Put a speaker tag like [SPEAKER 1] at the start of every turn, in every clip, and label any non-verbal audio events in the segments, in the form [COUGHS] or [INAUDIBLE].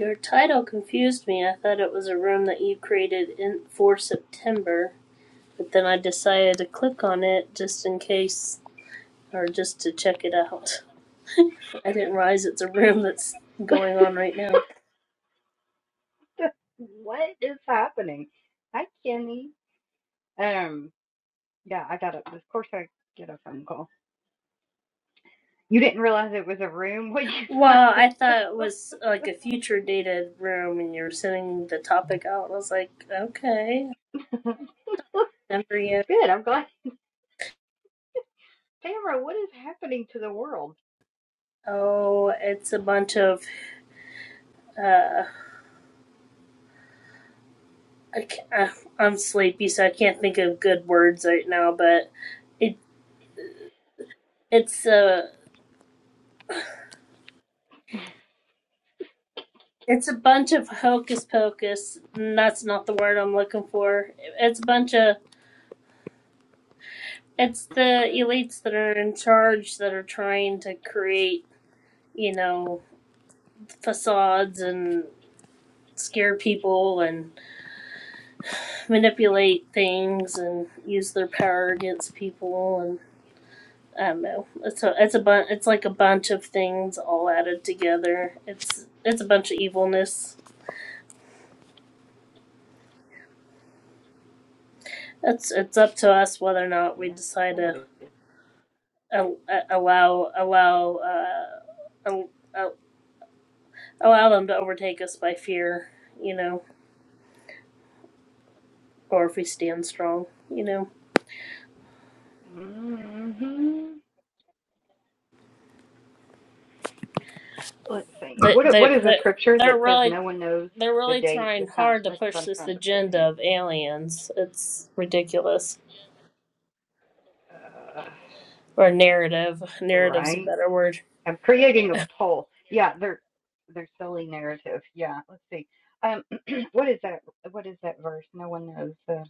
[SPEAKER 1] Your title confused me. I thought it was a room that you created in for September, but then I decided to click on it just in case or just to check it out. I didn't realize it's a room that's
[SPEAKER 2] [LAUGHS]
[SPEAKER 1] going on right now.
[SPEAKER 2] what is happening? Hi, Kenny. Um, yeah, I got a. Of course, I get a phone call. You didn't realize it was a room. [LAUGHS] What you thought?
[SPEAKER 1] Well, I
[SPEAKER 2] [LAUGHS]
[SPEAKER 1] thought it was like a future dated room and you were sending the topic out. I was like, okay,
[SPEAKER 2] Looks
[SPEAKER 1] never yet.
[SPEAKER 2] Good. I'm glad. Tamara, what is happening to the world?
[SPEAKER 1] Oh, it's a bunch of. Uh, I ca- uh, I'm sleepy, so I can't think of good words right now, but it it's a It's a bunch of hocus pocus. That's not the word I'm looking for. It's a bunch of. It's the elites that are in charge that are trying to create, you know, facades and scare people and manipulate things and use their power against people and I don't know. It's a it's a bun it's like a bunch of things all added together. It's it's a bunch of evilness. It's it's up to us whether or not we decide
[SPEAKER 2] Yeah,
[SPEAKER 1] to
[SPEAKER 2] it is.
[SPEAKER 1] al- allow allow uh, al- al- allow them to overtake us by fear, you know, or if we stand strong, you know.
[SPEAKER 2] Mm-hmm. Let's see.
[SPEAKER 1] They
[SPEAKER 2] What what
[SPEAKER 1] they
[SPEAKER 2] is a
[SPEAKER 1] they
[SPEAKER 2] scripture
[SPEAKER 1] they're
[SPEAKER 2] that says
[SPEAKER 1] really
[SPEAKER 2] no one knows
[SPEAKER 1] they're
[SPEAKER 2] the
[SPEAKER 1] really
[SPEAKER 2] date,
[SPEAKER 1] trying
[SPEAKER 2] the time?
[SPEAKER 1] hard to
[SPEAKER 2] That's what
[SPEAKER 1] push
[SPEAKER 2] I'm
[SPEAKER 1] this
[SPEAKER 2] trying to put
[SPEAKER 1] agenda
[SPEAKER 2] in.
[SPEAKER 1] of aliens. It's ridiculous.
[SPEAKER 2] Uh,
[SPEAKER 1] Or narrative. Narrative's a
[SPEAKER 2] right.
[SPEAKER 1] better word.
[SPEAKER 2] I'm creating a poll. Yeah, they're they're silly narrative. Yeah, let's see. Um, [CLEARS THROAT] what is that? What is that verse? No one knows the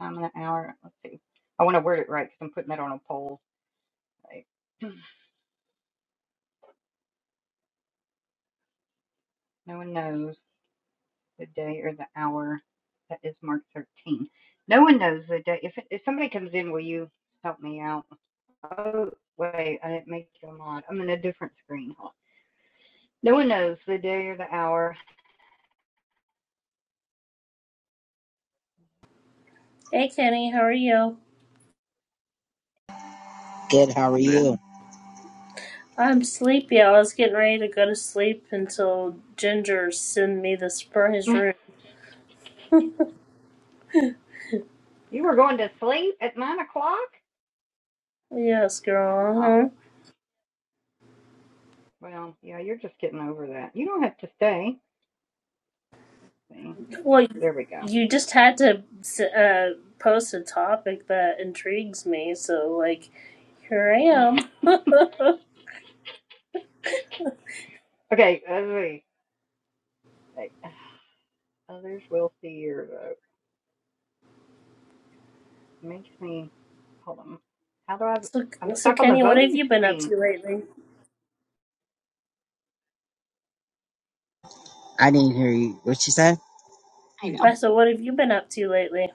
[SPEAKER 2] time and the hour. Let's see. I want to word it right because I'm putting that on a poll. Right? [CLEARS THROAT] No one knows the day or the hour. That is Mark 13. No one knows the day. If if somebody comes in, will you help me out? Oh wait, I didn't make you a mod. I'm in a different screen. No one knows the day or the hour.
[SPEAKER 1] Hey Kenny, how are you?
[SPEAKER 3] Good. How are you?
[SPEAKER 1] I'm sleepy. I was getting ready to go to sleep until Ginger sent me the
[SPEAKER 2] [LAUGHS]
[SPEAKER 1] surprise
[SPEAKER 2] you
[SPEAKER 1] room.
[SPEAKER 2] were going to sleep at nine o'clock.
[SPEAKER 1] Yes, girl. uh-huh.
[SPEAKER 2] Wow. Well, yeah, you're just getting over that. You don't have to stay. See?
[SPEAKER 1] Well, you
[SPEAKER 2] There we go.
[SPEAKER 1] just had to uh, post a topic that intrigues me, so like here I
[SPEAKER 2] [LAUGHS]
[SPEAKER 1] am.
[SPEAKER 2] Okay, let [SIGHS] Others will see your vote. Makes me hold on. How do I?
[SPEAKER 1] So,
[SPEAKER 2] I'm
[SPEAKER 1] so
[SPEAKER 2] stuck on the
[SPEAKER 1] Kenny, what have
[SPEAKER 2] voting
[SPEAKER 1] you been up
[SPEAKER 2] screen.
[SPEAKER 1] to lately?
[SPEAKER 3] I didn't hear you. What she said? I know.
[SPEAKER 1] Uh, So, what have you been up to lately?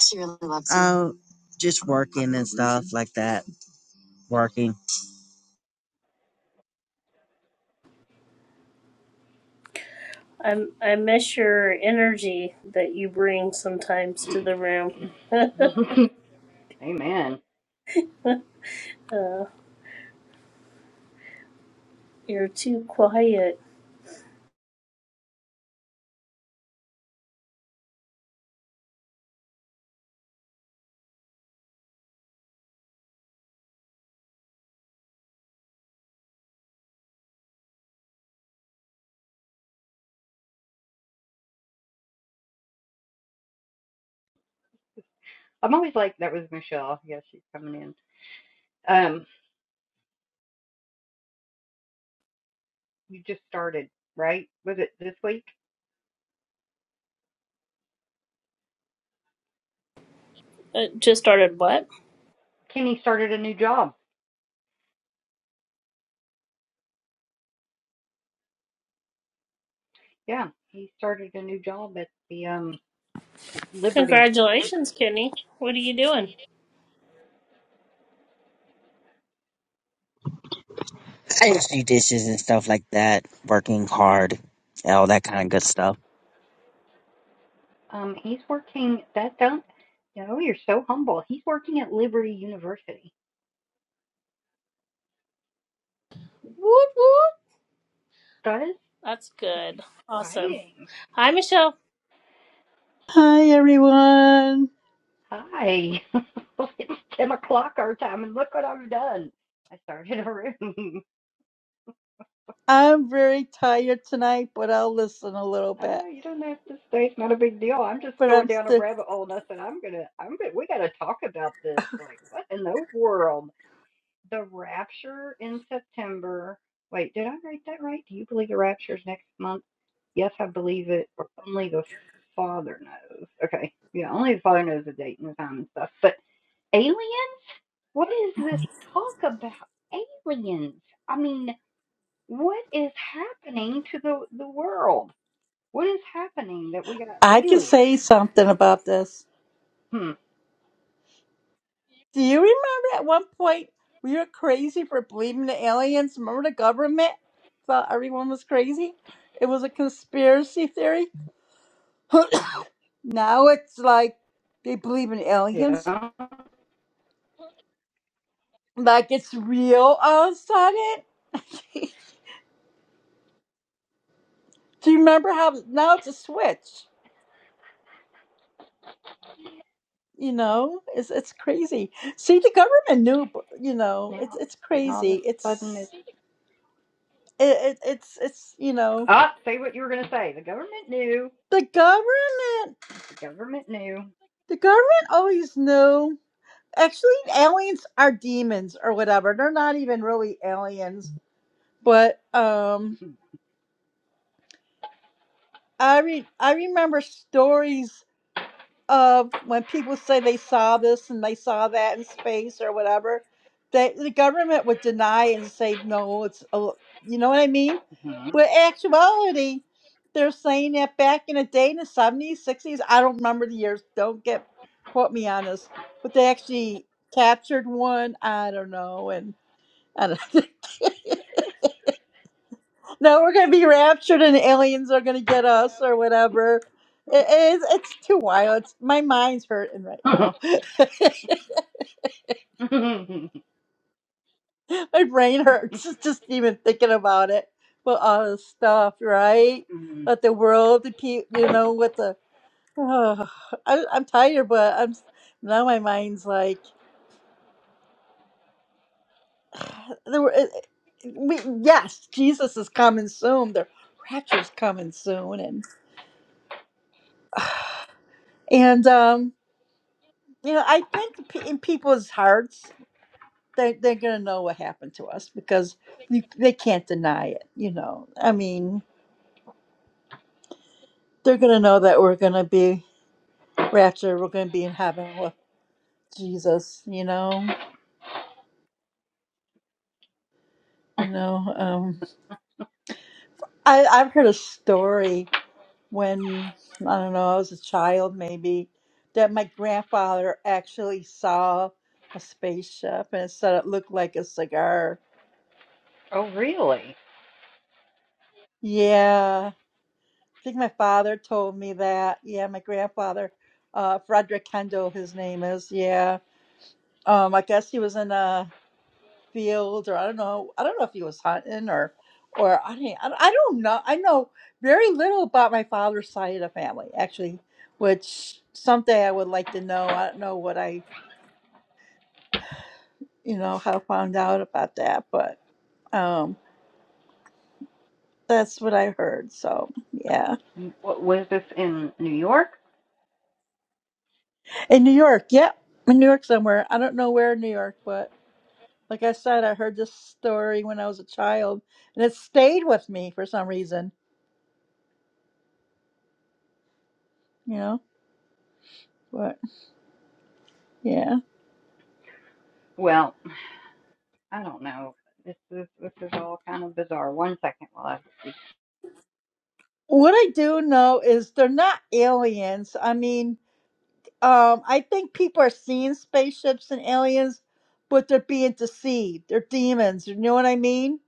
[SPEAKER 3] She really loves you. Oh, just working and stuff like that. Working.
[SPEAKER 1] I'm I miss your energy that you bring sometimes to the room.
[SPEAKER 2] [LAUGHS] Amen.
[SPEAKER 1] Uh, you're too quiet.
[SPEAKER 2] I'm always like that was Michelle. Yes, she's coming in. Um, you just started, right? Was it this week?
[SPEAKER 1] Uh, just started what?
[SPEAKER 2] Kenny started a new job. Yeah, he started a new job at the um Liberty.
[SPEAKER 1] Congratulations, Kenny. What are you doing?
[SPEAKER 3] I just do dishes and stuff like that. Working hard. and All that kind of good stuff.
[SPEAKER 2] Um, he's working. That don't. No, you're so humble. He's working at Liberty University.
[SPEAKER 1] Woot woot.
[SPEAKER 2] That is
[SPEAKER 1] That's good. Awesome.
[SPEAKER 2] exciting.
[SPEAKER 1] Hi, Michelle.
[SPEAKER 4] Hi, everyone.
[SPEAKER 2] Hi. [LAUGHS] it's ten o'clock our time, and look what I've done. I started a room. [LAUGHS]
[SPEAKER 4] I'm very tired tonight, but I'll listen a little bit.
[SPEAKER 2] oh, you don't have to stay. It's not a big deal. I'm just
[SPEAKER 4] But
[SPEAKER 2] going
[SPEAKER 4] I'm
[SPEAKER 2] down a
[SPEAKER 4] still,
[SPEAKER 2] rabbit hole, and I said I'm gonna. I'm gonna. We gotta talk about this. Like, what in the world? The rapture in September. Wait, did I write that right? Do you believe the rapture's next month? Yes, I believe it, or only the Father knows. Okay, yeah, only the Father knows the date and the time and stuff. But aliens? What is this talk about? Aliens? I mean, what is happening to the the world? What is happening that we got
[SPEAKER 4] I can
[SPEAKER 2] aliens?
[SPEAKER 4] say something about this.
[SPEAKER 2] Hmm.
[SPEAKER 4] Do you remember at one point we were crazy for believing the aliens? Remember the government thought everyone was crazy? It was a conspiracy theory. [COUGHS] now it's like they believe in
[SPEAKER 2] Yeah.
[SPEAKER 4] aliens.
[SPEAKER 2] Now,
[SPEAKER 4] Like it's real all of a sudden. [LAUGHS] Do you remember how now it's a switch? you know it's it's crazy see the government knew b- you know
[SPEAKER 2] now
[SPEAKER 4] it's it's
[SPEAKER 2] all of a
[SPEAKER 4] crazy
[SPEAKER 2] sudden
[SPEAKER 4] it's
[SPEAKER 2] it's
[SPEAKER 4] it, it it's it's you know
[SPEAKER 2] ah. Say what you were gonna say. The government knew.
[SPEAKER 4] the government
[SPEAKER 2] The government knew.
[SPEAKER 4] the government always knew actually aliens are demons or whatever they're not even really aliens but um i re- i remember stories of when people say they saw this and they saw that in space or whatever, that the government would deny and say no, it's a l- you know what I mean. But
[SPEAKER 2] hmm
[SPEAKER 4] actuality, they're saying that back in the day in the seventies, sixties, I don't remember the years. Don't get quote me on this, but they actually captured one. I don't know, and I don't. [LAUGHS] No, we're gonna be raptured and aliens are gonna get us or whatever. It is. It's too wild. It's, my mind's hurting right now. [LAUGHS] my brain hurts [LAUGHS] just even thinking about it. But all this stuff, right?
[SPEAKER 2] [LAUGHS]
[SPEAKER 4] Let the world repeat. You know, with the. [SIGHS] Oh, I, I'm tired, but I'm s- now my mind's like. [SIGHS] There were, it, it- we, yes, Jesus is coming soon. The rapture's coming soon, and and um. You know, I think pe- in people's hearts, they they're gonna know what happened to us because you, they can't deny it. You know, I mean, they're gonna know that we're gonna be raptured. We're gonna be in heaven with Jesus. You know, you know. Um, I I've heard a story when I don't know I was a child maybe that my grandfather actually saw a spaceship and it said it looked like a cigar.
[SPEAKER 2] [LAUGHS] oh, really?
[SPEAKER 4] Yeah, I think my father told me that. Yeah, my grandfather, uh, Frederick Kendall, his name is. Yeah. Um, I guess he was in a field, or I don't know. I don't know if he was hunting or, or I did I don't I don't know. I know very little about my father's side of the family, actually, which someday I would like to know. I don't know what I, you know, how I found out about that, but um, that's what I heard. So yeah,
[SPEAKER 2] What was this in New York?
[SPEAKER 4] in New York, yeah, in New York somewhere. I don't know where in New York, but. Like I said, I heard this story when I was a child, and it stayed with me for some reason, you know? But yeah.
[SPEAKER 2] Well, I don't know. This is this is all kind of bizarre. One second, while I
[SPEAKER 4] What I do know is they're not aliens. I mean, um, I think people are seeing spaceships and aliens, but they're being deceived. They're demons. You know what I mean?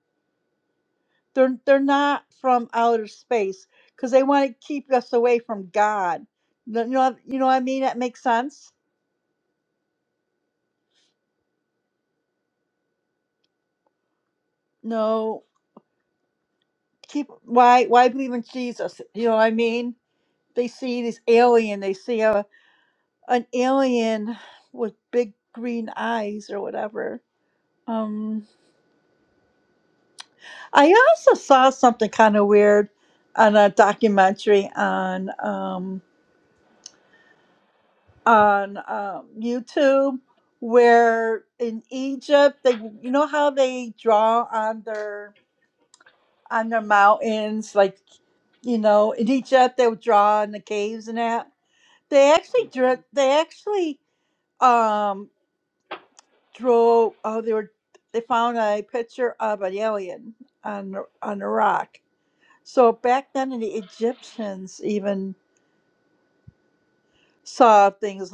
[SPEAKER 4] They're they're not from outer space because they want to keep us away from God. You know, you know what I mean? That makes sense. No, keep why why believe in Jesus? You know what I mean? they see this alien they see a an alien with big green eyes or whatever um i also saw something kind of weird on a documentary on um on um, youtube where in egypt they you know how they draw on their on their mountains like you know in egypt they would draw in the caves and that they actually drew they actually um drove. Oh, they were. They found a picture of an alien on the- on a rock. So back then, the Egyptians even saw things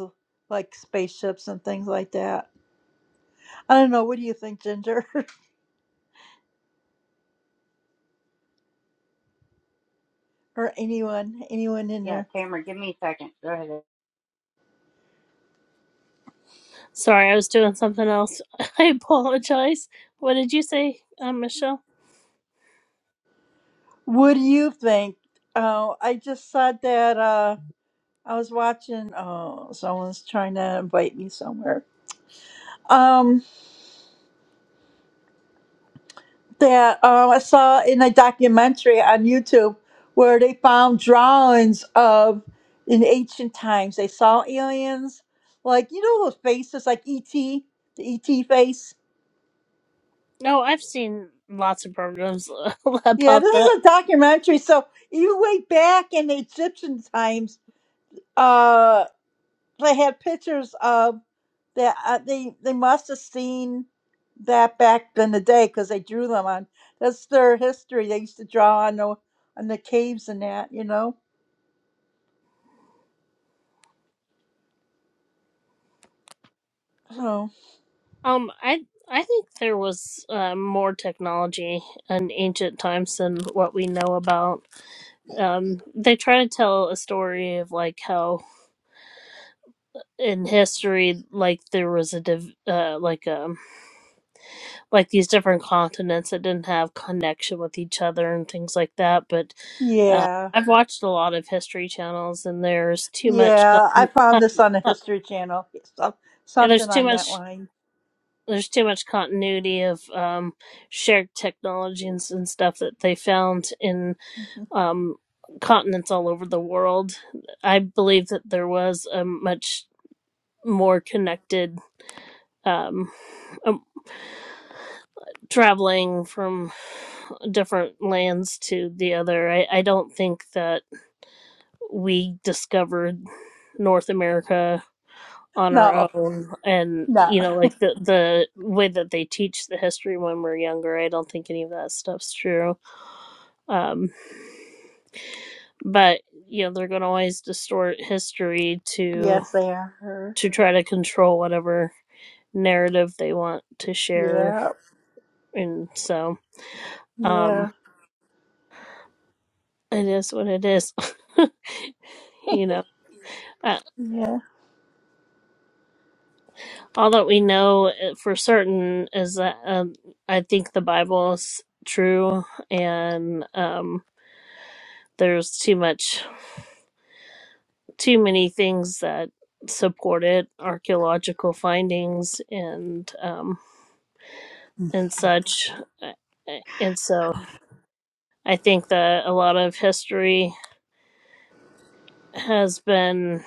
[SPEAKER 4] like spaceships and things like that. I don't know. What do you think, Ginger, [LAUGHS] or anyone, anyone in
[SPEAKER 2] yeah,
[SPEAKER 4] there?
[SPEAKER 2] Tamara, give me a second. Go
[SPEAKER 1] Sorry, I was doing something else. [LAUGHS] I apologize. What did you say, uh, Michelle?
[SPEAKER 4] What do you think? Oh, I just saw that. Uh, I was watching. Oh, someone's trying to invite me somewhere. Um. that uh, I saw in a documentary on YouTube where they found drawings of in ancient times. They saw aliens, like you know those faces like ET, the ET face.
[SPEAKER 1] No, I've seen lots of programs [LAUGHS]
[SPEAKER 4] Yeah,
[SPEAKER 1] about
[SPEAKER 4] this
[SPEAKER 1] that.
[SPEAKER 4] is a documentary. So even way back in the Egyptian times, uh, they had pictures of that. Uh, they they must have seen that back in the day because they drew them on. That's their history. They used to draw on the on the caves and that, you know. Oh,
[SPEAKER 1] Um, I I think there was uh, more technology in ancient times than what we know about. Um, they try to tell a story of like how in history, like there was a div- uh, like um like these different continents that didn't have connection with each other and things like that. But uh,
[SPEAKER 4] yeah.
[SPEAKER 1] I've watched a lot of history channels, and there's too much con-
[SPEAKER 4] Yeah, I
[SPEAKER 1] con-
[SPEAKER 4] found this on the
[SPEAKER 1] con-
[SPEAKER 4] History Channel. [LAUGHS] Some,
[SPEAKER 1] and there's
[SPEAKER 4] something
[SPEAKER 1] too
[SPEAKER 4] on that
[SPEAKER 1] much
[SPEAKER 4] line.
[SPEAKER 1] there's too much continuity of um, shared technologies and stuff that they found in
[SPEAKER 4] Mhm.
[SPEAKER 1] um, continents all over the world. I believe that there was a much more connected. Um, um, traveling from different lands to the other. I, I don't think that we discovered North America on
[SPEAKER 4] No,
[SPEAKER 1] our own and
[SPEAKER 4] no.
[SPEAKER 1] you know like the the way that they teach the history when we're younger i don't think any of that stuff's true um but you know they're going to always distort history to
[SPEAKER 4] Yes, they are her.
[SPEAKER 1] to try to control whatever narrative they want to share
[SPEAKER 4] Yeah,
[SPEAKER 1] and so
[SPEAKER 4] yeah,
[SPEAKER 1] um it is what it is [LAUGHS] you
[SPEAKER 4] [LAUGHS]
[SPEAKER 1] know Uh,
[SPEAKER 4] yeah.
[SPEAKER 1] all that we know uh, for certain is that um, I think the Bible is true, and um, there's too much, too many things that support it, archaeological findings and um, and such. Uh, uh, And so I think that a lot of history has been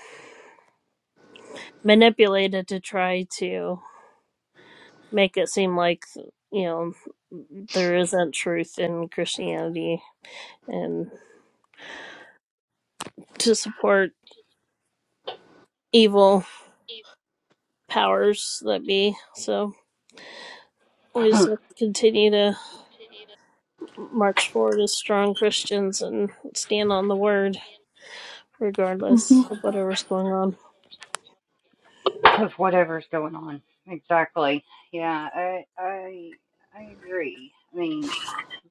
[SPEAKER 1] manipulated to try to make it seem like you know there isn't truth in Christianity and to support evil powers that be. So we just
[SPEAKER 2] ahead.
[SPEAKER 1] have
[SPEAKER 2] [COUGHS]
[SPEAKER 1] to continue to march forward as strong Christians and stand on the word, regardless
[SPEAKER 4] Mhm.
[SPEAKER 1] of whatever's going on.
[SPEAKER 2] [LAUGHS] of whatever's going on. Exactly. Yeah, I I I agree. I mean,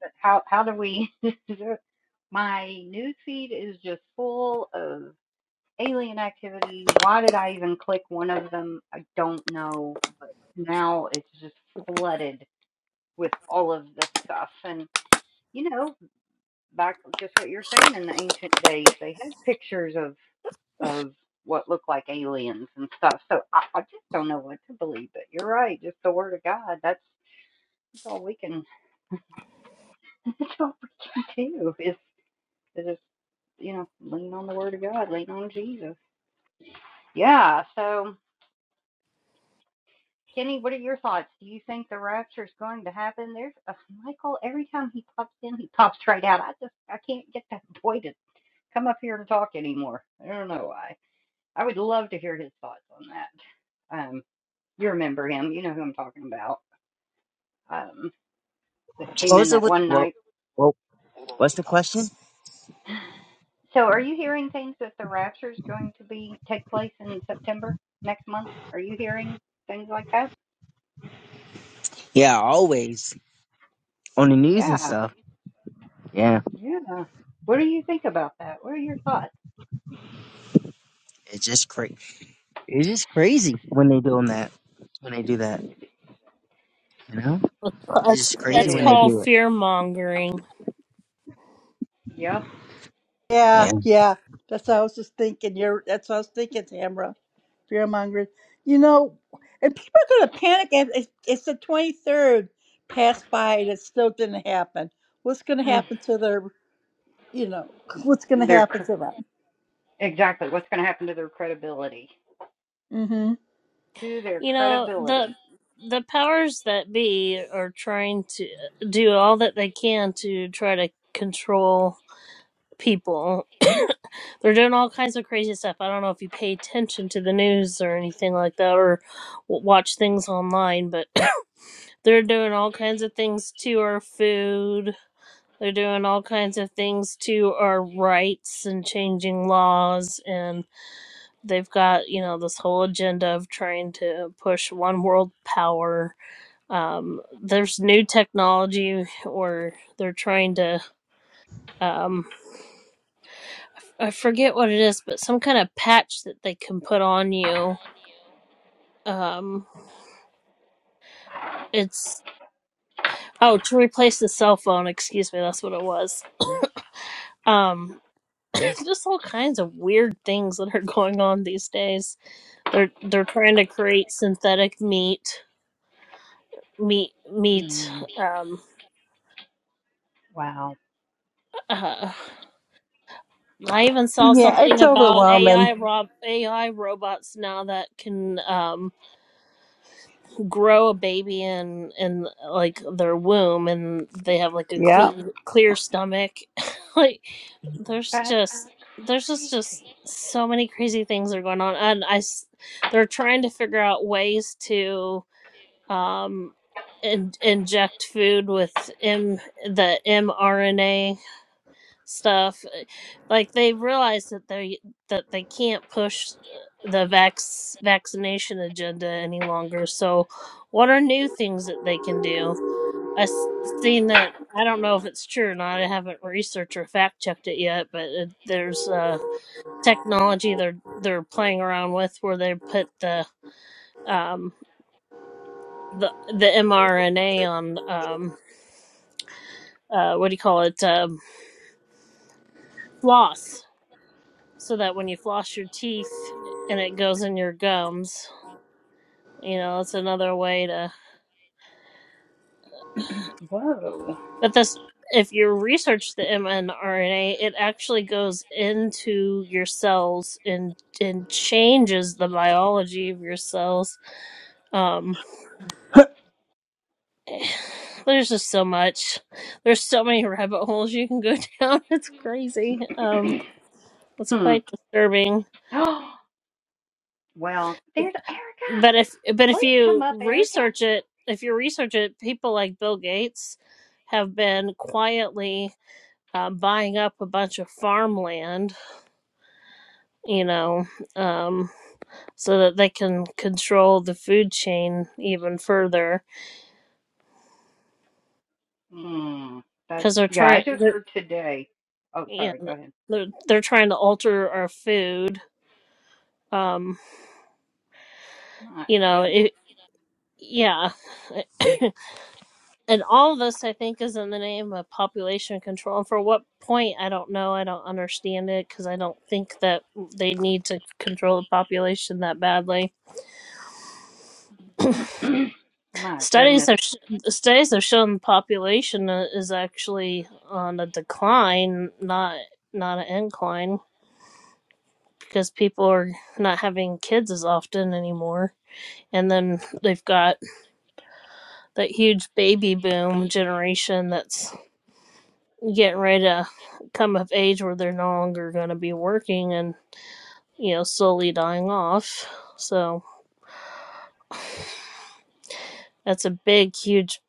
[SPEAKER 2] but how how do we? [LAUGHS] My news feed is just full of alien activity. Why did I even click one of them? I don't know, but now it's just flooded with all of this stuff and. You know, back just what you're saying in the ancient days, they had pictures of of what looked like aliens and stuff. So I, I just don't know what to believe. But you're right, just the word of God. That's, that's all we can. [LAUGHS] That's all we can do is is just you know lean on the word of God, lean on Jesus. Yeah. So Kenny, what are your thoughts? Do you think the rapture is going to happen? There's a Michael. Every time he pops in, he pops right out. I just I can't get that [LAUGHS] boy to come up here and talk anymore. I don't know why. I would love to hear his thoughts on that. Um, you remember him, you know who I'm talking about, um, that
[SPEAKER 3] What
[SPEAKER 2] came in
[SPEAKER 3] was it?
[SPEAKER 2] that
[SPEAKER 3] What?
[SPEAKER 2] one
[SPEAKER 3] What?
[SPEAKER 2] night.
[SPEAKER 3] what what's the question?
[SPEAKER 2] So, are you hearing things that the rapture is going to be take place in September next month? Are you hearing things like that?
[SPEAKER 3] Yeah, always on the news and
[SPEAKER 2] Yeah,
[SPEAKER 3] stuff. Yeah,
[SPEAKER 2] yeah. What do you think about that? What are your thoughts?
[SPEAKER 3] it's just crazy. It's just crazy when they doing that. When they do that, you know, it's
[SPEAKER 1] That's
[SPEAKER 3] just crazy
[SPEAKER 2] It
[SPEAKER 1] that's
[SPEAKER 3] when they
[SPEAKER 2] is.
[SPEAKER 1] called
[SPEAKER 3] do it.
[SPEAKER 1] fear mongering.
[SPEAKER 2] Yep.
[SPEAKER 3] Yeah.
[SPEAKER 4] yeah, yeah. That's what I was just thinking. You're, that's what I was thinking, Tamara. Fear mongering. You know, and people are going to panic. And it's, it's the 23rd passed by and it still didn't happen. What's going to
[SPEAKER 2] They're
[SPEAKER 4] happen to their, you know, what's going to happen to them?
[SPEAKER 2] exactly what's going to happen to their credibility.
[SPEAKER 4] Mm-hmm.
[SPEAKER 2] To their
[SPEAKER 1] You know
[SPEAKER 2] credibility.
[SPEAKER 1] the the powers that be are trying to do all that they can to try to control people. [COUGHS] They're doing all kinds of crazy stuff. I don't know if you pay attention to the news or anything like that or w- watch things online, but [COUGHS] they're doing all kinds of things to our food. They're doing all kinds of things to our rights and changing laws. And they've got, you know, this whole agenda of trying to push one world power. Um, there's new technology or they're trying to. Um, I forget what it is, but some kind of patch that they can put on you. Um, it's oh to replace the cell phone. Excuse me, that's what it was. [COUGHS] Um, [COUGHS] just all kinds of weird things that are going on these days. They're they're trying to create synthetic meat, meat, meat.
[SPEAKER 2] Mm,
[SPEAKER 1] Um,
[SPEAKER 2] Wow.
[SPEAKER 1] uh, I even saw
[SPEAKER 4] Yeah, it's
[SPEAKER 1] something about
[SPEAKER 4] overwhelming.
[SPEAKER 1] AI rob AI robots now that can. um grow a baby in in like their womb and they have like a
[SPEAKER 4] Yeah.
[SPEAKER 1] clean, clear stomach [LAUGHS] like there's
[SPEAKER 2] That's
[SPEAKER 1] just there's just just
[SPEAKER 2] crazy.
[SPEAKER 1] so many crazy things that are going on and i s- they're trying to figure out ways to um in, inject food with m the mrna stuff uh, like they realize that they that they can't push uh, the vax vaccination agenda any longer so what are new things that they can do i've seen that i don't know if it's true or not i haven't researched or fact checked it yet but it, there's uh technology they're they're playing around with where they put the um the the mrna on um uh what do you call it um floss so that when you floss your teeth and it goes in your gums, you know, it's another way to.
[SPEAKER 2] Whoa.
[SPEAKER 1] But this, if you research the mRNA, it actually goes into your cells and and changes the biology of your cells. Um,
[SPEAKER 4] Uh,
[SPEAKER 1] [SIGHS] there's just so much. There's so many [LAUGHS] rabbit holes you can go down. [LAUGHS] It's crazy. Um,
[SPEAKER 2] [CLEARS THROAT]
[SPEAKER 1] it's
[SPEAKER 2] Hmm.
[SPEAKER 1] quite disturbing.
[SPEAKER 2] [GASPS] Oh well, there's Erica.
[SPEAKER 1] but if but if
[SPEAKER 2] Please come
[SPEAKER 1] you
[SPEAKER 2] up, Erica.
[SPEAKER 1] research it if you research it people like bill gates have been quietly uh, buying up a bunch of farmland you know um, so that they can control the food chain even further
[SPEAKER 2] Hmm. That's
[SPEAKER 1] because they're
[SPEAKER 2] yeah. I
[SPEAKER 1] trying
[SPEAKER 2] just
[SPEAKER 1] they're
[SPEAKER 2] heard today. Oh,
[SPEAKER 1] yeah
[SPEAKER 2] sorry. Go ahead.
[SPEAKER 1] they're, they're trying to alter our food um
[SPEAKER 2] My
[SPEAKER 1] you know
[SPEAKER 2] goodness.
[SPEAKER 1] it yeah [COUGHS] and all of us i think is in the name of population control and for what point i don't know i don't understand it because i don't think that they need to control the population that badly
[SPEAKER 2] [CLEARS THROAT] My goodness.
[SPEAKER 1] studies have sh- studies have shown the population uh, is actually on a decline not not an incline because people are not having kids as often anymore and then they've got that huge baby boom generation that's getting ready to come of age where they're no longer going to be working and you know slowly dying off so that's a big huge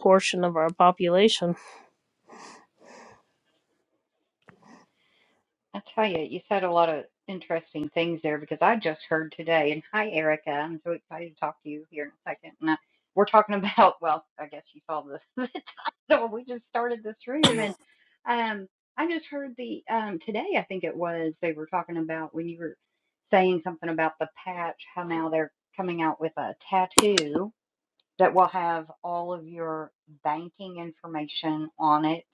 [SPEAKER 1] portion of our population
[SPEAKER 2] I tell you, you said a lot of interesting things there because I just heard today. And hi, Erica. I'm so excited to talk to you here in a second. And I, we're talking [LAUGHS] about, well, I guess you saw the, [LAUGHS] the title. We just started this room, and um, I just heard the um today. I think it was they were talking about when you were saying something about the patch. How now they're coming out with a tattoo that will have all of your banking information on it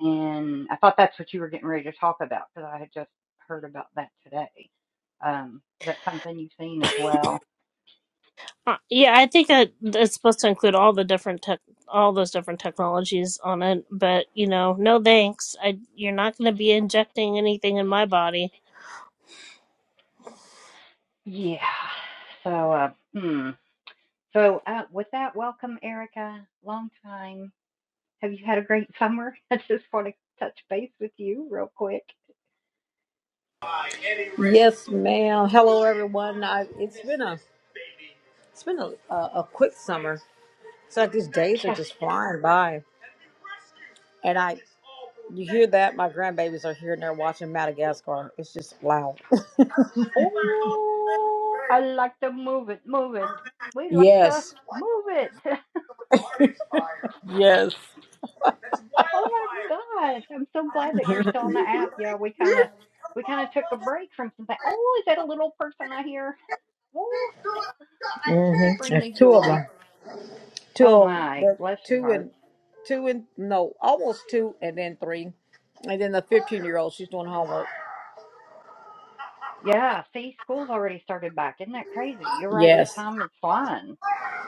[SPEAKER 2] and I thought that's what you were getting ready to talk about because I had just heard about that today. Um, is that something you've seen as well?
[SPEAKER 1] uh, yeah i think that it's supposed to include all the different tech all those different technologies on it but you know no thanks I, you're not going to be injecting anything in my body
[SPEAKER 2] Yeah. So, uh, hmm. So, uh, with that, welcome, Erica. Long time. Have you had a great summer? [LAUGHS] I just want to touch base with you real quick.
[SPEAKER 5] Yes, ma'am. Hello, everyone. I, it's been a it's been a, a, a quick summer. It's like these days are
[SPEAKER 2] Yeah.
[SPEAKER 5] just flying by, and I you hear that my grandbabies are here and they're watching Madagascar. It's just loud. [LAUGHS]
[SPEAKER 2] Oh, I like to move it, move it. We like to
[SPEAKER 5] Yes,
[SPEAKER 2] move it. [LAUGHS]
[SPEAKER 5] yes.
[SPEAKER 2] Oh my gosh. I'm so glad
[SPEAKER 5] [LAUGHS]
[SPEAKER 2] that you're still on the app. Yeah, we kind of we kind of took a break from something. Oh, is that a little person I hear? Oh, they
[SPEAKER 5] Mhm.
[SPEAKER 2] bring
[SPEAKER 5] There's
[SPEAKER 2] me
[SPEAKER 5] two of
[SPEAKER 2] joy.
[SPEAKER 5] them. Two,
[SPEAKER 2] Oh
[SPEAKER 5] oh,
[SPEAKER 2] my,
[SPEAKER 5] the
[SPEAKER 2] bless your
[SPEAKER 5] two
[SPEAKER 2] heart.
[SPEAKER 5] and two and no almost two and then three and then the 15 year old she's doing homework
[SPEAKER 2] Yeah, see, school's already started back. Isn't that crazy? You're right. The
[SPEAKER 5] yes
[SPEAKER 2] time is flying.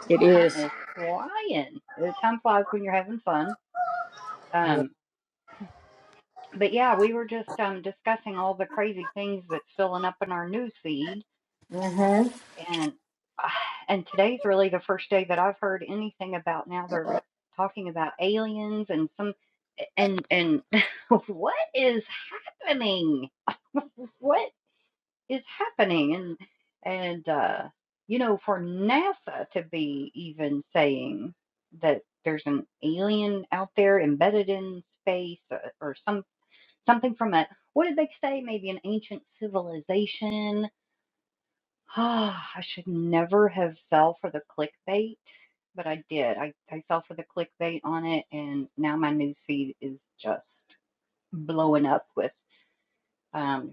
[SPEAKER 5] it is
[SPEAKER 2] Time is flying. Uh, Time flies when you're having fun. Um, but yeah, we were just um discussing all the crazy things that's filling up in our news feed
[SPEAKER 5] yeah.
[SPEAKER 2] and ah, and today's really the first day that I've heard anything about now they're talking about aliens and some and and [LAUGHS] what is happening what is happening and and uh you know for NASA to be even saying that there's an alien out there embedded in space or, or some something from a what did they say maybe an ancient civilization [SIGHS] Ah, I should never have fell for the clickbait, but I did. I, I fell for the clickbait on it, and now my news feed is just blowing up with um,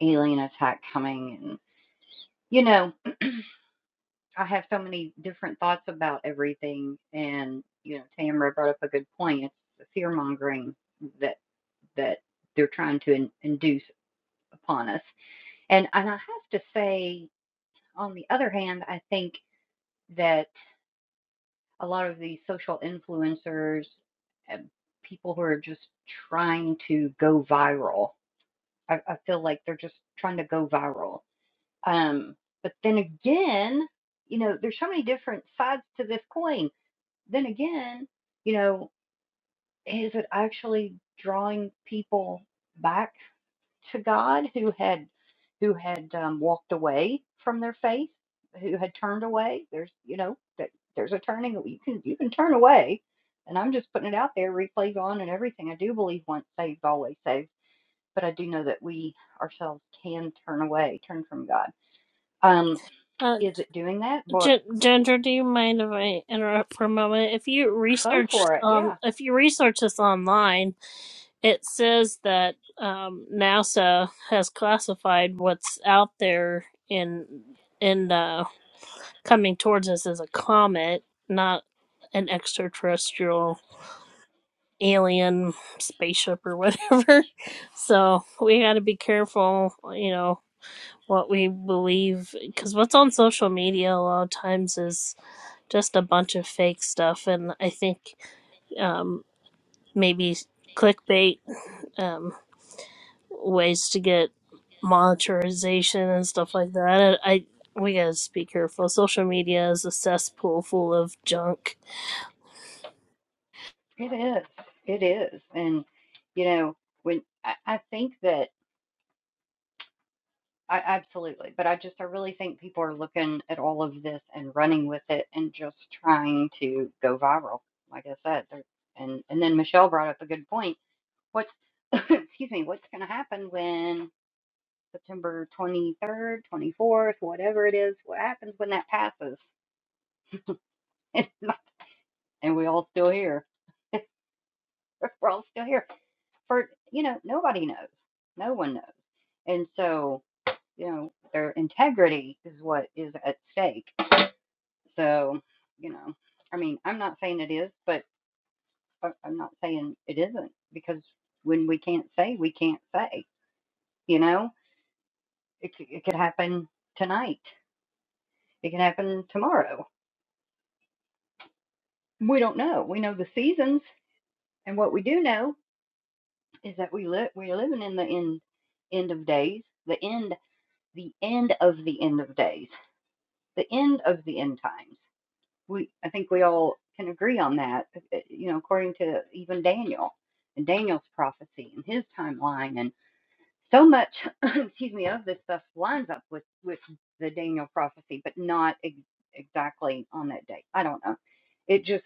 [SPEAKER 2] alien attack coming. And, you know, I have so many different thoughts about everything. And, you know, Tamara brought up a good point. It's the fear mongering that, that they're trying to in, induce upon us. And, and I have to say, on the other hand, I think. that. a lot of these social influencers and people who are just trying to go viral. I, I feel like they're just trying to go viral. Um, but then again, you know, there's so many different sides to this coin. Then again, you know, is it actually drawing people back to God who had who had um, walked away from their faith, who had turned away. There's you know that there's a turning. You can you can turn away, and I'm just putting it out there. Replays on and everything. I do believe once saved, always saved. But I do know that we ourselves can turn away, turn from God. Um,
[SPEAKER 1] uh,
[SPEAKER 2] is it doing that? But
[SPEAKER 1] G- Ginger, do you mind if I interrupt for a moment? If you
[SPEAKER 2] go
[SPEAKER 1] research,
[SPEAKER 2] for it. Yeah,
[SPEAKER 1] um, if you research this online, it says that um, NASA has classified what's out there in in uh, coming towards us as a comet, not an extraterrestrial alien spaceship or whatever. [LAUGHS] So we got to be careful, you know, what we believe because what's on social media a lot of times is just a bunch of fake stuff, and I think um, maybe clickbait. Um, ways to get monetization and stuff like that. I, I we gotta be careful. Social media is a cesspool full of junk.
[SPEAKER 2] it is. It is. And you know when I, I think that. I absolutely, but I just I really think people are looking at all of this and running with it and just trying to go viral. Like I said, there- and and then Michelle brought up a good point. What's [LAUGHS] excuse me, what's going to happen when September 23rd, 24th, whatever it is, what happens when that passes? [LAUGHS] and we all still here. [LAUGHS] We're all still here. For you know, nobody knows. No one knows. And so, you know, their integrity is what is at stake So, you know, I mean, I'm not saying it is, but I- am not saying it isn't because when we can't say, we can't say. You know, it it could happen tonight. It can happen tomorrow. We don't know. We know the seasons, and what we do know is that we live we're living in the end end of days, the end the end of the end of days, the end of the end times. we I think we all can agree on that, uh, uh, you know, according to even Daniel and Daniel's prophecy and his timeline and so much [COUGHS] [CLEARS THROAT] excuse me of this stuff lines up with with the Daniel prophecy, but not ex- exactly on that date. I don't know. It just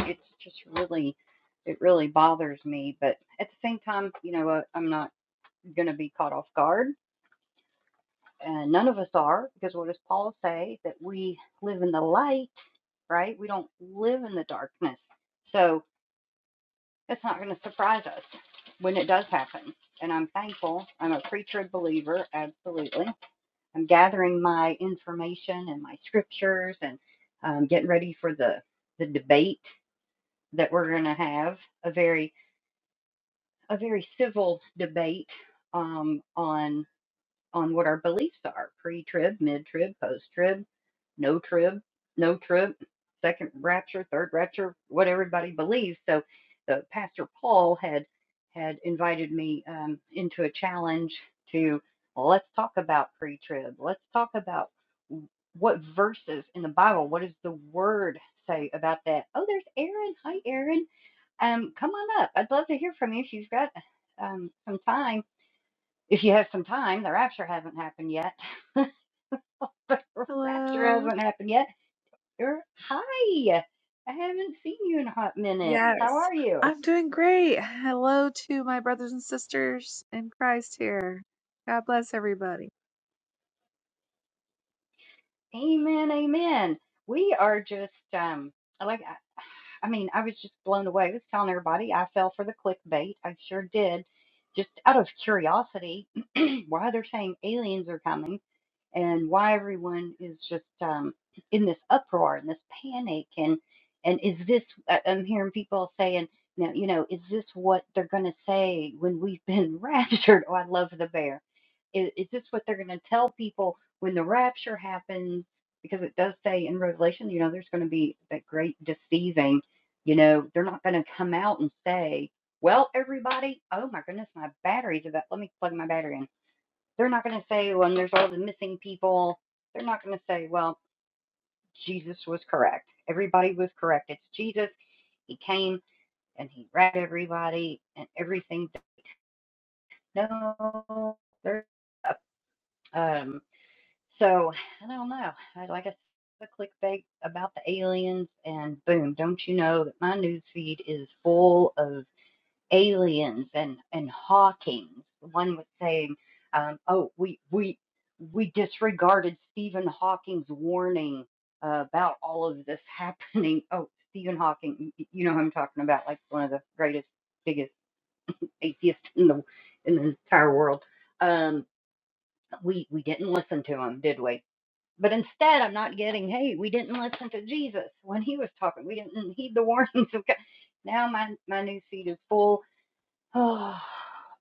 [SPEAKER 2] it's just really it really bothers me, but at the same time, you know, uh, I'm not going to be caught off guard, and none of us are, because what does Paul say that we live in the light? right? We don't live in the darkness. So it's not going to surprise us when it does happen. And I'm thankful. I'm a preacher believer, absolutely. I'm gathering my information and my scriptures and um, getting ready for the, the debate that we're going to have a very a very civil debate um, on on what our beliefs are pre trib, mid trib, post trib, no trib, no trib, second rapture, third rapture, what everybody believes. So, the Pastor Paul had had invited me um, into a challenge to well, let's talk about pre trib, let's talk about what verses in the Bible, what does the word say about that? Oh, there's Aaron. Hi, Aaron. Um, come on up. I'd love to hear from you She's got um, some time if you have some time, the rapture hasn't happened yet. [LAUGHS] the rapture
[SPEAKER 6] Hello.
[SPEAKER 2] hasn't happened yet. You're hi. I haven't seen you in a hot minute. How
[SPEAKER 6] Yes,
[SPEAKER 2] are you?
[SPEAKER 6] I'm doing great. Hello to my brothers and sisters in Christ here. God bless everybody.
[SPEAKER 2] Amen, amen. We are just um like. I mean, I was just blown away. I was telling everybody I fell for the clickbait. I sure did. Just out of curiosity, [CLEARS THROAT] why they're saying aliens are coming and why everyone is just um, in this uproar and this panic. And, and is this, I- I'm hearing people saying, now, you know, is this what they're going to say when we've been [LAUGHS] raptured? Oh, I love the bear is, is this what they're going to tell people when the rapture happens? Because it does say in Revelation, you know, there's going to be that great deceiving. You know, they're not going to come out and say, well, everybody, oh my goodness, my battery's about, let me plug my battery in. They're not going to say, when there's all the missing people, they're not going to say, well, Jesus was correct. Everybody was correct. It's Jesus. He came and he read everybody and everything. No, there's are up. So I don't know. I like I said, a clickbait about the aliens, and boom! Don't you know that my news feed is full of aliens and and Hawkings? One was saying, um, "Oh, we we we disregarded Stephen Hawking's warning uh, about all of this [LAUGHS] happening." Oh, Stephen Hawking, you know who I'm talking about, like one of the greatest, biggest atheists in the in the entire world. Um, we we didn't listen to him, did we? But instead, I'm not getting, hey, we didn't listen to Jesus when he was talking. We didn't heed the warnings of God. Now my, my news feed is full [SIGHS] oh,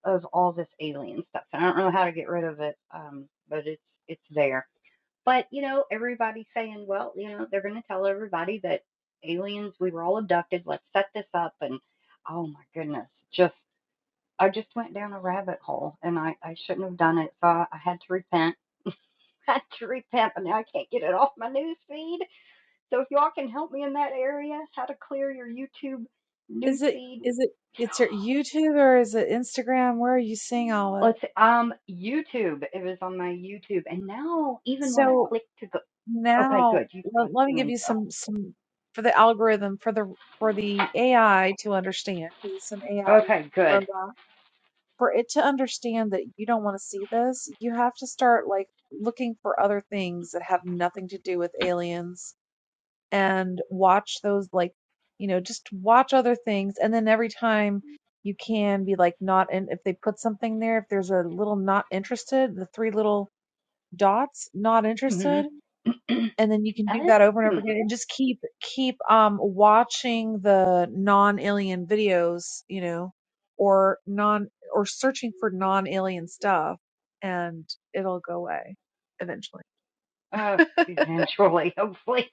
[SPEAKER 2] of all this alien stuff. And I don't know how to get rid of it, um, but it's it's there. But you know, everybody's saying, well, you know, they're going to tell everybody that aliens, we were all abducted. Let's set this up. And oh my goodness, just I just went down a rabbit hole, and I I shouldn't have done it. So I, I had to repent. [LAUGHS] I had to repent, but now I can't get it off my news feed. So if y'all can help me in that area, how to clear your YouTube news
[SPEAKER 6] is it
[SPEAKER 2] feed.
[SPEAKER 6] is it it's your YouTube or is it Instagram? Where are you seeing all it?
[SPEAKER 2] Let's see, um YouTube. It was on my YouTube, and now even when I
[SPEAKER 6] So
[SPEAKER 2] click to go, okay,
[SPEAKER 6] now
[SPEAKER 2] good. You've
[SPEAKER 6] let,
[SPEAKER 2] got
[SPEAKER 6] let me
[SPEAKER 2] some
[SPEAKER 6] give you
[SPEAKER 2] info.
[SPEAKER 6] some some for the algorithm for the for the AI to understand because it's an AI
[SPEAKER 2] Okay, good.
[SPEAKER 6] robot. For it to understand that you don't want to see this, you have to start like looking for other things that have nothing to do with aliens. and watch those like you know just watch other things and then every time you can be like not and if they put something there if there's a little not interested the three little dots not interested
[SPEAKER 2] Mm-hmm. [CLEARS THROAT]
[SPEAKER 6] and then you can do that over and over
[SPEAKER 2] uh,
[SPEAKER 6] again and just keep keep um watching the non-alien videos you know or non or searching for non-alien stuff and it'll go away eventually
[SPEAKER 2] uh, eventually, hopefully,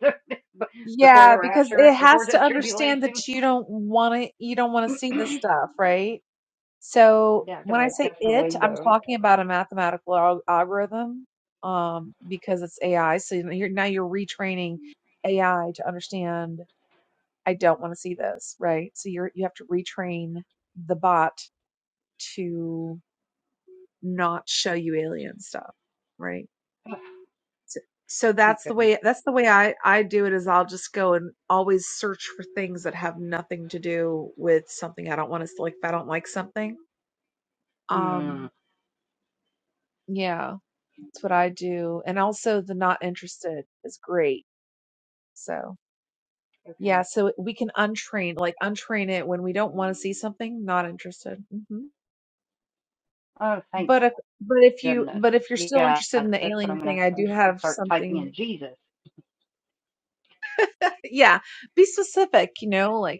[SPEAKER 2] [LAUGHS] before
[SPEAKER 6] Yeah,
[SPEAKER 2] the
[SPEAKER 6] because it
[SPEAKER 2] rapture,
[SPEAKER 6] has
[SPEAKER 2] before the
[SPEAKER 6] to understand
[SPEAKER 2] tribulation.
[SPEAKER 6] that you don't want to, you don't want to
[SPEAKER 2] [CLEARS THROAT]
[SPEAKER 6] see this
[SPEAKER 2] yeah,
[SPEAKER 6] stuff, right? So
[SPEAKER 2] because
[SPEAKER 6] when I
[SPEAKER 2] I
[SPEAKER 6] say it,
[SPEAKER 2] definitely
[SPEAKER 6] I'm
[SPEAKER 2] don't.
[SPEAKER 6] talking about a mathematical al algorithm, um, because it's AI. So you're, now you're retraining AI to understand, I don't want to see this, right? So you're, you have to retrain the bot to not show you alien stuff, right?
[SPEAKER 2] Oh,
[SPEAKER 6] so
[SPEAKER 2] Thank
[SPEAKER 6] that's the
[SPEAKER 2] goodness.
[SPEAKER 6] way that's the way I I do it is I'll just go and always search for things that have nothing to do with something I don't want to like if I don't like something.
[SPEAKER 2] Hmm.
[SPEAKER 6] Um yeah, that's what I do. And also the not interested is great. So yeah,
[SPEAKER 2] Okay.
[SPEAKER 6] so we can untrain like untrain it when we don't want to see something, not interested. hmm
[SPEAKER 2] Oh, thank
[SPEAKER 6] But if but if you
[SPEAKER 2] goodness.
[SPEAKER 6] but if you're still
[SPEAKER 2] Yeah,
[SPEAKER 6] interested in
[SPEAKER 2] that's
[SPEAKER 6] the
[SPEAKER 2] what I'm
[SPEAKER 6] alien
[SPEAKER 2] gonna
[SPEAKER 6] thing,
[SPEAKER 2] have to.
[SPEAKER 6] I
[SPEAKER 2] I'm
[SPEAKER 6] do
[SPEAKER 2] just gonna
[SPEAKER 6] have
[SPEAKER 2] start typing in
[SPEAKER 6] something. [LAUGHS]
[SPEAKER 2] Jesus.
[SPEAKER 6] Yeah, be specific. You know, like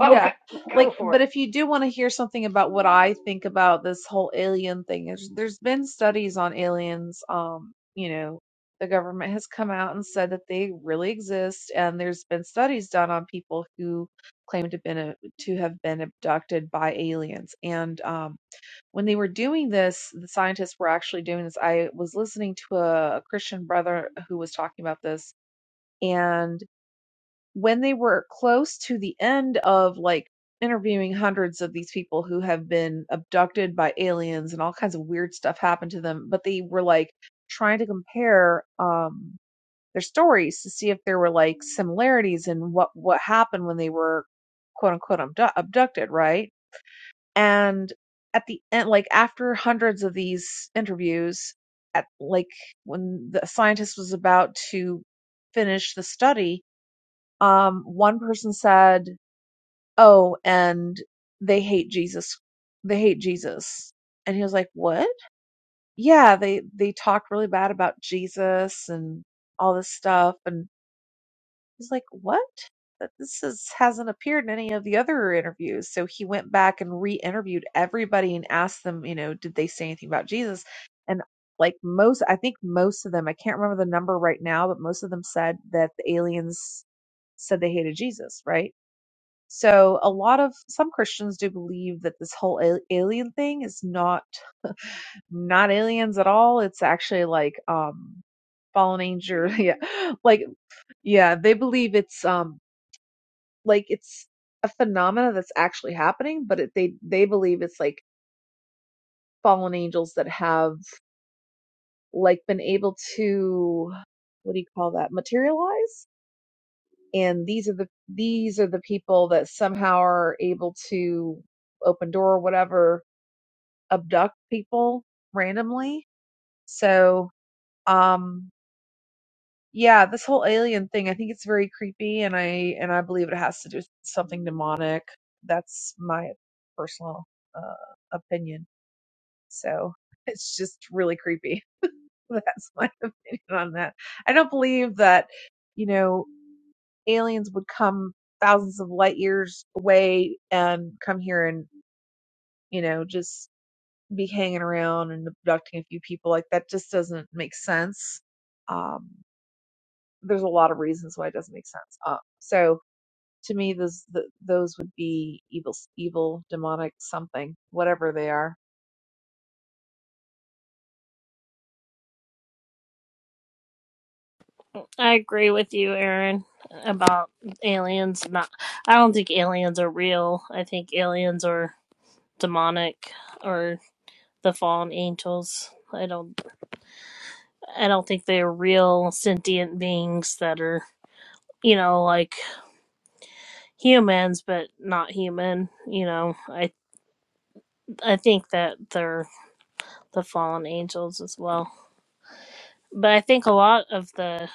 [SPEAKER 2] Oh, go,
[SPEAKER 6] Like,
[SPEAKER 2] go for
[SPEAKER 6] but
[SPEAKER 2] it.
[SPEAKER 6] if you do want to hear something about what I think about this whole alien thing, there's, there's been studies on aliens. Um, you know, the government has come out and said that they really exist, and there's been studies done on people who claim to been a, to have been abducted by aliens. And um, when they were doing this, the scientists were actually doing this. I was listening to a Christian brother who was talking about this, and when they were close to the end of like interviewing hundreds of these people who have been abducted by aliens and all kinds of weird stuff happened to them, but they were like trying to compare um their stories to see if there were like similarities in what what happened when they were quote unquote abdu- abducted, right? And at the end like after hundreds of these interviews at like when the scientist was about to finish the study um, one person said, "Oh, and they hate Jesus. They hate Jesus." And he was like, "What?" Yeah, they they talked really bad about Jesus and all this stuff. And he's like, "What?" That this is, hasn't appeared in any of the other interviews. So he went back and re-interviewed everybody and asked them, you know, did they say anything about Jesus? And like most, I think most of them, I can't remember the number right now, but most of them said that the aliens said they hated Jesus, right? So a lot of some Christians do believe that this whole al- alien thing is not not aliens at all. It's actually like um fallen angel. [LAUGHS] Yeah. Like yeah, they believe it's um like it's a phenomena that's actually happening, but it, they they believe it's like fallen angels that have like been able to what do you call that? materialize. And these are the these are the people that somehow are able to open door or whatever abduct people randomly. So, um, yeah, this whole alien thing, I think it's very creepy, and I and I believe it has to do with something demonic. That's my personal uh, opinion. So [LAUGHS] it's just really creepy. [LAUGHS] That's my [LAUGHS] opinion on that. I don't believe that you know aliens would come thousands of light years away and come here and you know just be hanging around and abducting a few people. Like that just doesn't make sense. Um, there's a lot of reasons why it doesn't make sense. Uh, so to me, those th those would be evil, evil, demonic, something, whatever they are.
[SPEAKER 1] I agree with you, Aaron, about aliens. Not, I don't think aliens are real. I think aliens are demonic or the fallen angels. I don't. I don't think they're real sentient beings that are, you know, like humans but not human. You know, I I think that they're the fallen angels as well. But I think a lot of the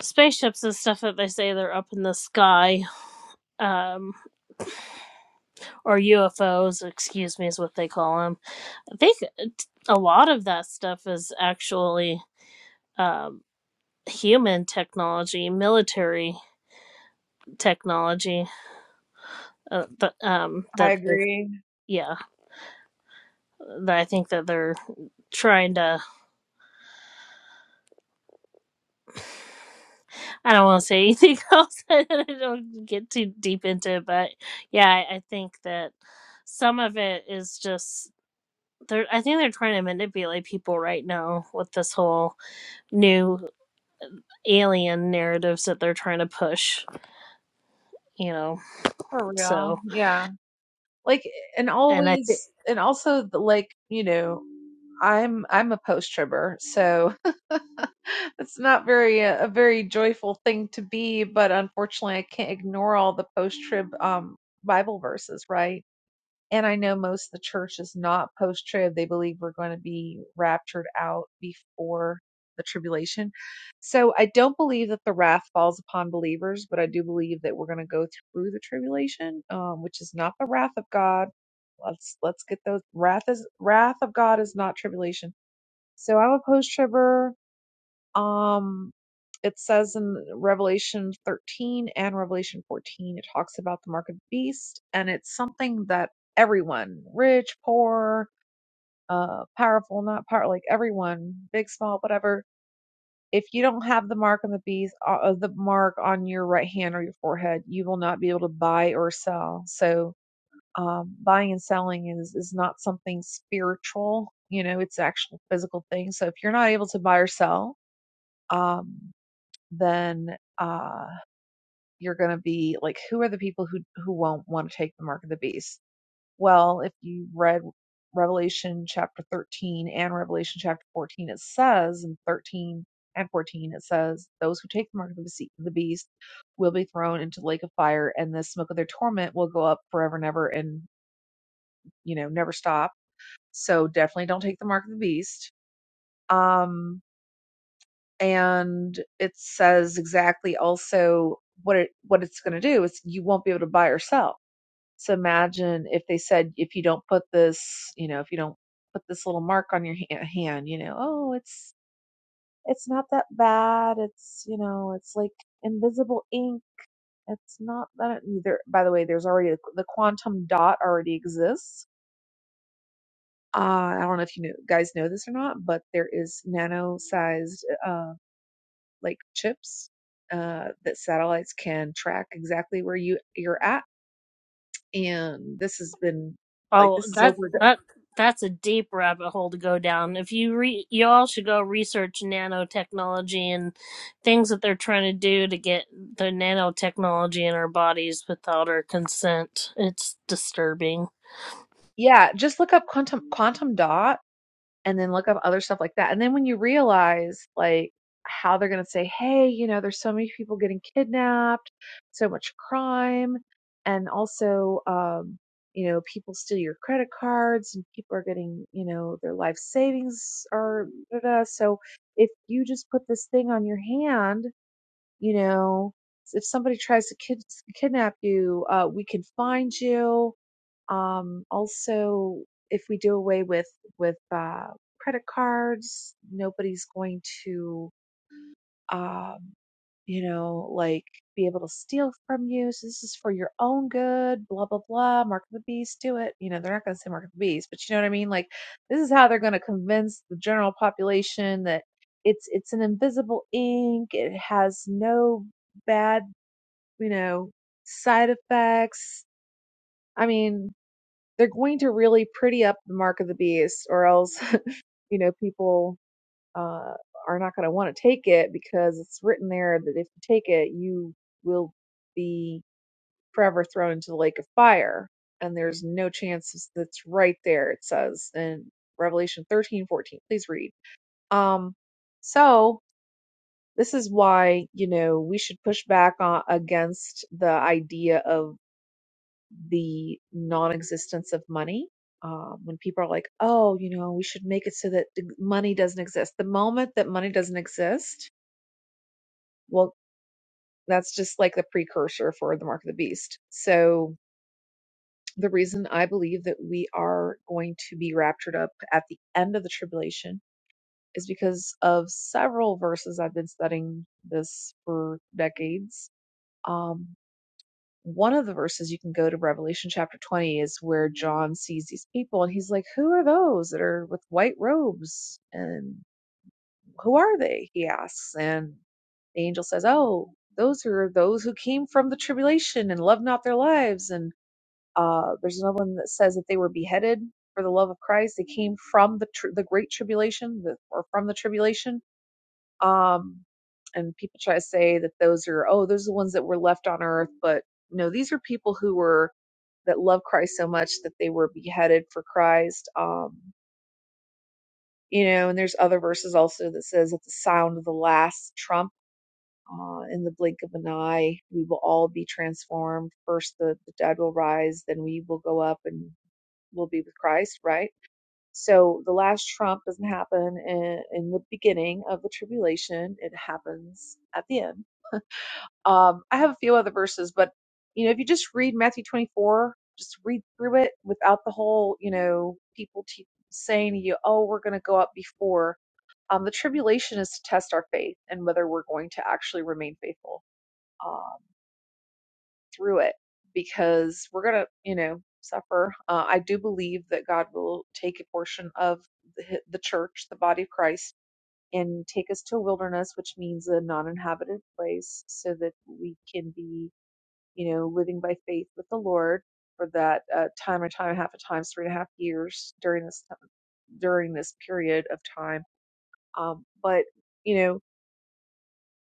[SPEAKER 1] spaceships and stuff that they say they're up in the sky, um, or UFOs, excuse me, is what they call them. I think a lot of that stuff is actually um, human technology, military technology. Uh, but, um,
[SPEAKER 6] I
[SPEAKER 1] that
[SPEAKER 6] agree.
[SPEAKER 1] yeah, that I think that they're trying to I don't want to say anything [LAUGHS] else. I don't get too deep into it, but yeah, I, I think that some of it is just they're. I think they're trying to manipulate people right now with this whole new alien narratives that they're trying to push. You know,
[SPEAKER 6] For real,
[SPEAKER 1] so
[SPEAKER 6] yeah. Like and
[SPEAKER 1] and I
[SPEAKER 6] always, and also like you know, I'm I'm a post tribber, so [LAUGHS] it's not very a, a very joyful thing to be. But unfortunately, I can't ignore all the post trib um Bible verses, right? And I know most of the church is not post trib. They believe we're going to be raptured out before the tribulation. So I don't believe that the wrath falls upon believers, but I do believe that we're going to go through the tribulation, um, which is not the wrath of God. Let's let's get those wrath is wrath of God is not tribulation. So I'm a post tribber. Um, it says in Revelation 13 and Revelation 14, it talks about the mark of the beast, and it's something that everyone, rich, poor, uh, powerful, not power, like everyone, big, small, whatever. If you don't have the mark on the beast, uh, uh, the mark on your right hand or your forehead, you will not be able to buy or sell. So, um, buying and selling is is not something spiritual. You know, it's actual physical thing. So, if you're not able to buy or sell, um, then uh, you're going to be like, who are the people who who won't want to take the mark of the beast? Well, if you read Revelation chapter 13 and Revelation chapter 14, it says in 13 and 14, it says, those who take the mark of the bese- the beast will be thrown into the lake of fire, and the smoke of their torment will go up forever and ever, and you know never stop. So definitely don't take the mark of the beast. Um, and it says exactly also what it what it's going to do is you won't be able to buy or sell so imagine if they said if you don't put this you know if you don't put this little mark on your ha- hand you know oh it's it's not that bad it's you know it's like invisible ink it's not that either by the way there's already a, the quantum dot already exists uh, I don't know if you know, guys know this or not, but there is nano-sized uh, like chips uh, that satellites can track exactly where you you're at. And this has been like
[SPEAKER 1] Oh,
[SPEAKER 6] this is
[SPEAKER 1] that
[SPEAKER 6] over. the-
[SPEAKER 1] that that's a deep rabbit hole to go down. If you re- you all should go research nanotechnology and things that they're trying to do to get the nanotechnology in our bodies without our consent. It's disturbing.
[SPEAKER 6] Yeah, just look up quantum quantum dot and then look up other stuff like that. And then when you realize like how they're going to say, hey, you know, there's so many people getting kidnapped, so much crime, and also, um, you know, people steal your credit cards and people are getting, you know, their life savings are. Da, da. da. So if you just put this thing on your hand you know if somebody tries to kid- kidnap you uh, we can find you um, also if we do away with with uh, credit cards nobody's going to um, you know, like be able to steal from you. So this is for your own good, blah, blah, blah. Mark of the beast, do it. You know, they're not going to say mark of the beast, but you know what I mean? Like this is how they're going to convince the general population that it's, it's an invisible ink. It has no bad, you know, side effects. I mean, they're going to really pretty up the mark of the beast or else, [LAUGHS] you know, people uh, are not going to want to take it because it's written there that if you take it, you will be forever thrown into the lake of fire. And there's no chance that's right there, it says in Revelation 13:14. Please read. Um, so this is why, you know, we should push back on, against the idea of the non existence of money um, when people are like, oh, you know, we should make it so that the money doesn't exist. The moment that money doesn't exist, Well, that's just like the precursor for the mark of the beast. So, the reason I believe that we are going to be raptured up at the end of the tribulation is because of several verses. I've been studying this for decades. Um, one of the verses you can go to Revelation chapter 20 is where John sees these people and he's like, Who are those that are with white robes? And Who are they? He asks. And the angel says, Oh, those are those who came from the tribulation and loved not their lives. And uh, there's another one that says that they were beheaded for the love of Christ. They came from the tr- the great tribulation the, or from the tribulation. Um, and people try to say that those are, oh, those are the ones that were left on earth. But no, these are people who were, that love Christ so much that they were beheaded for Christ. Um, you know, and there's other verses also that says at the sound of the last trump uh, in the blink of an eye we will all be transformed first the, the dead will rise then we will go up and we'll be with christ right so the last trump doesn't happen in, in the beginning of the tribulation it happens at the end um, i have a few other verses but you know if you just read matthew 24 just read through it without the whole you know people te- saying to you oh we're going to go up before um, the tribulation is to test our faith and whether we're going to actually remain faithful um, through it because we're going to, you know, suffer. Uh, I do believe that God will take a portion of the, the church, the body of Christ, and take us to a wilderness, which means a non inhabited place, so that we can be, you know, living by faith with the Lord for that uh, time and time, half a time, three and a half years during this time, during this period of time. Um, but, you know,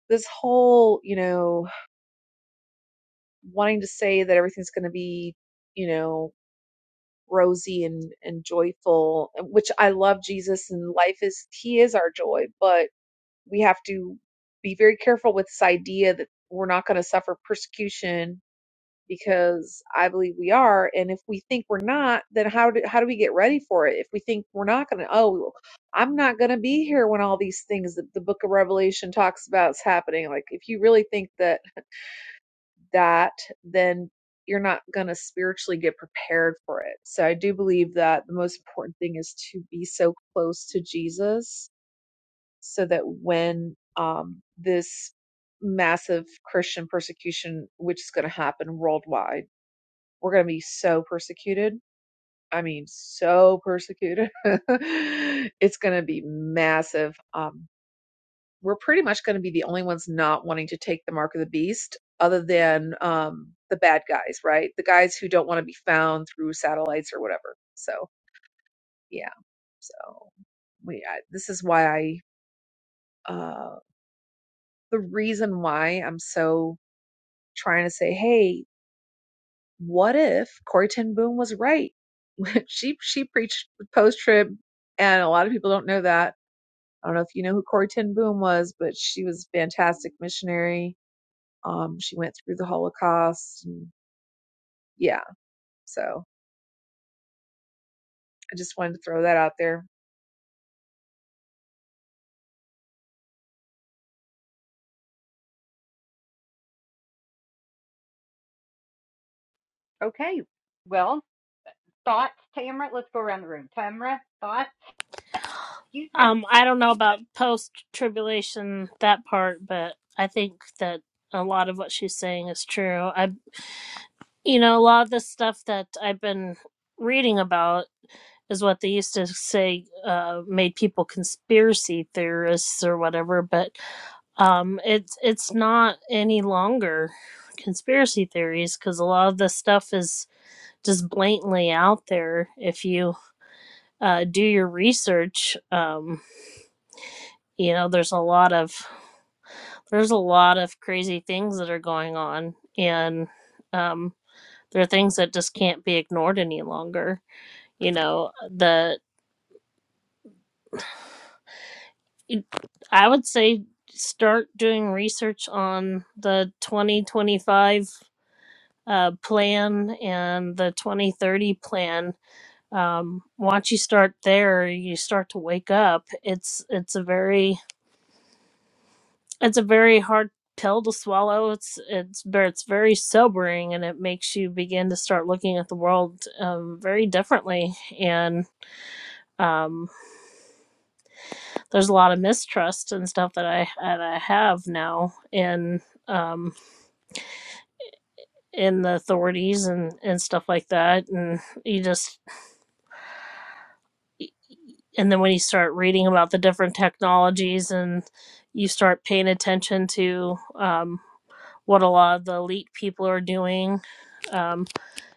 [SPEAKER 6] this whole, you know, wanting to say that everything's going to be, you know, rosy and, and joyful, which I love Jesus and life is, he is our joy, but we have to be very careful with this idea that we're not going to suffer persecution because I believe we are. And if we think we're not, then how do, how do we get ready for it? If we think we're not going to, oh, well, I'm not going to be here when all these things that the book of Revelation talks about is happening. Like if you really think that that, then you're not going to spiritually get prepared for it. So I do believe that the most important thing is to be so close to Jesus so that when um, this massive Christian persecution, which is going to happen worldwide, we're going to be so persecuted. I mean, so persecuted. [LAUGHS] it's going to be massive. Um, we're pretty much going to be the only ones not wanting to take the mark of the beast other than um, the bad guys, right? The guys who don't want to be found through satellites or whatever. So, yeah. So, we, I, this is why I, uh, the reason why I'm so trying to say, hey, what if Corey Ten Boom was right? [LAUGHS] she she preached post trib, and a lot of people don't know that. I don't know if you know who Corey Ten Boom was, but she was a fantastic missionary Um, she went through the Holocaust. And yeah, so I just wanted to throw that out there.
[SPEAKER 2] Okay. Well, thoughts, Tamara. Let's go around the room. Tamara, thoughts. Excuse me.
[SPEAKER 1] Um, I don't know about post tribulation that part, but I think that a lot of what she's saying is true. I, you know, a lot of the stuff that I've been reading about is what they used to say uh, made people conspiracy theorists or whatever, but um, it's it's not any longer conspiracy theories because a lot of the stuff is just blatantly out there. If you uh, do your research, um, you know there's a lot of there's a lot of crazy things that are going on, and um, there are things that just can't be ignored any longer. You know the it- I would say start doing research on the 2025 uh, plan and the 2030 plan. Um, once you start there, you start to wake up. It's it's a very it's a very hard pill to swallow. It's it's ver- it's very sobering, and it makes you begin to start looking at the world um, very differently. And um, there's a lot of mistrust and stuff that I that I have now, and um, and the authorities and and stuff like that and you just and then when you start reading about the different technologies and you start paying attention to um, what a lot of the elite people are doing um,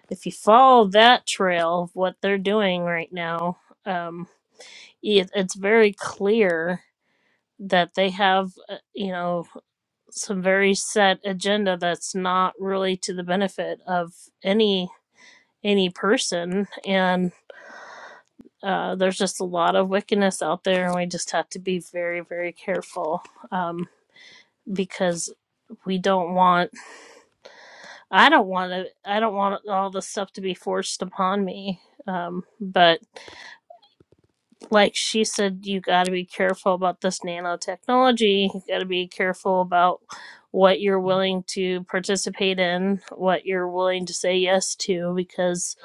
[SPEAKER 1] if you follow that trail of what they're doing right now um, it, it's very clear that they have uh, you know some very set agenda that's not really to the benefit of any any person and. Uh, there's just a lot of wickedness out there, and we just have to be very, very careful um, because we don't want. I don't want to. I don't want all this stuff to be forced upon me. Um, but like she said, you got to be careful about this nanotechnology. You got to be careful about what you're willing to participate in, what you're willing to say yes to, because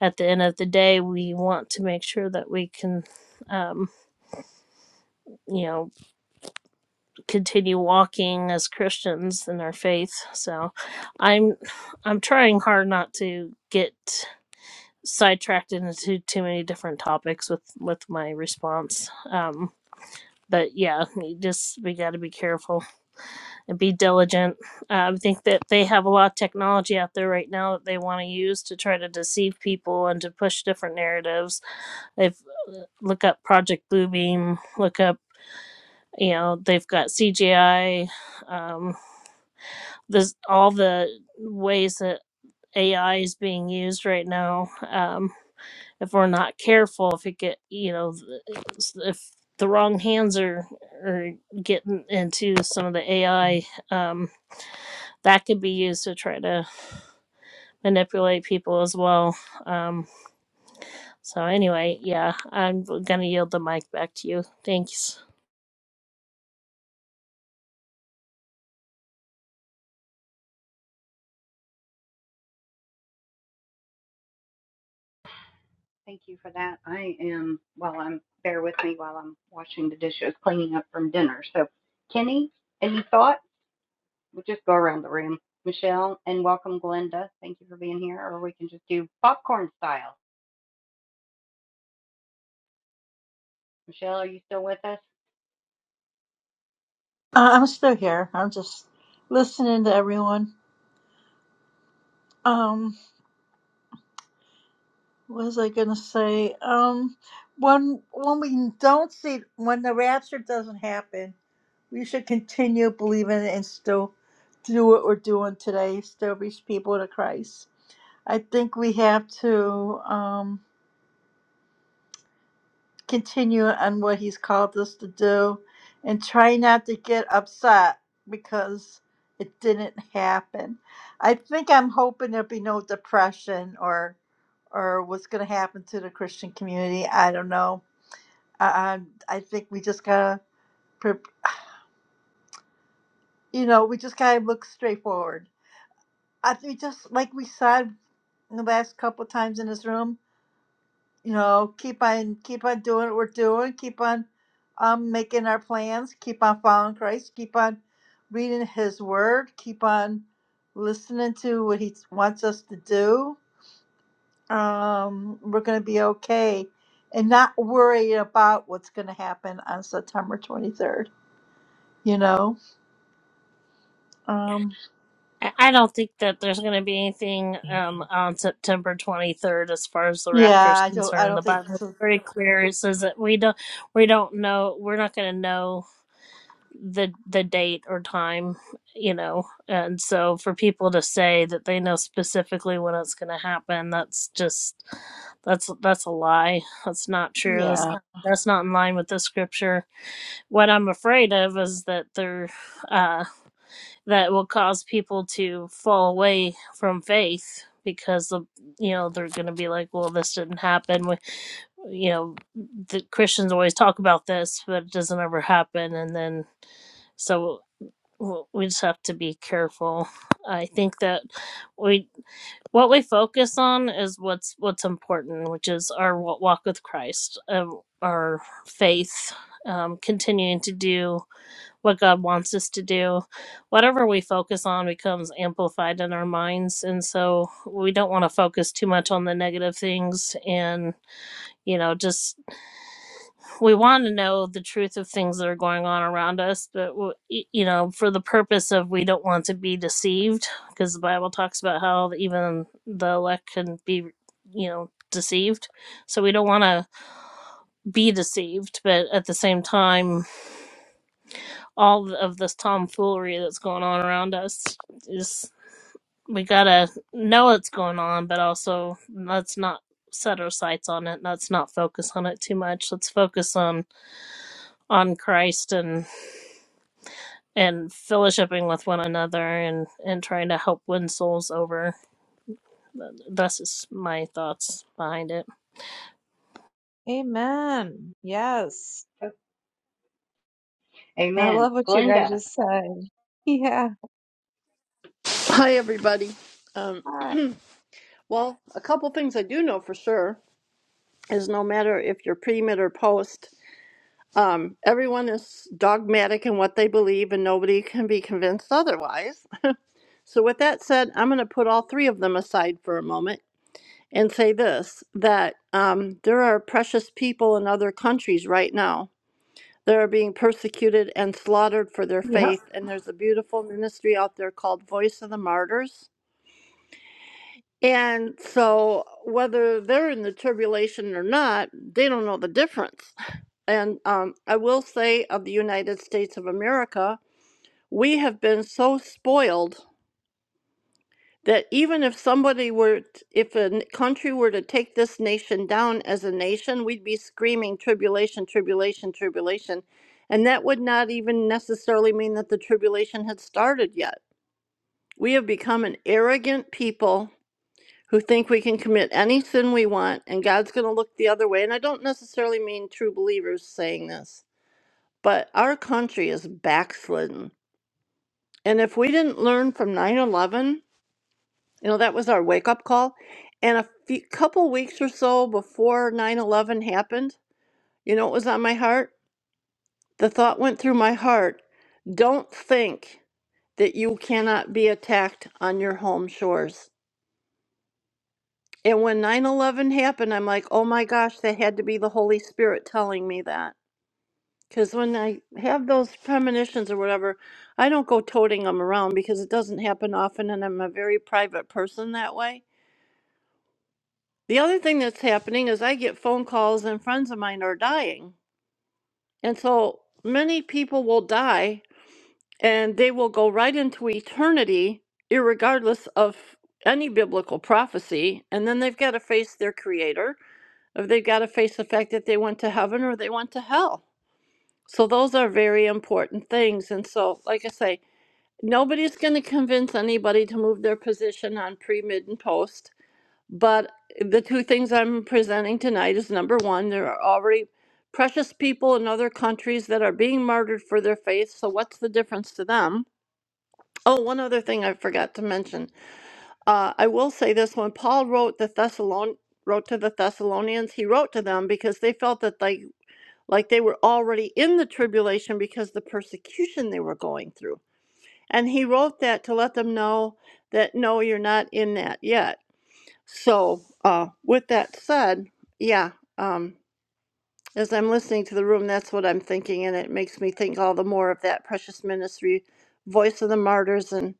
[SPEAKER 1] at the end of the day, we want to make sure that we can um, you know continue walking as Christians in our faith. So I'm I'm trying hard not to get sidetracked into too many different topics with with my response. Um but yeah, we just we got to be careful and be diligent. Uh, I think that they have a lot of technology out there right now that they want to use to try to deceive people and to push different narratives. They've uh, look up Project Bluebeam, look up you know they've got CGI this all the ways that AI is being used right now. Um, if we're not careful, if it get you know, if the wrong hands are are getting into some of the AI, um, that could be used to try to manipulate people as well. Um, so anyway, yeah, I'm gonna yield the mic back to you. Thanks.
[SPEAKER 2] Thank you for that. I am. Well, I'm bear with me while I'm washing the dishes, cleaning up from dinner. So, Kenny, any thought? We'll just go around the room. Michelle, and welcome, Glenda. Thank you for being here. Or we can just do popcorn style. Michelle, are you still with us?
[SPEAKER 4] I'm still here. I'm just listening to everyone. Um, what was I gonna say? Um, when when we don't see when the rapture doesn't happen, we should continue believing it and still do what we're doing today. Still reach people to Christ. I think we have to. Um, continue on what he's called us to do and try not to get upset because it didn't happen. I think I'm hoping there'll be no depression or or what's going to happen to the Christian community. I don't know. I, I, I think we just got to, you know, we just got to look straightforward. I think just like we said the last couple times in this room, you know, keep on keep on doing what we're doing, keep on um making our plans, keep on following Christ, keep on reading his word, keep on listening to what he wants us to do. Um we're going to be okay and not worry about what's going to happen on September 23rd, you know. Um
[SPEAKER 1] I I don't think that there's going to be anything um, on September 23rd as far as the
[SPEAKER 4] yeah,
[SPEAKER 1] Raptors
[SPEAKER 4] I don't I
[SPEAKER 1] concerned. The
[SPEAKER 4] don't think
[SPEAKER 1] Bible is
[SPEAKER 4] so.
[SPEAKER 1] very clear. It says that we don't we don't know we're not going to know the the date or time, you know. And so for people to say that they know specifically when it's going to happen, that's just that's that's a lie. That's not true. That's
[SPEAKER 4] Yeah.
[SPEAKER 1] not that's not in line with the scripture. What I'm afraid of is that they're Uh, that will cause people to fall away from faith because the you know they're going to be like well this didn't happen we, you know the christians always talk about this but it doesn't ever happen and then so we just have to be careful i think that we what we focus on is what's what's important which is our walk with christ um, our faith um, continuing to do what God wants us to do. Whatever we focus on becomes amplified in our minds. And so we don't want to focus too much on the negative things. And, you know, just we want to know the truth of things that are going on around us. But, w- y- you know, for the purpose of we don't want to be deceived, because the Bible talks about how even the elect can be, you know, deceived. So we don't want to be deceived. But at the same time, all of this tomfoolery that's going on around us is we gotta know what's going on, but also let's not set our sights on it. Let's not focus on it too much. Let's focus on on Christ and and fellowshipping with one another and and trying to help win souls over. That's just my thoughts behind it.
[SPEAKER 6] Amen. Yes.
[SPEAKER 2] Okay.
[SPEAKER 6] I
[SPEAKER 2] Amen.
[SPEAKER 6] love what you guys
[SPEAKER 2] Glenda,
[SPEAKER 6] just said. Yeah.
[SPEAKER 7] Hi, everybody. Um,
[SPEAKER 6] Hi.
[SPEAKER 7] well, a couple things I do know for sure is no matter if you're pre-mid or post, um, everyone is dogmatic in what they believe, and nobody can be convinced otherwise. So, with that said, I'm going to put all three of them aside for a moment and say this that um, there are precious people in other countries right now that are being persecuted and slaughtered for their
[SPEAKER 4] Yeah.
[SPEAKER 7] faith, and there's a beautiful ministry out there called Voice of the Martyrs And so, whether they're in the tribulation or not, they don't know the difference. And um, I will say of the United States of America, we have been so spoiled that even if somebody were, t- if a n- country were to take this nation down as a nation, we'd be screaming tribulation, tribulation, tribulation. And that would not even necessarily mean that the tribulation had started yet. We have become an arrogant people who think we can commit any sin we want and God's going to look the other way. And I don't necessarily mean true believers saying this, but our country is backslidden. And if we didn't learn from 9 11, you know, that was our wake up call. And a few, couple weeks or so before 9 11 happened, you know, it was on my heart. The thought went through my heart don't think that you cannot be attacked on your home shores. And when 9 11 happened, I'm like, oh my gosh, that had to be the Holy Spirit telling me that. Because when I have those premonitions or whatever, I don't go toting them around because it doesn't happen often, and I'm a very private person that way. The other thing that's happening is I get phone calls, and friends of mine are dying. And so many people will die, and they will go right into eternity, irregardless of any biblical prophecy. And then they've got to face their creator if they've got to face the fact that they went to heaven or they went to hell. So those are very important things. And so, like I say, nobody's going to convince anybody to move their position on pre, mid, and post. But the two things I'm presenting tonight is number one, there are already precious people in other countries that are being martyred for their faith. So what's the difference to them? Oh, one other thing I forgot to mention. Uh, I will say this: when Paul wrote the Thessalon wrote to the Thessalonians, he wrote to them because they felt that like like they were already in the tribulation because the persecution they were going through. And he wrote that to let them know that no, you're not in that yet. So, uh, with that said, yeah, um, as I'm listening to the room, that's what I'm thinking, and it makes me think all the more of that precious ministry, voice of the martyrs, and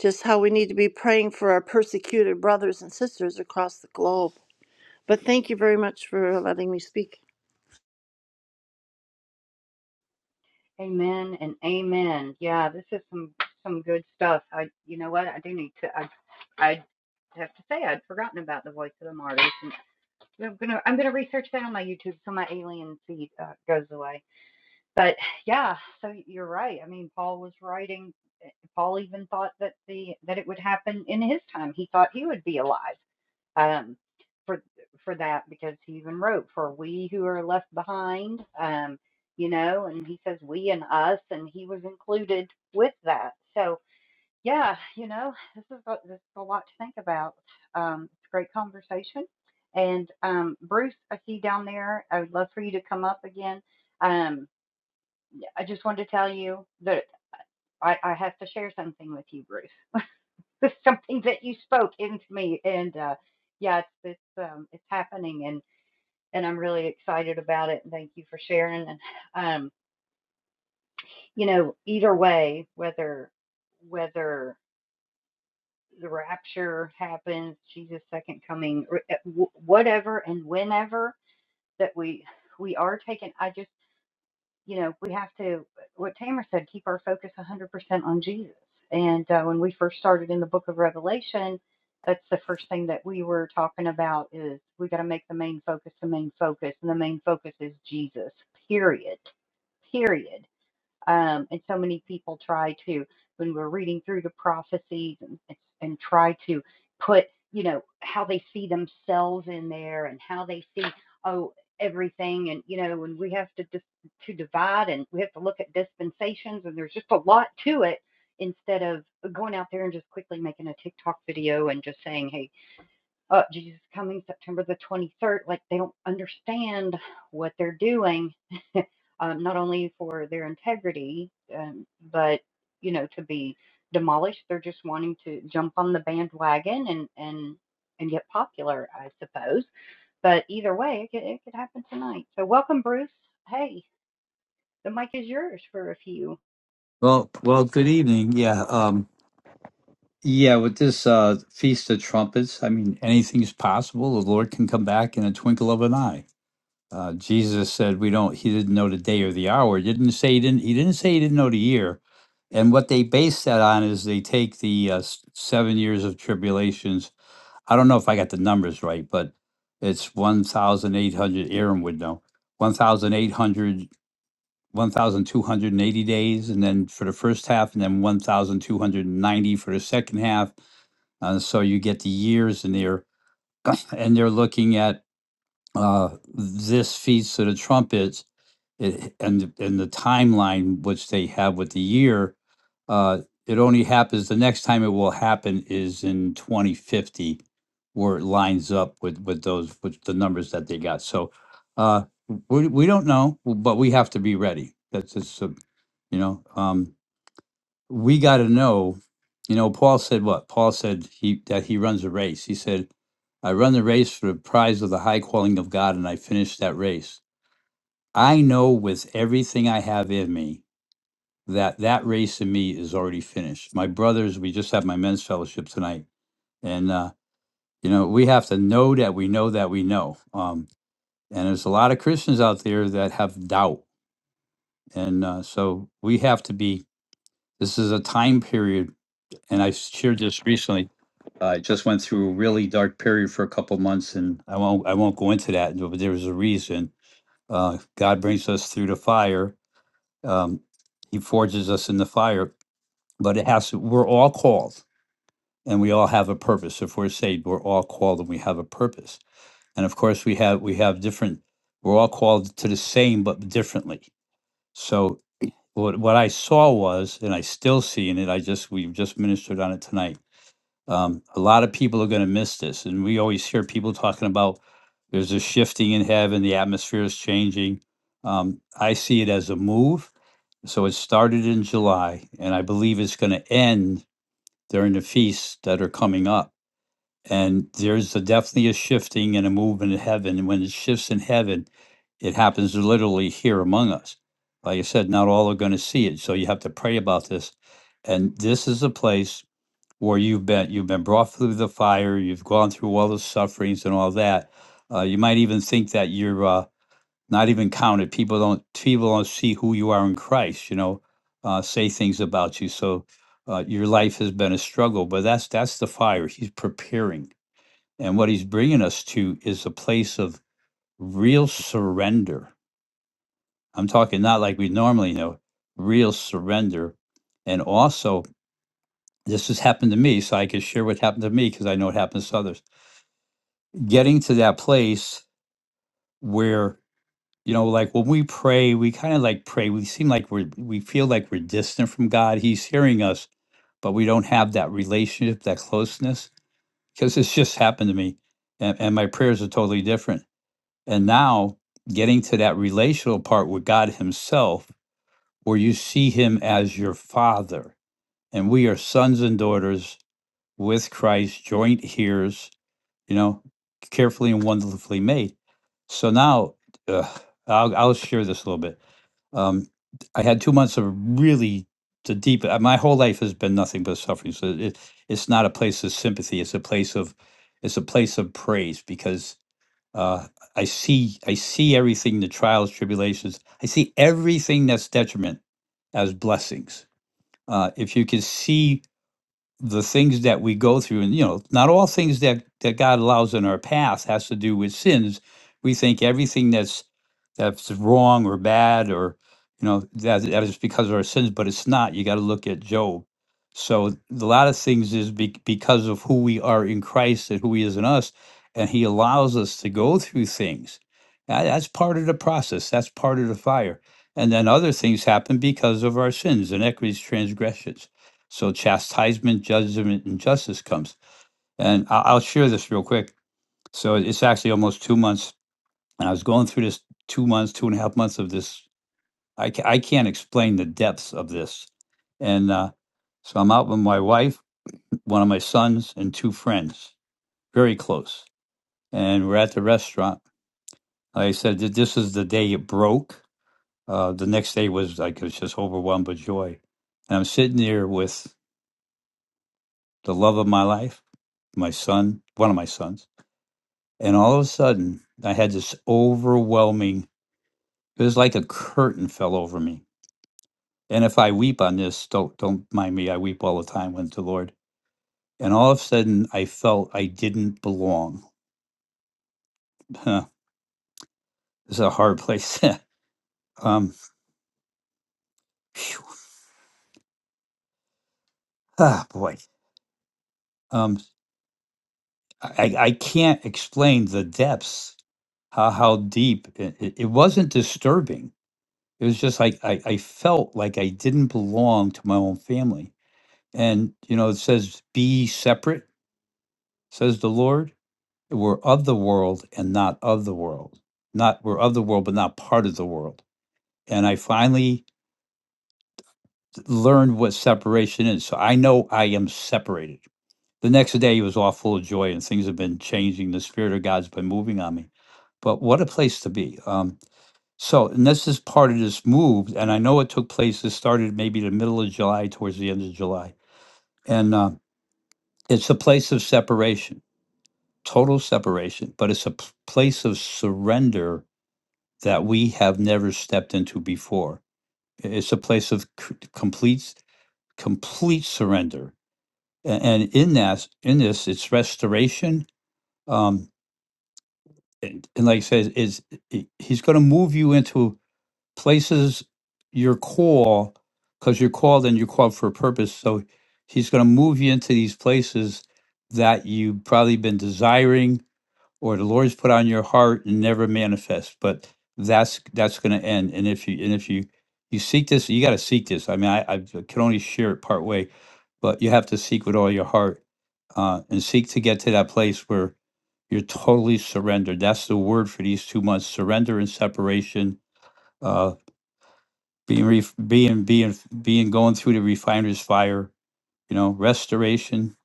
[SPEAKER 7] just how we need to be praying for our persecuted brothers and sisters across the globe. But thank you very much for letting me speak.
[SPEAKER 2] Amen and amen. Yeah, this is some some good stuff. I, you know what? I do need to. I, I have to say I'd forgotten about the voice of the martyrs. And I'm gonna I'm gonna research that on my YouTube so my alien feed uh, goes away. But yeah, so you're right. I mean, Paul was writing. eh, Paul even thought that the that it would happen in his time. He thought he would be alive um, for for that because he even wrote for we who are left behind, um, you know, and he says we and us, and he was included with that. So yeah, you know, this is a, this is a lot to think about. Um, it's a great conversation, and um, Bruce, I see you down there. I would love for you to come up again. Um, I just wanted to tell you that I, I have to share something with you, Bruce. [LAUGHS] Something that you spoke into me, and uh, yeah, it's it's um, it's happening, and I'm really excited about it. And thank you for sharing. And um, you know, either way, whether whether the rapture happens, Jesus' second coming, uh, whatever and whenever that we we are taken, I just you know, we have to, what Tamer said, keep our focus 100% on Jesus. And uh, when we first started in the book of Revelation, that's the first thing that we were talking about is we got to make the main focus the main focus. And the main focus is Jesus, period. Period. Um, and so many people try to, when we're reading through the prophecies and, and try to put, you know, how they see themselves in there and how they see, oh, everything. And, you know, and we have to, dis- to divide and we have to look at dispensations and there's just a lot to it instead of going out there and just quickly making a TikTok video and just saying, hey, uh, Jesus is coming September the 23rd. Like they don't understand what they're doing um, not only for their integrity, um, but you know, to be demolished. They're just wanting to jump on the bandwagon and and and get popular, I suppose. But either way, it could, it could happen tonight. So welcome, Bruce. Hey, the mic is yours for a few.
[SPEAKER 8] Well, well, good evening. Yeah, um, yeah. With this uh, feast of trumpets, I mean, anything's possible. The Lord can come back in a twinkle of an eye. Uh, Jesus said, "We don't." He didn't know the day or the hour. He didn't say he didn't. He didn't say he didn't know the year. And what they base that on is they take the uh, s- seven years of tribulations. I don't know if I got the numbers right, but it's one thousand eight hundred. Aaron would know. 1,800 1,280 days, and then for the first half, and then 1,290 for the second half. Uh, so you get the years in there, and they're looking at uh, this feast of the trumpets it, and and the timeline which they have with the year. Uh, it only happens the next time it will happen is in 2050, where it lines up with with those with the numbers that they got. So uh, we we don't know, but we have to be ready. That's just you know, um, we got to know. You know, Paul said what? Paul said he that he runs a race. He said, "I run the race for the prize of the high calling of God, and I finished that race. I know with everything I have in me that that race in me is already finished." My brothers, we just had my men's fellowship tonight, and uh, you know, we have to know that we know that we know. Um, and there's a lot of Christians out there that have doubt, and uh, so we have to be. This is a time period and I shared this recently. I just went through a really dark period for a couple months, and I won't I won't go into that. But there was a reason. Uh, God brings us through the fire. Um, he forges us in the fire, but it has to. We're all called, and we all have a purpose. If we're saved, we're all called, and we have a purpose. And of course, we have we have different. We're all called to the same, but differently. So what what I saw was, and I still see in it. I just we just ministered on it tonight Um, a lot of people are going to miss this, and we always hear people talking about there's a shifting in heaven, the atmosphere is changing. Um, I see it as a move. So it started in July, and I believe it's going to end during the feasts that are coming up. And there's a, definitely a shifting and a movement in heaven. And when it shifts in heaven, it happens literally here among us. Like I said, not all are going to see it. So you have to pray about this. And this is a place where you've been you've been brought through the fire, you've gone through all the sufferings and all that. Uh, you might even think that you're uh, not even counted. People don't people don't see who you are in Christ. You know, uh, say things about you. So uh, your life has been a struggle, but that's that's the fire. He's preparing, and what he's bringing us to is a place of real surrender. I'm talking not like we normally know, real surrender, and also this has happened to me, so I can share what happened to me because I know it happens to others getting to that place where you know like when we pray we kind of like pray we seem like we're we feel like we're distant from god he's hearing us but we don't have that relationship that closeness because it's just happened to me and, and my prayers are totally different and now getting to that relational part with god himself where you see him as your father and we are sons and daughters with christ joint heirs you know, carefully and wonderfully made. So now, uh, I'll, I'll share this a little bit. Um, I had two months of really the deep. uh, My whole life has been nothing but suffering. So it, it's not a place of sympathy. It's a place of, it's a place of praise because uh, I see I see everything the trials, tribulations. I see everything that's detriment as blessings. Uh, if you can see the things that we go through and you know not all things that that god allows in our path has to do with sins we think everything that's that's wrong or bad or you know that that is because of our sins but it's not you got to look at job so a lot of things is be, because of who we are in christ and who he is in us and he allows us to go through things That- that's part of the process that's part of the fire and then other things happen because of our sins and equities transgressions so chastisement, judgment, and justice comes. And I- I'll share this real quick. So it's actually almost two months, and I was going through this two months, two and a half months of this. I, ca- I can't explain the depths of this. And uh, so I'm out with my wife, one of my sons, and two friends, very close. And we're at the restaurant. Like I said, th- this is the day it broke. Uh, the next day was like, I was just overwhelmed with joy. And I'm sitting there with the love of my life, my son, one of my sons And all of a sudden, I had this overwhelming, it was like a curtain fell over me. And if I weep on this, don't, don't mind me, I weep all the time with the Lord. And all of a sudden, I felt I didn't belong. [LAUGHS] it's a hard place. [LAUGHS] um, phew, ah, boy. Um, I, I can't explain the depths, how, how deep it, it, it wasn't disturbing. It was just like I, I felt like I didn't belong to my own family. And, you know, it says be separate says the Lord. We're of the world and not of the world. Not we're of the world, but not part of the world. And I finally learned what separation is. So I know I am separated. The next day he was all full of joy and things have been changing. The Spirit of God's been moving on me. But what a place to be. Um, so, and this is part of this move. And I know it took place, it started maybe the middle of July, towards the end of July. And uh, it's a place of separation total separation, but it's a p- place of surrender that we have never stepped into before. I- It's a place of c- complete complete surrender, A- and in that in this, it's restoration. Um, and, and like I said, is he's going to move you into places your call because you're called and you're called for a purpose. So he's going to move you into these places that you've probably been desiring or the Lord's put on your heart and never manifests. But that's that's going to end. And if you and if you you seek this, you got to seek this. I mean, I, I can only share it part way, but you have to seek with all your heart uh, and seek to get to that place where you're totally surrendered. That's the word for these two months: surrender and separation. Uh, being ref- being being being going through the refiner's fire. You know, restoration.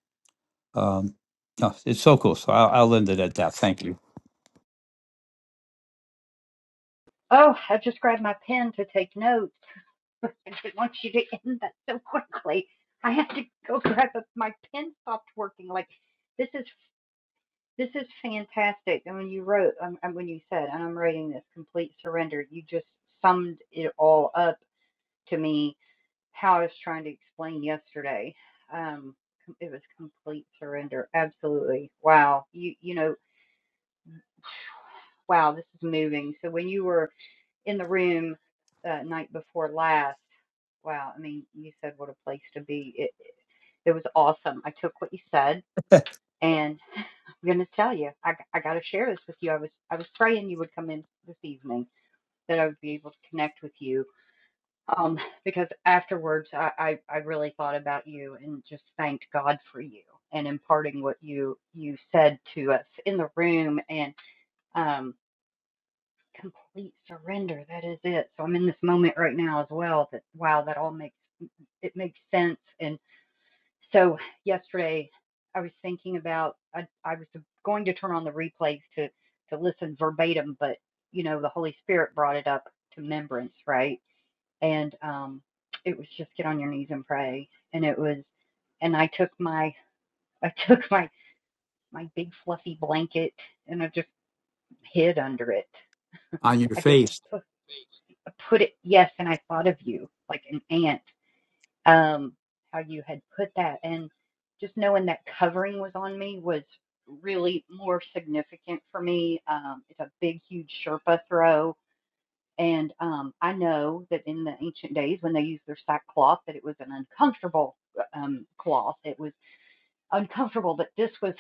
[SPEAKER 8] Um, no, it's so cool. So I'll, I'll end it at that. Thank you.
[SPEAKER 2] Oh, I just grabbed my pen to take notes. I didn't want you to [LAUGHS] end that so quickly. I had to go [LAUGHS] grab it. My pen stopped working. Like this is This is fantastic. And when you wrote, um, and when you said, and I'm writing this complete surrender, you just summed it all up to me how I was trying to explain yesterday. Um, it was complete surrender. Absolutely. Wow. You, you know, wow, this is moving. So when you were in the room uh, night before last, wow, I mean, you said what a place to be. It, it was awesome. I took what you said and I'm going to tell you, I, I got to share this with you. I was, I was praying you would come in this evening that I would be able to connect with you. Um, because afterwards, I, I, I really thought about you and just thanked God for you and imparting what you you said to us in the room and um, complete surrender. That is it. So I'm in this moment right now as well. That wow, that all makes it makes sense. And so yesterday, I was thinking about I, I was going to turn on the replays to to listen verbatim, but you know the Holy Spirit brought it up to remembrance, right? and um it was just get on your knees and pray and it was and i took my [LAUGHS] i took my my big fluffy blanket and i just hid under it
[SPEAKER 8] On your
[SPEAKER 2] i just
[SPEAKER 8] face.
[SPEAKER 2] put it yes and i thought of you like an ant um how you had put that and just knowing that covering was on me was really more significant for me um it's a big huge sherpa throw And um, I know that in the ancient days when they used their sackcloth, that it was an uncomfortable uh, um, cloth. It was uncomfortable, but this was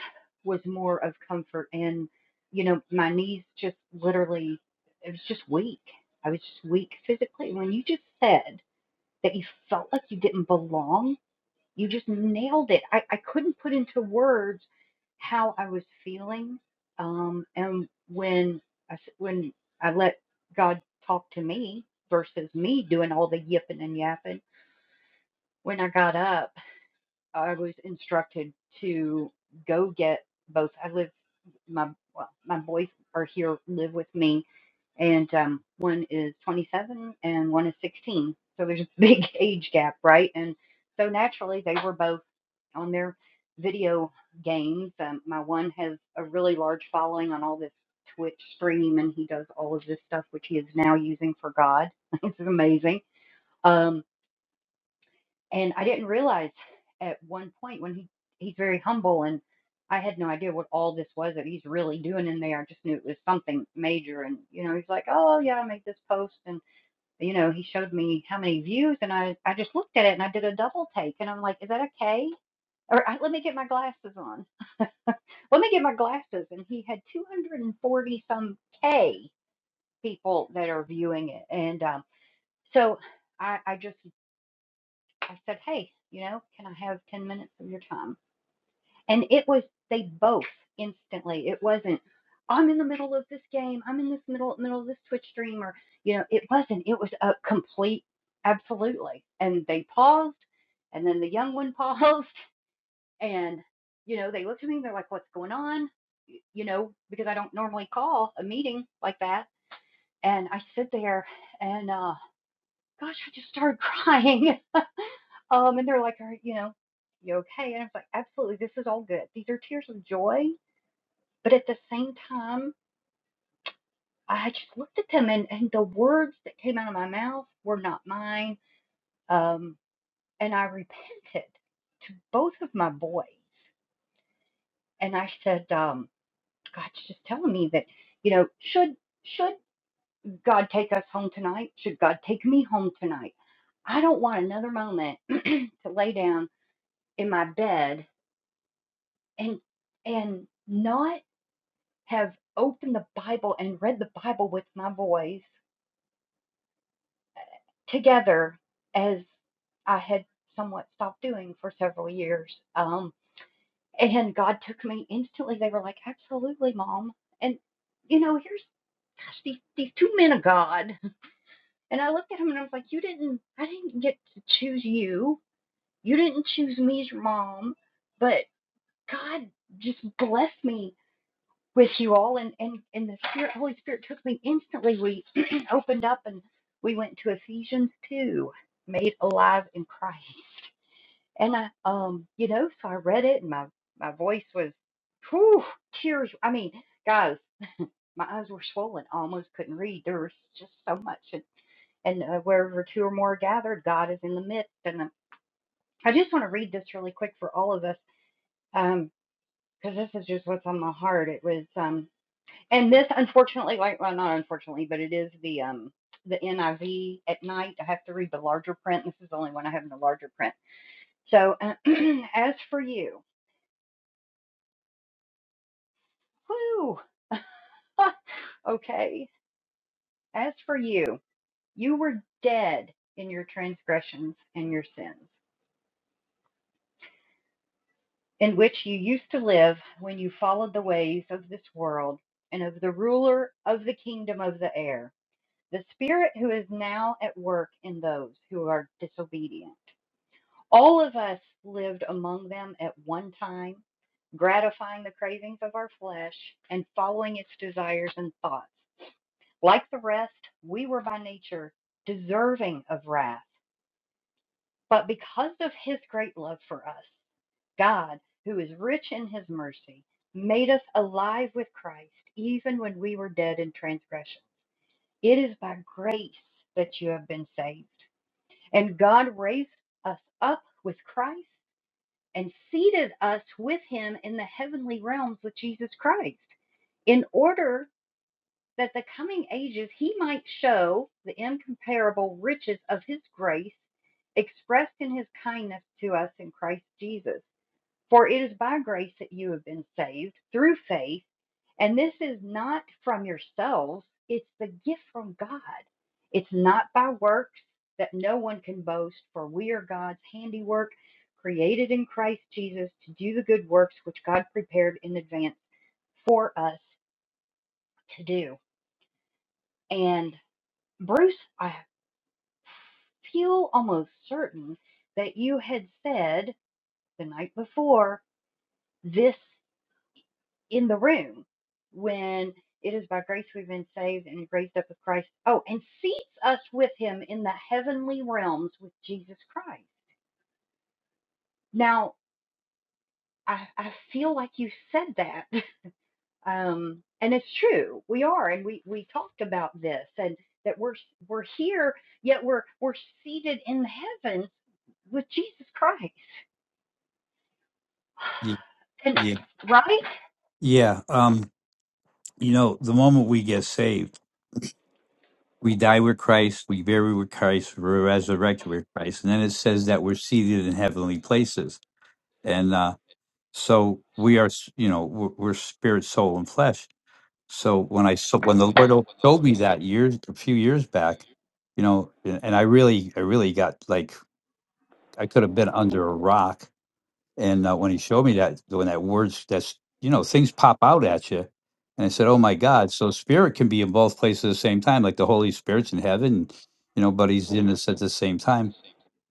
[SPEAKER 2] was more of comfort. And you know, my knees just literally, it was just weak. I was just weak physically. When you just said that you felt like you didn't belong you just nailed it. I, I couldn't put into words how I was feeling. Um, and when I, s- when I let God talk to me versus me doing all the yipping and yapping, when I got up, I was instructed to go get both. I live my well, my boys are here live with me and um one is 27 and one is 16 so there's a [LAUGHS] big age gap right and so naturally they were both on their video games um, my one has a really large following on all this twitch stream and he does all of this stuff which he is now using for god [LAUGHS] It's is amazing Um, and I didn't realize at one point when he he's very humble and I had no idea what all this was that he's really doing in there. I just knew it was something major and you know, he's like, Oh yeah, I made this post and you know, he showed me how many views and I, I just looked at it and I did a double take and I'm like, Is that okay? Or I, let me get my glasses on. Let me get my glasses and he had two hundred and forty some K people that are viewing it and um so I, I just I said, Hey, you know, can I have ten minutes of your time? And it was they both instantly. It wasn't I'm in the middle of this game. I'm in this middle middle of this Twitch stream or you know, it wasn't. It was a complete absolutely. And they paused and then the young one [LAUGHS] paused and you know, they looked at me and they're like, What's going on? You know, because I don't normally call a meeting like that. And I sit there and uh gosh, I just started crying. [LAUGHS] Um and they're like, Are you know, you okay? And I was like, Absolutely, this is all good. These are tears of joy But at the same time, I just looked at them and, and the words that came out of my mouth were not mine. Um, and I repented to both of my boys. And I said, um, God's just telling me that, you know, should should God take us home tonight? Should God take me home tonight? I don't want another moment [CLEARS THROAT] to lay down in my bed and and not have opened the Bible and read the Bible with my boys together as I had somewhat stopped doing for several years. Um, and God took me instantly. They were like, absolutely, mom. And, you know, here's gosh, these, these two men of God. [LAUGHS] And I looked at him and I was like, you didn't, I didn't get to choose you. You didn't choose me as your mom, but God just blessed me with you all and and and the spirit holy spirit took me instantly we [CLEARS THROAT] opened up and we went to ephesians 2 made alive in christ and i um you know so i read it and my my voice was whew, tears i mean guys my eyes were swollen I almost couldn't read there was just so much and and uh, wherever two or more are gathered god is in the midst and um, i just want to read this really quick for all of us um because um, this is just what's on my heart it was um. And this, unfortunately, like, well, not unfortunately, but it is the um the NIV at night. I have to read the larger print. This is the only one I have in the larger print. So, uh, [CLEARS THROAT] as for you, whoo, [LAUGHS] okay. As for you, you were dead in your transgressions and your sins, in which you used to live when you followed the ways of this world and of the ruler of the kingdom of the air, the spirit who is now at work in those who are disobedient. All of us lived among them at one time, gratifying the cravings of our flesh and following its desires and thoughts. Like the rest, we were by nature deserving of wrath. But because of his great love for us, God, who is rich in his mercy, made us alive with Christ even when we were dead in transgression. It is by grace that you have been saved. And God raised us up with Christ and seated us with him in the heavenly realms with Jesus Christ, in order that the coming ages he might show the incomparable riches of his grace expressed in his kindness to us in Christ Jesus. For it is by grace that you have been saved through faith, and this is not from yourselves, it's the gift from God. It's not by works that no one can boast, for we are God's handiwork, created in Christ Jesus to do the good works which God prepared in advance for us to do. And Bruce, I feel almost certain that you had said the night before this. in the room when it is by grace we've been saved and raised up with Christ. Oh, and seats us with him in the heavenly realms with Jesus Christ. Now, I, I feel like you said that. [LAUGHS] Um, and it's true. We are, and we, we talked about this and that we're we're here, yet we're we're seated in heaven with Jesus Christ. [SIGHS] And
[SPEAKER 8] Yeah.
[SPEAKER 2] right?
[SPEAKER 8] Yeah. Um, you know, the moment we get saved, we die with Christ, we bury with Christ, we're resurrected with Christ. And then it says that we're seated in heavenly places. And uh, so we are, s- you know, we're, we're spirit, soul, and flesh. So when I so when the Lord told me that years a few years back, you know, and and I really I really got like I could have been under a rock And uh, when he showed me that, when that words, that's, you know, things pop out at you. And I said, oh my God. So spirit can be in both places at the same time, like the Holy Spirit's in heaven, you know, but he's in us at the same time.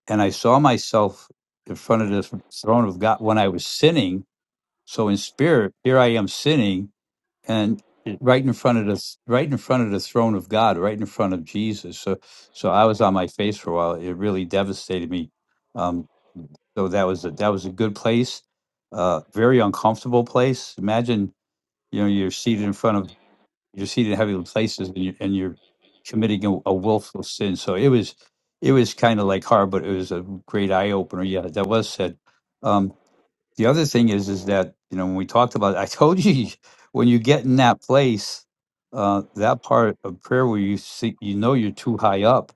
[SPEAKER 8] And I saw myself in front of the throne of God when I was sinning. So in spirit, here I am sinning and right in front of the right in front of the throne of God, right in front of Jesus. So so I was on my face for a while. It really devastated me Um, so that was a that was a good place. Uh, very uncomfortable place. Imagine you know you're seated in front of you're seated in heavy places and you're, and you're committing a, a willful sin. So it was it was kind of like hard, but it was a great eye opener. Yeah, that was said. Um, the other thing is is that you know when we talked about i told you [LAUGHS] when you get in that place uh that part of prayer where you see you know you're too high up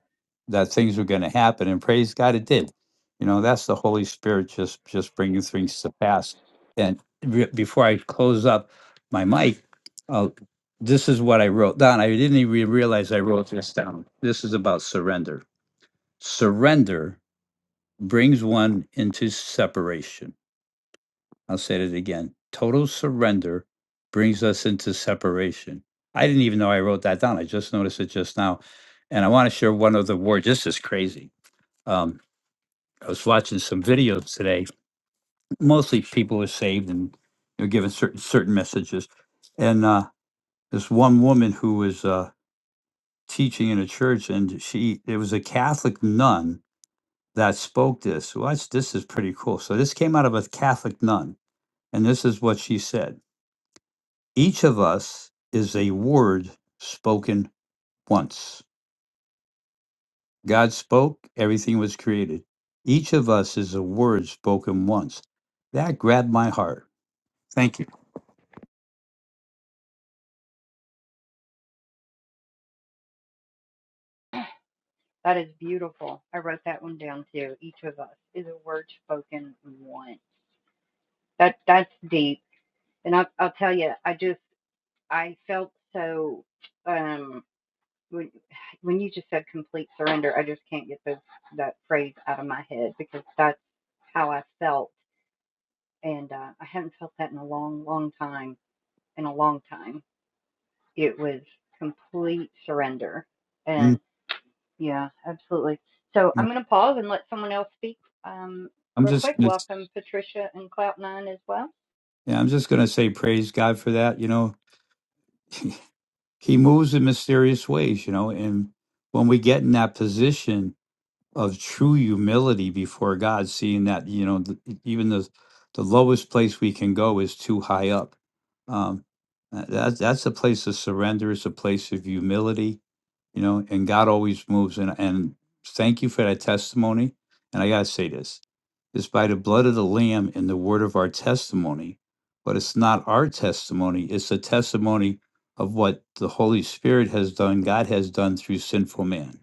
[SPEAKER 8] that things are going to happen and praise god it did you know that's the holy spirit just just bringing things to pass and re- before i close up my mic uh, this is what i wrote down i didn't even realize i wrote this down this is about surrender surrender brings one into separation I'll say it again. Total surrender brings us into separation. I didn't even know I wrote that down. I just noticed it just now. And I want to share one other word. This is crazy. Um, I was watching some videos today. Mostly people were saved and you know, given certain certain messages. And uh, this one woman who was uh, teaching in a church, and she it was a Catholic nun that spoke this. Watch, this is pretty cool. So this came out of a Catholic nun, and this is what she said. Each of us is a word spoken once. God spoke, everything was created. Each of us is a word spoken once. That grabbed my heart. Thank you.
[SPEAKER 2] That is beautiful. I wrote that one down too. Each of us is a word spoken once. That that's deep. And I'll I'll tell you, I just I felt so um when when you just said complete surrender, I just can't get those that phrase out of my head because that's how I felt, and uh, I haven't felt that in a long, long time. In a long time, it was complete surrender,
[SPEAKER 8] Mm,
[SPEAKER 2] and yeah, absolutely. So I'm
[SPEAKER 8] no,
[SPEAKER 2] gonna pause and let someone else speak. Um,
[SPEAKER 8] I'm
[SPEAKER 2] real
[SPEAKER 8] just,
[SPEAKER 2] quick,
[SPEAKER 8] it's-
[SPEAKER 2] welcome Patricia and Clout Nine as well.
[SPEAKER 8] yeah, I'm just going to say praise God for that. You know, [LAUGHS] He moves in mysterious ways. You know, and when we get in that position of true humility before God, seeing that you know th- even the the lowest place we can go is too high up. Um, uh, that's that's a place of surrender. It's a place of humility, you know. And God always moves. And and thank you for that testimony. And I gotta say this is by the blood of the Lamb and the word of our testimony. But it's not our testimony, it's the testimony of what the Holy Spirit has done, God has done through sinful man.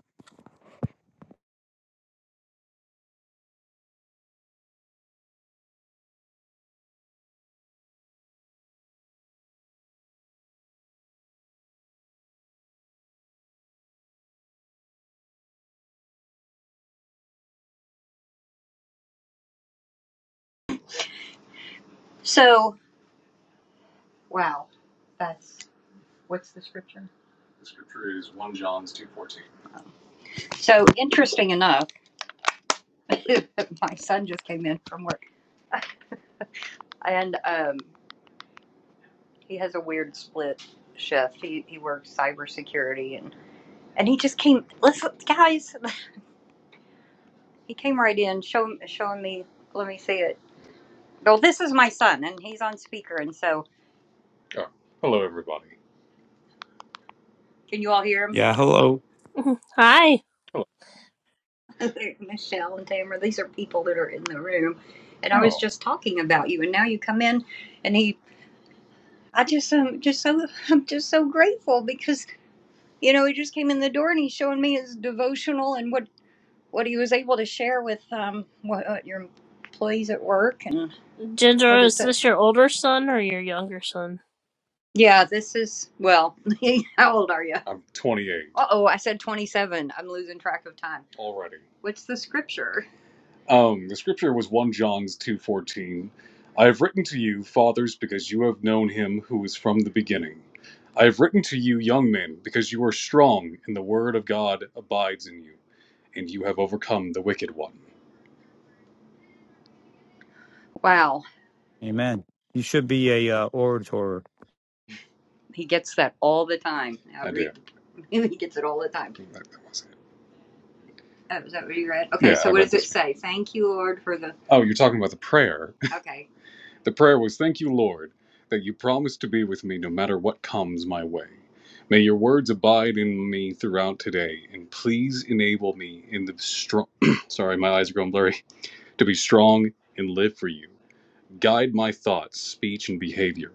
[SPEAKER 2] So, wow, that's What's the scripture? The scripture is 1 John's 2.14. So interesting enough, [LAUGHS] my son just came in from work, and um, he has a weird split shift. He he works cybersecurity, and and he just came. Listen, guys, he came right in, showing showing me. Let me see it. Well, this is my son, and he's on speaker, and so Oh, hello, everybody. can you all hear him?
[SPEAKER 8] Yeah.
[SPEAKER 1] Hi,
[SPEAKER 2] [LAUGHS] Michelle and Tamara, these are people that are in the room, and I was Oh, just talking about you, and now you come in, and he, I just am just so [LAUGHS] I'm just so grateful because you know he just came in the door and he's showing me his devotional and what what he was able to share with um what, uh your employees at work and
[SPEAKER 1] Ginger.
[SPEAKER 2] what
[SPEAKER 1] Is
[SPEAKER 2] is it?
[SPEAKER 1] this your older son or your younger son?
[SPEAKER 2] Yeah, this is well, [LAUGHS] how old are you? I'm 28 Uh oh, I said 27. I'm losing track of time. already. What's the scripture? Um, the scripture was 1 John's 2:14. I have written to you, fathers, because you have known him who is from the beginning. I have written to you, young men, because you are strong, and the word of God abides in you, and you have overcome the wicked one. Wow,
[SPEAKER 8] Amen. You should be a uh, orator.
[SPEAKER 2] he gets that all the time. I do. [LAUGHS] he gets it all the time. That, that was it. Oh, is that what you read? Okay, Yeah, I so I what does it say? Thank you, Lord, for the. Oh, you're talking about the prayer. [LAUGHS] Okay, The prayer was, Thank you, Lord, that you promise to be with me no matter what comes my way. May your words abide in me throughout today, and please enable me in the strong. [CLEARS THROAT] sorry, my eyes are going blurry. To be strong and live for you. Guide my thoughts, speech, and behavior.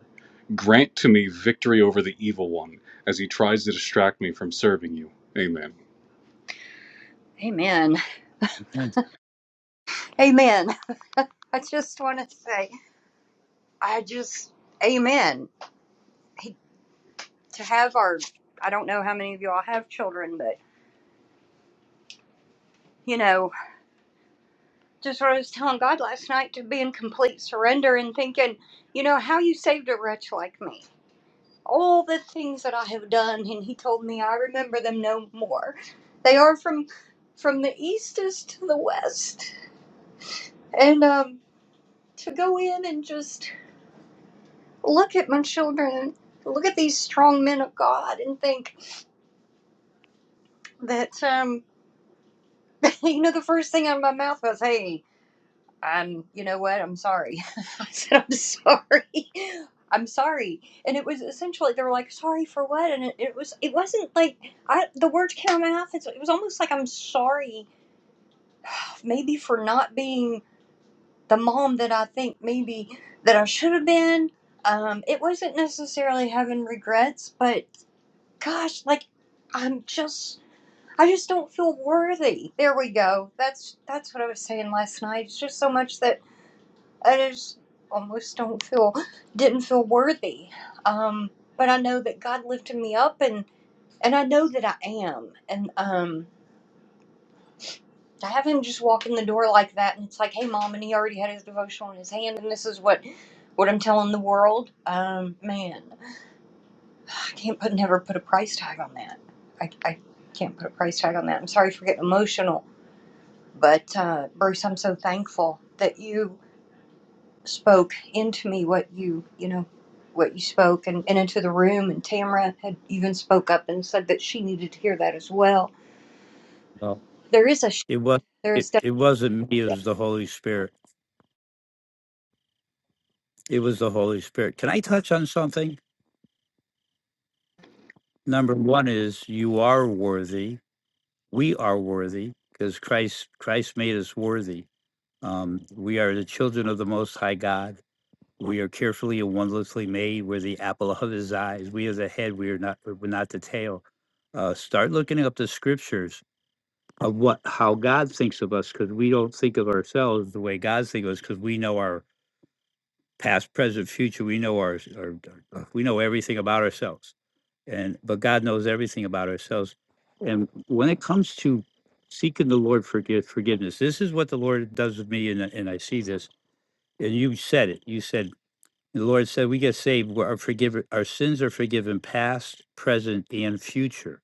[SPEAKER 2] Grant to me victory over the evil one as he tries to distract me from serving you. Amen. Amen.
[SPEAKER 8] Amen.
[SPEAKER 2] Amen. I just want to say, I just, amen. He to have our I don't know how many of y'all have children, but you know, just what I was telling God last night to be in complete surrender and thinking, you know, how you saved a wretch like me. All the things that I have done, and he told me I remember them no more. They are from from the eastest to the west. And um to go in and just look at my children look at these strong men of God and think that um [LAUGHS] you know the first thing out of my mouth was, Hey, I'm, you know what? I'm sorry. [LAUGHS] I said, I'm sorry. [LAUGHS] I'm sorry. And it was essentially, they were like, sorry for what? And it, it was, it wasn't like, I, the words came out of my mouth. It's, it was almost like, I'm sorry, maybe for not being the mom that I think maybe that I should have been. Um, it wasn't necessarily having regrets, but gosh, like, I'm just, I just don't feel worthy. There we go. That's, that's what I was saying last night. It's just so much that I just almost don't feel didn't feel worthy. Um, but I know that God lifted me up and and I know that I am. And um to have him just walk in the door like that and it's like, hey mom, and he already had his devotional in his hand and this is what what I'm telling the world. Um, man, I can't put never put a price tag on that. I, I can't put a price tag on that. I'm sorry for getting emotional, but uh, Bruce, I'm so thankful that you spoke into me what you you know what you spoke and, and into the room and Tamara had even spoke up and said that she needed to hear that as well.
[SPEAKER 8] No,
[SPEAKER 2] There is a sh-
[SPEAKER 8] it was
[SPEAKER 2] there
[SPEAKER 8] it,
[SPEAKER 2] is that
[SPEAKER 8] it wasn't me, it was the Holy Spirit. It was the Holy Spirit. Can I touch on something? Number one is you are worthy. We are worthy because Christ Christ made us worthy. Um, we are the children of the most high God. We are carefully and wondrously made. We're the apple of his eyes. We are the head. We are not. We're not the tail. Uh, start looking up the scriptures of what how God thinks of us, because we don't think of ourselves the way God thinks of us, because we know our past, present, future. We know our, our, our we know everything about ourselves, and but God knows everything about ourselves. And when it comes to seeking the Lord for forgiveness, this is what the Lord does with me, and and I see this. And you said it. You said the Lord said, "We get saved. we are forgiven. Our sins are forgiven, past, present, and future."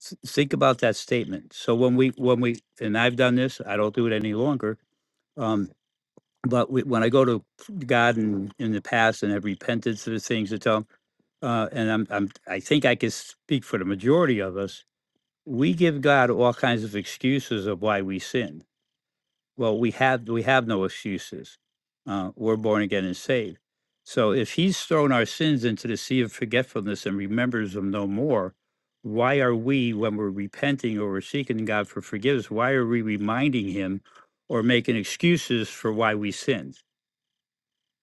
[SPEAKER 8] S- Think about that statement. So when we when we and I've done this, I don't do it any longer. Um, but we, when I go to God in, in the past and have repented for the things that tell, uh, and I'm, I'm I think I can speak for the majority of us. We give God all kinds of excuses of why we sinned well, we have we have no excuses. Uh, we're born again and saved. So if He's thrown our sins into the sea of forgetfulness and remembers them no more, why are we, when we're repenting or we're seeking God for forgiveness, why are we reminding Him or making excuses for why we sinned?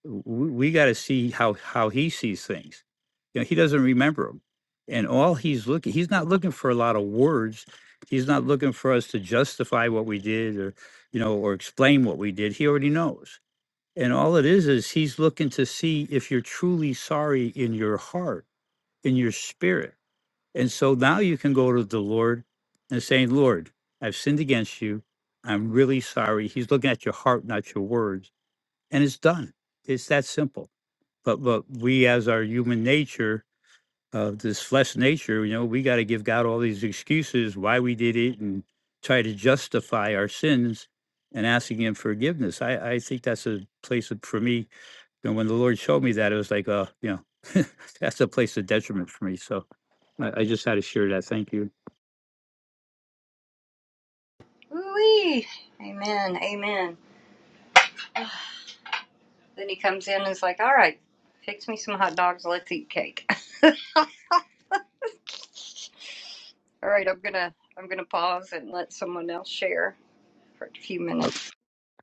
[SPEAKER 8] we, we got to see how how he sees things. You know, he doesn't remember them, and all he's looking he's not looking for a lot of words. He's not looking for us to justify what we did or you know or explain what we did. He already knows. And all it is is he's looking to see if you're truly sorry in your heart, in your spirit. And so now you can go to the Lord and saying, "Lord, I've sinned against you. I'm really sorry." He's looking at your heart, not your words, and it's done. It's that simple but but we as our human nature of this flesh nature you know we got to give god all these excuses why we did it and try to justify our sins and asking him forgiveness i i think that's a place of, for me and when the lord showed me that it was like uh you know [LAUGHS] that's a place of detriment for me so i, I just had to share that thank you
[SPEAKER 2] ooh amen amen. Then he comes in and is like, all right, fix me some hot dogs. Let's eat cake. [LAUGHS] all right, I'm gonna I'm gonna pause and let someone else share for a few
[SPEAKER 8] Uh,
[SPEAKER 2] minutes.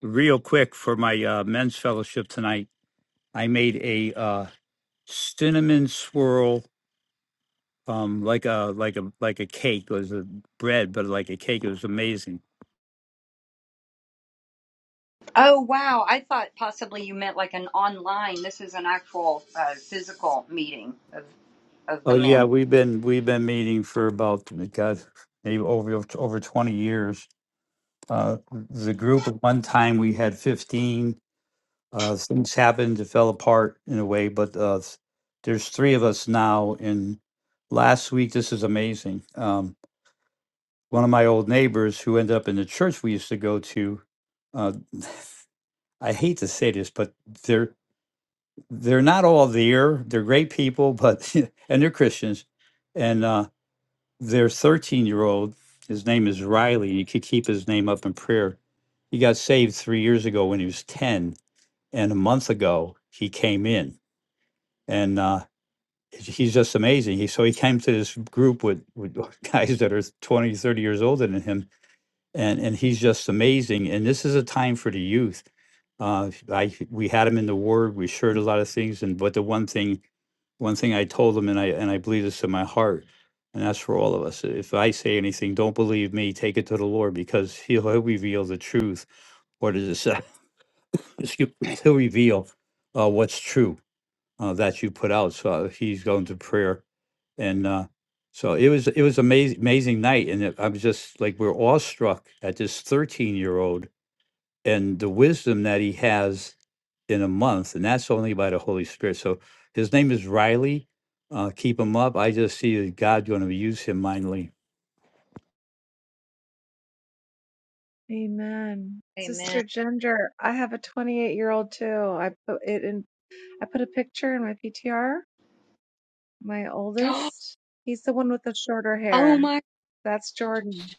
[SPEAKER 8] real quick for my uh, men's fellowship tonight i made a uh cinnamon swirl um, like a like a like a cake. It was a bread, but like a cake. It was amazing.
[SPEAKER 2] Oh wow, I thought possibly you meant like an online. This is an actual uh, physical meeting of of the
[SPEAKER 8] Oh yeah,
[SPEAKER 2] men.
[SPEAKER 8] we've been we've been meeting for about God, maybe over over twenty years. Uh, the group at one time we had fifteen. Uh, things happened, it fell apart in a way, but uh, there's three of us now. And last week, this is amazing. Um, one of my old neighbors who ended up in the church we used to go to. Uh, I hate to say this, but there. they're not all there. They're great people, but [LAUGHS] and they're Christians. And uh, their 13 year old, his name is Riley. You could keep his name up in prayer. He got saved three years ago when he was 10, and a month ago he came in, and uh, he's just amazing. He so he came to this group with with [LAUGHS] guys that are 20, 30 years older than him, and and he's just amazing. And this is a time for the youth. Uh, I we had him in the ward. We shared a lot of things, and but the one thing, one thing I told him, and I and I believe this in my heart, and that's for all of us. If I say anything, don't believe me. Take it to the Lord because He'll, he'll reveal the truth, or to the [LAUGHS] [COUGHS] excuse, He'll reveal uh, what's true uh, that you put out. So uh, he's going to prayer and uh, so it was it was amazing amazing night, and it, I was just like we are awestruck at this thirteen year old and the wisdom that he has in a month, and that's only by the Holy Spirit. So his name is Riley. Uh, keep him up. I just see that God's going to use him mightily.
[SPEAKER 6] Amen.
[SPEAKER 2] Amen.
[SPEAKER 6] Sister Ginger, I have a 28 year old too. I put it in, I put a picture in my PTR, my
[SPEAKER 2] [GASPS]
[SPEAKER 6] oldest. He's the one with the shorter
[SPEAKER 2] Oh
[SPEAKER 6] hair.
[SPEAKER 2] my!
[SPEAKER 6] That's Jordan.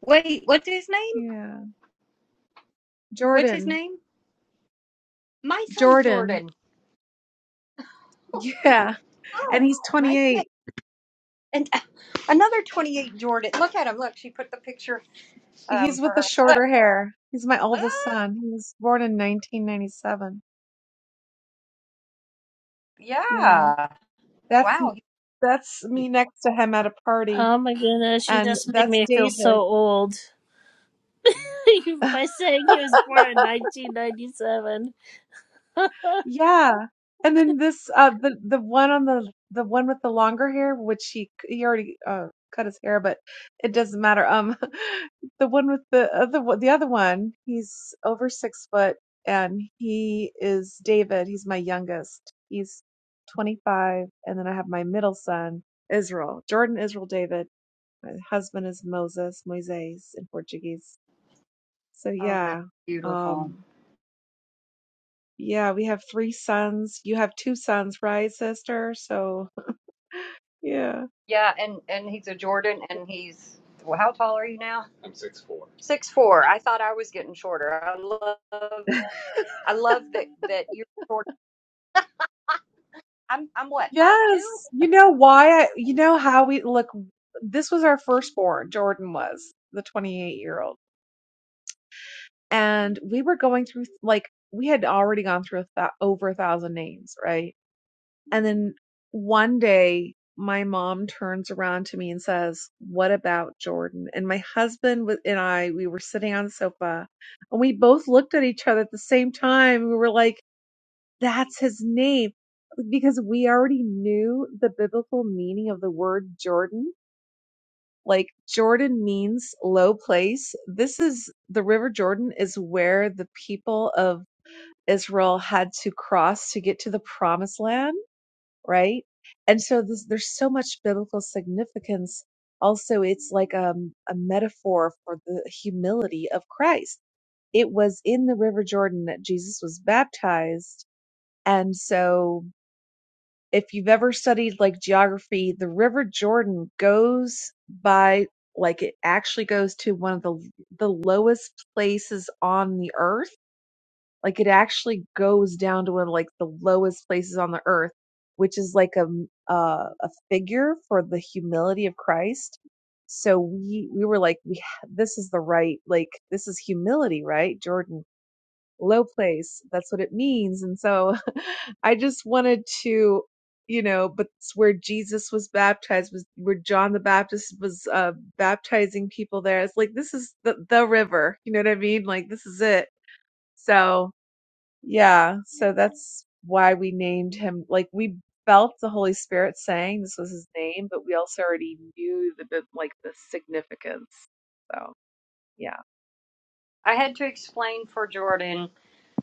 [SPEAKER 2] Wait, what's his name?
[SPEAKER 6] Yeah.
[SPEAKER 2] What's his
[SPEAKER 6] Jordan.
[SPEAKER 2] name? My son
[SPEAKER 6] Jordan.
[SPEAKER 2] Jordan. Oh,
[SPEAKER 6] [LAUGHS]
[SPEAKER 2] Oh,
[SPEAKER 6] Yeah. And
[SPEAKER 2] oh
[SPEAKER 6] he's
[SPEAKER 2] nice. name.
[SPEAKER 6] 28.
[SPEAKER 2] And uh, another twenty-eight Jordan. Look at him. Look, she put the picture um
[SPEAKER 6] He's
[SPEAKER 2] for
[SPEAKER 6] with the
[SPEAKER 2] her. Look.
[SPEAKER 6] shorter hair. He's my oldest
[SPEAKER 2] Oh,
[SPEAKER 6] son. He was born in 1997. Yeah.
[SPEAKER 2] yeah.
[SPEAKER 6] That's
[SPEAKER 2] Wow. he-
[SPEAKER 6] that's me next to him at a party
[SPEAKER 1] Oh my goodness, you
[SPEAKER 6] and
[SPEAKER 1] just made
[SPEAKER 6] that's
[SPEAKER 1] me feel so
[SPEAKER 6] David.
[SPEAKER 1] old.
[SPEAKER 6] [LAUGHS]
[SPEAKER 1] [LAUGHS] by saying he was born in 1997.
[SPEAKER 6] Yeah. And then this uh the the one on the the one with the longer hair, which he he already uh cut his hair, but it doesn't matter. Um [LAUGHS] the one with the other one- the other one, he's over six foot and he is David. He's my youngest. He's 25 and then I have my middle son, Israel. Jordan Israel David. My husband is Moses, Moises in Portuguese. So
[SPEAKER 2] Oh, that's
[SPEAKER 6] yeah.
[SPEAKER 2] beautiful.
[SPEAKER 6] Um yeah, we have three sons. You have two sons, right, sister? So, yeah.
[SPEAKER 2] Yeah, and and he's a Jordan, and he's well. How tall are you now? I'm six four. Six four. I thought I was getting shorter. I love, I love that that you're short. I'm I'm what five
[SPEAKER 6] Yes.
[SPEAKER 2] two.
[SPEAKER 6] You know why I, you know how we look. This was our firstborn, Jordan was the 28 year old. And we were going through, like, we had already gone through a th- over a thousand names, right? And then one day, my mom turns around to me and says, What about Jordan? And my husband and I, we were sitting on the sofa and we both looked at each other at the same time. We were like, That's his name because we already knew the biblical meaning of the word Jordan. Like Jordan means low place. This is the River Jordan is where the people of Israel had to cross to get to the promised land right? And so this, there's so much biblical significance. Also, it's like um, a metaphor for the humility of Christ. It was in the River Jordan that Jesus was baptized. And so, if you've ever studied like geography, the River Jordan goes by like it actually goes to one of the the lowest places on the earth like it actually goes down to one of like the lowest places on the earth, which is like a uh, a figure for the humility of Christ. So we we were like, we this is the right like this is humility, right, Jordan? Low place. That's what it means. And so [LAUGHS] I just wanted to you know but it's where jesus was baptized was where john the baptist was uh baptizing people there it's like this is the the river you know what i mean like this is it so yeah, so that's why we named him. Like we felt the Holy Spirit saying this was his name, but we also already knew the bit- like the significance. So yeah.
[SPEAKER 2] I had to explain for Jordan.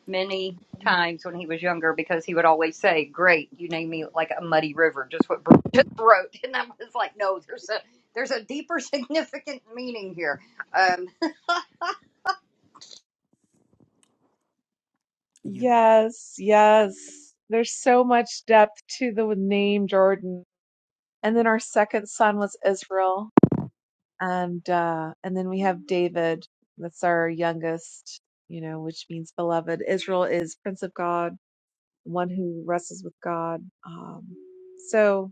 [SPEAKER 2] many times when he was younger because he would always say, "Great, you named me like a muddy river," just what Bruce [LAUGHS] just wrote, and I was like, "No, there's a there's a deeper, [LAUGHS] significant meaning here." Um,
[SPEAKER 6] Yes, yes. There's so much depth to the name Jordan. And then our second son was Israel, and uh, and then we have David. That's our youngest, you know, which means beloved. Israel is Prince of God, one who wrestles with God. Um, so.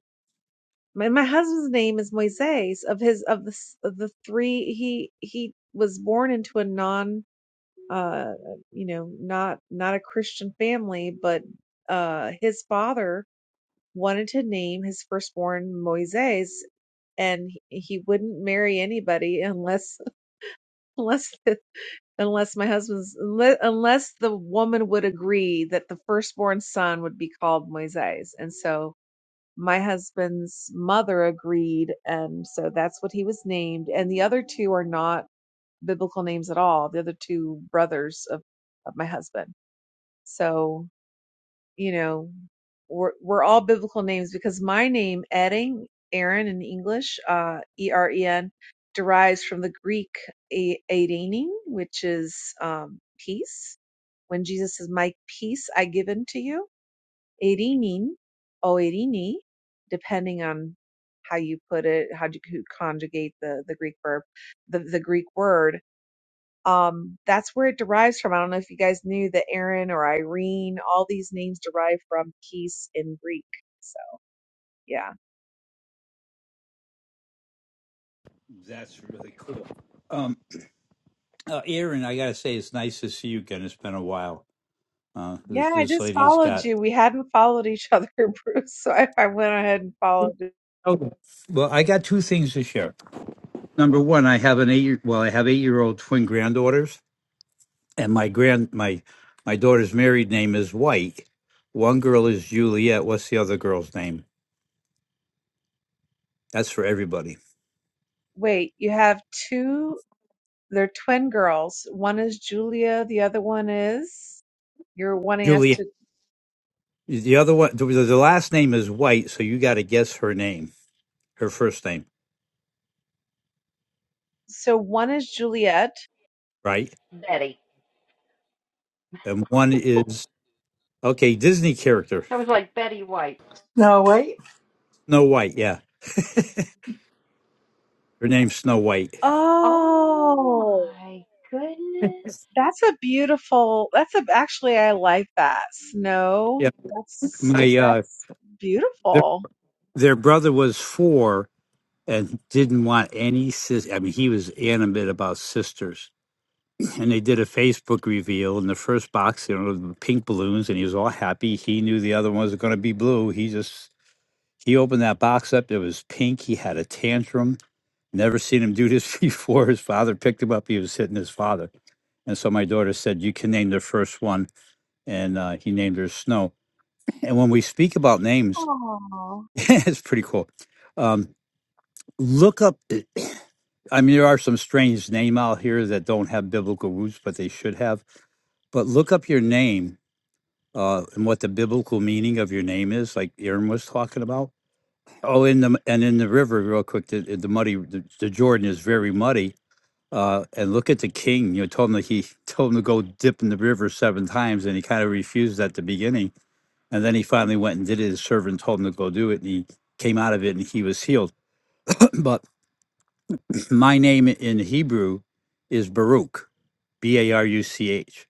[SPEAKER 6] My, my husband's name is Moises. Of his of the of the three, he he was born into a non, uh, you know, not not a Christian family, but uh, his father wanted to name his firstborn Moises, and he, he wouldn't marry anybody unless [LAUGHS] unless the, unless my husband's unle- unless the woman would agree that the firstborn son would be called Moises, and so my husband's mother agreed and so that's what he was named and the other two are not biblical names at all the other two brothers of, of my husband so you know we're, we're all biblical names because my name edding aaron in english uh, e-r-e-n derives from the greek a- edening which is um, peace when jesus says my peace i give unto you Erinin or Erini, depending on how you put it, how you could conjugate the, the Greek verb, the, the Greek word. Um, that's where it derives from. I don't know if you guys knew that Aaron or Irene, all these names derive from peace in Greek. So yeah.
[SPEAKER 8] That's really cool. Um, uh, Aaron, I got to say, it's nice to see you again. It's been a while. Uh,
[SPEAKER 6] Yeah,
[SPEAKER 8] this,
[SPEAKER 6] I
[SPEAKER 8] this
[SPEAKER 6] just
[SPEAKER 8] lady's
[SPEAKER 6] followed
[SPEAKER 8] got.
[SPEAKER 6] you. We hadn't followed each other, [LAUGHS] Bruce, so I, I went ahead and followed. you.
[SPEAKER 8] Oh, well, I got two things to share. Number one, I have an eight. Well, I have eight-year-old twin granddaughters, and my grand my my daughter's married name is White. One girl is Juliet. What's the other girl's name? That's for everybody.
[SPEAKER 6] Wait, you have two, they're twin girls. One is Julia, the other one is, you're wanting us
[SPEAKER 8] Juliet.
[SPEAKER 6] to
[SPEAKER 8] The other one, the, the last name is White, so you got to guess her name, her first name,
[SPEAKER 6] So one is Juliet.
[SPEAKER 8] right?
[SPEAKER 2] Betty,
[SPEAKER 8] And one is okay, Disney character,
[SPEAKER 2] I was like Betty White.
[SPEAKER 4] No wait.
[SPEAKER 8] Snow White. Yeah, her name's Snow White.
[SPEAKER 2] Oh
[SPEAKER 6] Oh,
[SPEAKER 2] my goodness!
[SPEAKER 6] that's a beautiful. That's a actually I like that snow. That's
[SPEAKER 8] My uh,
[SPEAKER 6] that's beautiful.
[SPEAKER 8] their brother was four and didn't want any sis. I mean, he was animate about sisters and they did a Facebook reveal, and the first box, you know, the pink balloons, and he was all happy. He knew the other ones were going to be blue. He just he opened that box up. It was pink. He had a tantrum. Never seen him do this [LAUGHS] before. His father picked him up. He was hitting his father, and so my daughter said, "You can name the first one," and uh, he named her Snow. And when we speak about names,
[SPEAKER 6] Oh,
[SPEAKER 8] [LAUGHS] it's pretty cool. Um, look up. I mean, there are some strange name out here that don't have biblical roots, but they should have. But look up your name uh, and what the biblical meaning of your name is, like Aaron was talking about. Oh, in the and in the river, real quick, the, the muddy, the, the Jordan is very muddy. Uh, and look at the king. You know, told him that he [LAUGHS] told him to go dip in the river seven times, and he kind of refused at the beginning. And then he finally went and did it. His servant told him to go do it, and he came out of it, and he was healed. [CLEARS THROAT] but [CLEARS THROAT] my name in Hebrew is Baruch, B A R U C H.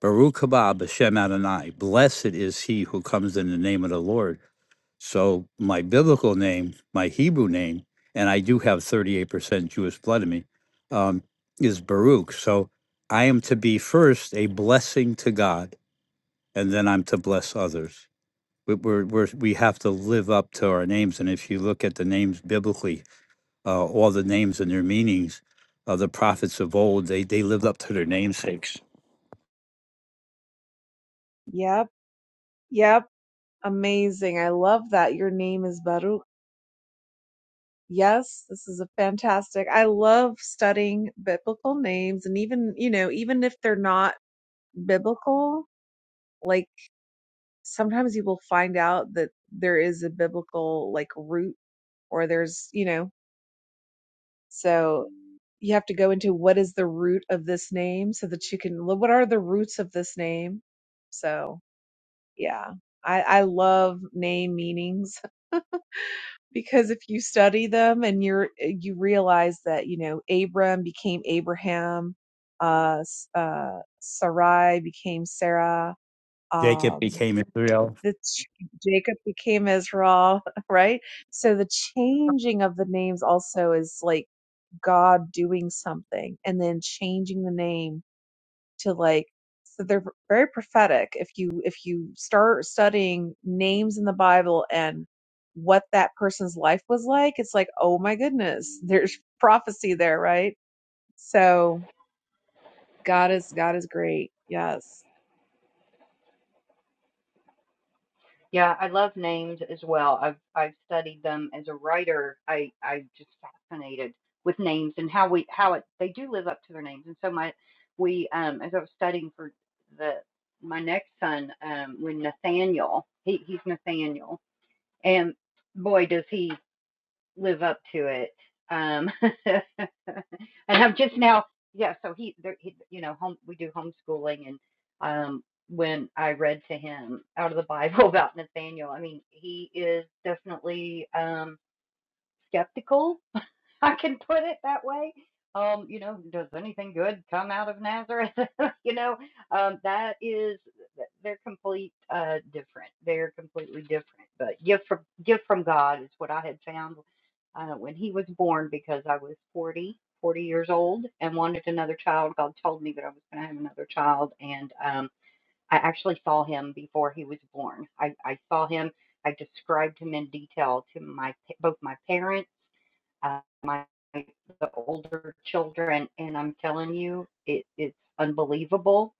[SPEAKER 8] Baruch haba b'shem Adonai. Blessed is he who comes in the name of the Lord. So my biblical name, my Hebrew name, and I do have 38% Jewish blood in me, um, is Baruch. So I am to be first a blessing to God, and then I'm to bless others. We- We're, we're, we have to live up to our names. And if you look at the names biblically, uh, all the names and their meanings, uh, the prophets of old, they, they lived up to their namesakes.
[SPEAKER 6] yep, yep, amazing. I love that. Your name is Baruch. Yes, this is a fantastic. I love studying biblical names, and even you know, even if they're not biblical, like. sometimes you will find out that there is a biblical like root or there's you know so you have to go into what is the root of this name so that you can well, what are the roots of this name so yeah i i love name meanings [LAUGHS] because if you study them and you're eh, you realize that you know abram became abraham uh S- uh sarai became sarah
[SPEAKER 8] Jacob
[SPEAKER 6] um,
[SPEAKER 8] became Israel.
[SPEAKER 6] the ch- Jacob became Israel, [LAUGHS] right? So the changing of the names also is like God doing something and then changing the name to like so they're very prophetic if you if you start studying names in the Bible and what that person's life was like, it's like, oh my goodness, [LAUGHS] there's prophecy there, right? So God is God is great. Yes.
[SPEAKER 2] Yeah, I love names as well. I've I've studied them as a writer. I I'm just fascinated with names and how we how it they do live up to their names. And so my we um as I was studying for the my next son um when Nathaniel he he's Nathaniel and boy does he live up to it. Um, [LAUGHS] and I'm just now, yeah. So he, there, he, you know, home we do homeschooling, and um, when I read to him out of the [LAUGHS] Bible about Nathaniel, I mean, he is definitely. um, skeptical. [LAUGHS] I can put it that way. Um, you know, does anything good come out of Nazareth? [LAUGHS] you know, um, that is they're complete uh different. They're completely different. But gift from gift from God is what I had found uh, when he was born because I was 40 40 years old and wanted another child. God told me that I was going to have another child, and um, I actually saw him before he was born. I, I saw him. I described him in detail to my both my parents uh, my the older children, and I'm telling you, it, it's unbelievable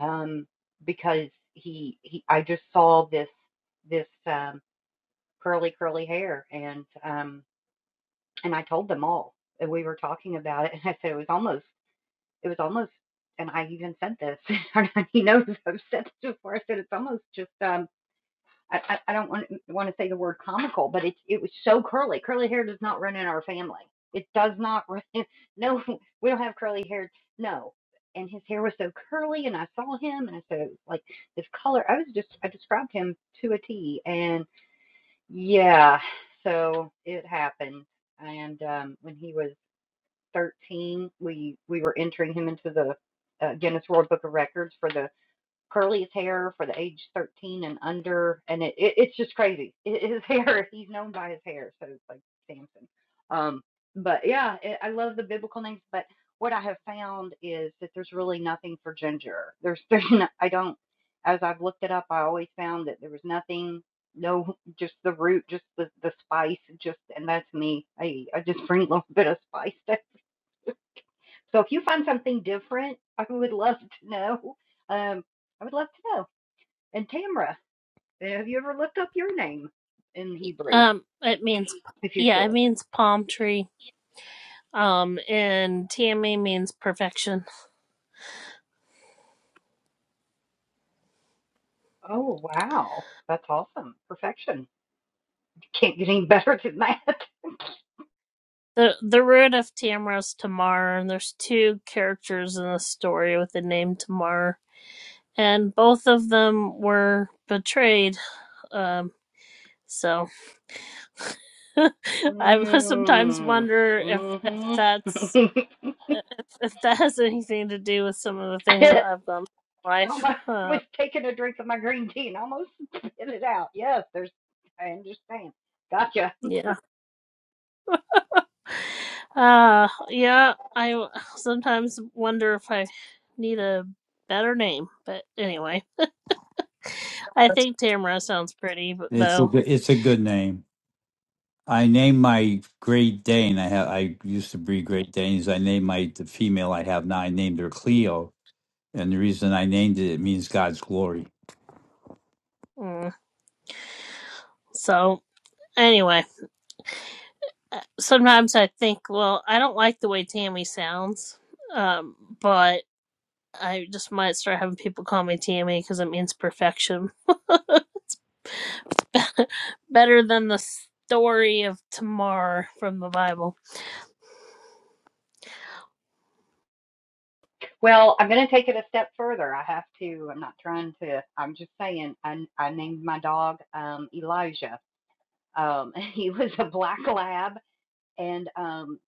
[SPEAKER 2] um, because he he I just saw this this um, curly curly hair, and um, and I told them all, and we were talking about it, [LAUGHS] and I said it was almost it was almost. And I even said this. [LAUGHS] he knows I've said this before. I said it's almost just um, I, I, don't want want to say the word comical, but it it was so curly. Curly hair does not run in our family. It does not run. [LAUGHS] No, we don't have curly hair. No, and his hair was so curly, and I saw him, and I said like this color. I was just I described him to a T, and yeah, so it happened. And um, when he was 13, we we were entering him into the uh, Guinness World Book of Records for the Curly's hair for the age 13 and under, and it, it it's just crazy. [LAUGHS] I- His hair, he's known by his hair, so it's like Samson. Um, but yeah, it, I love the biblical names. But what I have found is that there's really nothing for ginger. There's [LAUGHS] there's no, I don't as I've looked it up, I always found that there was nothing, no, just the root, just the the spice, just and that's me. I I just bring a little [LAUGHS] bit of spice. So if you find something different, I would love to know. Um, I would love to know. And Tamra, have you ever looked up your name in Hebrew
[SPEAKER 1] Um, it means,
[SPEAKER 2] if you're
[SPEAKER 1] yeah,
[SPEAKER 2] still
[SPEAKER 1] it
[SPEAKER 2] with us?
[SPEAKER 1] means palm tree. Um, and Tammy means perfection.
[SPEAKER 2] Oh, wow. That's awesome. Perfection. Can't get any better than that.
[SPEAKER 1] The the root of Tamra is Tamar, and there's two characters in the story with the name Tamar, and both of them were betrayed. Um, so [LAUGHS] I sometimes
[SPEAKER 2] Mm.
[SPEAKER 1] wonder if if
[SPEAKER 2] Mm-hmm.
[SPEAKER 1] that's if, if that has anything to do with some of the
[SPEAKER 2] [LAUGHS]
[SPEAKER 1] things that I've done in life.
[SPEAKER 2] I was
[SPEAKER 1] Uh,
[SPEAKER 2] taking a drink of my green tea and almost spit it out. Yes, there's, I understand. Gotcha.
[SPEAKER 1] yeah. Uh, yeah, I w- sometimes wonder if I need a better name, but anyway, I think Tamara sounds pretty, but
[SPEAKER 8] It's a,
[SPEAKER 1] though,
[SPEAKER 8] good- it's a good name. I named my Great Dane. I have I used to breed Great Danes. I named my the female I have now. I named her Cleo, and the reason I named it it means God's glory.
[SPEAKER 1] mm, so anyway, uh, sometimes I think, well, I don't like the way Tammy sounds, um, but I just might start having people call me Tammy because it means perfection, [LAUGHS] better than the story of Tamar from the Bible.
[SPEAKER 2] Well, I'm going to take it a step further. I have to, I'm not trying to, I'm just saying, I, I named my dog um, Elijah. Um, [LAUGHS] he was a black lab and um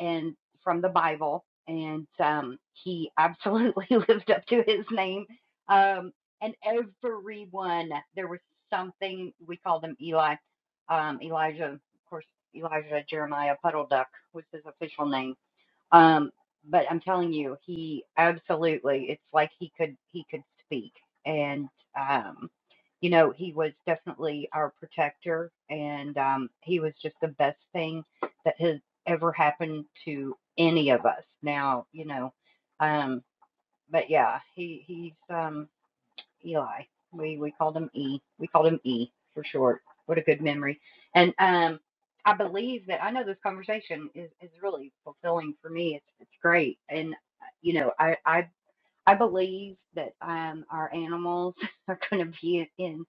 [SPEAKER 2] and from the Bible, and um, he absolutely [LAUGHS] lived up to his name. Um, and everyone, there was something we call them Eli, um, Elijah, of course, Elijah Jeremiah Puddle Duck was his official name um, but I'm telling you, he absolutely, it's like he could, he could speak. And, um, you know, he was definitely our protector and, um, he was just the best thing that has ever happened to any of us now, you know, um, but yeah, he, he's, um, Eli. We we called him E. We called him E for short. What a good memory. And um, I believe that I know this conversation is is really fulfilling for me. It's it's great. And uh, you know, I I I believe that um our animals [LAUGHS] are going to be in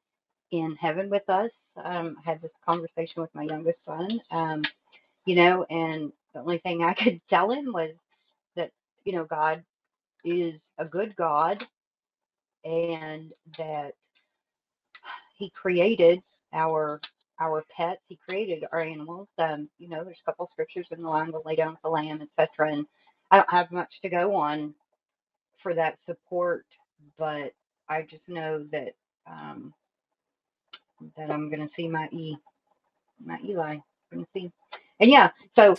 [SPEAKER 2] in heaven with us. Um, I had this conversation with my youngest son. Um, you know, and the only thing I [LAUGHS] could tell him was that you know God is a good God and that. he created our our pets. He created our animals. Um, you know, there's a couple scriptures in the line to lay down with the lamb, etc. And I don't have much to go on for that support, but I just know that um, that I'm going to see my E my Eli. I'm going to see, and yeah. So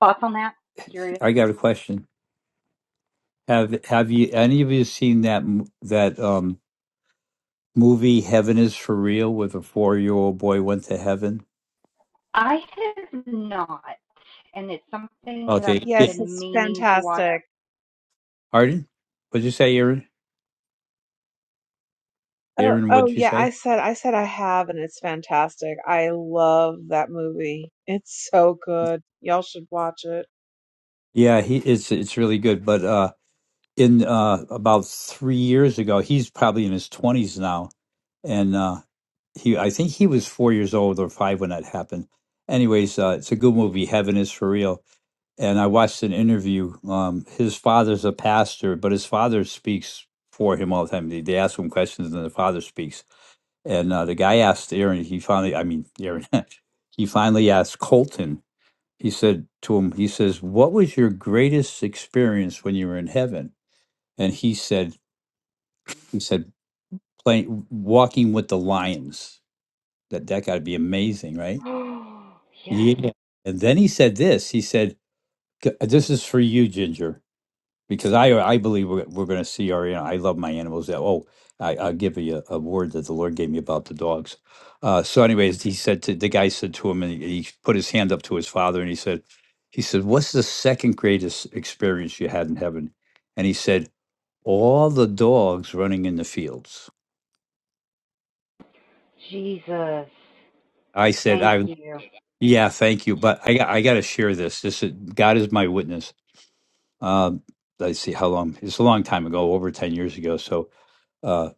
[SPEAKER 2] thoughts on that? Curious.
[SPEAKER 8] I got a question. Have Have you any of you seen that m- that um movie Heaven is for Real with a four year old boy went to heaven?
[SPEAKER 2] I have not, and it's something that
[SPEAKER 8] Okay,
[SPEAKER 2] I've
[SPEAKER 8] it,
[SPEAKER 6] Yes,
[SPEAKER 2] been
[SPEAKER 6] it's
[SPEAKER 2] meaning to watch. [GASPS]
[SPEAKER 6] fantastic.
[SPEAKER 8] Arden, what'd you say, Aaron?
[SPEAKER 6] Oh,
[SPEAKER 8] Aaron,
[SPEAKER 6] oh
[SPEAKER 8] what'd you
[SPEAKER 6] yeah, I
[SPEAKER 8] say?
[SPEAKER 6] said I said I have and it's fantastic. I love that movie. It's so good. Y'all should watch it.
[SPEAKER 8] Yeah, he it's it's really good, but uh, in uh about three years ago, he's probably in his twenties now, and uh. he I think he was four years old or five when that happened. Anyways, uh, it's a good movie. Heaven is for real. And I watched an interview. Um, his father's a pastor, but his father speaks for him all the time. They, they ask him questions, and the father speaks. And uh, the guy asked Aaron. He finally, I mean Aaron, [LAUGHS] he finally asked Colton. He said to him, he says, "What was your greatest experience when you were in heaven?" And he said, he said, playing walking with the lions. That that got to be amazing, right?
[SPEAKER 2] Oh yes,
[SPEAKER 8] Yeah. And then he said this. He said, "C- "This is for you, Ginger, because I I believe we're, we're going to see our. I love my animals. Oh, I, I'll give you a, a word that the Lord gave me about the dogs. Uh, so, anyways, he said to the guy said to him, and he, he put his hand up to his father, and he said, he said, "What's the second greatest experience you had in heaven?" And he said, "All the dogs running in the fields."
[SPEAKER 2] Jesus.
[SPEAKER 8] I said,
[SPEAKER 2] Thank
[SPEAKER 8] "I."
[SPEAKER 2] you.
[SPEAKER 8] Yeah, thank you, but I I got to share this. This is, God is my witness uh, let's see how long it's a long time ago over 10 years ago so uh,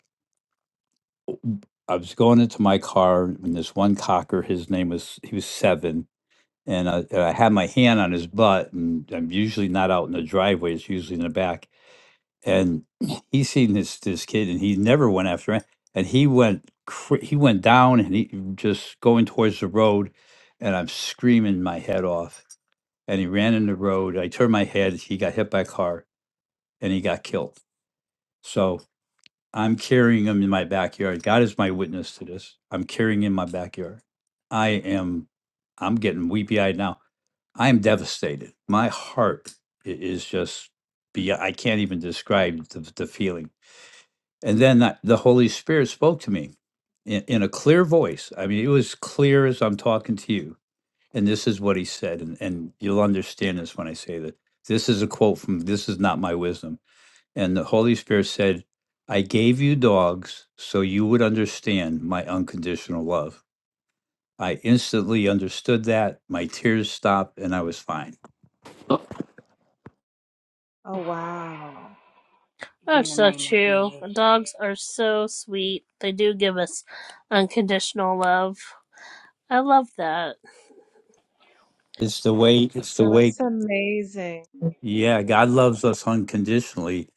[SPEAKER 8] i was going into my car and this one cocker his name was he was seven and I, and I had my hand on his butt and i'm usually not out in the driveway it's usually in the back and [CLEARS THROAT] he seen this this kid and he never went after him and he went cra- he went down and he just going towards the road and i'm screaming my head off and he ran in the road i turned my head he got hit by a car and he got killed so I'm carrying them in my backyard. God is my witness to this. I'm carrying in my backyard. I am, I'm getting weepy eyed now. I am devastated. My heart i- is just, be, I can't even describe the, the feeling. And then I- the Holy Spirit spoke to me in, in a clear voice. I mean, it was clear as I'm talking to you. And this is what he said. And, and you'll understand this when I say that. This is a quote from This Is Not My Wisdom. And the Holy Spirit said, I gave you dogs so you would understand my unconditional love. I instantly understood that. My tears stopped and I was fine.
[SPEAKER 2] [SIGHS]
[SPEAKER 6] Oh wow.
[SPEAKER 2] in
[SPEAKER 1] That's
[SPEAKER 2] the
[SPEAKER 1] so
[SPEAKER 2] name of
[SPEAKER 1] true.
[SPEAKER 2] Jesus.
[SPEAKER 1] Dogs are so sweet. They do give us unconditional love. I love that.
[SPEAKER 8] It's the way, it's the way.
[SPEAKER 6] That's amazing.
[SPEAKER 8] Yeah, God loves us unconditionally,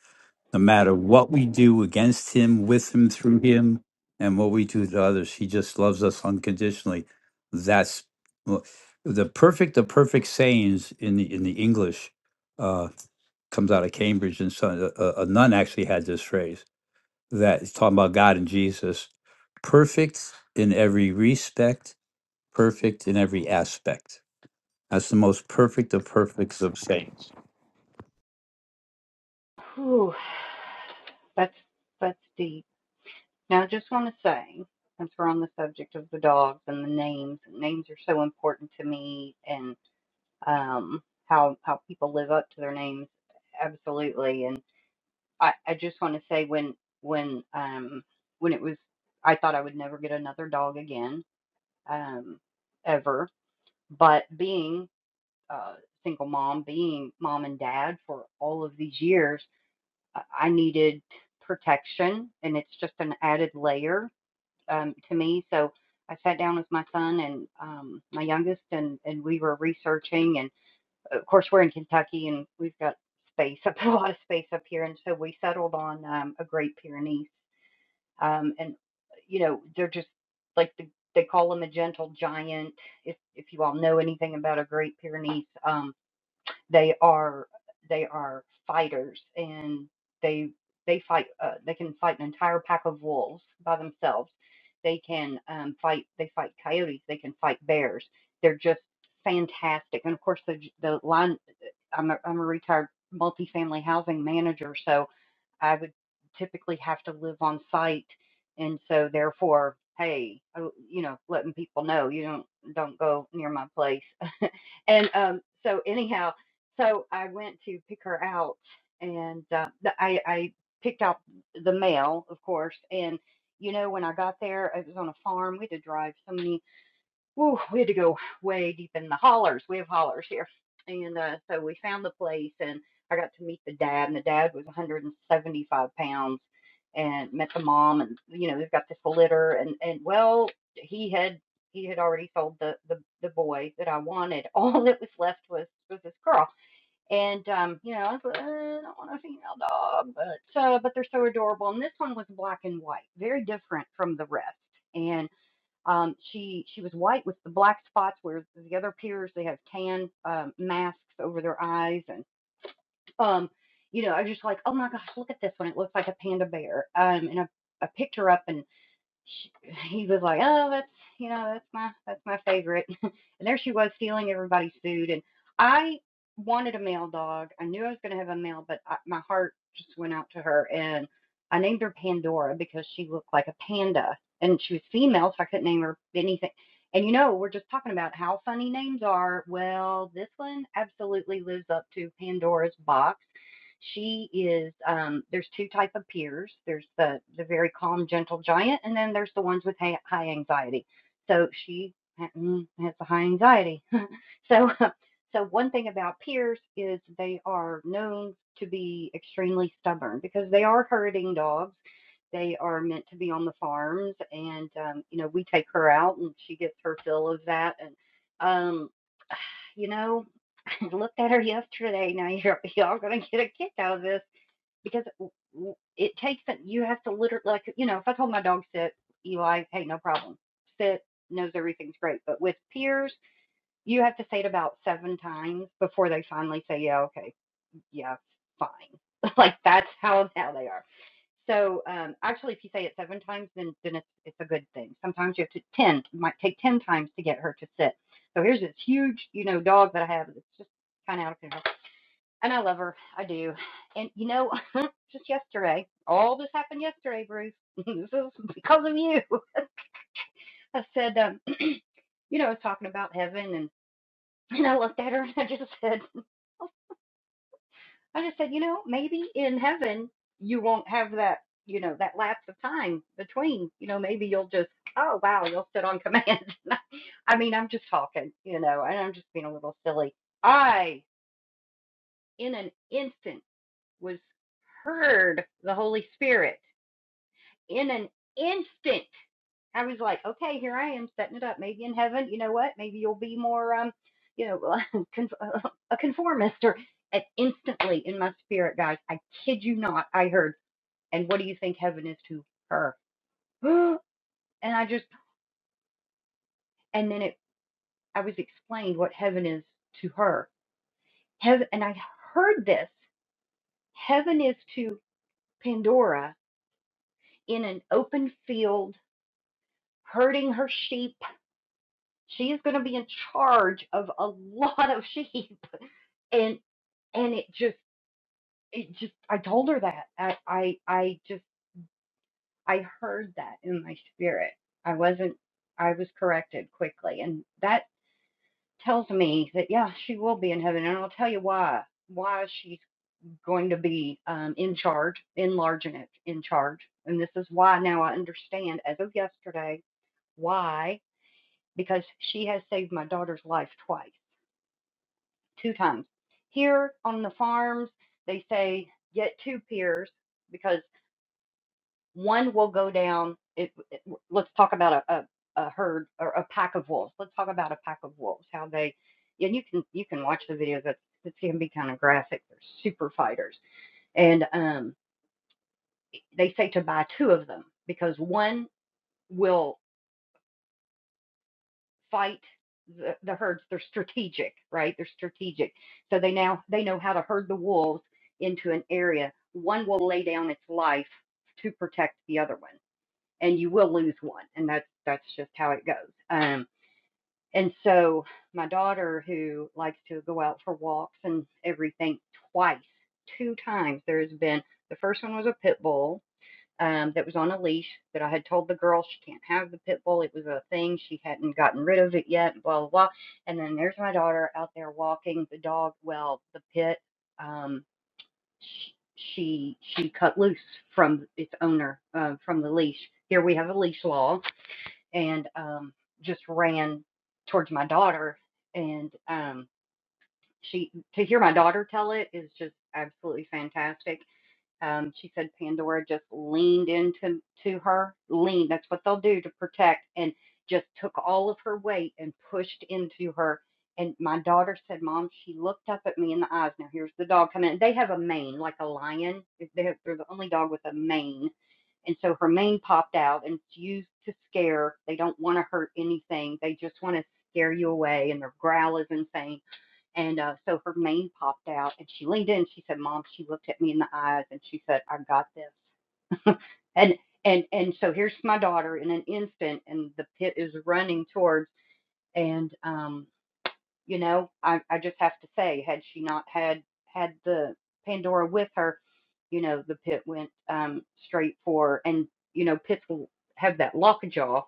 [SPEAKER 8] no matter what we do against Him, with Him, through Him, and what we do to others. He just loves us unconditionally. That's well, the perfect, the perfect sayings in the, in the English uh, comes out of Cambridge, and so a, a nun actually had this phrase that is talking about God and Jesus, perfect in every respect, perfect in every aspect. That's the most perfect of perfects of saints.
[SPEAKER 2] Whew, that's that's deep. Now, I just want to say, since we're on the subject of the dogs and the names, names are so important to me, and um, how how people live up to their names, absolutely. And I, I just want to say when when um when it was, I thought I would never get another dog again, um, ever. But being uh, single mom, being mom and dad for all of these years, I needed protection, and it's just an added layer um, to me. So I sat down with my son and um, my youngest, and and we were researching, and of course we're in Kentucky, and we've got space up [LAUGHS] a lot of space up here, and so we settled on um, a Great Pyrenees, um, and you know they're just like the, they call them a gentle giant. If if you all know anything about a Great Pyrenees. Um, they are they are fighters, and they they fight. Uh, they can fight an entire pack of wolves by themselves. They can um, fight. They fight coyotes. They can fight bears. They're just fantastic. And of course, the the line. uh, I'm a, I'm a retired multifamily housing manager, so I would typically have to live on site, and so therefore, hey, oh, you know, letting people know you don't don't go near my place. [LAUGHS] and um, so anyhow, so I went to pick her out, and uh, the, I I picked out the mail, of course, and you know when I got there, it was on a farm. We had to drive so many whew, we had to go way deep in the hollers. We have hollers here. And uh, so we found the place, and I got to meet the dad, and the dad was 175 pounds, and met the mom, and you know they've got this litter, and and well, he had he had already sold the the, the boy that I wanted. [LAUGHS] All that was left was was this girl, and um, you know I was like, "Uh, I don't want a female dog, but uh, but they're so adorable, and this one was black and white, very different from the rest And um, she she was white with the black spots, where the other peers they have tan um, masks over their eyes, and um, you know, I was just like, oh my gosh, look at this one! It looks like a panda bear. Um, and I, I picked her up, and she, he was like, "Oh, that's you know, that's my that's my favorite." [LAUGHS] and there she was stealing everybody's food, and I wanted a male dog. I knew I was going to have a male, but I, my heart just went out to her, and I named her Pandora because she looked like a panda, and she was female, so I couldn't name her anything. And you know, we're just talking about how funny names are. Well, this one absolutely lives up to Pandora's box she is um, there's two type of peers. There's the the very calm, gentle giant, and then there's the ones with high, high anxiety. So she mm, has the high anxiety. [LAUGHS] so so one thing about peers is they are known to be extremely stubborn because they are herding dogs they are meant to be on the farms and um you know we take her out and she gets her fill of that and um you know [LAUGHS] i looked at her yesterday now [LAUGHS] you're y'all gonna get a kick out of this because it takes that you have to literally like you know if I told my dog sit Eli hey no problem sit knows everything's great but with peers you have to say it about seven times before they finally say yeah okay yeah fine [LAUGHS] like that's how how they are so um actually if you say it seven times then then it's it's a good thing sometimes you have to ten it might take ten times to get her to sit so here's this huge you know dog that I have that's just kind of out of control and I love her I do and you know just yesterday. All this happened yesterday, Bruce. [LAUGHS] this is because of you. I said, um, [CLEARS THROAT] you know, I was talking about heaven, and [LAUGHS] and I looked at her and I just said, [LAUGHS] I just said, you know, maybe in heaven you won't have that, you know, that lapse of time between. You know, maybe you'll just, oh wow, you'll sit on command. [LAUGHS] I mean, I'm just talking, you know, and I'm just being a little silly. I, in an instant, was heard the Holy Spirit in an instant. I was like, okay, here I am setting it up. Maybe in heaven, you know what? Maybe you'll be more, um, you know, [LAUGHS] a conformist or and instantly in my spirit, guys. I kid you not. I heard, and what do you think heaven is to her? [GASPS] and I just, and then it, I was explained what heaven is to her. Heaven, and I heard this. Heaven is to Pandora in an open field, herding her sheep She is going to be in charge of a lot of sheep, [LAUGHS] and and it just it just I told her that I I I just I heard that in my spirit. I wasn't I was corrected quickly, and that tells me that yeah, she will be in heaven, and I'll tell you why why she's going to be um, in charge, enlarging it, in in charge, and this is why now I understand as of yesterday why because she has saved my daughter's life twice two times. Here on the farms, they say get two pairs because one will go down. It, it- let's talk about a, a, a herd or a pack of wolves. Let's talk about a pack of wolves. How they yeah, and you can you can watch the videos. That's it can be kind of graphic. They're super fighters, and um, they say to buy two of them because one will fight the, the herds. They're strategic, right? They're strategic. So they now they know how to herd the wolves into an area. One will lay down its life to protect the other one, and you will lose one, and that's that's just how it goes. Um, and so my daughter, who likes to go out for walks and everything, twice, two times, there's been the first one was a pit bull, um, that was on a leash that I had told the girl she can't have the pit bull. It was a thing. She hadn't gotten rid of it yet, blah, blah, blah. And then there's my daughter out there walking the dog. Well, the pit, um, she she cut loose from its owner uh, from the leash. Here we have a leash law, and um, just ran towards my daughter. And um, she to hear my daughter tell it is just absolutely fantastic um, she said Pandora just leaned into to her. Lean, that's what they'll do to protect, and just took all of her weight and pushed into her. And my daughter said, Mom, she looked up at me in the eyes. Now here's the dog coming in. They have a mane, like a lion. They- They're they're the only dog with a mane. And so her mane popped out and it's used to scare. They don't want to hurt anything. They just want to scare you away. And their growl is insane and uh, so her mane popped out, and she leaned in. And she said, "Mom," she looked at me in the eyes, and she said, "I got this." And and and so here's my daughter in an instant, and the pit is running towards. And um, you know, I I just have to say, had she not had had the Pandora with her, you know, the pit went um straight for, and you know, pits will have that lockjaw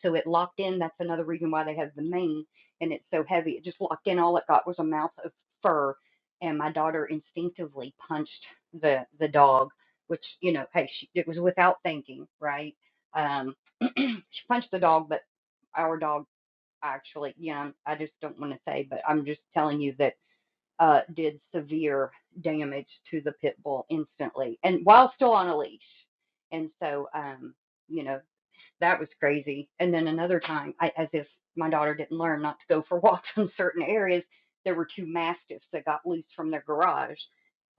[SPEAKER 2] so it locked in. That's another reason why they have the mane and it's so heavy. It just locked in. All it got was a mouth of fur. And my daughter instinctively punched the the dog, which you know, hey, she, it was without thinking, right? Um, [CLEARS THROAT] she punched the dog, but our dog actually, yeah, I just don't want to say, but I'm just telling you that uh, did severe damage to the pit bull instantly, and while still on a leash. And so, um, you know that was crazy. And then another time, I, as if my daughter didn't learn not to go for [LAUGHS] walks in certain areas, there were two mastiffs that got loose from their garage,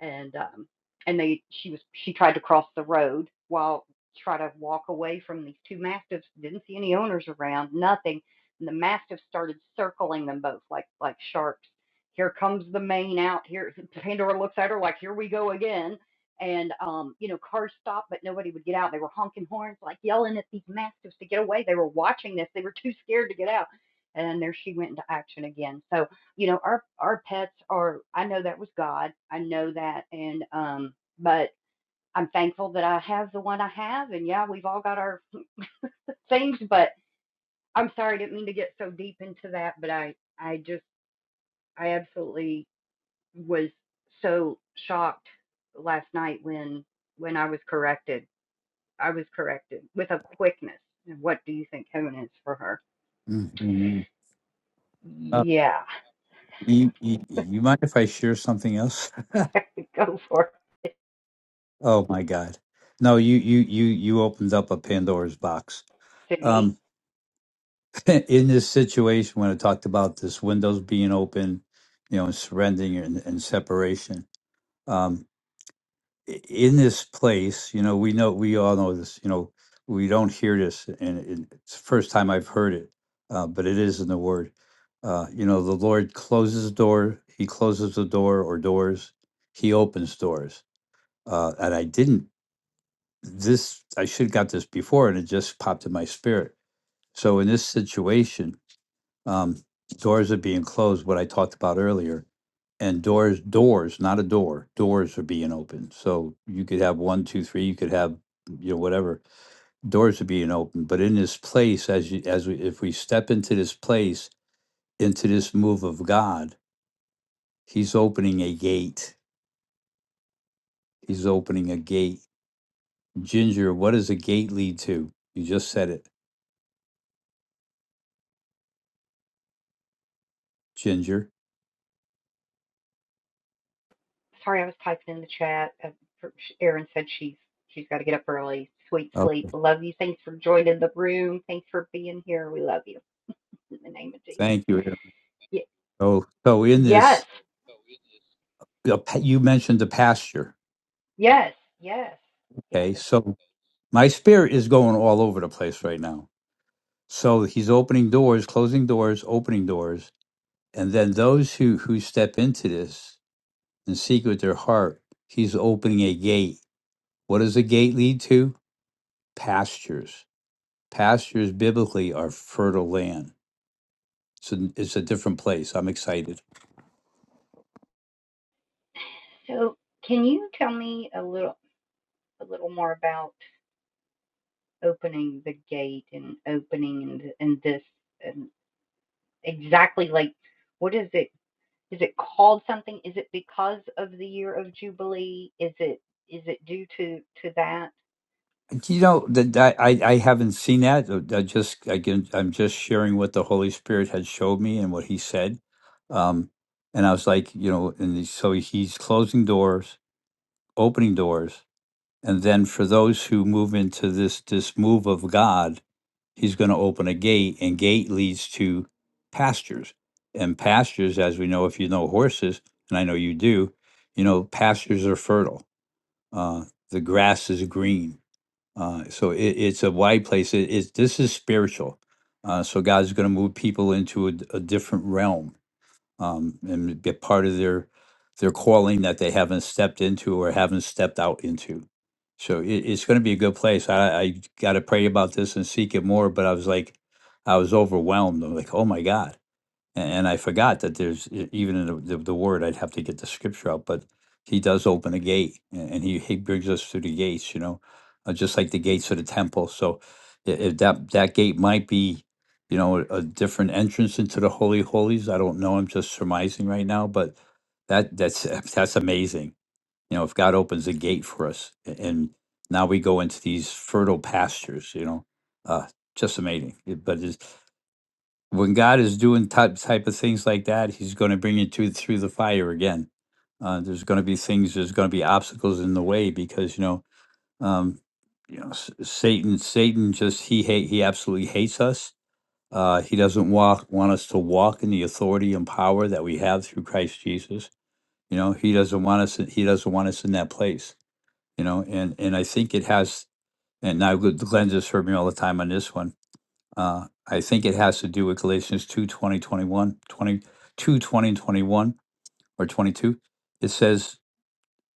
[SPEAKER 2] and um, and they she was she tried to cross the road while try to walk away from these two mastiffs. Didn't see any owners around, nothing. And the mastiffs started circling them both like like sharks. Here comes the mane out. Here [LAUGHS] Pandora looks at her like, here we go again and um, you know, cars stopped, but nobody would get out. They were honking horns, like yelling at these mastiffs to get away. They were watching this. They were too scared to get out. And there she went into action again. So, you know, our our pets are. I know that was God. I know that, and um, but I'm thankful that I have the one I have. And yeah, we've all got our things, but I'm sorry, I didn't mean to get so deep into that. But I, I just, I absolutely was so shocked last night when when I was corrected I was corrected with a quickness. And What do you think heaven is for her?
[SPEAKER 8] Mhm. Uh,
[SPEAKER 2] Yeah,
[SPEAKER 8] you, you, you mind if I share something else? [LAUGHS]
[SPEAKER 2] [LAUGHS] go for it.
[SPEAKER 8] Oh my God! No, you you you you opened up a Pandora's box.
[SPEAKER 2] See,
[SPEAKER 8] Um, [LAUGHS] in this situation, when I talked about this windows being open, you know, and surrendering and, and separation, um, i- in this place, you know, we know, we all know this, you know, we don't hear this, and it- it's the first time I've heard it, uh, but it is in the Word. Uh, you know, the Lord closes the door, He closes the door or doors, He opens doors. Uh, and I didn't, this, I should have got this before, and it just popped in my spirit. So in this situation, um, doors are being closed, what I talked about earlier and doors doors not a door doors are being opened so you could have one two three you could have you know whatever doors are being opened but in this place as you as we, if we step into this place into this move of god he's opening a gate he's opening a gate ginger what does a gate lead to you just said it ginger
[SPEAKER 2] sorry, I was typing in the chat. Uh, Erin said she's she's got to get up early. Sweet
[SPEAKER 8] oh
[SPEAKER 2] sleep. Love you. Thanks for joining the room. Thanks for being here. We love you in the name of Jesus.
[SPEAKER 8] thank you Aaron. oh so in
[SPEAKER 2] yes,
[SPEAKER 8] this you mentioned the pasture
[SPEAKER 2] yes, yes,
[SPEAKER 8] okay
[SPEAKER 2] yes.
[SPEAKER 8] so my spirit is going all over the place right now So he's opening doors, closing doors, opening doors. And then those who, who step into this and seek with their heart, he's opening a gate. What does a gate lead to? Pastures. Pastures biblically are fertile land. So it's a different place. I'm excited.
[SPEAKER 2] So, can you tell me a little a little more about opening the gate and opening and, and this? and. exactly like what is it is it called something is it because of the year of jubilee is it is it due to to that
[SPEAKER 8] Do You know that I, I I haven't seen that. Uh, I just again I'm just sharing what the Holy Spirit had showed me and what He said, um, and I was like, you know, and he- so He's closing doors, opening doors, and then for those who move into this this move of God, He's going to open a gate, and gate leads to pastures, and pastures, as we know, if you know horses, and I know you do, you know, pastures are fertile. Uh, the grass is green uh, so it, it's a wide place. It, it's this is spiritual. Uh, so God's going to move people into a, d- a different realm um, and get part of their their calling that they haven't stepped into or haven't stepped out into. So it, it's going to be a good place. I, I got to pray about this and seek it more. But I was like, I was overwhelmed. I'm like, oh my God a- and I forgot that there's e- even in the, the, the word I'd have to get the scripture out, but he does open a gate a- and he, he brings us through the gates, you know, uh, just like the gates of the temple. So i- if that that gate might be, you know, a, a different entrance into the holy of holies. I don't know. I'm just surmising right now, but that that's [LAUGHS] that's amazing. You know, if God opens a gate for us a- and now we go into these fertile pastures, you know, uh, just amazing. It- But it's, when God is doing type type of things like that, He's going to bring you to through the fire again. Uh, there's going to be things. There's going to be obstacles in the way because you know, um, you know, S- Satan. Satan just he hate he absolutely hates us. Uh, he doesn't walk want us to walk in the authority and power that we have through Christ Jesus. You know, he doesn't want us. He doesn't want us in that place. You know, and and I think it has. And now Glenn just heard me all the time on this one uh, I think it has to do with Galatians 2 twenty, twenty-one, twenty-two, twenty, and 21, or 22. It says,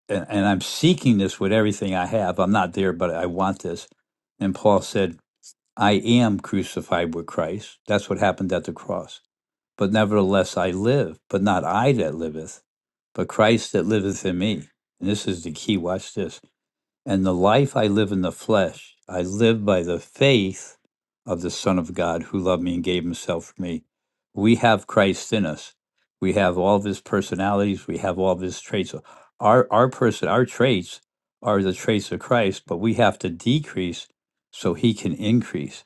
[SPEAKER 8] and, and I'm seeking this with everything I have. I'm not there, but I want this. And Paul said, I am crucified with Christ. That's what happened at the cross. But nevertheless, I live, but not I that liveth, but Christ that liveth in me. And this is the key. Watch this. And the life I live in the flesh, I live by the faith of the Son of God who loved me and gave himself for me. We have Christ in us. We have all of his personalities. We have all of his traits. Our our person, our traits are the traits of Christ, but we have to decrease so he can increase.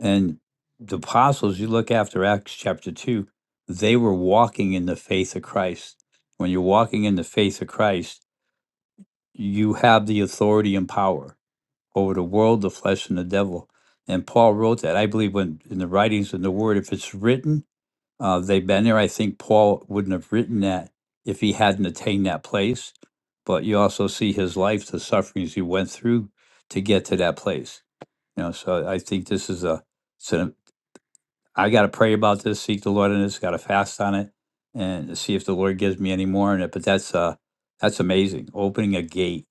[SPEAKER 8] And the apostles, you look after Acts chapter two, they were walking in the faith of Christ. When you're walking in the faith of Christ, you have the authority and power over the world, the flesh, and the devil. And Paul wrote that. I believe when in the writings in the Word, if it's written, uh, they've been there. I think Paul wouldn't have written that if he hadn't attained that place. But you also see his life, the sufferings he went through to get to that place. You know, so I think this is a. It's an, I got to pray about this, seek the Lord in this, got to fast on it, and see if the Lord gives me any more in it. But that's uh, that's amazing. Opening a gate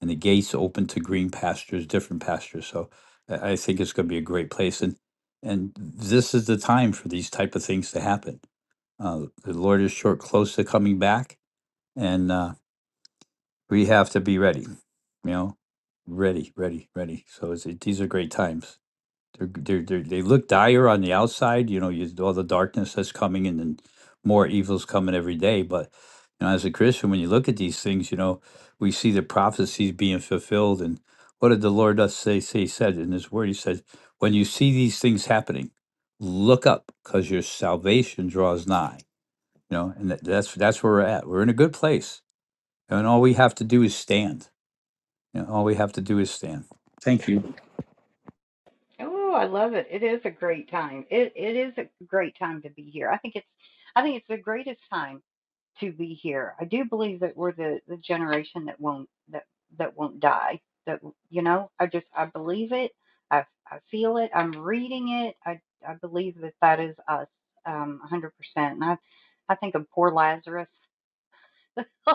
[SPEAKER 8] and the gates open to green pastures, different pastures. So I I think it's going to be a great place, and and this is the time for these type of things to happen. Uh, the Lord is short, close to coming back, and uh, we have to be ready. You know, ready, ready, ready. So it's, it, these are great times. They're, g- they're, they're, they look dire on the outside, you know, you, all the darkness that's coming and then more evil's coming every day. But, you know, as a Christian, when you look at these things, you know, we see the prophecies being fulfilled. And what did the Lord us say, say said in his word? He said, when you see these things happening, look up because your salvation draws nigh, you know, and that, that's, that's where we're at. We're in a good place. And all we have to do is stand. You know, all we have to do is stand. Thank you.
[SPEAKER 2] oh i love it it is a great time it it is a great time to be here i think it's i think it's the greatest time to be here. I do believe that we're the, the generation that won't that that won't die. That you know, I just I believe it. I I feel it. I'm reading it. I I believe that that is us, um, 100%. And I I think of poor Lazarus. [LAUGHS]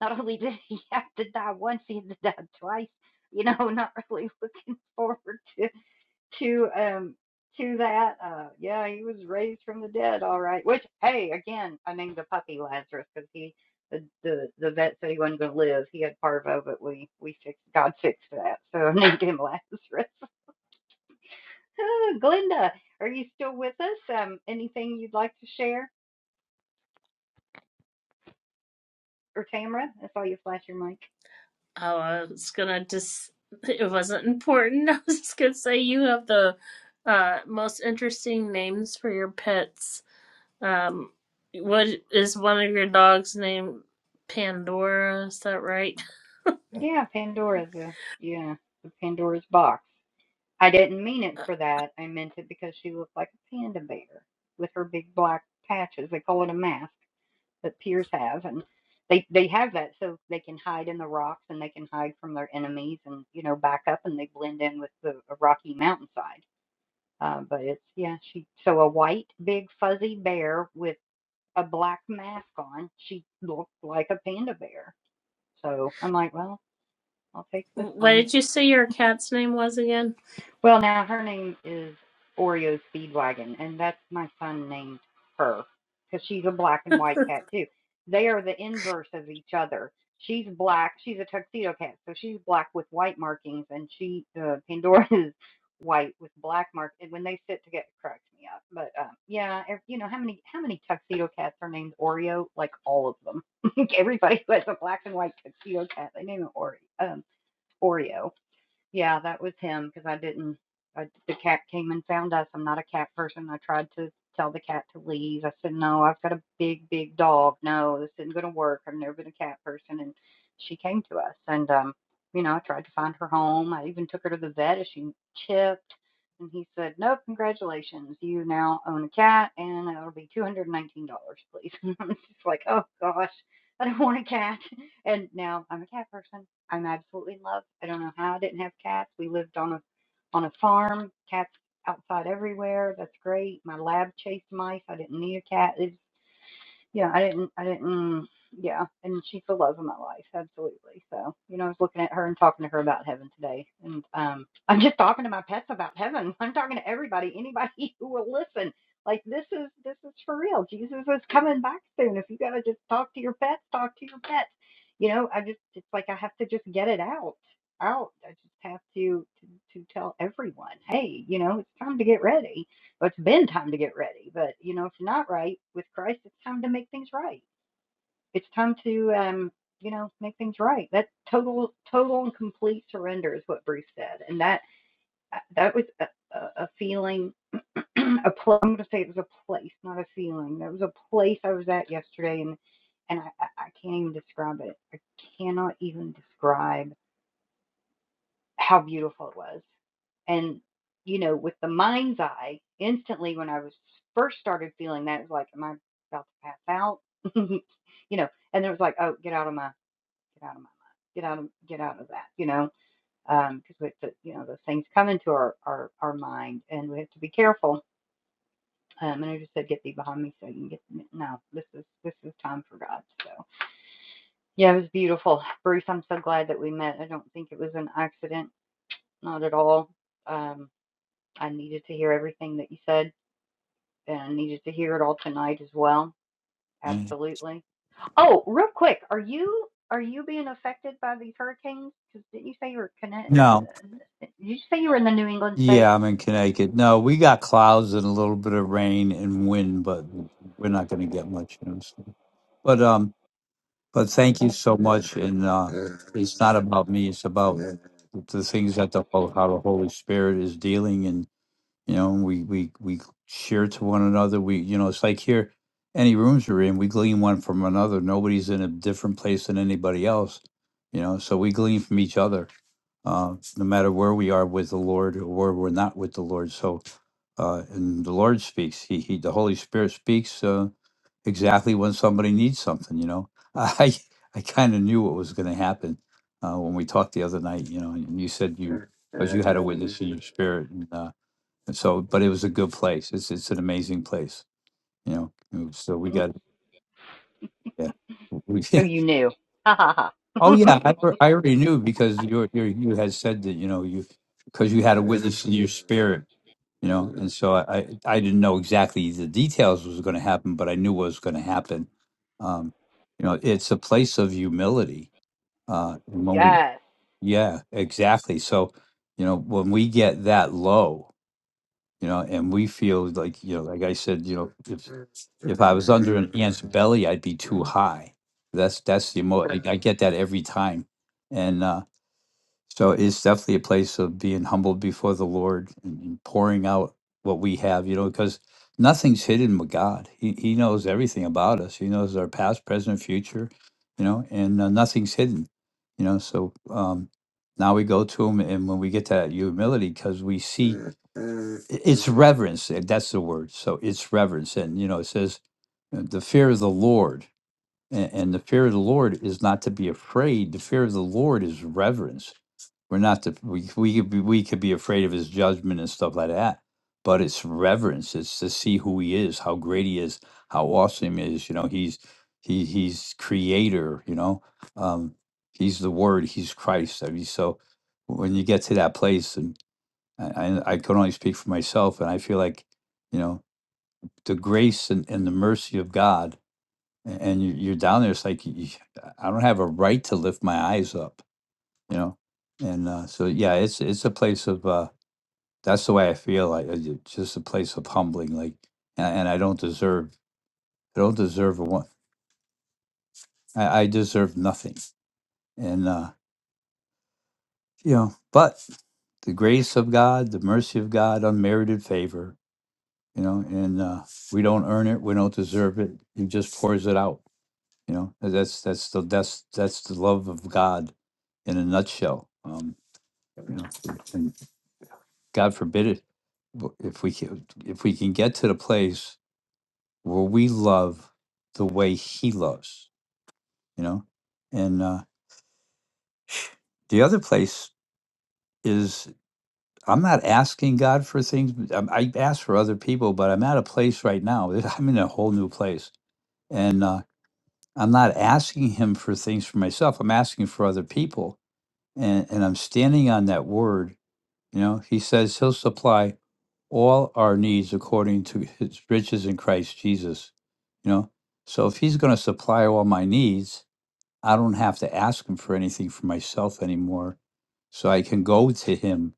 [SPEAKER 2] not only did he [LAUGHS] have to die once, he had to die twice. You know, [LAUGHS] not really looking [LAUGHS] forward to to um to that. Uh, yeah, he was raised from the dead, all right. Which, hey, again, I named the puppy Lazarus because he the, the the vet said he wasn't going to live. He had parvo, but we we fixed God fixed that, so I [LAUGHS] named him Lazarus. [LAUGHS] Oh, Glenda, are you still with us? Um, anything you'd like to share or Tamara? I saw you flash your mic.
[SPEAKER 1] Oh, I was gonna just, it wasn't important. [LAUGHS] I was just gonna say you have the uh, most interesting names for your pets. Um, what is one of your dogs named Pandora? Is that right?
[SPEAKER 2] Yeah, Pandora's a yeah, the Pandora's box. I didn't mean it
[SPEAKER 1] [LAUGHS]
[SPEAKER 2] for that. I meant it because she looked like a panda bear with her big black patches. They call it a mask that peers have, and they they have that so they can hide in the rocks and they can hide from their enemies and you know back up and they blend in with the a rocky mountainside. Uh, but it's yeah, she so a white big fuzzy bear with a black mask on. She looked like a panda bear. So I'm like, well, I'll take this
[SPEAKER 1] What
[SPEAKER 2] one.
[SPEAKER 1] did you say your cat's name was again?
[SPEAKER 2] Well, now her name is Oreo Speedwagon, and that's my son named her because she's a black and white cat too. They are the inverse of each other. She's black. She's a tuxedo cat, so she's black with white markings, and she uh, Pandora [LAUGHS] is white with black mark. And when they sit together, it cracks me up. But um, yeah, if, you know how many how many tuxedo cats are named Oreo? Like all of them. [LAUGHS] Everybody who has a black and white tuxedo cat, they name it Oreo. Um, Oreo. Yeah, that was him because I didn't. I, the cat came and found us. I'm not a cat person. I tried to tell the cat to leave. I said, No, I've got a big, big dog. No, this isn't going to work. I've never been a cat person. And she came to us. And, um, you know, I tried to find her home. I even took her to the vet as she chipped. And he said, No, congratulations. You now own a cat and it'll be $219, please. [LAUGHS] I'm just like, Oh gosh, I don't want a cat. And now I'm a cat person. I'm absolutely in love. I don't know how I didn't have cats. We lived on a on a farm, cats outside everywhere. That's great. My lab chased mice. I didn't need a cat. Yeah, I didn't, I didn't, yeah. And she's the love of my life, absolutely. So, you know, I was looking at her and talking to her about heaven today. And um, [LAUGHS] I'm just talking to my pets about heaven. I'm talking to everybody, anybody [LAUGHS] who will listen. Like this is this is for real. Jesus is coming back soon. If you gotta just talk to your pets, talk to your pets. You know, I just it's like I have to just get it out, out. I just have to to, to tell everyone, hey, you know, it's time to get ready well, it's been time to get ready, but you know, if you're not right with Christ, it's time to make things right. It's time to, um, you know, make things right. That total, total and complete surrender is what Bruce said, and that uh, that was a, a, a feeling, [CLEARS THROAT] a place. I'm going to say it was a place, not a feeling. That was a place I was at yesterday, and and I I can't even describe it. I cannot even describe how beautiful it was. And, you know, with the mind's eye, instantly when I was first started feeling that, it was like, am I about to pass out? [LAUGHS] you know, and it was like, oh, get out of my, get out of my mind, get out of, get out of that, you know, um, because with the you know, those things come into our, our, our mind and we have to be careful. Um, and I just said, get thee behind me so you can get, no, this is, this is time for God. So yeah, it was beautiful. Bruce, I'm so glad that we met. I don't think it was an accident, not at all. Um, I needed to hear everything that you said, and I needed to hear it all tonight as well.
[SPEAKER 8] Mm.
[SPEAKER 2] Absolutely. Oh, real quick, are you are you being affected by these hurricanes? Because didn't you say you were connect?
[SPEAKER 8] No.
[SPEAKER 2] Did you say you were in the New England states?
[SPEAKER 8] Yeah, I'm in Connecticut. No, we got clouds and a little bit of rain and wind, but we're not going to get much, you know. So. But um, but thank you so much. And uh, it's not about me; it's about the things that the how the Holy Spirit is dealing, and you know, we we we share to one another. We you know, it's like here, any rooms we're in, we glean one from another. Nobody's in a different place than anybody else, you know. So we glean from each other uh, no matter where we are with the Lord or where we're not with the Lord. So, uh, and the Lord speaks. He, he, the Holy Spirit speaks uh, exactly when somebody needs something. You know, [LAUGHS] I, I kind of knew what was going to happen uh, when we talked the other night. You know, and you said you, because you had a witness in your spirit, and, uh, and so, but it was a good place. It's, it's an amazing place. You know, and so we got,
[SPEAKER 2] [LAUGHS]
[SPEAKER 8] yeah, we,
[SPEAKER 2] so
[SPEAKER 8] [LAUGHS]
[SPEAKER 2] you knew. [LAUGHS] Ha ha
[SPEAKER 8] oh
[SPEAKER 2] ha.
[SPEAKER 8] yeah, I, al- I already knew because you, you, you had said that. You know, you because you had a witness in your spirit you know and so i i didn't know exactly the details was going to happen but i knew what was going to happen um you know it's a place of humility uh and
[SPEAKER 2] [LAUGHS]
[SPEAKER 8] when we
[SPEAKER 2] Yes.
[SPEAKER 8] yeah exactly so you know when we get that low you know and we feel like you know like i said you know if if i was under an ant's belly i'd be too high that's that's the emo i, I get that every time and uh so it's definitely a place of being humbled before the Lord and, and pouring out what we have, you know, because nothing's hidden with God. He, he knows everything about us. He knows our past, present, future, you know, and uh, nothing's hidden, you know. So um, now we go to Him, and when we get that humility, because we see i- it's reverence. eh, That's the word. So it's reverence, and you know, it says uh, the fear of the Lord and, and the fear of the Lord is not to be afraid. The fear of the Lord is reverence. We're not to we we could be, we could be afraid of his judgment and stuff like that, but it's reverence. It's to see who he is, how great he is, how awesome he is. You know, he's he he's creator. You know, um, he's the Word. He's Christ. I mean, so when you get to that place, and I I, I can only speak for myself, and I feel like you know the grace and, and the mercy of God and you, you're down there. It's like you, I don't have a right to lift my eyes up, you know. And uh, so, yeah, it's it's a place of uh, that's the way I feel. Like it's just a place of humbling. Like, and, and I don't deserve. I don't deserve a one. I, I deserve nothing. And uh, you know, but the grace of God, the mercy of God, unmerited favor. You know, and uh, we don't earn it. We don't deserve it. He just pours it out You know, that's that's the that's that's the love of God in a nutshell. Um, you know, and God forbid it w- if we can, if we can get to the place where we love the way He loves. You know, and uh, the other place is I'm not asking God for things. but I'm- I ask for other people, but I'm at a place right now. [LAUGHS] I'm in a whole new place, and uh, I'm not asking Him for things for myself. I'm asking for other people and, and I'm standing on that word. You know, he says he'll supply all our needs according to his riches in Christ Jesus. You know, so if he's going to supply all my needs, I don't have to ask him for anything for myself anymore. So I can go to him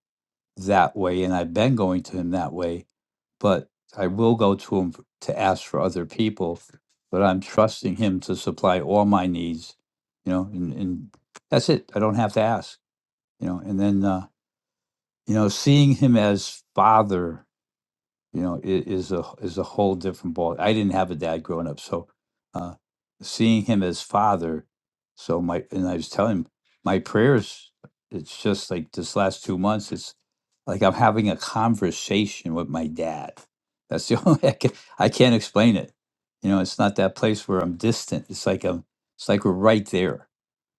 [SPEAKER 8] that way. And I've been going to him that way, but I will go to him f- to ask for other people. But I'm trusting him to supply all my needs, you know, and, and that's it. I don't have to ask you know and then uh you know seeing him as father you know i- is a is a whole different ball i didn't have a dad growing up so uh seeing him as father so my and i was telling him my prayers it's just like this last two months it's like i'm having a conversation with my dad that's the [LAUGHS] only way i can i can't explain it you know it's not that place where i'm distant it's like i'm it's like we're right there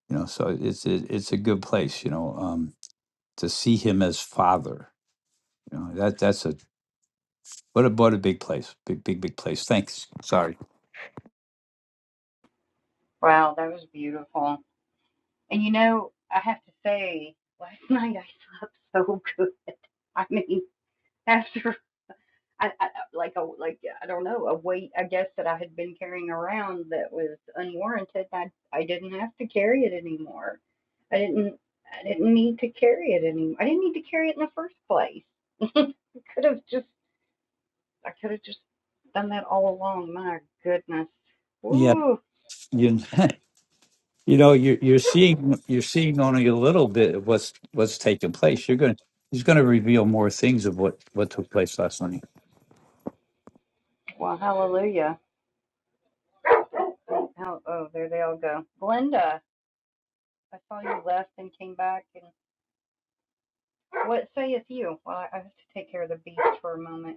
[SPEAKER 8] you know so it's it, it's a good place you know um to see him as father. You know, that that's a what a what a big place. Big big big place. Thanks. Sorry.
[SPEAKER 2] Wow, that was beautiful. And you know, I have to say, last [LAUGHS] night I slept so [LAUGHS] good. I mean, after I, I like a like I don't know a weight I guess that I had been carrying around that was unwarranted. I I didn't have to carry it anymore. I didn't I didn't need to carry it anymore. I didn't need to carry it in the first place. [LAUGHS] I could have just I could have just done that all along. My goodness.
[SPEAKER 8] Yeah.
[SPEAKER 2] Woo!
[SPEAKER 8] You, [LAUGHS] you know, you you're seeing you're seeing only a little bit of what's what's taking place. You're gonna he's gonna reveal more things of what what took place last night.
[SPEAKER 2] Well, hallelujah. Oh, oh, there they all go. Glenda, I saw you left and came back. And what sayeth you? Well, I I have to take care of the beast for a moment.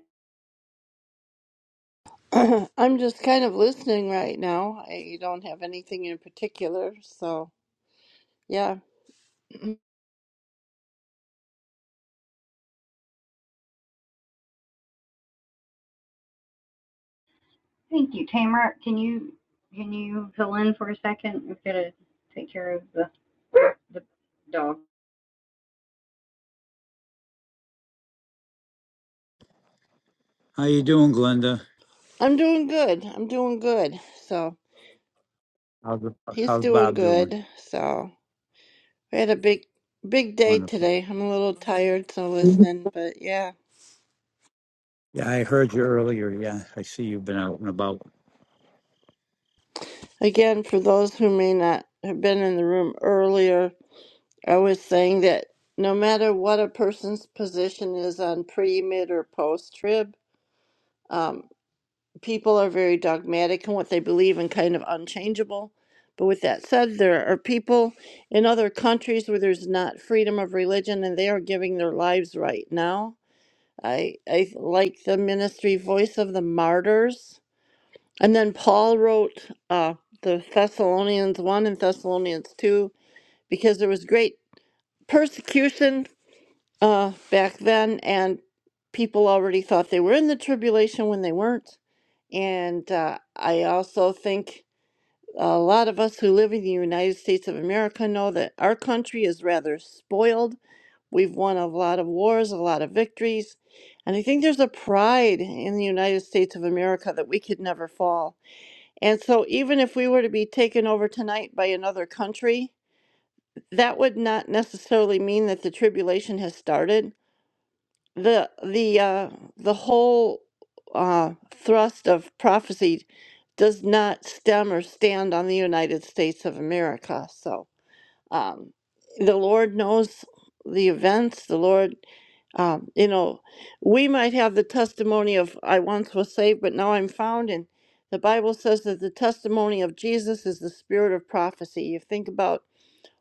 [SPEAKER 7] [LAUGHS] [CLEARS THROAT] I'm just kind of listening right now. I don't have anything in particular, so yeah. [CLEARS THROAT]
[SPEAKER 2] Thank you. Tamara, can you, can you fill in for a second? We've got to take care of the, the dog.
[SPEAKER 8] How you doing, Glenda?
[SPEAKER 7] I'm doing good. I'm doing good. So
[SPEAKER 8] How's
[SPEAKER 7] he's
[SPEAKER 8] how's
[SPEAKER 7] doing
[SPEAKER 8] Bob doing?
[SPEAKER 7] good. So we had a big, big day
[SPEAKER 8] Wonderful.
[SPEAKER 7] today. I'm a little tired, so listening. But yeah,
[SPEAKER 8] Yeah, I heard you earlier. Yeah, I see you've been out and about.
[SPEAKER 7] again, for those who may not have been in the room earlier, I was saying that no matter what a person's position is on pre, mid, or post trib, people are very dogmatic in what they believe and kind of unchangeable. But with that said, there are people in other countries where there's not freedom of religion and they are giving their lives right now. I, I like the ministry Voice of the Martyrs. And then Paul wrote uh, the Thessalonians 1 and Thessalonians 2 because there was great persecution uh, back then and people already thought they were in the tribulation when they weren't and uh, I also think a lot of us who live in the United States of America know that our country is rather spoiled. We've won a lot of wars, a lot of victories. And I think there's a pride in the United States of America that we could never fall. And so, even if we were to be taken over tonight by another country, that would not necessarily mean that the tribulation has started the the uh, the whole uh, thrust of prophecy does not stem or stand on the United States of America. So um, the Lord knows the events. The Lord, um, you know, we might have the testimony of I once was saved, but now I'm found. And the Bible says that the testimony of Jesus is the spirit of prophecy. You think about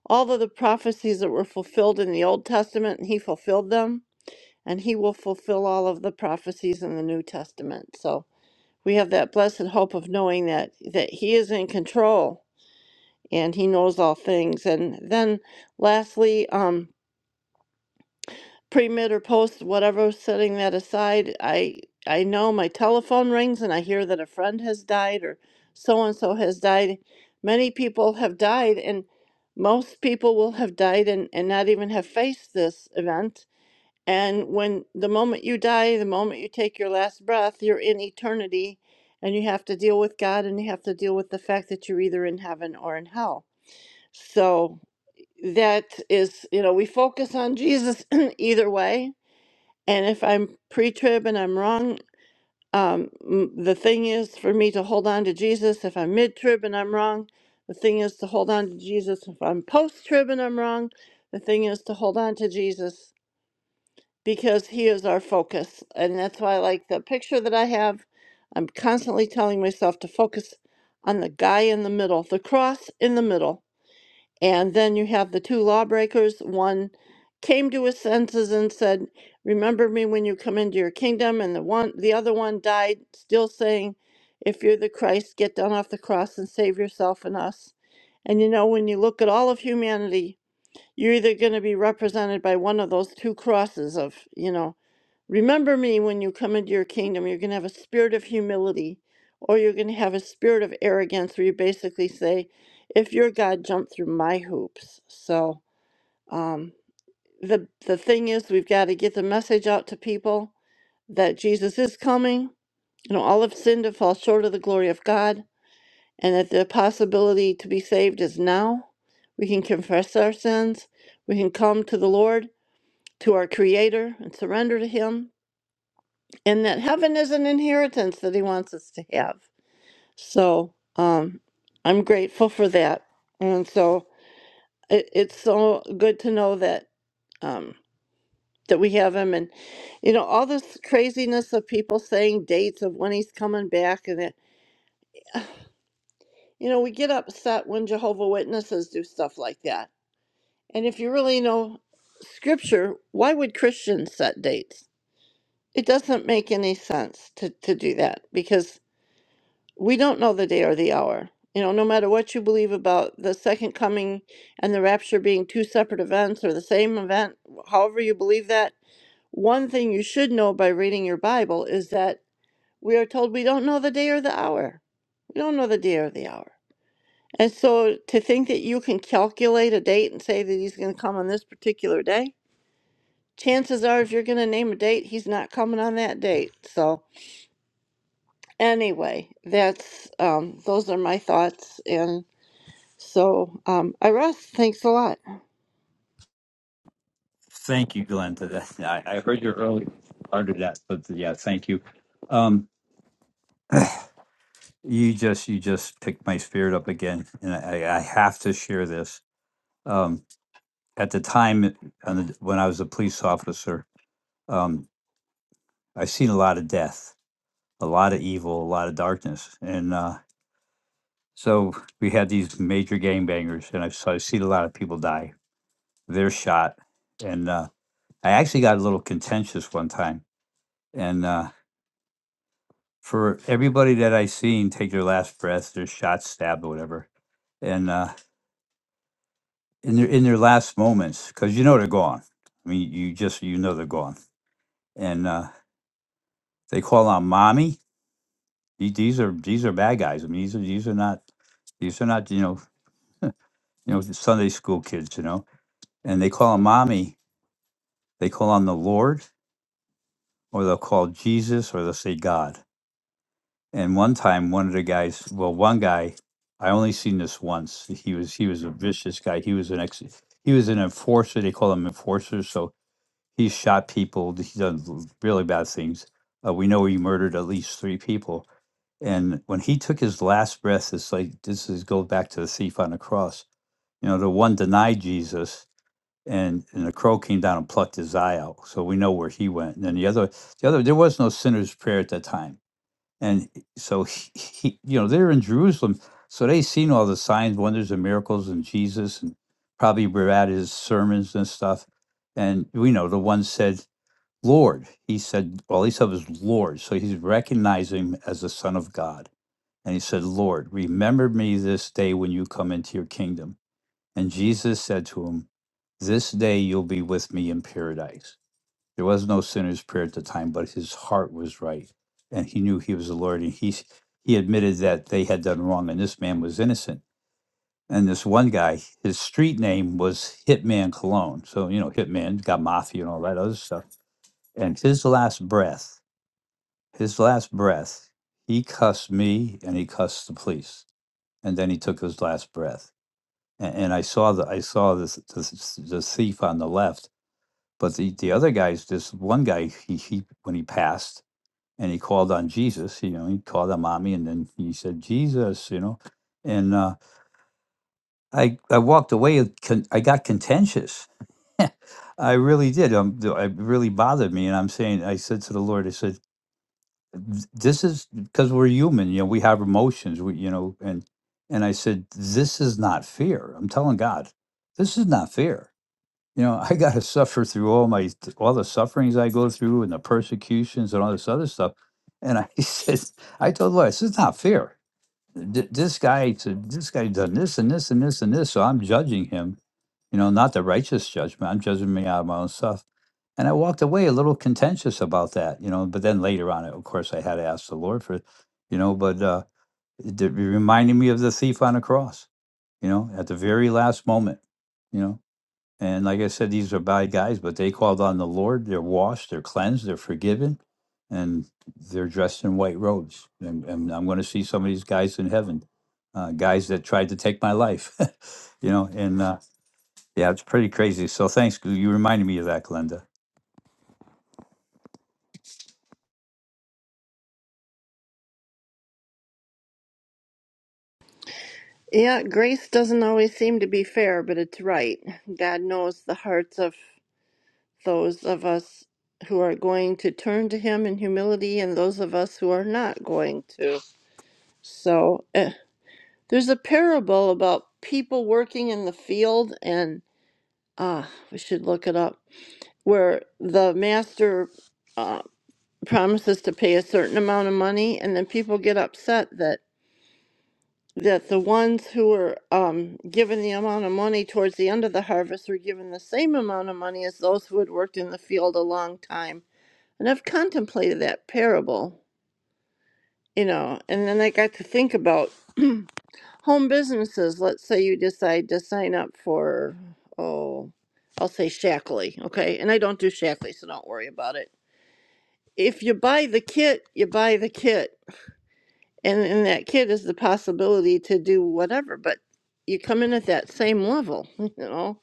[SPEAKER 7] all of the prophecies that were fulfilled in the Old Testament, and He fulfilled them and he will fulfill all of the prophecies in the New Testament. So we have that blessed hope of knowing that that he is in control and he knows all things. And then lastly, um pre mid or post whatever setting that aside, I I know my telephone rings and I hear that a friend has died or so and so has died. Many people have died and most people will have died and, and not even have faced this event and when the moment you die, the moment you take your last breath, you're in eternity and you have to deal with God and you have to deal with the fact that you're either in heaven or in hell. So that is, you know, we focus on Jesus [CLEARS THROAT] either way. And if I'm pre trib and I'm wrong, um, m- the thing is for me to hold on to Jesus. If I'm mid trib and I'm wrong, the thing is to hold on to Jesus. If I'm post trib and I'm wrong, the thing is to hold on to Jesus because he is our focus. And that's why I like the picture that I have. I'm constantly telling myself to focus on the guy in the middle, the cross in the middle. And then you have the two lawbreakers. One came to his senses and said, Remember me when you come into your kingdom. And the one the other one died, still saying, If you're the Christ, get down off the cross and save yourself and us. And you know, when you look at all of humanity, you're either going to be represented by one of those two crosses of, you know, Remember me when you come into your kingdom. You're going to have a spirit of humility, or you're going to have a spirit of arrogance where you basically say, if your God jumped through my hoops. So, um, the, the thing is, we've got to get the message out to people that Jesus is coming. You know, all have sinned to fall short of the glory of God, and that the possibility to be saved is now. We can confess our sins. We can come to the Lord, to our Creator, and surrender to Him and that heaven is an inheritance that he wants us to have. So um, I'm grateful for that, and so it, it's so good to know that um, that we have him, and you know all this craziness of people saying dates of when he's coming back, and that you know we get upset when Jehovah Witnesses do stuff like that, and if you really know Scripture, why would Christians set dates? It doesn't make any sense to, to do that because we don't know the day or the hour. You know, no matter what you believe about the second coming and the rapture being two separate events or the same event, however you believe that, one thing you should know by reading your Bible is that we are told we don't know the day or the hour. We don't know the day or the hour. And so to think that you can calculate a date and say that he's going to come on this particular day, chances are if you're going to name a date, he's not coming on that date. So anyway, that's um those are my thoughts and So um, I rest. Thanks a lot.
[SPEAKER 8] Thank you, Glenda. [LAUGHS] That- I, I heard you earlier under that, but yeah, thank you. Um, You just you just picked my spirit up again, and I, I have to share this. Um, at the time, it- on the, when I was a police officer, um, I've seen a lot of death, a lot of evil, a lot of darkness, and uh, so we had these major gangbangers, and I've, so I've seen a lot of people die. They're shot, and uh, I actually got a little contentious one time, and uh, for everybody that I seen take their last breath, they're shot, stabbed, or whatever, and. Uh, in their in their last moments because you know they're gone. I mean, you just you know they're gone, and uh, they call on mommy. The- These are these are bad guys. I mean, these are these are not these are not you know you know the Sunday school kids. You know, and they call on mommy. They call on the Lord, or they'll call Jesus, or they'll say God. And one time, one of the guys, well, one guy, I only seen this once. He was he was a vicious guy. He was an ex. He was an enforcer. They call him enforcer. So He's shot people. He's done r- really bad things. Uh, we know he murdered at least three people. And when he took his last breath, it's like this is goes back to the thief on the cross you know the one denied jesus and and the crow came down and plucked his eye out so we know where he went and then the other the other there was no sinner's prayer at that time and so he, he you know they're in jerusalem so they seen all the signs wonders and miracles and jesus and probably were at his sermons and stuff and we know the one said Lord. He said, all he said was Lord. So he's recognizing him as the Son of God. And he said, Lord, remember me this day when you come into your kingdom. And Jesus said to him, This day you'll be with me in paradise. There was no sinner's prayer at the time, but his heart was right. And he knew he was the Lord. And he, he admitted that they had done wrong, and this man was innocent. And this one guy, his street name was Hitman Cologne. So, you know, Hitman, got mafia and all that other stuff. And his last breath, his last breath, he cussed me and he cussed the police, and then he took his last breath. And, and I saw the I saw this the, the thief on the left, but the, the other guys, this one guy, he, he when he passed and he called on Jesus, you know, he called on mommy, and then he said Jesus, you know, and uh, I I walked away. uh, Con- I got contentious. [LAUGHS] I really did. Um, th- it really bothered me, and I'm saying I said to the Lord, I said. this is because we're human you know we have emotions we you know and and i said this is not fear i'm telling god this is not fear you know [LAUGHS] i got to suffer through all my all the sufferings i go through and the persecutions and all this other stuff and i [LAUGHS] said i told the lord this is not fear Th- this guy said this guy done this and this and this and this so i'm judging him you know not the righteous judgment i'm judging me out of my own stuff and I walked away a little contentious about that, you know. But then later on, of course, I had to ask the Lord for it, you know. But uh, it did- it reminded me of the thief on the cross, you know, at the very last moment, you know. And like I said, these are bad guys, but they called on the Lord. They're washed, they're cleansed, they're forgiven, and they're dressed in white robes. And, and I'm going to see some of these guys in heaven, uh, guys that tried to take my life, [LAUGHS] you know. And uh, yeah, it's pretty crazy. So thanks. You reminded me of that, Glenda.
[SPEAKER 7] Yeah, grace doesn't always seem to be fair, but it's right. God knows the hearts of those of us who are going to turn to Him in humility and those of us who are not going to. So eh, there's a parable about people working in the field, and ah, we should look it up, where the master uh, promises to pay a certain amount of money, and then people get upset that that the ones who were um, given the amount of money towards the end of the harvest were given the same amount of money as those who had worked in the field a long time. And I've contemplated that parable, you know, and then I got to think about [CLEARS THROAT] home businesses. Let's say you decide to sign up for, oh, I'll say Shackley, okay? And I don't do Shackley, so don't worry about it. If you buy the kit, you buy the kit and and that kid is the possibility to do whatever but you come in at that same level [LAUGHS] you know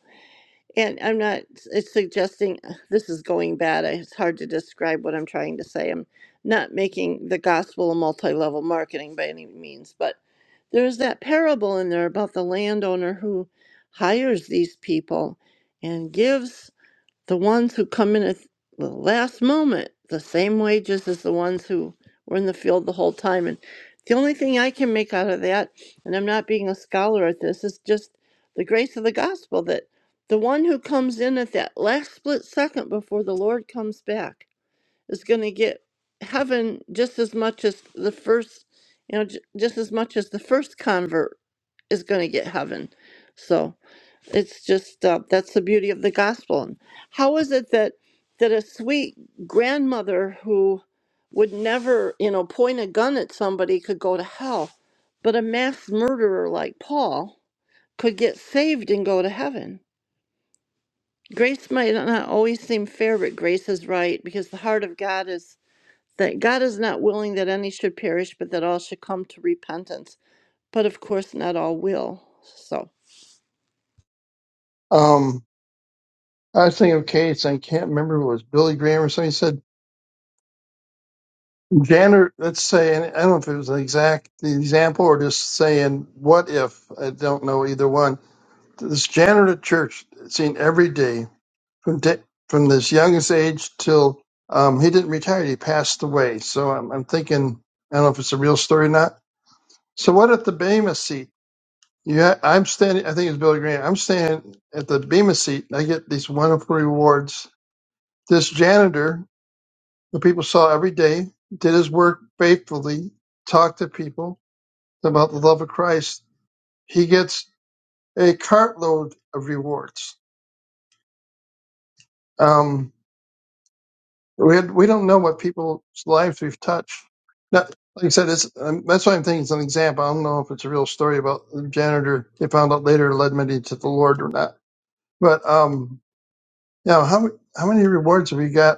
[SPEAKER 7] and i'm not it's suggesting uh, this is going bad it's hard to describe what i'm trying to say i'm not making the gospel a multi-level marketing by any means but there's that parable in there about the landowner who hires these people and gives the ones who come in at the last moment the same wages as the ones who were in the field the whole time and the only thing i can make out of that and i'm not being a scholar at this is just the grace of the gospel that the one who comes in at that last split second before the lord comes back is going to get heaven just as much as the first you know j- just as much as the first convert is going to get heaven So. It's just uh, that's the beauty of the gospel. And how is it that that a sweet grandmother who would never, you know, point a gun at somebody could go to hell, but a mass murderer like Paul could get saved and go to heaven? Grace might not always seem fair, but grace is right because the heart of God is that God is not willing that any should perish, but that all should come to repentance. But of course, not all will. So.
[SPEAKER 9] Um, I was thinking of case, I can't remember if it was Billy Graham or something He said janitor. Let's say, and I don't know if it was the exact example or just saying what if. I don't know either one. This janitor at church seen every day from da from this youngest age till um, he didn't retire. He passed away. So I'm, I'm thinking I don't know if it's a real story or not. So what if the Bema seat? Yeah, I'm standing. I think it's Billy Graham. I'm standing at the Bema seat. And I get these wonderful rewards. This janitor who people saw every day, did his work faithfully, talked to people about the love of Christ, he gets a cartload of rewards. Um, we, had, we don't know what people's lives we've touched. Now, like I said, it's, um, that's why I'm thinking it's an example. I don't know if it's a real story about the janitor they found out later led many to the Lord or not. But um, you know, how how many rewards have we got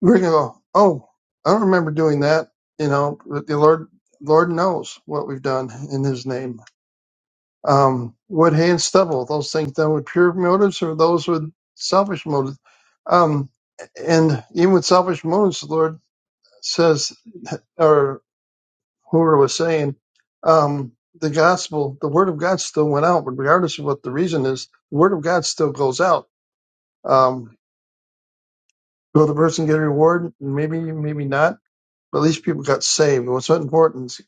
[SPEAKER 9] We're gonna go, oh, I don't remember doing that. You know, but the Lord, Lord knows what we've done in His name. Um, wood, hay, and stubble, those things done with pure motives or those with selfish motives. Um, and even with selfish motives, the Lord says, or whoever was saying, um, the gospel, the word of God still went out, but regardless of what the reason is, the word of God still goes out. Um, will the person get a reward? Maybe, maybe not But at least people got saved. And what's important is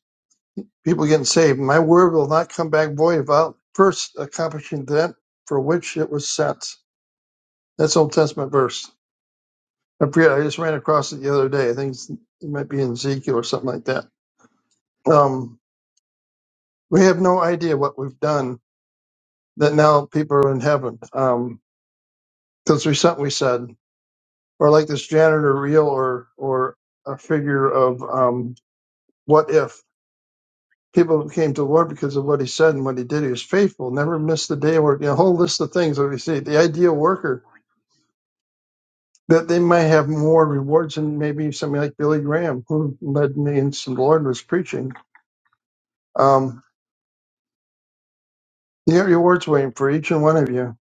[SPEAKER 9] people getting saved. My word will not come back void without first accomplishing that for which it was sent. That's Old Testament verse. I forget. I just ran across it the other day. I think it's- it might be in Ezekiel or something like that. Um, we have no idea what we've done that now people are in heaven because there's something we said, or like this janitor reel or or a figure of um, what if. people came to the Lord because of what he said and what he did. He was faithful, never missed a day of Work you know, a whole list of things that we see. The ideal worker, that they might have more rewards than maybe somebody like Billy Graham, who led me into the Lord was preaching. Um, you have rewards waiting for each and one of you.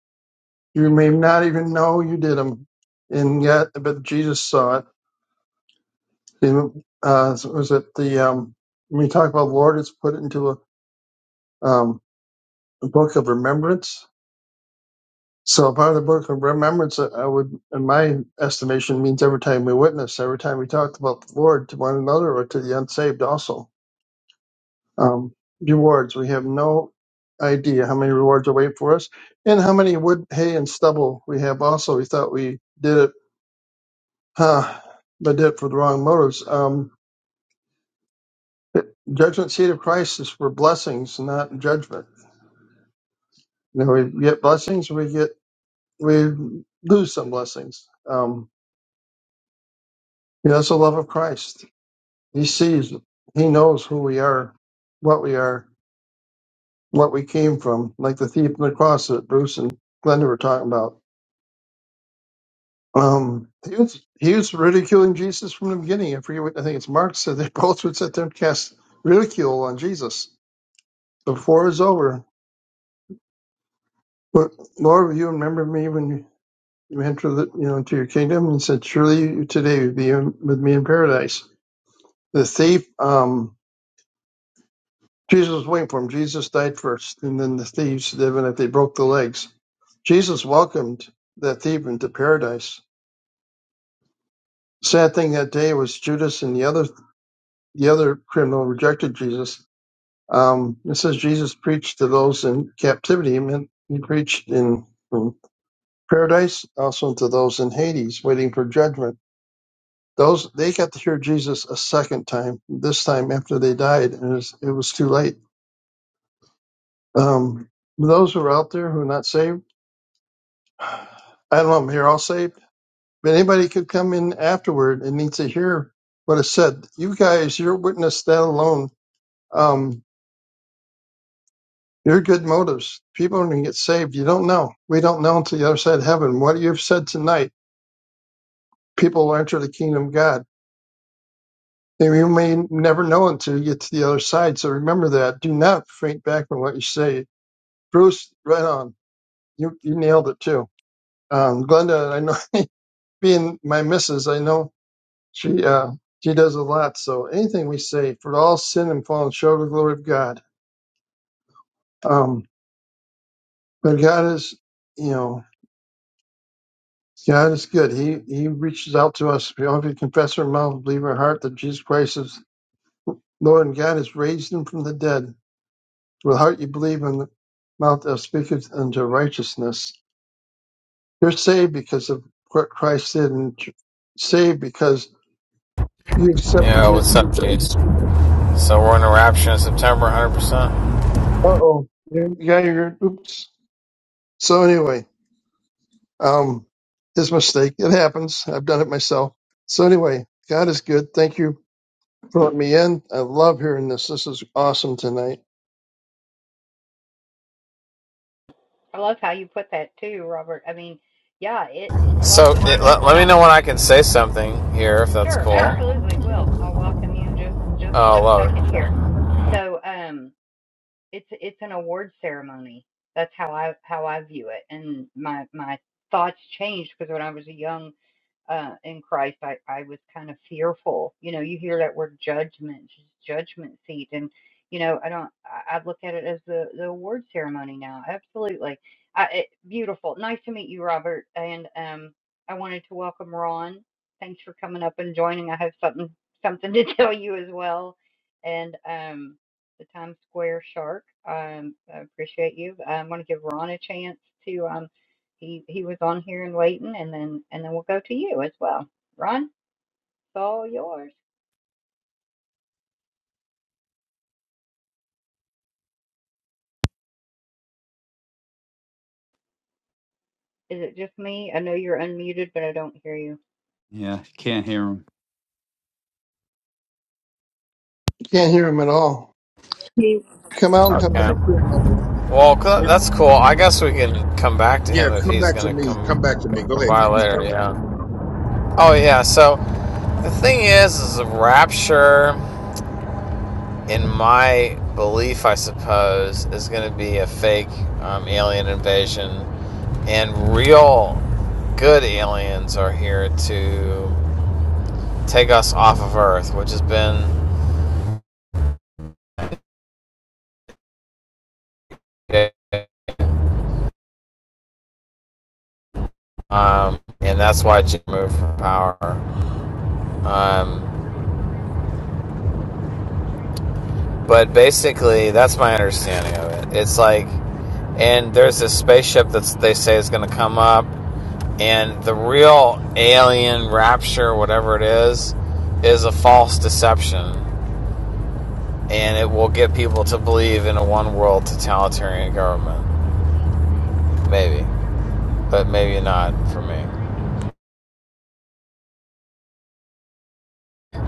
[SPEAKER 9] You may not even know you did them, and yet, but Jesus saw it. And, uh, so was it the um, when we talk about the Lord, it's put into a, um, a book of remembrance So a part of the book of remembrance, uh, I would, in my estimation, means every time we witness, every time we talked about the Lord to one another or to the unsaved also. Um, rewards, we have no idea how many rewards await for us and how many wood, hay, and stubble we have also. We thought we did it, huh, but did it for the wrong motives. Um, judgment seat of Christ is for blessings, not judgment. You know, we get blessings, we get, we lose some blessings. Um, you know, it's the love of Christ He sees, it. he knows who we are, what we are, what we came from, like the thief on the cross that Bruce and Glenda were talking about. Um, he was he was ridiculing Jesus from the beginning. I forget what I think it's Mark said [LAUGHS] they both would sit there and cast ridicule on Jesus before it was over. But Lord, will you remember me when you, you enter the you know into your kingdom? And said, Surely you today will be in, with me in paradise. The thief, um, Jesus was waiting for him. Jesus died first, and then the thieves, even if they broke the legs. Jesus welcomed that thief into paradise. Sad thing that day was Judas and the other the other criminal rejected Jesus. Um, it says Jesus preached to those in captivity. He meant he preached in from paradise, also to those in Hades, waiting for judgment. Those they got to hear Jesus a second time. This time after they died, and it was, it was too late. Um, those who are out there who are not saved I don't know. I'm here all saved. But anybody could come in afterward and need to hear what is said. You guys, you're witness, that alone, um, your good motives. People are going to get saved. You don't know. We don't know until the other side of heaven. What you've said tonight, people will enter the kingdom of God. And you may never know until you get to the other side. So remember that. Do not faint back from what you say. Bruce, right on. You you nailed it too. Um, Glenda, I know [LAUGHS] being my missus, I know She uh she does a lot. So anything we say, for all sin and fallen short of the glory of God. Um, but God is, you know, God is good. He He reaches out to us. If you if you confess our mouth, believe our heart that Jesus Christ is Lord, and God has raised Him from the dead. With the heart you believe, and the mouth that speaketh unto righteousness. You're saved because of what Christ did, and saved because you accepted
[SPEAKER 10] Yeah,
[SPEAKER 9] His
[SPEAKER 10] what's up,
[SPEAKER 9] people.
[SPEAKER 10] Jace? So we're in a rapture in September, 100%.
[SPEAKER 9] Uh oh, yeah, you're oops. So anyway. Um, his mistake. It happens. I've done it myself. So anyway, God is good. Thank you for letting me in. I love hearing this. This is awesome tonight.
[SPEAKER 2] I love how you put that too, Robert. I mean, yeah, it, it- a lot of
[SPEAKER 10] So yeah,
[SPEAKER 2] people don't.
[SPEAKER 10] let, let me know when I can say something here, if that's
[SPEAKER 2] Sure,
[SPEAKER 10] cool. Sure.
[SPEAKER 2] absolutely will. I'll welcome you in just, just
[SPEAKER 10] Oh,
[SPEAKER 2] one second
[SPEAKER 10] love it.
[SPEAKER 2] here. So, um, it's, it's an award ceremony. That's how I, how I view it. And my, my thoughts changed because when I was a young uh, in Christ, I, I was kind of fearful. You know, you hear that word judgment, judgment seat, and you know, I don't. I, I look at it as the the award ceremony now. Absolutely, I, it, beautiful. Nice to meet you, Robert. And um, I wanted to welcome Ron. Thanks for coming up and joining. I have something something to [LAUGHS] tell you as well. And um, the Times Square Shark. Um, I appreciate you. I'm going to give Ron a chance to. Um, he he was on here and waiting, and then and then we'll go to you as well. Ron, it's all yours. Is it just me? I know you're unmuted, but I don't hear you.
[SPEAKER 8] Yeah, can't hear 'em.
[SPEAKER 9] Can't hear him at all. Come out and come
[SPEAKER 10] Okay.
[SPEAKER 9] back in. Although,
[SPEAKER 10] Well,
[SPEAKER 11] Yeah,
[SPEAKER 10] that's cool. I guess we can come back to
[SPEAKER 11] yeah.
[SPEAKER 10] him if
[SPEAKER 11] Come
[SPEAKER 10] he's
[SPEAKER 11] back to
[SPEAKER 10] gonna
[SPEAKER 11] me. Come back to
[SPEAKER 10] come
[SPEAKER 11] me. Go
[SPEAKER 10] come
[SPEAKER 11] ahead,
[SPEAKER 10] by
[SPEAKER 11] guys.
[SPEAKER 10] later.
[SPEAKER 11] Go
[SPEAKER 10] Yeah. Oh yeah. So the thing is, is a rapture. in my belief, I suppose, is going to be a fake um, alien invasion, and real good aliens are here to take us off of Earth, which has been, um, and that's why Jim moved from power. Um, But basically, that's my understanding of it. It's like, and there's this spaceship that they say is going to come up, and the real alien rapture, whatever it is, is a false deception, and it will get people to believe in a one world totalitarian government. Maybe, but maybe not for me.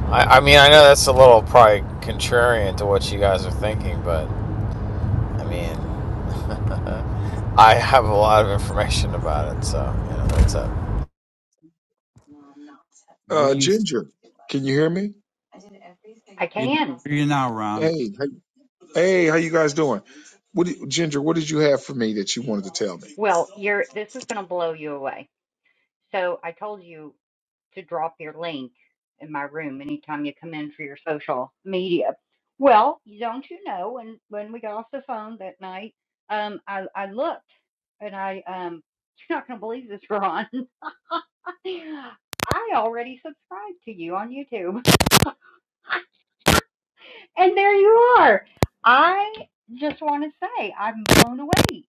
[SPEAKER 10] I, I mean, I know
[SPEAKER 11] ahead. Okay.
[SPEAKER 10] that's a little probably contrarian to what you guys are thinking, but I mean, [LAUGHS] I have a lot of information about it, so you know that's it.
[SPEAKER 8] What are
[SPEAKER 11] Uh,
[SPEAKER 8] you
[SPEAKER 11] Ginger, can you hear me?
[SPEAKER 2] I
[SPEAKER 8] in
[SPEAKER 2] can.
[SPEAKER 8] you now, Ron?
[SPEAKER 11] Hey, hey, hey, how you guys doing? What, do- Ginger? What did you have for me that you wanted to tell me?
[SPEAKER 2] Well, you're. This is going to blow you away. So I told you to drop your link in my room anytime you come in for your social media. Well, don't you know when when we got off the phone that night, um, I I looked and I um, [LAUGHS] you're not gonna believe this, Ron. [LAUGHS] I already subscribed to you on YouTube. and there you are. I just want to say I'm blown away.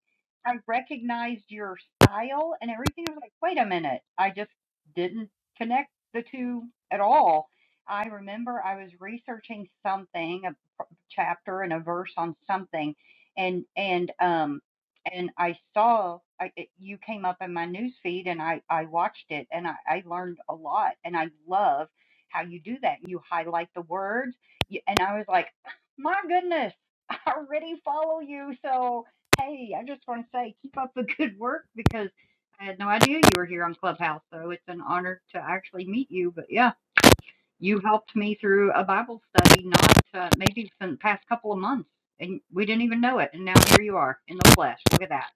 [SPEAKER 2] I recognized your style and everything. I was like, wait a minute. I just didn't connect the two at all. I remember I was researching something, a p- chapter and a verse on something, and and um and I saw I, it- you came up in my news feed, and I I watched it, and I, I learned a lot, and I love how you do that. You highlight the words. Y- And I was like, my goodness, [LAUGHS] I already follow you. So, hey, I just want to say keep up the good work because I had no idea you were here on Clubhouse. So it's an honor to actually meet you. But yeah, you helped me through a Bible study, not uh, maybe for the past couple of months. And we didn't even know it. And now here you are in the flesh. Look at that.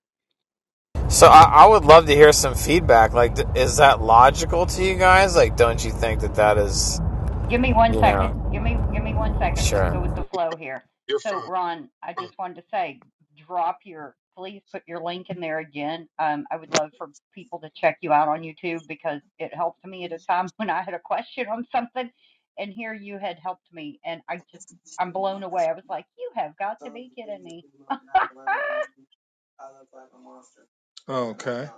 [SPEAKER 10] So I,
[SPEAKER 2] So.
[SPEAKER 10] I would love to hear some feedback. Like, th- is that logical to you guys? Like, don't you think that that is,
[SPEAKER 2] Give me one
[SPEAKER 10] you
[SPEAKER 2] second.
[SPEAKER 10] know,
[SPEAKER 2] Give me give me one second. Just go with
[SPEAKER 10] sure.
[SPEAKER 2] the flow here.
[SPEAKER 11] You're
[SPEAKER 2] So
[SPEAKER 11] fine.
[SPEAKER 2] Ron, I just wanted to say, drop your please put your link in there again. Um, I would love for people to check you out on YouTube because it helped me at a time [LAUGHS] when I had a question on something, and here you had helped me, and I just I'm blown away. I was like, you have got to be kidding me. [LAUGHS]
[SPEAKER 11] Oh, okay.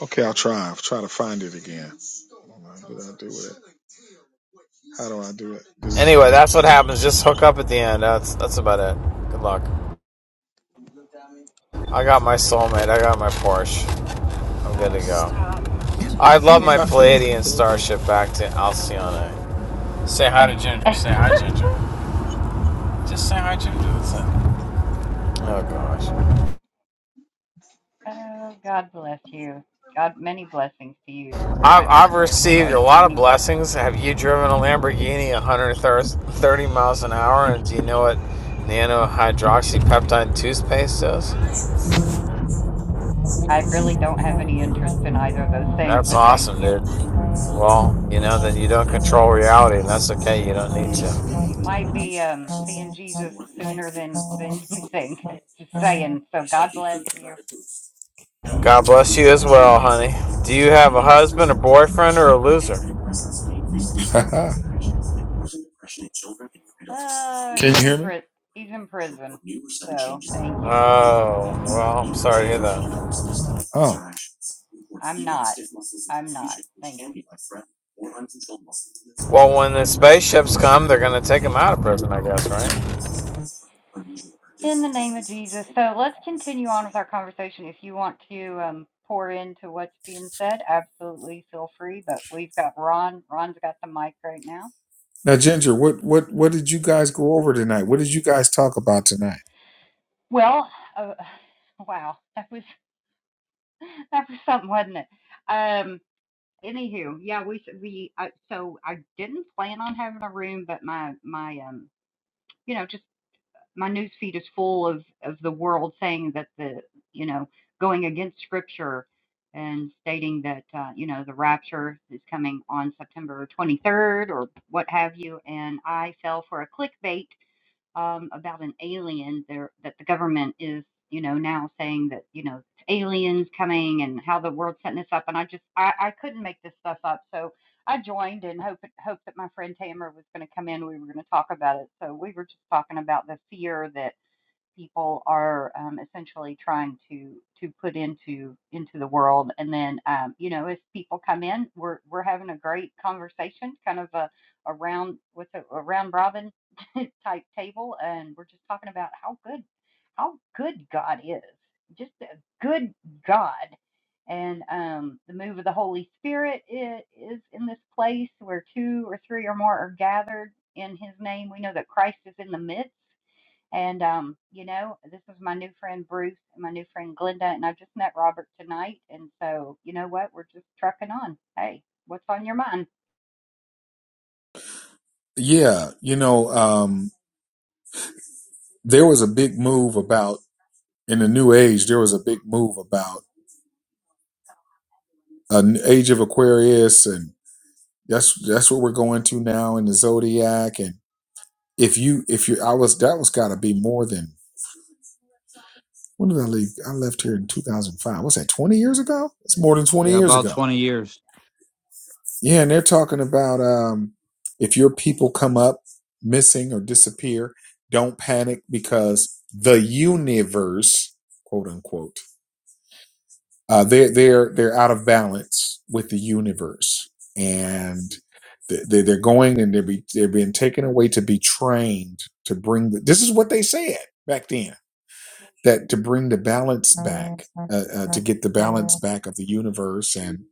[SPEAKER 11] Okay, I'll try. I'll try to find it again. All right, What do I do with it? How do I do it? This is
[SPEAKER 10] Anyway,
[SPEAKER 11] different.
[SPEAKER 10] that's what happens. Just hook up at the end. That's that's about it. Good luck. I got my soulmate. I got my Porsche. I'm good to go. I love
[SPEAKER 11] [LAUGHS]
[SPEAKER 10] my
[SPEAKER 2] You're-
[SPEAKER 11] what is he
[SPEAKER 10] Palladian
[SPEAKER 11] talking about?
[SPEAKER 10] starship back to Alcyone.
[SPEAKER 2] [LAUGHS]
[SPEAKER 10] Ginger. Sam, I ginger this Oh gosh.
[SPEAKER 2] oh, God bless you. God, many blessings to you,
[SPEAKER 10] I've,
[SPEAKER 2] Times
[SPEAKER 10] I've
[SPEAKER 2] Square
[SPEAKER 10] received
[SPEAKER 2] Shark.
[SPEAKER 10] a lot of
[SPEAKER 2] Many blessings.
[SPEAKER 10] blessings. Have you driven a Lamborghini 130 miles an hour? And do you know what nanohydroxypeptide toothpaste is?
[SPEAKER 2] I really don't have any interest in either of those things,
[SPEAKER 10] That's
[SPEAKER 2] but thank
[SPEAKER 10] awesome,
[SPEAKER 2] you.
[SPEAKER 10] dude. Well, you know, then you don't control reality, and that's okay. You don't need to.
[SPEAKER 2] You might be um, seeing Jesus sooner than than you think. [LAUGHS] Just saying. So God bless you.
[SPEAKER 10] God bless you as well, honey. Do you have a husband, a boyfriend, or a loser?
[SPEAKER 11] [LAUGHS]
[SPEAKER 2] Uh, he's in pri- he's in prison. So thank you.
[SPEAKER 10] Oh, well, I'm sorry to hear that.
[SPEAKER 2] I'm not. I'm not. Thank you.
[SPEAKER 10] Well, when the spaceships come, they're going to take him out of prison, I guess, right?
[SPEAKER 2] In the name of Jesus. So let's continue on with our conversation. If you want to um, pour into what's being said, absolutely feel free. But we've got Ron. Ron's got the mic right now.
[SPEAKER 11] Now, Ginger, what what what did you guys go over tonight? What did you guys talk about tonight?
[SPEAKER 2] Well, uh, [SIGHS] wow, that was. [LAUGHS] [LAUGHS] That was something, wasn't it? Um, anywho, yeah, we we uh, so I didn't plan on having a room, but my my um, you know, just my news feed is full of of the world saying that the you know going against scripture and stating that uh, you know the rapture is coming on September 23rd or what have you, and I fell for a clickbait um, about an alien there that the government is, you know, now saying that, you know, aliens coming and how the world's setting this up. And I just, I, I couldn't make this stuff up. So I joined and hope, hope that my friend Tamara was going to come in. We were going to talk about it. So we were just talking about the fear that people are um, essentially trying to to put into into the world. And then um, you know, as people come in, we're we're having a great conversation, kind of a a round with a, a round robin [LAUGHS] type table, and we're just talking about how good how good God is, just a good God and um, the move of the Holy Spirit i- is in this place where two or three or more are gathered in His name. We know that Christ is in the midst, and um, you know, this is my new friend Bruce and my new friend Glenda, and I just met Robert tonight. And so, you know what? We're just trucking on. Hey, what's on your mind?
[SPEAKER 11] Yeah, you know, um, there was a big move about in the new age. There was a big move about an age of Aquarius and That's that's what we're going to now in the zodiac. And if you if you I was that was got to be more than when did I leave? I left here in 2005. What's that? 20 years ago? It's more than 20
[SPEAKER 8] Yeah,
[SPEAKER 11] years
[SPEAKER 8] about
[SPEAKER 11] ago.
[SPEAKER 8] 20 years.
[SPEAKER 11] Yeah, and they're talking about um, if your people come up missing or disappear, don't panic because the universe, quote unquote. uh, they're they're they're out of balance with the universe, and th- they- they're going and they're be, they're being taken away to be trained to bring the. This is what they said back then that to bring the balance back, uh, uh, to get the balance back of the universe, and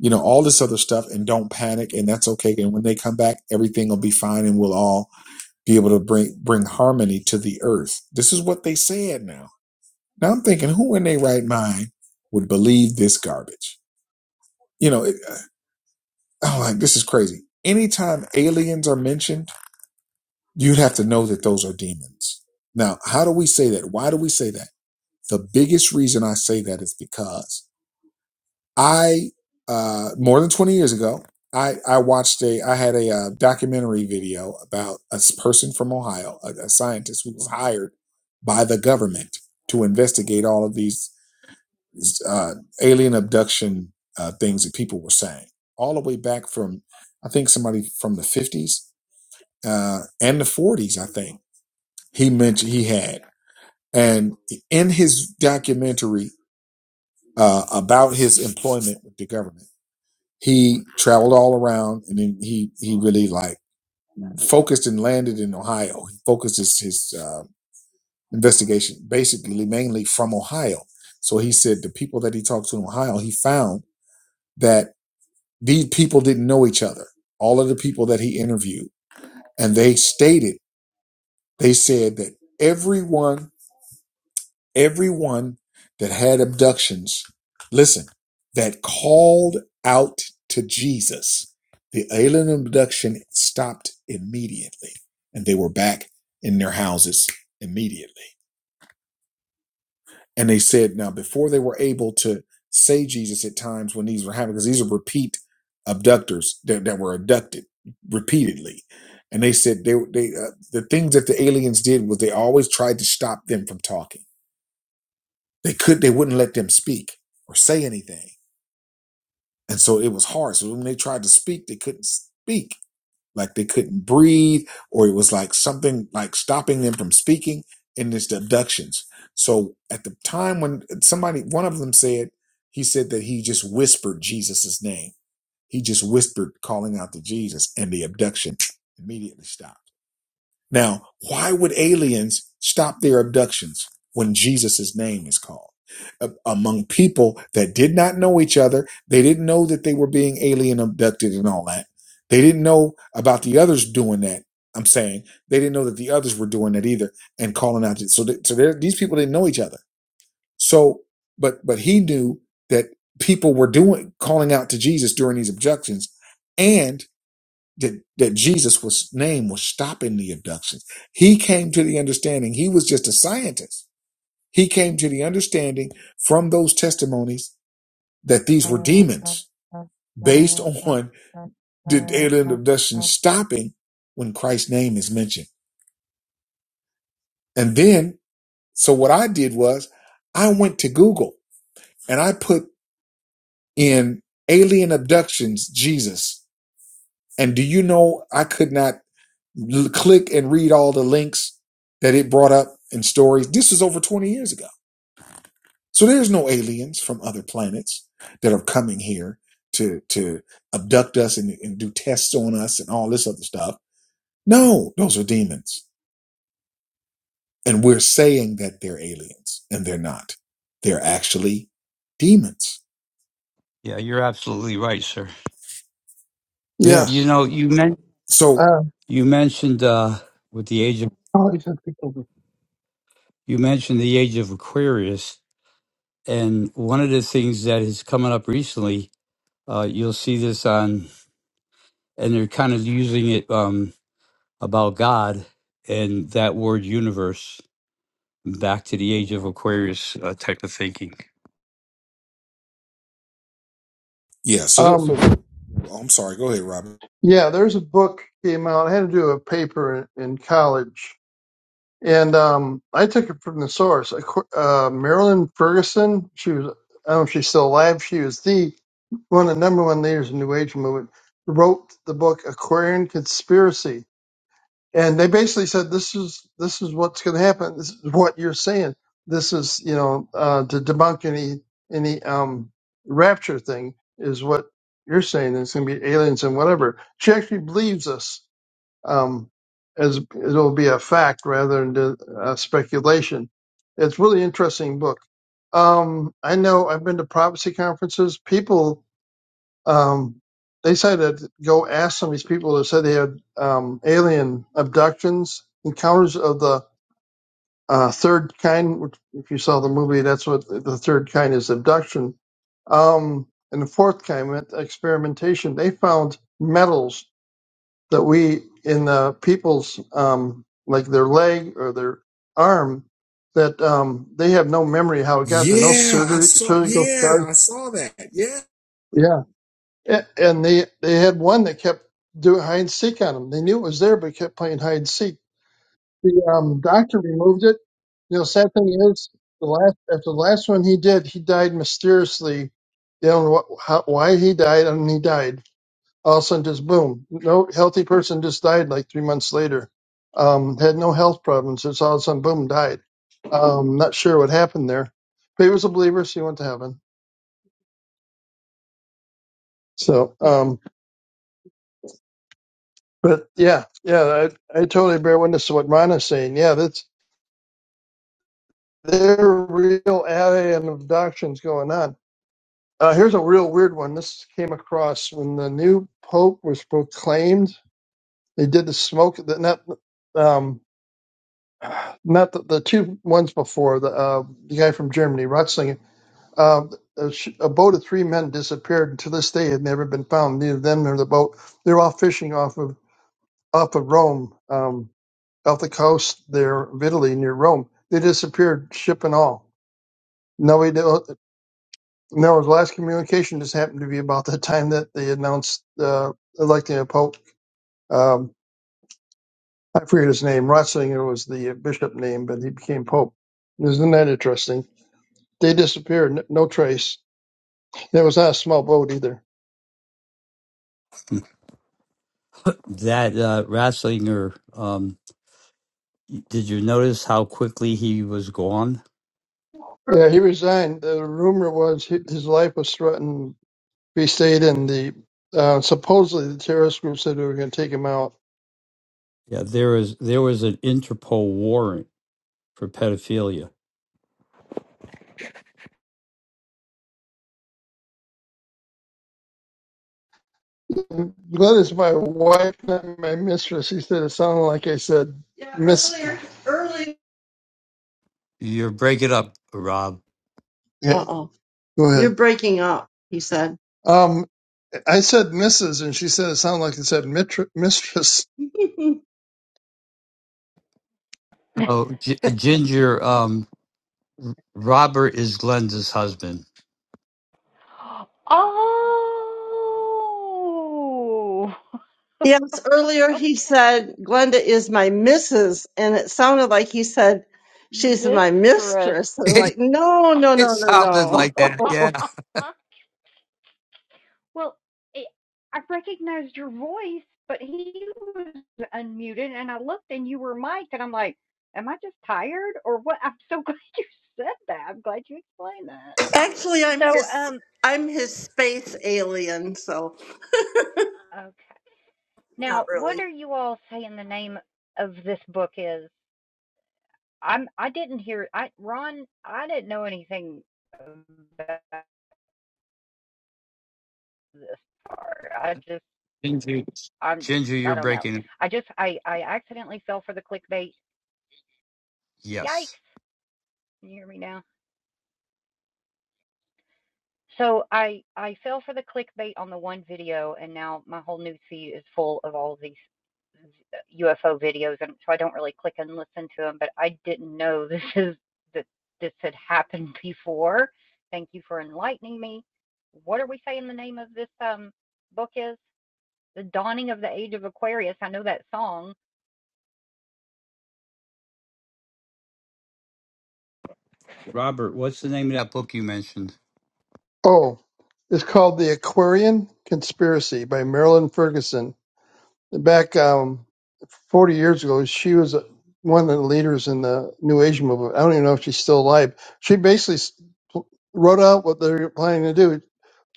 [SPEAKER 11] you know all this other stuff, and don't panic, and that's okay. And when they come back, everything will be fine, and we'll all be able to bring bring harmony to the earth. This is what they said now. Now I'm thinking, who in their right mind would believe this garbage? You know, it, I'm like, this is crazy. Anytime aliens are mentioned, you'd have to know that those are demons. Now, how do we say that? Why do we say that? The biggest reason I say that is because I, uh, more than 20 years ago, I, I watched a, I had a, uh documentary video about a person from Ohio, a, a scientist who was hired by the government to investigate all of these uh, alien abduction uh, things that people were saying, all the way back from, I think somebody from the 50s uh, and the 40s, I think he mentioned he had. And in his documentary uh, about his employment with the government, he traveled all around and then he, he really like focused and landed in Ohio. He focused his, his uh, investigation basically mainly from Ohio. So he said the people that he talked to in Ohio, he found that These people didn't know each other, all of the people that he interviewed. And they stated, they said that everyone, everyone that had abductions, listen, that called out to Jesus, the alien abduction stopped immediately and they were back in their houses immediately. And they said, now, before they were able to say Jesus at times when these were happening, because these are repeat abductors that, that were abducted repeatedly. And they said they they uh, the things that the aliens did was they always tried to stop them from talking. They could they wouldn't let them speak or say anything, and so it was hard. So when they tried to speak, they couldn't speak like they couldn't breathe or it was like something like stopping them from speaking in this abductions so at the time when somebody one of them said he said that he just whispered Jesus's name he just whispered calling out to jesus and the abduction immediately stopped now, why would aliens stop their abductions when Jesus' name is called? A- Among people that did not know each other, they didn't know that they were being alien abducted and all that. They didn't know about the others doing that. I'm saying they didn't know that the others were doing that either and calling out. So, th- so there- these people didn't know each other. So, but but he knew that people were doing calling out to Jesus during these abductions, and that, that Jesus was name was stopping the abductions. He came to the understanding. He was just a scientist. He came to the understanding from those testimonies that these were demons based on the alien abduction stopping when Christ's name is mentioned. And then, so what I did was I went to Google and I put in alien abductions, Jesus, And do you know I could not l- click and read all the links that it brought up and stories? This is over 20 years ago. So there's no aliens from other planets that are coming here to to abduct us and, and do tests on us and all this other stuff. No, those are demons. And we're saying that they're aliens and they're not. They're actually demons.
[SPEAKER 8] Yeah, you're absolutely right, sir.
[SPEAKER 11] Yeah.
[SPEAKER 8] You
[SPEAKER 9] yes.
[SPEAKER 8] know, you men-
[SPEAKER 11] So
[SPEAKER 9] Uh,
[SPEAKER 8] you mentioned uh, with the age of
[SPEAKER 9] oh, he's got people.
[SPEAKER 8] you mentioned the age of Aquarius, and one of the things that is coming up recently, uh, you'll see this on, and they're kind of using it um, about God and that word universe back to the age of Aquarius uh, type of thinking.
[SPEAKER 11] yeah, so, that, so
[SPEAKER 9] um,
[SPEAKER 11] oh, I'm sorry. Go ahead, Robert.
[SPEAKER 9] yeah, there's a book came out. I had to do a paper in, in college And um, I took it from the source. Ac- Uh, Marilyn Ferguson, she was, I don't know if she's still alive, she was the one of the number one leaders in the New Age movement, wrote the book Aquarian Conspiracy. And they basically said, this is this is what's going to happen. This is what you're saying. This is, you know, uh, to debunk any any um, rapture thing is what you're saying. It's going to be aliens and whatever. She actually believes us um, as it'll be a fact rather than just, uh, speculation. It's a really interesting book. Um, I know I've been to prophecy conferences. People um, they say that go ask some of these people that said they had um, alien abductions, encounters of the uh, third kind. Which if you saw the movie, that's what the third kind is abduction. Um, and the fourth kind, experimentation. They found metals that we in the people's um, like their leg or their arm that um, they have no memory how it got there, no
[SPEAKER 11] Yeah, I
[SPEAKER 9] surgery,
[SPEAKER 11] saw.
[SPEAKER 9] surgical
[SPEAKER 11] Yeah,
[SPEAKER 9] scars.
[SPEAKER 11] I saw that. Yeah.
[SPEAKER 9] Yeah, A- and they they had one that kept doing hide and seek on them. They knew it was there, but kept playing hide and seek. The um, doctor removed it. You know, sad thing is the last after the last one he did, he died mysteriously. They don't know what, how, why he died, and he died all of a sudden just boom, no healthy person just died like three months later. Um, had no health problems. Just all of a sudden, boom, died. Um, not sure what happened there, but he was a believer, so he went to heaven. So, um, but yeah, yeah, I, I totally bear witness to what Ron is saying. Yeah, that's there are real alien abductions going on. Uh, here's a real weird one. This came across when the new pope was proclaimed. They did the smoke, that. not um, Not the, the two ones before the uh, the guy from Germany, Ratzinger. Uh, a, sh- a boat of three men disappeared, and to this day had never been found. Neither them nor the boat. They're all fishing off of off of Rome, um, off the coast there of Italy near Rome. They disappeared, ship and all. No, we don't. No, the last communication just happened to be about the time that they announced uh, electing a pope. Um, I forget his name. Ratzinger was the bishop name, but he became pope. Isn't that interesting? They disappeared, n- no trace. It was not a small boat either.
[SPEAKER 8] That uh, Ratzinger um, Did you notice how quickly he was gone?
[SPEAKER 9] Yeah, he resigned. The rumor was hi- his life was threatened. He stayed in the uh, supposedly the terrorist group said they were going to take him out.
[SPEAKER 8] Yeah, there was there was an Interpol warrant for pedophilia.
[SPEAKER 9] Glad it's my wife, not my mistress. He said it sounded like I said yeah, miss. Earlier, earlier.
[SPEAKER 8] You're breaking up, Rob.
[SPEAKER 9] Yeah, Uh oh. go ahead. You're breaking up, he said. Um, I said Mrs. and she said it sounded like it said mitr- mistress. [LAUGHS]
[SPEAKER 8] Oh, G- Ginger. Um, Robert is Glenda's husband.
[SPEAKER 2] [GASPS] Oh, [LAUGHS]
[SPEAKER 9] Yes, earlier he
[SPEAKER 2] okay,
[SPEAKER 9] said Glenda is my missus, and it sounded like he said she's my
[SPEAKER 2] mistress.
[SPEAKER 9] mistress.
[SPEAKER 8] [LAUGHS]
[SPEAKER 9] And I'm
[SPEAKER 8] it
[SPEAKER 9] like, no, no, no,
[SPEAKER 8] sounded
[SPEAKER 9] no,
[SPEAKER 8] like that. Yeah,
[SPEAKER 9] no. [LAUGHS]
[SPEAKER 2] [LAUGHS] Well, it, I recognized your voice, but he was unmuted, and I looked, and you were mic'd, and I'm like, am I just tired or what? I'm so [LAUGHS] glad you said that. I'm glad you explained that.
[SPEAKER 7] Actually, I'm
[SPEAKER 2] So,
[SPEAKER 7] his
[SPEAKER 2] um,
[SPEAKER 7] I'm his space alien, so
[SPEAKER 2] okay.
[SPEAKER 7] not
[SPEAKER 2] Now,
[SPEAKER 7] really.
[SPEAKER 2] what are you all saying the name of this book is? I'm I didn't hear I Ron I didn't know anything about this part. I just
[SPEAKER 8] Ginger.
[SPEAKER 2] I'm
[SPEAKER 8] Ginger,
[SPEAKER 2] I
[SPEAKER 8] you're
[SPEAKER 2] don't know.
[SPEAKER 8] breaking. up.
[SPEAKER 2] I just I I accidentally fell for the clickbait. Yikes!
[SPEAKER 8] Yes,
[SPEAKER 2] Can you hear me now? So I I fell for the clickbait on the one video, and now my whole news feed is full of all of these UFO videos, and so I don't really click and listen to them. But I didn't know [LAUGHS] this is that this had happened [LAUGHS] before. Thank you for enlightening me. What are we saying the name of this um book is? The Dawning of the Age of Aquarius. I know that song.
[SPEAKER 8] Robert. What's the name of that book you mentioned?
[SPEAKER 9] Oh, it's called The Aquarian Conspiracy by Marilyn Ferguson. back um, 40 years ago, she was one of the leaders in the New Age movement. I don't even know if she's still alive. She basically s- wrote out what they were planning to do.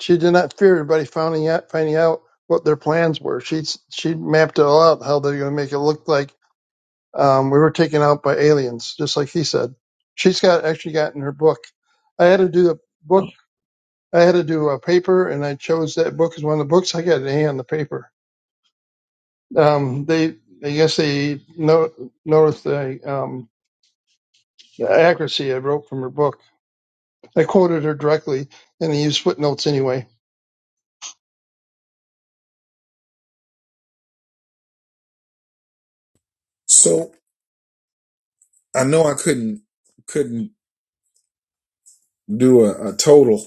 [SPEAKER 9] She did not fear everybody finding out finding out what their plans were. She she mapped it all out how they're going to make it look like um, we were taken out by aliens, just like he said. She's got actually got in her book. I had to do a book. I had to do a paper, and I chose that book as one of the books. I got an A on the paper. Um, they, I guess they no, noticed the, um, the accuracy I wrote from her book. I quoted her directly, and they used footnotes anyway.
[SPEAKER 11] So I know I couldn't couldn't do a, a total.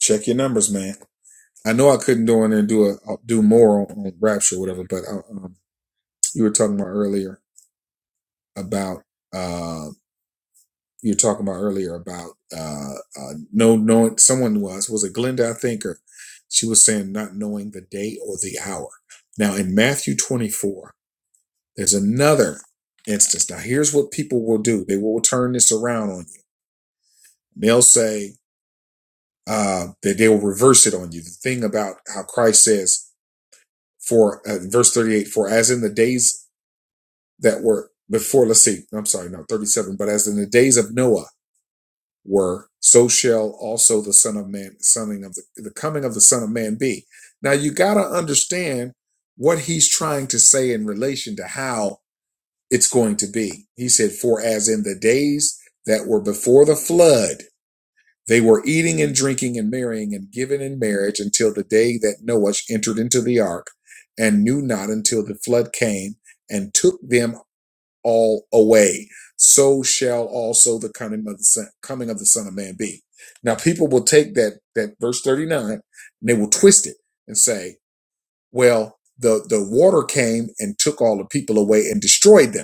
[SPEAKER 11] Check your numbers, man. I know I couldn't go in there and do a uh, do more on, on Rapture, or whatever. But uh, um, you were talking about earlier about uh, you were talking about earlier about uh, uh, no knowing someone was was it Glenda I think or she was saying not knowing the day or the hour. Now in Matthew 24. There's another instance. Now, here's what people will do. They will turn this around on you. They'll say uh, that they will reverse it on you. The thing about how Christ says for uh, verse 38, for as in the days that were before, let's see, I'm sorry, no, 37, but as in the days of Noah were, so shall also the son of man, soning of the, the coming of the son of man be. Now, you got to understand what he's trying to say in relation to how it's going to be. He said, For as in the days that were before the flood, they were eating and drinking and marrying and giving in marriage until the day that Noah entered into the ark and knew not until the flood came and took them all away. So shall also the coming of the son, coming of the Son of Man be. Now people will take that that verse 39 and they will twist it and say, well, the, the water came and took all the people away and destroyed them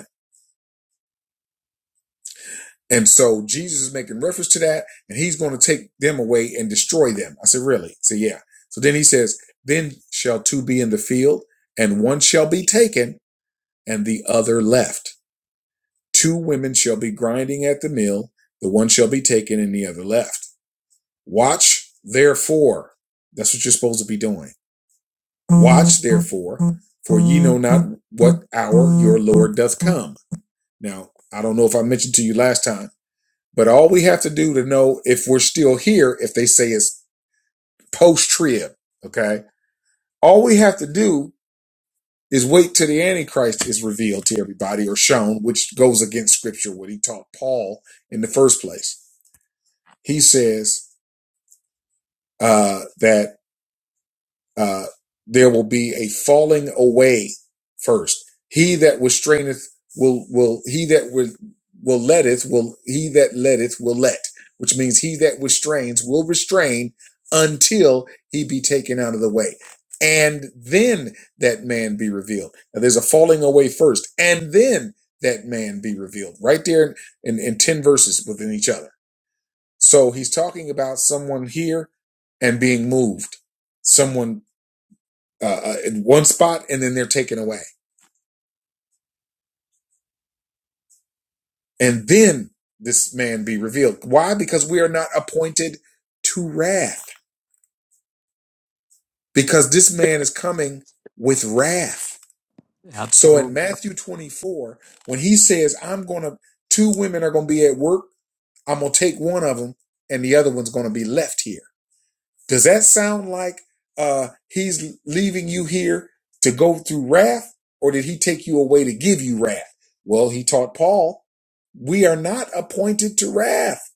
[SPEAKER 11] And so Jesus is making reference to that, and he's going to take them away and destroy them. I said, Really? He said, Yeah. So then he says, Then shall two be in the field, and one shall be taken, and the other left. Two women shall be grinding at the mill, the one shall be taken, and the other left. Watch, therefore. That's what you're supposed to be doing. Watch, therefore, for ye know not what hour your Lord doth come. Now, I don't know if I mentioned to you last time But all we have to do to know if we're still here, if they say it's post trib, okay? All we have to do is wait till the Antichrist is revealed to everybody or shown, which goes against scripture, what he taught Paul in the first place. He says uh, that. uh, there will be a falling away first. He that restraineth will will he that will will letteth will he that letteth will let, which means he that restrains will restrain until he be taken out of the way. And then that man be revealed. Now there's a falling away first, and then that man be revealed. Right there in, in 10 verses within each other. So he's talking about someone here and being moved. Someone uh, uh, in one spot and then they're taken away. And then this man be revealed. Why? Because we are not appointed to wrath. Because this man is coming with wrath. So in
[SPEAKER 8] Absolute.
[SPEAKER 11] Matthew 24, when he says, I'm going to, two women are going to be at work, I'm going to take one of them and the other one's going to be left here. Does that sound like uh, he's leaving you here to go through wrath, or did he take you away to give you wrath? Well, he taught Paul, we are not appointed to wrath.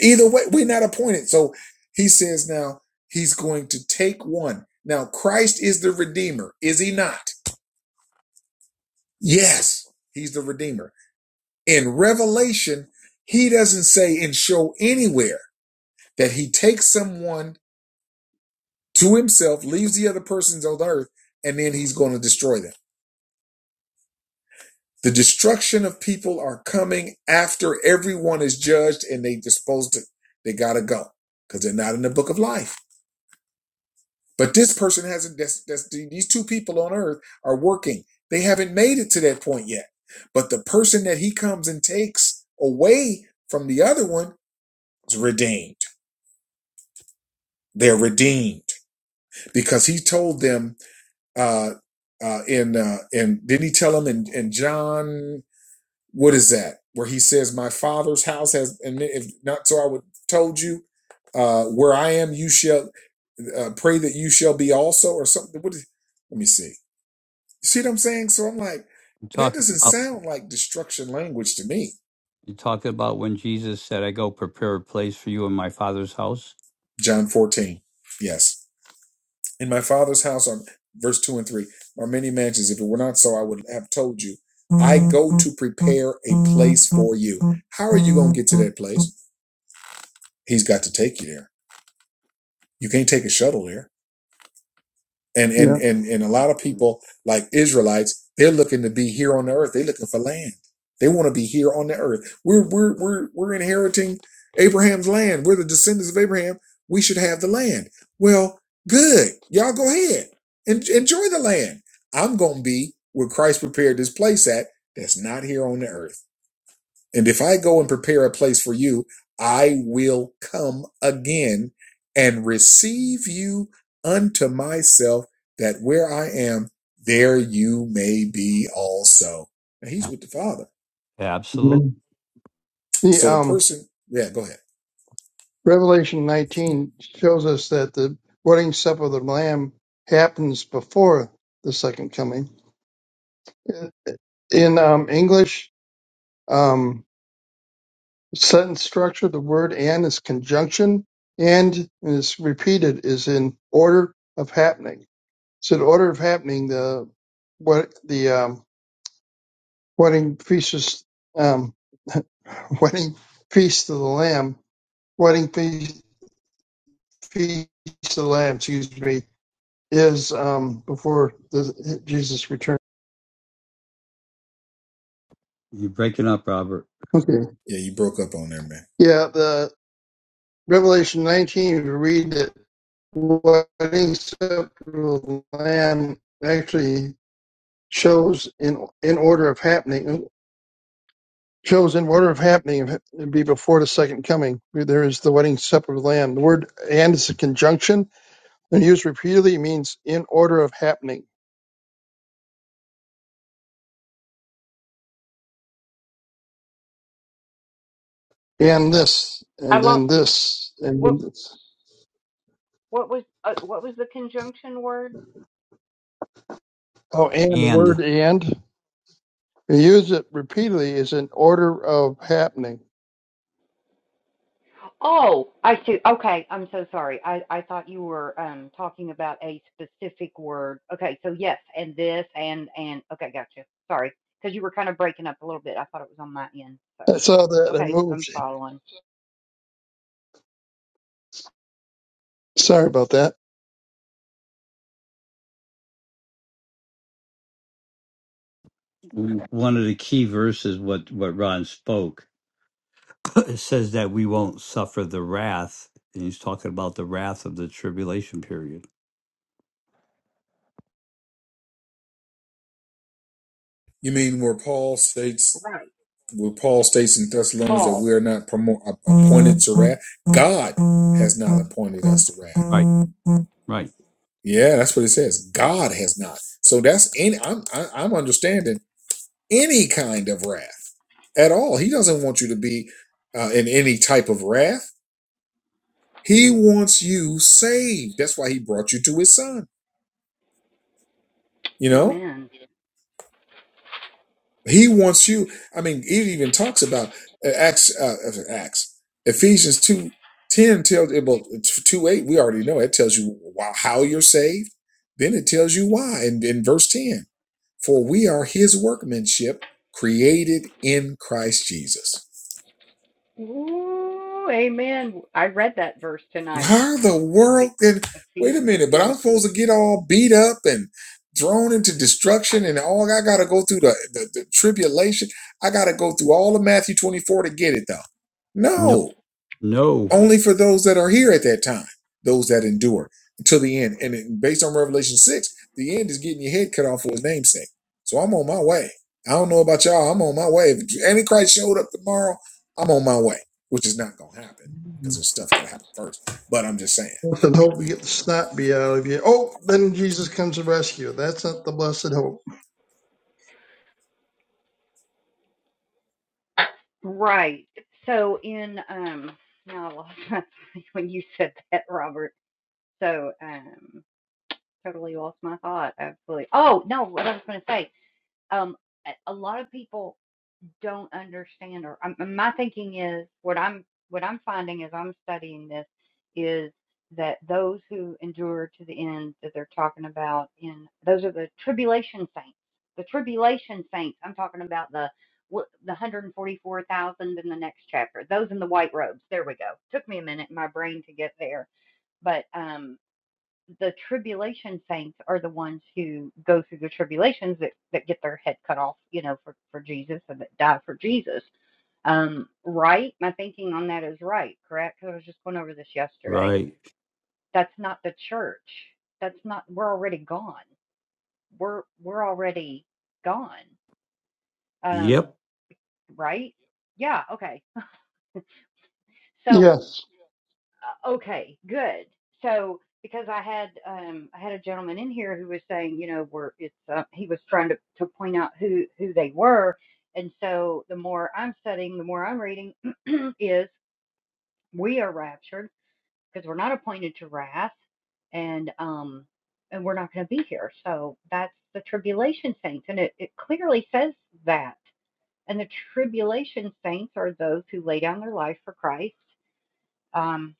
[SPEAKER 11] Either way, we're not appointed. So he says now he's going to take one. Now, Christ is the Redeemer, is he not? Yes, he's the Redeemer. In Revelation, he doesn't say and show anywhere that he takes someone to himself, leaves the other persons on earth, and then he's going to destroy them. The destruction of people are coming after everyone is judged and they disposed to, they got to go because they're not in the book of life. But this person hasn't, that's, that's, these two people on earth are working. They haven't made it to that point yet. But the person that he comes and takes away from the other one is redeemed. They're redeemed because he told them uh, uh, in uh, and didn't he tell him in, in John what is that where he says my father's house has and if not so I would told you uh, where I am you shall uh, pray that you shall be also or something what is, let me see see what I'm saying so I'm like
[SPEAKER 8] You
[SPEAKER 11] that
[SPEAKER 8] talking
[SPEAKER 11] doesn't
[SPEAKER 8] about?
[SPEAKER 11] sound like destruction language to me
[SPEAKER 8] You talking about when Jesus said, "I go prepare a place for you in my Father's house."
[SPEAKER 11] John 14 yes In my father's house are verse two and three are many mansions. If it were not so, I would have told you. I go to prepare a place for you. How are you going to get to that place? He's got to take you there. You can't take a shuttle there. And and
[SPEAKER 9] Yeah.
[SPEAKER 11] and and a lot of people like Israelites, they're looking to be here on the earth. They're looking for land. They want to be here on the earth. We're we're we're we're inheriting Abraham's land. We're the descendants of Abraham. We should have the land. Well, good. Y'all go ahead. and enjoy the land. I'm gonna be where Christ prepared this place at that's not here on the earth. And if I go and prepare a place for you, I will come again and receive you unto myself, that where I am, there you may be also. Now he's
[SPEAKER 8] Yeah.
[SPEAKER 11] with the Father.
[SPEAKER 8] Absolute.
[SPEAKER 9] Amen. The
[SPEAKER 11] So the
[SPEAKER 9] um,
[SPEAKER 11] person, yeah, go ahead.
[SPEAKER 9] Revelation 19 shows us that the wedding supper of the Lamb happens before the second coming. In um, English um, sentence structure, the word "and" is conjunction, and, and it's repeated is in order of happening. So the order of happening, the what the um, wedding feast is um, [LAUGHS] wedding feast of the Lamb, wedding feast feast of the Lamb, excuse me, is um, before the, Jesus returns.
[SPEAKER 8] You're breaking up, Robert.
[SPEAKER 9] Okay.
[SPEAKER 11] Yeah, you broke up on there, man.
[SPEAKER 9] Yeah, the Revelation 19, you read that wedding supper of the Lamb actually shows in in order of happening. shows in order of happening it'd be before the second coming. There is the wedding supper of the Lamb. The word and is a conjunction and used repeatedly. It means in order of happening. And this,
[SPEAKER 2] I
[SPEAKER 9] and
[SPEAKER 2] lost
[SPEAKER 9] then
[SPEAKER 2] you.
[SPEAKER 9] this, and
[SPEAKER 2] What
[SPEAKER 9] then this.
[SPEAKER 2] what was uh, what was the conjunction word?
[SPEAKER 9] Oh, and the
[SPEAKER 8] And
[SPEAKER 9] word and, you use it repeatedly, is in order of happening.
[SPEAKER 2] Oh, I see. Okay, I'm so sorry. I, I thought you were um talking about a specific word. Okay, so yes, and this and and okay, gotcha. Sorry, because you were kind of breaking up a little bit. I thought it was on my end. So
[SPEAKER 9] I saw that. I
[SPEAKER 2] okay, I'm
[SPEAKER 9] moved.
[SPEAKER 2] following.
[SPEAKER 9] Sorry about that.
[SPEAKER 8] One of the key verses, what what Ron spoke, [COUGHS] [CLEARS THROAT] it says that we won't suffer the wrath. And he's talking about the wrath of the tribulation period.
[SPEAKER 11] You mean where Paul states,
[SPEAKER 2] Right,
[SPEAKER 11] where Paul states in Thessalonians that
[SPEAKER 2] Paul.
[SPEAKER 11] we are not promo- appointed to wrath? God has not appointed us to wrath.
[SPEAKER 8] Right, right.
[SPEAKER 11] Yeah, that's what it says. God has not. So that's any. I'm I, I'm understanding any kind of wrath at all. He doesn't want you to be uh, in any type of wrath. He wants you saved. That's why he brought you to his son. You know,
[SPEAKER 2] Amen.
[SPEAKER 11] he wants you. I mean, it even talks about uh, Acts. Uh, uh, Acts. Ephesians two ten tells eh, well two eight. We already know it tells you why, how you're saved. Then it tells you why, and in in verse ten. For we are his workmanship created in Christ Jesus.
[SPEAKER 2] Ooh, amen. I read that verse tonight.
[SPEAKER 11] Why the world
[SPEAKER 2] Ephe-
[SPEAKER 11] can wait a
[SPEAKER 2] Ephesians
[SPEAKER 11] minute, but
[SPEAKER 2] two.
[SPEAKER 11] I'm supposed to get all beat up and thrown into destruction and all I gotta go through the, the, the tribulation. I gotta go through all of Matthew 24 to get it though.
[SPEAKER 8] No,
[SPEAKER 11] No,
[SPEAKER 8] no,
[SPEAKER 11] only for those that are here at that time, those that endure until the end. And it, based on Revelation 6, the end is getting your head cut off for his namesake. So I'm on my way. I don't know about y'all. I'm on my way. If Antichrist showed up tomorrow, I'm on my way, which is not going to happen because there's stuff got to happen first. But I'm just saying,
[SPEAKER 9] Blessed hope we
[SPEAKER 11] you know.
[SPEAKER 9] get the snot bee out of you. Oh, then Jesus comes to rescue. That's not the blessed hope.
[SPEAKER 2] Right. So in um now [LAUGHS] I lost my- [LAUGHS] when you said that, Robert. So um totally lost my thought. Absolutely. Oh no, what I was going to say. Um, a lot of people don't understand, or um, my thinking is what I'm what I'm finding as I'm studying this is that those who endure to the end that they're talking about in those are the tribulation saints. The tribulation saints. I'm talking about the the 144,000 in the next chapter. Those in the white robes. There we go. Took me a minute, my brain to get there, but um the tribulation saints are the ones who go through the tribulations that, that get their head cut off, you know, for, for Jesus and that die for Jesus. Um, right? My thinking on that is right, correct? Because I was just going over this yesterday.
[SPEAKER 8] right.
[SPEAKER 2] That's not the church. That's not. We're already gone. We're we're already gone. Um,
[SPEAKER 8] Yep.
[SPEAKER 2] right? Yeah. Okay. So
[SPEAKER 9] Yes.
[SPEAKER 2] Uh, okay, good. So because I had um I had a gentleman in here who was saying, you know, we're it's uh, he was trying to to point out who who they were, and so the more I'm studying, the more I'm reading [CLEARS THROAT] is we are raptured because we're not appointed to wrath, and um and we're not going to be here. So that's the tribulation saints, and it it clearly says that. And the tribulation saints are those who lay down their life for Christ. Um,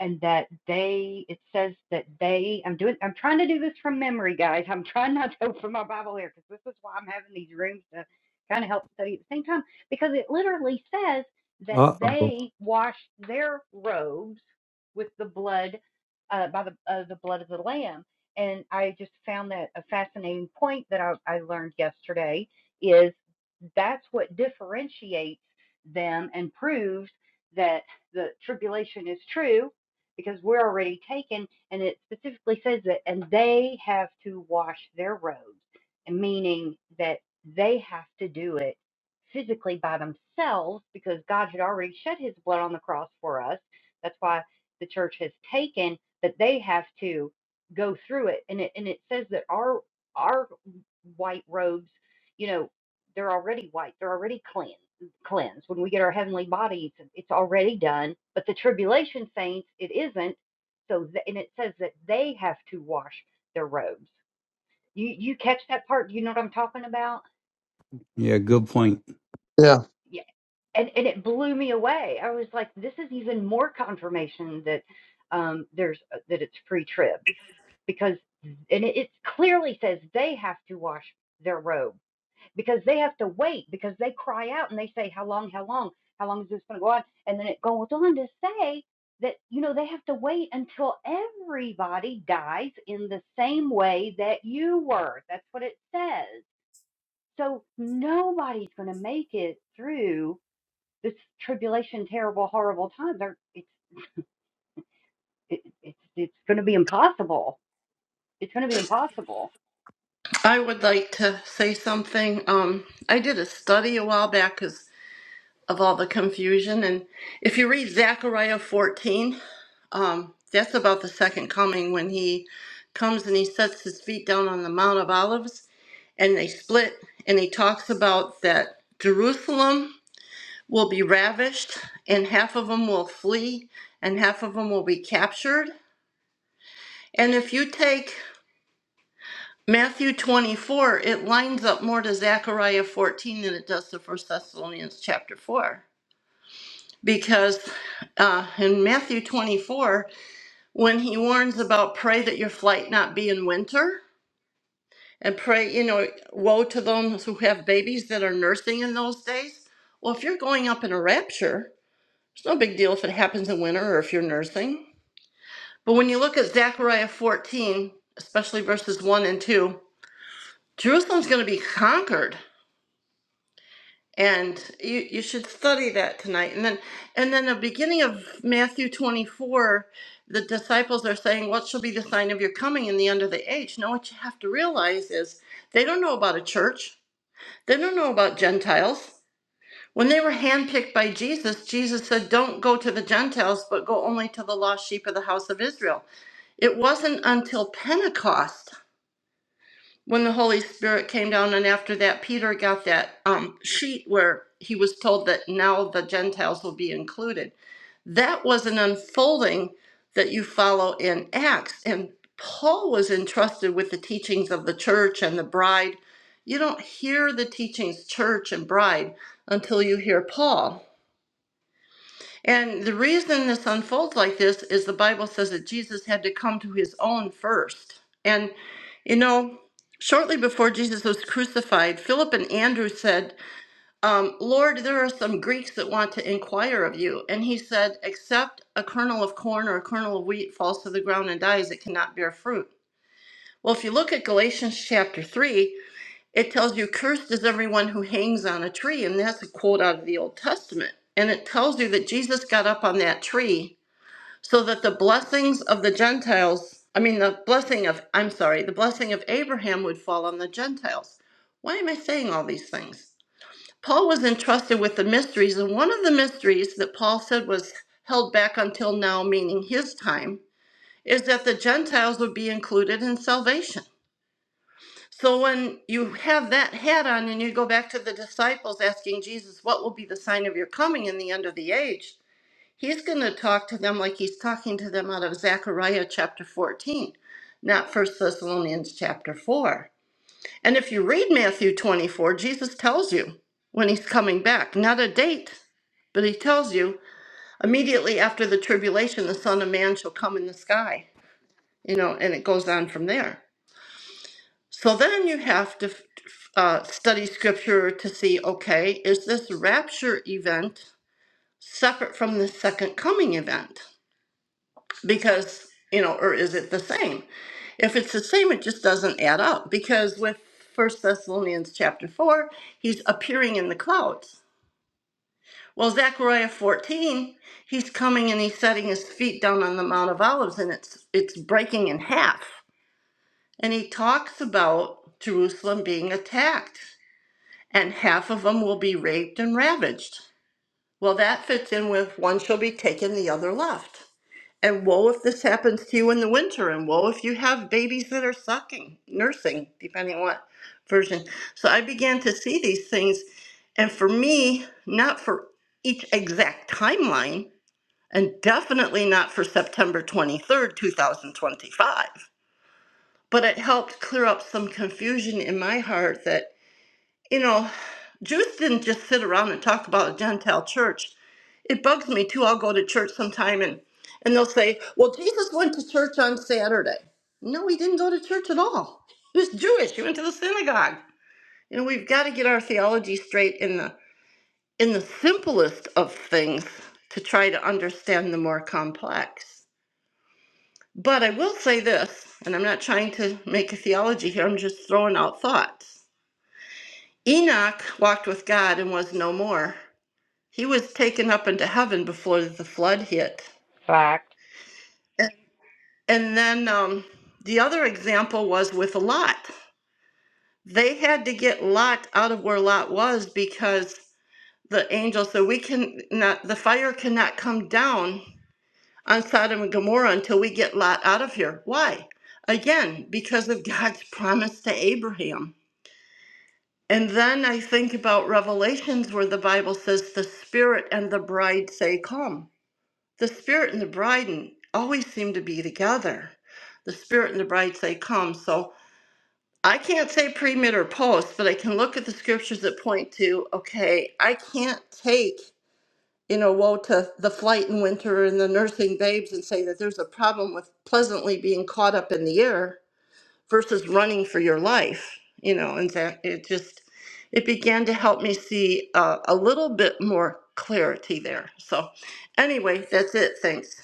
[SPEAKER 2] and that they it says that they i'm doing i'm trying to do this from memory guys i'm trying not to [LAUGHS] open my bible here because this is why i'm having these rooms to kind of help study at the same time because it literally says that
[SPEAKER 8] Uh oh.
[SPEAKER 2] they washed their robes with the blood uh, by the uh, the blood of the lamb and i just found that a fascinating point that i, I learned yesterday is that's what differentiates them and proves that the tribulation is true because we're already taken, and it specifically says that, and they have to wash their robes, and meaning that they have to do it physically by themselves because God had already shed his blood on the cross for us. That's why the church has taken, but they have to go through it. And it and it says that our our white robes, you know, they're already white, they're already cleansed cleansed. When we get our heavenly body, it's, it's already done. But the tribulation saints, it isn't. So, th- and it says that they have to wash their robes. You you catch that part? You know what I'm talking about?
[SPEAKER 8] Yeah, good point.
[SPEAKER 9] Yeah.
[SPEAKER 2] Yeah. And and it blew me away. I was like, this is even more confirmation that um there's uh, that it's pre-trib because and it, it clearly says they have to wash their robe. because they have to wait because they cry out and they say how long how long how long is this going to go on and then it goes on to say that you know they have to wait until everybody dies in the same way that you were that's what it says so nobody's going to make it through this tribulation terrible horrible time They're, it's it, it's it's going to be impossible it's going to be impossible
[SPEAKER 7] I would like to say something. Um, I did a study a while back because of all the confusion, and if you read Zechariah 14, um, that's about the second coming when he comes and he sets his feet down on the Mount of Olives, and they split, and he talks about that Jerusalem will be ravished, and half of them will flee, and half of them will be captured And if you take Matthew 24, it lines up more to Zechariah 14 than it does to First Thessalonians chapter 4. Because uh, in Matthew 24, when he warns about pray that your flight not be in winter, and pray, you know, woe to those who have babies that are nursing in those days. Well, if you're going up in a rapture, it's no big deal if it happens in winter or if you're nursing. But when you look at Zechariah 14, especially verses 1 and 2, Jerusalem's going to be conquered, and you you should study that tonight. And then and then the beginning of Matthew 24, the disciples are saying, "What shall be the sign of your coming and the end of the age?" Now, what you have to realize is they don't know about a church. They don't know about Gentiles. When they were handpicked by Jesus, Jesus said, Don't go to the Gentiles, but go only to the lost sheep of the house of Israel. It wasn't until Pentecost when the Holy Spirit came down, and after that, Peter got that um, sheet where he was told that now the Gentiles will be included. That was an unfolding that you follow in Acts. And Paul was entrusted with the teachings of the church and the bride. You don't hear the teachings, church and bride, until you hear Paul. And the reason this unfolds like this is the Bible says that Jesus had to come to his own first. And, you know, shortly before Jesus was crucified, Philip and Andrew said, um, Lord, there are some Greeks that want to inquire of you. And he said, Except a kernel of corn or a kernel of wheat falls to the ground and dies, it cannot bear fruit. Well, if you look at Galatians chapter 3, it tells you, Cursed is everyone who hangs on a tree. And that's a quote out of the Old Testament. And it tells you that Jesus got up on that tree so that the blessings of the Gentiles, I mean, the blessing of, I'm sorry, the blessing of Abraham would fall on the Gentiles. Why am I saying all these things? Paul was entrusted with the mysteries. And one of the mysteries that Paul said was held back until now, meaning his time, is that the Gentiles would be included in salvation. So when you have that hat on and you go back to the disciples asking Jesus, What will be the sign of your coming in the end of the age? He's going to talk to them like he's talking to them out of Zechariah chapter 14, not First Thessalonians chapter 4. And if you read Matthew 24, Jesus tells you when he's coming back, not a date, but he tells you immediately after the tribulation, the Son of Man shall come in the sky, you know, and it goes on from there. So then you have to uh, study scripture to see okay, is this rapture event separate from the second coming event? Because, you know, or is it the same? If it's the same, it just doesn't add up because with First Thessalonians chapter 4, he's appearing in the clouds. Well, Zechariah 14, he's coming and he's setting his feet down on the Mount of Olives and it's it's breaking in half. And he talks about Jerusalem being attacked and half of them will be raped and ravaged. Well, that fits in with one shall be taken, the other left. And woe if this happens to you in the winter, and woe if you have babies that are sucking, nursing, depending on what version. So I began to see these things, and for me, not for each exact timeline, and definitely not for September 23rd, 2025, but it helped clear up some confusion in my heart that. You know, Jews didn't just sit around and talk about a Gentile church. It bugs me too. I'll go to church sometime and, and they'll say, Well, Jesus went to church on Saturday. No, he didn't go to church at all. He was Jewish. He went to the synagogue. You know, we've got to get our theology straight in the in the simplest of things to try to understand the more complex. But I will say this, and I'm not trying to make a theology here, I'm just throwing out thoughts. Enoch walked with God and was no more. he was taken up into heaven before the flood hit.
[SPEAKER 2] fact
[SPEAKER 7] A- And then um, the other example was with Lot. They had to get Lot out of where Lot was because the angel said, "We can not. The fire cannot come down on Sodom and Gomorrah until we get Lot out of here." Why? Again, because of God's [LAUGHS] promise to Abraham. And then I think about Revelations where the Bible says the Spirit and the bride say, Come. The Spirit and the bride always seem to be together. The Spirit and the bride say, Come. So I can't say pre, mid, or post, but I can look at the scriptures that point to, okay, I can't take, you know, woe to the flight in winter and the nursing babes and say that there's a problem with pleasantly being caught up in the air versus running for your life, you know, and that it just, it began to help me see uh, a little bit more clarity there. So anyway, that's it. Thanks.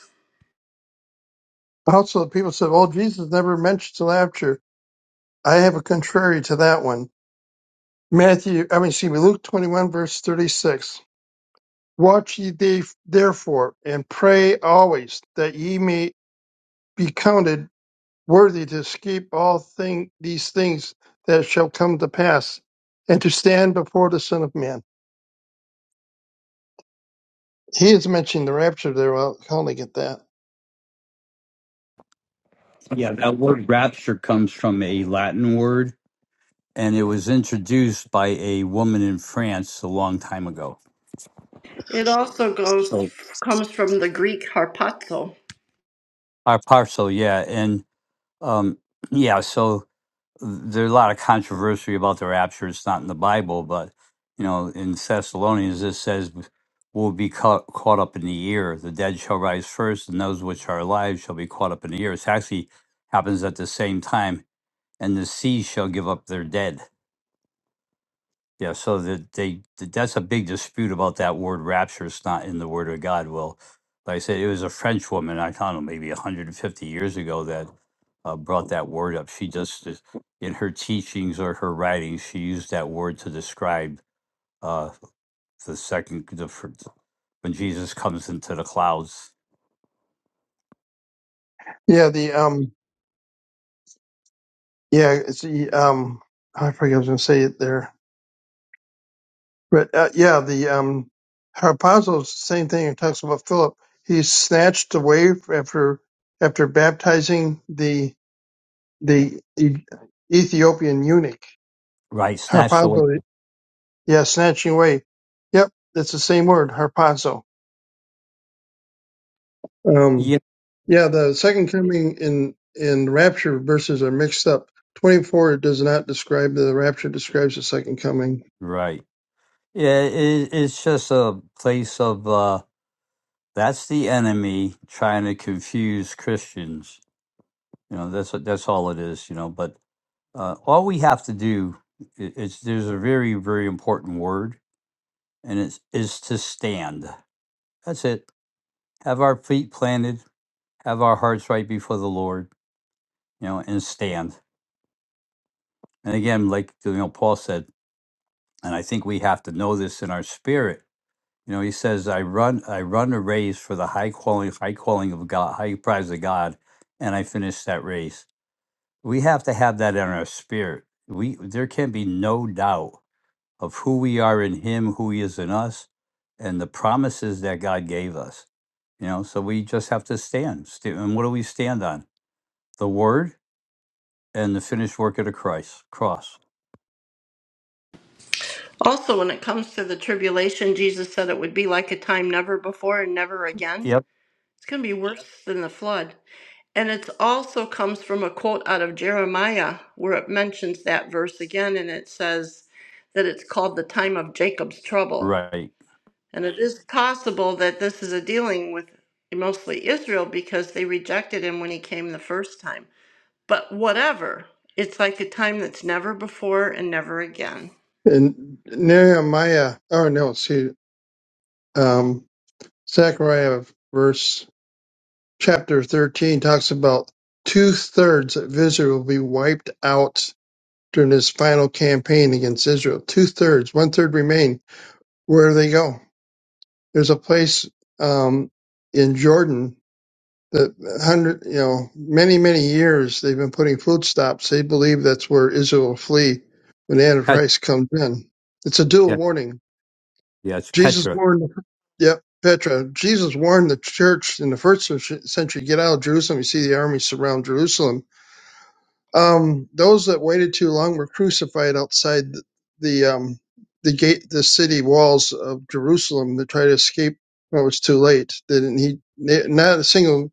[SPEAKER 9] Also, people said, well, Jesus never mentions the rapture. I have a contrary to that one. Matthew, I mean, excuse me, Luke 21, verse 36. Watch ye the- therefore, and pray always, that ye may be counted worthy to escape all thing, these things that shall come to pass, and to stand before the Son of Man. He is mentioning the rapture there. Well, I'll calling it that.
[SPEAKER 8] yeah, that word rapture comes from a Latin word. And it was introduced by a woman in France a long time ago.
[SPEAKER 7] It also goes
[SPEAKER 8] So
[SPEAKER 7] comes from the Greek harpazo.
[SPEAKER 8] Our parcel, yeah. And um, yeah, so. there's a lot of controversy about the rapture. It's not in the Bible, but you know, in Thessalonians it says we'll be caught, caught up in the air. The dead shall rise first, and those which are alive shall be caught up in the air. It actually happens at the same time, and the sea shall give up their dead. Yeah, so that they th- that's a big dispute about that word rapture. It's not in the Word of God. Well, like I said, it was a French woman. I don't know, maybe 150 years ago that uh, brought that word up. She just is- in her teachings or her writings, she used that word to describe uh, the second the, fir- when Jesus comes into the clouds,
[SPEAKER 9] Yeah, the um, yeah, it's the um, I forget I was going to say it there, but uh, yeah, the um, her apostles, same thing. It talks about Philip. He's snatched away after after baptizing the the E- Ethiopian eunuch.
[SPEAKER 8] right? Snatched away.
[SPEAKER 9] Harpazo. Yeah, snatching away. Yep, it's the same word, harpazo.
[SPEAKER 8] Yeah,
[SPEAKER 9] Um, yeah, the second coming in in rapture verses are mixed up. Twenty four does not describe the rapture; describes the second coming.
[SPEAKER 8] right. Yeah, it, it's just a place of uh, that's the enemy trying to confuse Christians you know that's that's all it is you know but uh, all we have to do i- is there's a very very important word and it's is to stand that's it have our feet planted have our hearts right before the lord you know and stand and again like you know paul said and i think we have to know this in our spirit you know he says i run i run a race for the high calling high calling of god high prize of god and i finish that race we have to have that in our spirit we there can be no doubt of who we are in him, who he is in us, and the promises that God gave us. You know, so we just have to stand. sta- And what do we stand on? The word and the finished work of the Christ cross.
[SPEAKER 7] Also, when it comes to the tribulation, Jesus said it would be like a time never before and never again.
[SPEAKER 8] Yep.
[SPEAKER 7] It's going to be worse than the flood. And it also comes from a quote out of Jeremiah where it mentions that verse again and it says that it's called the time of Jacob's trouble.
[SPEAKER 8] Right.
[SPEAKER 7] And it is possible that this is a dealing with mostly Israel because they rejected him when he came the first time. but whatever. It's like a time that's never before and never again.
[SPEAKER 9] And Nehemiah, oh no, see, um, Zechariah verse chapter thirteen talks about two thirds of Israel will be wiped out during this final campaign against Israel. Two thirds, one third remain. Where do they go? There's a place um, in Jordan that hundred, you know, many many years they've been putting food stops. They believe that's where Israel will flee when the
[SPEAKER 8] Pet-
[SPEAKER 9] Antichrist comes in. It's a dual
[SPEAKER 8] yeah.
[SPEAKER 9] warning.
[SPEAKER 8] yeah, it's
[SPEAKER 9] Jesus
[SPEAKER 8] Petra.
[SPEAKER 9] warned. Yep, Petra. Jesus warned the church in the first century. Get out of Jerusalem. You see the army surround Jerusalem. Um, those that waited too long were crucified outside the the, um, the gate, the city walls of Jerusalem to try to escape. Well, it was too late. They didn't he? they- Not a single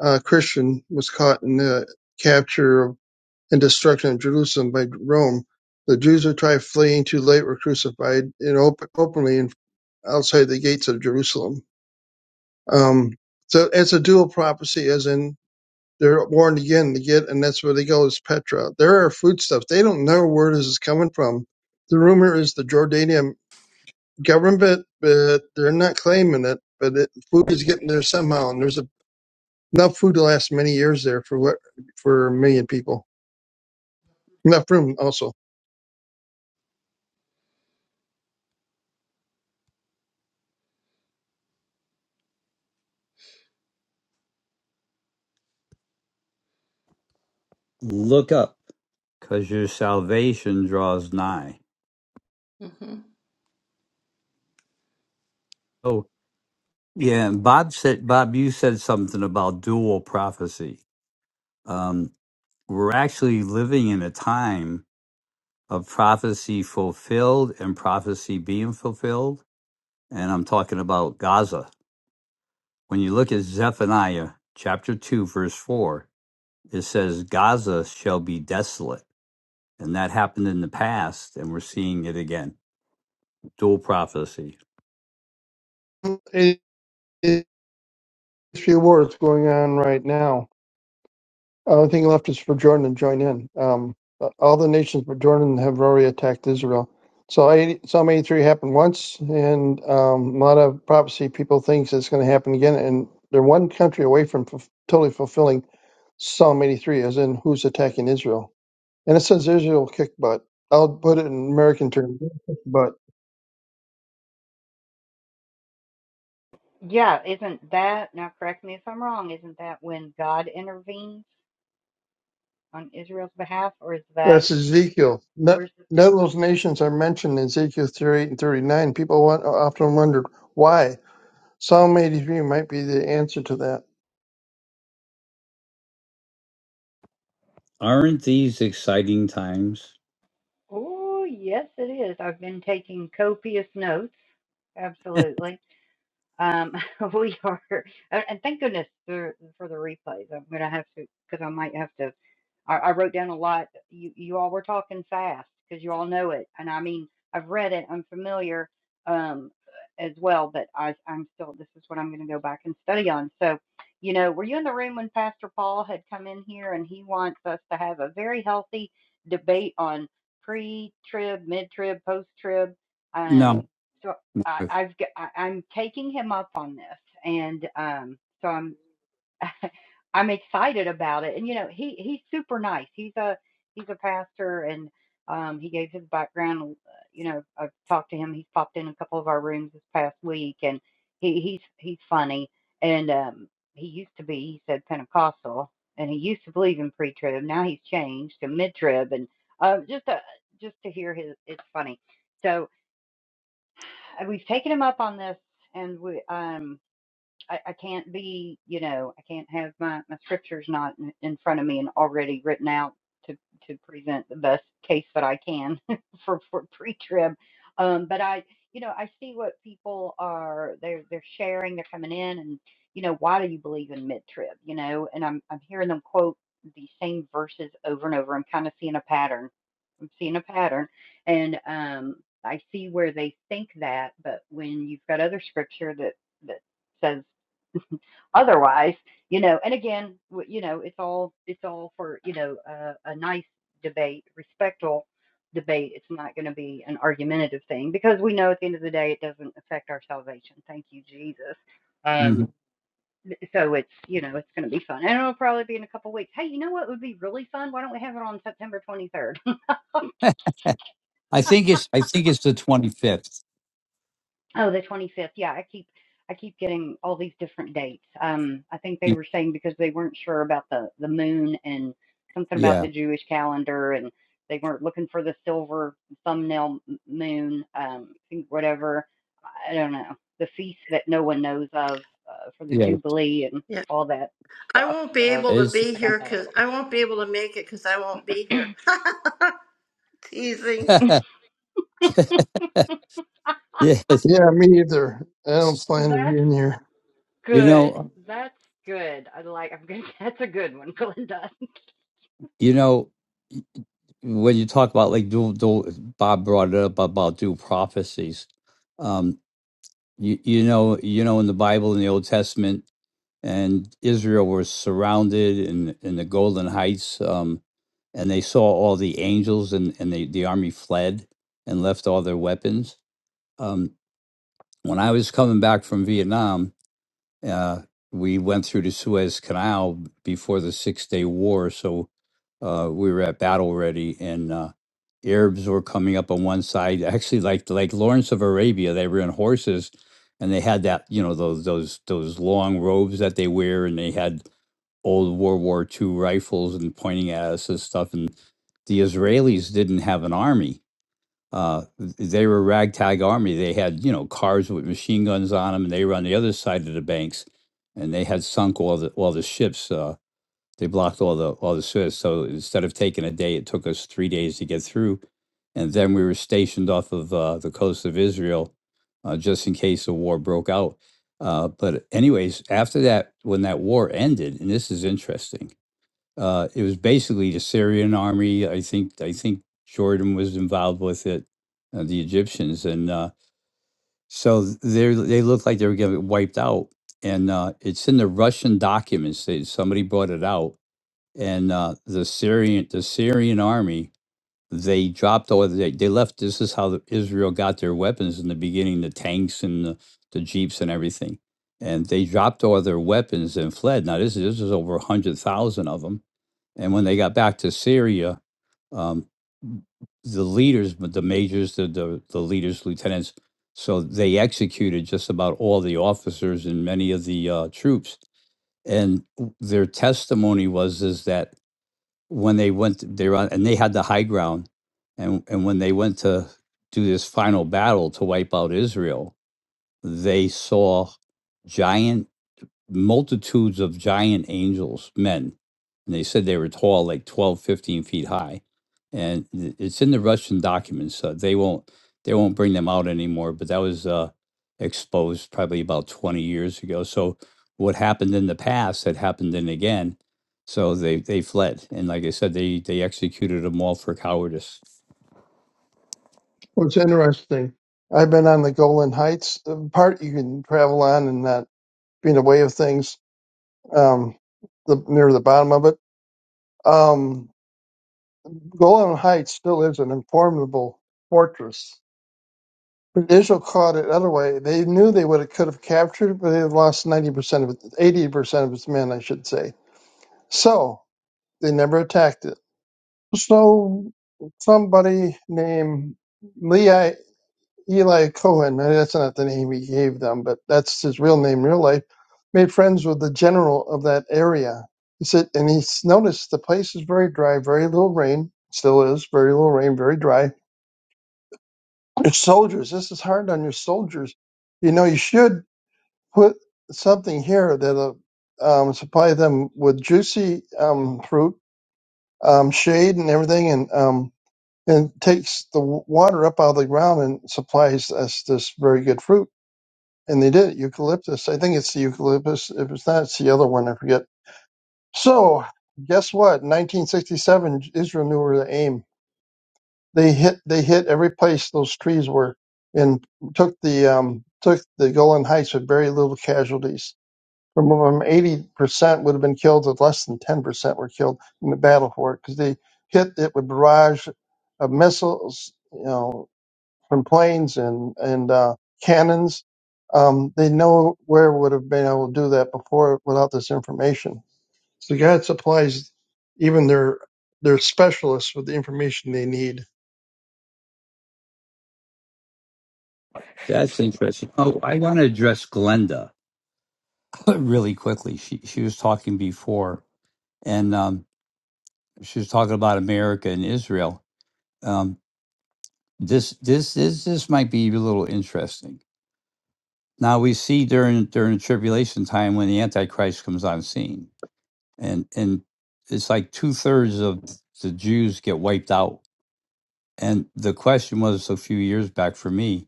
[SPEAKER 9] uh, Christian was caught in the capture of, and destruction of Jerusalem by Rome. The Jews who tried fleeing too late were crucified in open, openly in, outside the gates of Jerusalem. Um, so it's a dual prophecy, as in they're born again to get, and that's where they go is Petra. There are foodstuffs. They don't know where this is coming from. The rumor is the Jordanian government, but they're not claiming it. But it, food is getting there somehow, and there's a, enough food to last many years there for what for a million people. Enough room also.
[SPEAKER 8] Look up, because your salvation draws nigh.
[SPEAKER 7] hmm
[SPEAKER 8] Oh, yeah. And Bob said, Bob, you said something about dual prophecy. Um, we're actually living in a time of prophecy fulfilled and prophecy being fulfilled. And I'm talking about Gaza. When you look at Zephaniah chapter 2, verse 4, it says, Gaza shall be desolate. And that happened in the past, and we're seeing it again. Dual prophecy.
[SPEAKER 9] It- it, It's few wars going on right now. The only thing left is for Jordan to join in. Um, uh, all the nations but Jordan have already attacked Israel. So 80, Psalm 83 happened once, and um, a lot of prophecy people thinks it's going to happen again, and they're one country away from f- totally fulfilling Psalm 83, as in who's attacking Israel. And it says Israel kick butt. I'll put it in American terms, kick butt.
[SPEAKER 2] yeah isn't that now correct me if i'm wrong isn't that when god intervenes on Israel's behalf, or is that
[SPEAKER 9] That's Ezekiel. No-
[SPEAKER 2] where's the?
[SPEAKER 9] None of those nations are mentioned in Ezekiel 38 and 39. People want, often wonder why. Psalm 83 might be the answer to that.
[SPEAKER 8] Aren't these exciting times?
[SPEAKER 2] Oh, yes, it is. I've been taking copious notes. Absolutely. Um, [LAUGHS] we are, and and thank goodness for for the replays. I'm gonna have to because I might have to. I, I wrote down a lot. You you all were talking fast because you all know it, and I mean I've read it. I'm familiar um as well, but I I'm still this is what I'm gonna go back and study on. So, you know, were you in the room when Pastor Paul had come in here and he wants us to have a very healthy debate on pre-trib, mid-trib, post-trib?
[SPEAKER 8] No.
[SPEAKER 2] Um, so I, I've g- I, I'm taking him up on this, and um, so I'm [LAUGHS] I'm excited about it. And you know, he he's super nice. He's a he's a pastor, and um, he gave his background. uh, You know, I've talked to him. He's popped in a couple of our rooms this past week, and he he's he's funny. And um, he used to be, he said Pentecostal, and he used to believe in pre-trib. Now he's changed to mid-trib, and uh, just to, just to hear his, it's funny. So. Uh, We've taken him up on this, and we um I, I can't be, you know, I can't have my, my scriptures not in, in front of me and already written out to, to present the best case that I can [LAUGHS] for, for pre-trib. Um, but I, you know, I see what people are, they're, they're sharing, they're coming in and, you know, why do you believe in mid-trib, you know, and I'm, I'm hearing them quote the same verses over and over. I'm kind of seeing a pattern. I'm seeing a pattern and, um, I see where they think that, but when you've got other scripture that, that says otherwise you know and again w- you know it's all it's all for you know uh, a nice debate respectful debate it's not going to be an argumentative thing because we know at the end of the day it doesn't affect our salvation thank you jesus um
[SPEAKER 8] Mhm.
[SPEAKER 2] so it's you know it's going to be fun and it'll probably be in a couple weeks hey you know what would be really fun why don't we have it on september 23rd [LAUGHS]
[SPEAKER 8] I think it's I think it's the 25th.
[SPEAKER 2] Oh, the 25th. Yeah, I keep I keep getting all these different dates. Um, I think they
[SPEAKER 8] You-
[SPEAKER 2] were saying because they weren't sure about the the moon and something about
[SPEAKER 8] Yeah.
[SPEAKER 2] the Jewish calendar, and they weren't looking for the silver thumbnail m- moon, um, I think whatever. I don't know the feast that no one knows of uh, for the
[SPEAKER 8] Yeah.
[SPEAKER 2] Jubilee and
[SPEAKER 7] Yeah,
[SPEAKER 2] all that
[SPEAKER 7] I
[SPEAKER 2] stuff.
[SPEAKER 7] won't be
[SPEAKER 2] So
[SPEAKER 7] able to
[SPEAKER 8] It's,
[SPEAKER 7] be
[SPEAKER 2] I got
[SPEAKER 7] here
[SPEAKER 2] that a
[SPEAKER 7] because
[SPEAKER 2] little
[SPEAKER 7] I
[SPEAKER 2] confused.
[SPEAKER 7] won't be able to make it because I won't be here. [LAUGHS]
[SPEAKER 8] [LAUGHS]
[SPEAKER 7] Teasing.
[SPEAKER 8] yeah.
[SPEAKER 9] Yeah, me either. I don't plan to be
[SPEAKER 2] That's
[SPEAKER 9] in here.
[SPEAKER 8] You
[SPEAKER 2] good.
[SPEAKER 8] know,
[SPEAKER 2] That's good. I like. I'm good. [LAUGHS] That's a good one, Glenda.
[SPEAKER 8] you know. when you talk about like dual, dual Bob brought it up about dual prophecies. Um, you, you know, you know, in the Bible, in the Old Testament, and Israel was surrounded in in the Golden Heights, um, and they saw all the angels, and and they, the army fled and left all their weapons. Um, when I was coming back from Vietnam, uh, we went through the Suez Canal before the Six Day War, so uh, we were at battle ready, and uh, Arabs were coming up on one side. Actually, like like Lawrence of Arabia, they were on horses, and they had that you know those those those long robes that they wear, and they had old World War Two rifles and pointing at us and stuff. And the Israelis didn't have an army uh, they were a ragtag army. They had, you know, cars with machine guns on them, and they were on the other side of the banks, and they had sunk all the all the ships. Uh, they blocked all the all the Suez. So instead of taking a day, it took us three days to get through, and then we were stationed off of uh, the coast of Israel, uh, just in case a war broke out. Uh, but anyways, after that, when that war ended, and this is interesting uh, it was basically the Syrian army. I think I think Jordan was involved with it, uh, the Egyptians, and uh, so they they looked like they were getting wiped out. And uh, it's in the Russian documents. They, somebody brought it out, and uh, the Syrian the Syrian army they dropped all they they left. This is how the, Israel got their weapons in the beginning: the tanks and the, the jeeps and everything. And they dropped all their weapons and fled. Now this is this is over a hundred thousand of them and when they got back to Syria, um, the leaders, the majors, the, the the leaders, lieutenants, so they executed just about all the officers and many of the uh, troops. And w- their testimony was is that when they went, they were on, and they had the high ground, and and when they went to do this final battle to wipe out Israel, they saw giant multitudes of giant angels, men. And they said they were tall, like 12, 15 feet high. And i- it's in the Russian documents. So they won't they won't bring them out anymore. But that was uh, exposed probably about 20 years ago. So what happened in the past had happened then again. So they, they fled. And like I said, they, they executed them all for cowardice.
[SPEAKER 9] What's interesting, I've been on the Golan Heights, the part you can travel on and not be in the way of things, um, the, near the bottom of it. Um, Golan Heights still is an formidable fortress. But Israel caught it other way. They knew they would have could have captured it, but they had lost 90% of it, 80% of its men, I should say. So they never attacked it. So somebody named Leah Eli Cohen, uh, that's not the name he gave them, but that's his real name in real life, made friends with the general of that area. He said, and he s- noticed the place is very dry, very little rain, still is, very little rain, very dry. Your soldiers, this is hard on your soldiers. You know, you should put something here that'll um, supply them with juicy um, fruit, um, shade, and everything, and um, and takes the water up out of the ground and supplies us this very good fruit. And they did it, eucalyptus. I think it's the eucalyptus. If it's not, it's the other one. I forget. So guess what? 1967, Israel knew where to aim. They hit. They hit every place those trees were, and took the um, took the Golan Heights with very little casualties. From them, 80% would have been killed, and less than 10% were killed in the battle for it because they hit it with barrage of missiles, you know, from planes and and uh, cannons. Um, they nowhere would have been able to do that before without this information. So God supplies even their their specialists with the information they need.
[SPEAKER 8] That's interesting. Oh, I want to address Glenda [LAUGHS] really quickly. She, she was talking before. And um, she was talking about America and Israel. Um, this this this this might be a little interesting. Now we see during during the tribulation time when the Antichrist comes on scene, and and it's like two thirds of the Jews get wiped out. And the question was a few years back for me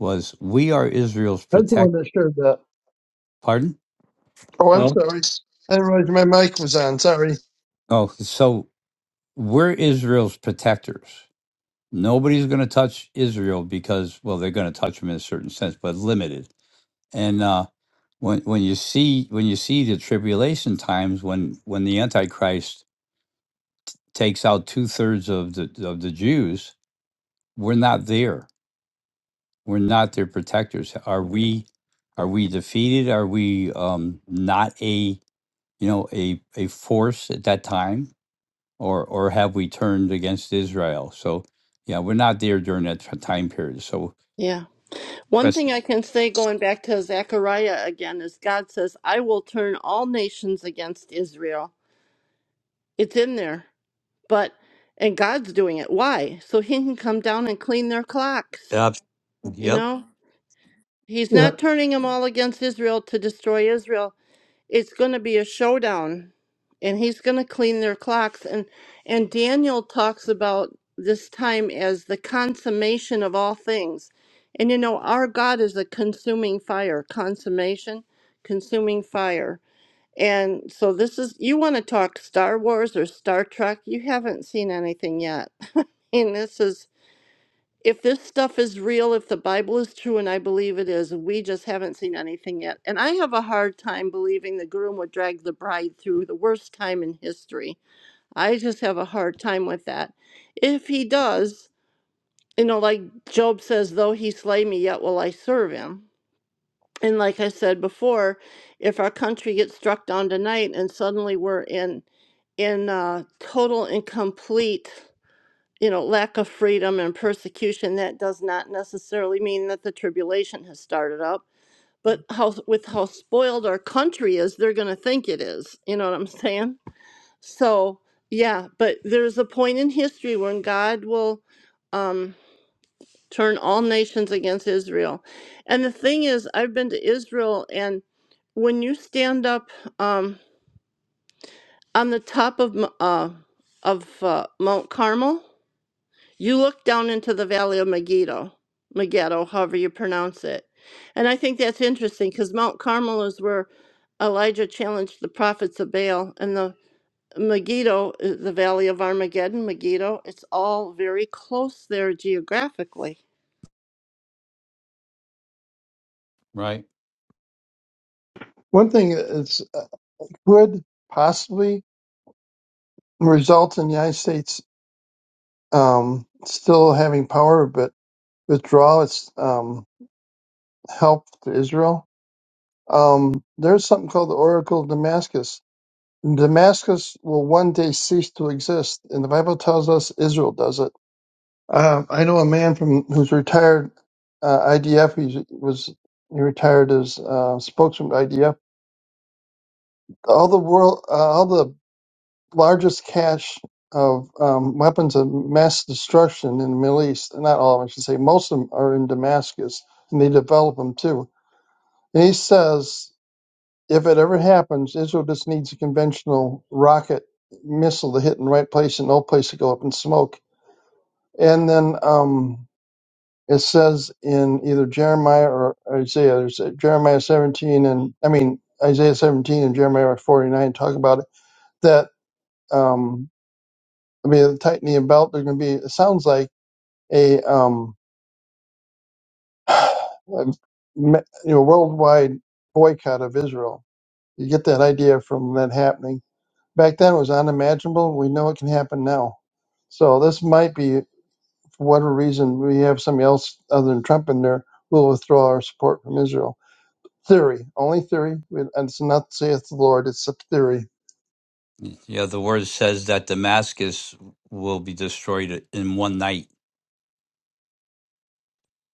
[SPEAKER 8] was, we are Israel's
[SPEAKER 9] That's the one
[SPEAKER 8] protect.
[SPEAKER 9] that shared that.
[SPEAKER 8] Pardon?
[SPEAKER 9] Oh, I'm
[SPEAKER 8] Oh,
[SPEAKER 9] sorry. I didn't realize my mic was on. Sorry.
[SPEAKER 8] Oh, so we're Israel's protectors. Nobody's going to touch Israel because, well, they're going to touch them in a certain sense, but limited And uh, when when you see when you see the tribulation times when when the Antichrist takes out two thirds of the of the Jews, we're not there. We're not their protectors. Are we? Are we defeated? Are we um, not a you know a a force at that time, or or have we turned against Israel? So yeah, we're not there during that t- time period. So
[SPEAKER 7] Yeah. One
[SPEAKER 8] that's
[SPEAKER 7] thing I can say going back to Zechariah again is God says, I will turn all nations against Israel. It's in there, but, and God's doing it. Why? So he can come down and clean their clocks,
[SPEAKER 8] yeah,
[SPEAKER 7] you know? He's
[SPEAKER 9] Yeah.
[SPEAKER 7] not turning them all against Israel to destroy Israel. it's going to be a showdown and he's going to clean their clocks and and Daniel talks about this time as the consummation of all things. And you know, our God is a consuming fire, consummation, consuming fire. And so this is you want to talk Star Wars or Star Trek, you haven't seen anything yet. [LAUGHS] And this is if this stuff is real, if the Bible is true, and I believe it is, we just haven't seen anything yet. And I have a hard time believing the groom would drag the bride through the worst time in history. I just have a hard time with that. If he does, you know, like Job says, though he slay me, yet will I serve him. And like I said before, if our country gets struck down tonight and suddenly we're in in uh, total and complete you know, lack of freedom and persecution, that does not necessarily mean that the tribulation has started up. But how, with how spoiled our country is, they're going to think it is. You know what I'm saying? So, yeah, but there's a point in history when God will um, turn all nations against Israel. And the thing is, I've been to Israel, and when you stand up um, on the top of Mo- uh, of uh, Mount Carmel, You look down into the valley of Megiddo, Megiddo, however you pronounce it. And I think that's interesting because Mount Carmel is where Elijah challenged the prophets of Baal, and the Megiddo, is the valley of Armageddon, Megiddo, it's all very close there geographically.
[SPEAKER 8] right.
[SPEAKER 9] One thing that's uh, could possibly result in the United States um, still having power, but withdraw its um, help to Israel um, there's something called the Oracle of Damascus. Damascus will one day cease to exist, and the Bible tells us Israel does it. Uh, I know a man from who's retired uh, IDF. He was he retired as uh, spokesman for IDF. All the world, uh, all the largest cache of um, weapons of mass destruction in the Middle East. Not all of them, I should say. Most of them are in Damascus, and they develop them too. And he says if it ever happens, Israel just needs a conventional rocket missile to hit in the right place and no place to go up in smoke. And then um, it says in either Jeremiah or Isaiah, there's a- Jeremiah 17 and I mean Isaiah 17 and Jeremiah 49 talk about it that um, I mean tightening a belt. There's going to be it sounds like a um, [SIGHS] a me- you know worldwide boycott of Israel. You get that idea from that happening back then it was unimaginable. We know it can happen now. So this might be, for whatever reason, we have somebody else other than Trump in there who will withdraw our support from Israel. Theory, only theory. We- And it's not saith the Lord, it's a theory.
[SPEAKER 8] Yeah, the word says that Damascus will be destroyed in one night.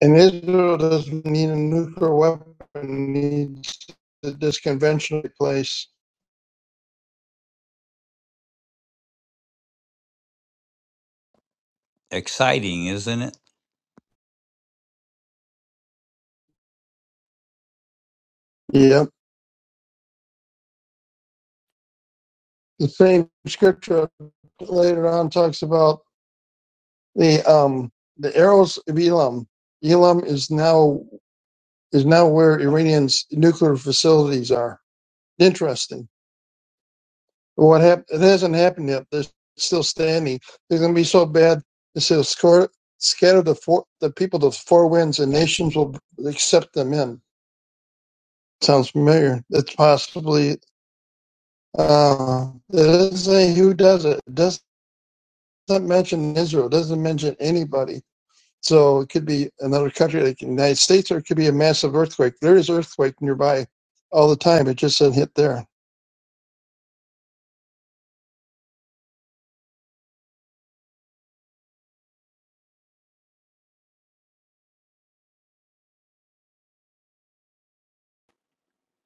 [SPEAKER 9] And Israel doesn't need a nuclear weapon, it needs this conventional place.
[SPEAKER 8] Exciting, isn't it?
[SPEAKER 9] Yep. The same scripture later on talks about the um the arrows of Elam. Elam is now is now where Iranian's nuclear facilities are. Interesting. What happened? It hasn't happened yet. They're still standing. They're going to be so bad. They will score, scatter the four, the people to four winds, and nations will accept them in. Sounds familiar. It's possibly. Uh, it doesn't say who does it. it doesn't mention Israel. It doesn't mention anybody. So it could be another country like the United States, or it could be a massive earthquake. There is earthquake nearby all the time. It just doesn't hit there.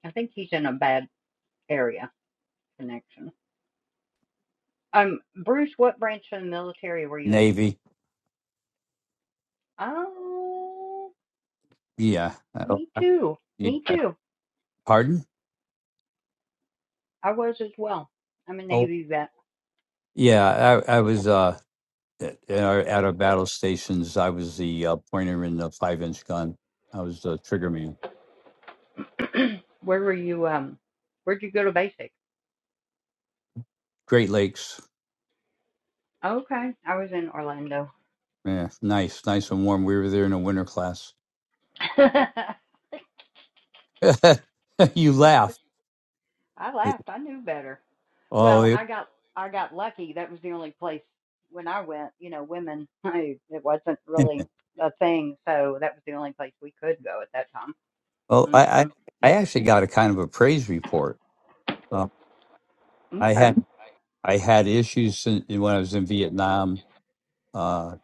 [SPEAKER 2] I think he's in a bad area. connection. Um, Bruce, what branch of the military were you in?
[SPEAKER 8] Navy.
[SPEAKER 2] Oh,
[SPEAKER 8] Yeah. [LAUGHS] I don't-
[SPEAKER 2] me
[SPEAKER 8] I-
[SPEAKER 2] too.
[SPEAKER 8] you-
[SPEAKER 2] Me
[SPEAKER 8] I-
[SPEAKER 2] too.
[SPEAKER 8] Pardon?
[SPEAKER 2] I was as well. I'm a
[SPEAKER 8] Oh,
[SPEAKER 2] Navy vet.
[SPEAKER 8] yeah. I, I was uh, at, at our, at our battle stations. I was the uh, pointer in the five inch gun. I was the trigger man.
[SPEAKER 2] [CLEARS THROAT] Where were you? Um, where'd you go to basic?
[SPEAKER 8] Great Lakes.
[SPEAKER 2] Okay, I was in Orlando.
[SPEAKER 8] Yeah, nice, nice and warm. We were there in a winter class.
[SPEAKER 2] [LAUGHS] I
[SPEAKER 8] [LAUGHS] you laugh.
[SPEAKER 2] laughed. I knew better.
[SPEAKER 8] Oh,
[SPEAKER 2] Well,
[SPEAKER 8] it,
[SPEAKER 2] I got I got lucky. That was the only place when I went. You know, women. [LAUGHS] I, it wasn't
[SPEAKER 8] [LAUGHS]
[SPEAKER 2] really a thing, so that was the only place we could go at that
[SPEAKER 8] well, I,
[SPEAKER 2] time.
[SPEAKER 8] I,
[SPEAKER 2] hmm
[SPEAKER 8] I actually got a kind of a praise report. Um, I
[SPEAKER 2] Okay.
[SPEAKER 8] had I had issues in, when I was in Vietnam. Uh,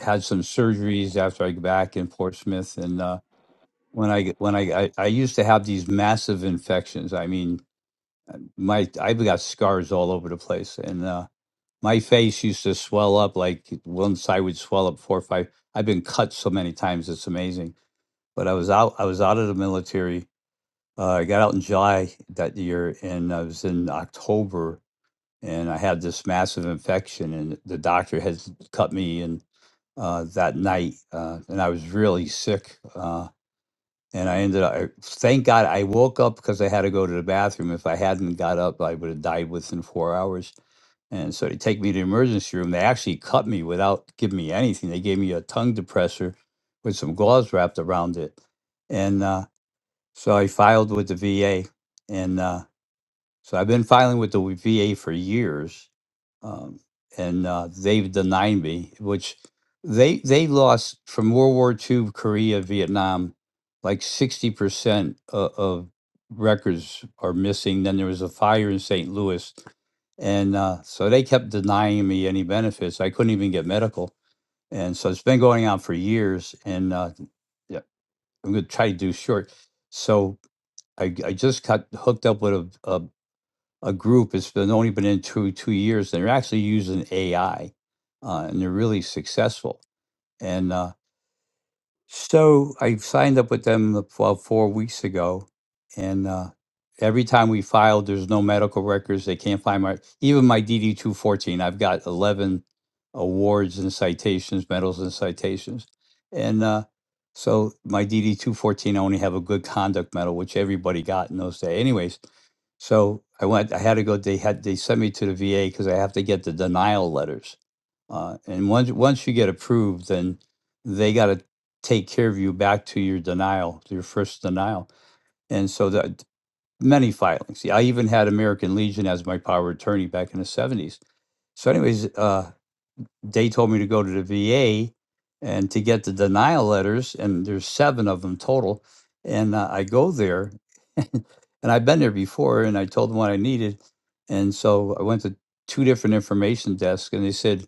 [SPEAKER 8] had some surgeries after I got back in Portsmouth, and uh, when I when I, I I used to have these massive infections. I mean, my I've got scars all over the place, and uh, my face used to swell up like one side would swell up four or five. I've been cut so many times; it's amazing. But I was out. I was out of the military. Uh, I got out in July that year, and I was in October and I had this massive infection, and the doctor had cut me and uh, that night, uh, and I was really sick. Uh, and I ended up, I, thank God I woke up because I had to go to the bathroom. If I hadn't got up, I would have died within four hours. And so they take me to the emergency room. They actually cut me without giving me anything. They gave me a tongue depressor with some gauze wrapped around it. And uh, so I filed with the VA. And uh, so I've been filing with the VA for years um, and uh, they've denied me. Which they they lost from World War II, Korea, Vietnam, like sixty percent of, of records are missing. Then there was a fire in St. Louis, and uh, so they kept denying me any benefits. I couldn't even get medical, and so it's been going on for years. And uh, yeah, I'm going to try to do short. So I, I just got hooked up with a, a a group that's been only been in two two years. They're actually using AI, uh, and they're really successful. And uh, so I signed up with them about four weeks ago, and uh, every time we filed, there's no medical records. They can't find my even my DD two fourteen. I've got eleven awards and citations, medals and citations, and uh, so my DD two fourteen. I only have a good conduct medal, which everybody got in those days. Anyways, so I went. I had to go. They had they sent me to the VA because I have to get the denial letters uh, and once once you get approved, then they got to take care of you back to your denial, to your first denial. And so that many filings. Yeah, I even had American Legion as my power of attorney back in the seventies. So, anyways, uh, they told me to go to the VA and to get the denial letters, and there's seven of them total. And uh, I go there, [LAUGHS] and I've been there before, and I told them what I needed, and so I went to two different information desks, and they said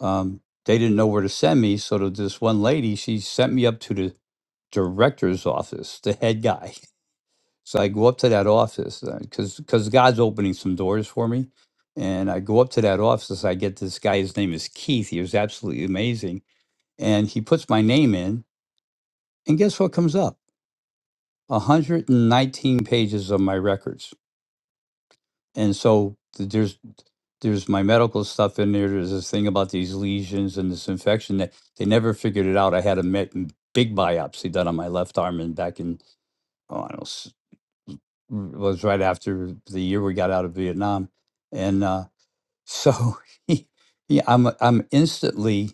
[SPEAKER 8] um, they didn't know where to send me. So to this one lady, she sent me up to the director's office, the head guy. [LAUGHS] So I go up to that office because because God's opening some doors for me, and I go up to that office. I get this guy. His name is Keith. He was absolutely amazing, and he puts my name in, and guess what comes up? 119 pages of my records. and so th- there's there's my medical stuff in there. There's this thing about these lesions and this infection that they never figured it out. I had a met, big biopsy done on my left arm and back in oh, I don't know, s- r- was right after the year we got out of Vietnam, and uh, so [LAUGHS] he, he, I'm I'm instantly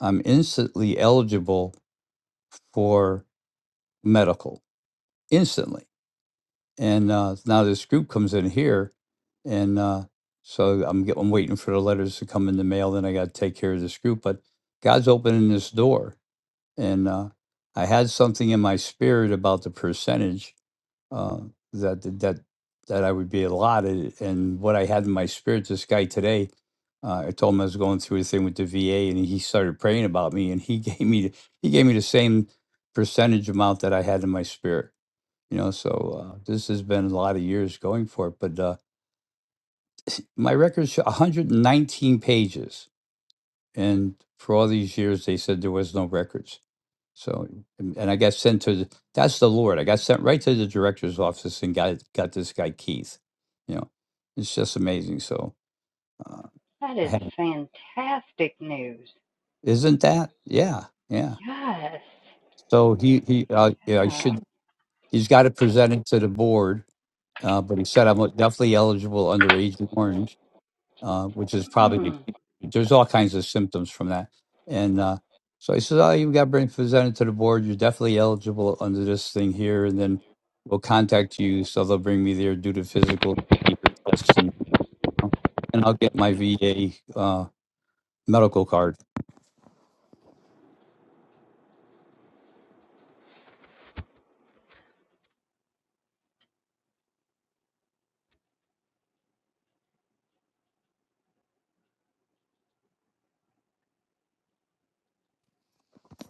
[SPEAKER 8] I'm instantly eligible for medical instantly and uh, now this group comes in here, and uh, so I'm get, I'm waiting for the letters to come in the mail. Then I got to take care of this group, but God's opening this door, and uh, I had something in my spirit about the percentage uh, that that that I would be allotted, and what I had in my spirit. This guy today. Uh, I told him I was going through a thing with the VA, and he started praying about me, and he [LAUGHS] gave me the- he gave me the same percentage amount that I had in my spirit you know so uh, this has been a lot of years going for it but uh, my records show 119 pages and for all these years they said there was no records so and, and i got sent to the, that's the lord i got sent right to the director's office and got got this guy keith you know it's just amazing so uh,
[SPEAKER 2] That
[SPEAKER 8] I
[SPEAKER 2] is
[SPEAKER 8] had,
[SPEAKER 2] fantastic news.
[SPEAKER 8] isn't that yeah yeah
[SPEAKER 2] Yes.
[SPEAKER 8] so he he uh, yeah, i
[SPEAKER 2] Yeah.
[SPEAKER 8] should he's got to present it to the board uh, but he said i'm definitely eligible under agent orange uh, which is probably
[SPEAKER 2] Mm.
[SPEAKER 8] there's all kinds of symptoms from that. And uh, so I said, "Oh, you've got to bring presented to the board. You're definitely eligible under this thing here, and then we'll contact you. So they'll bring me there, do the physical tests, and, and I'll get my VA uh, medical card."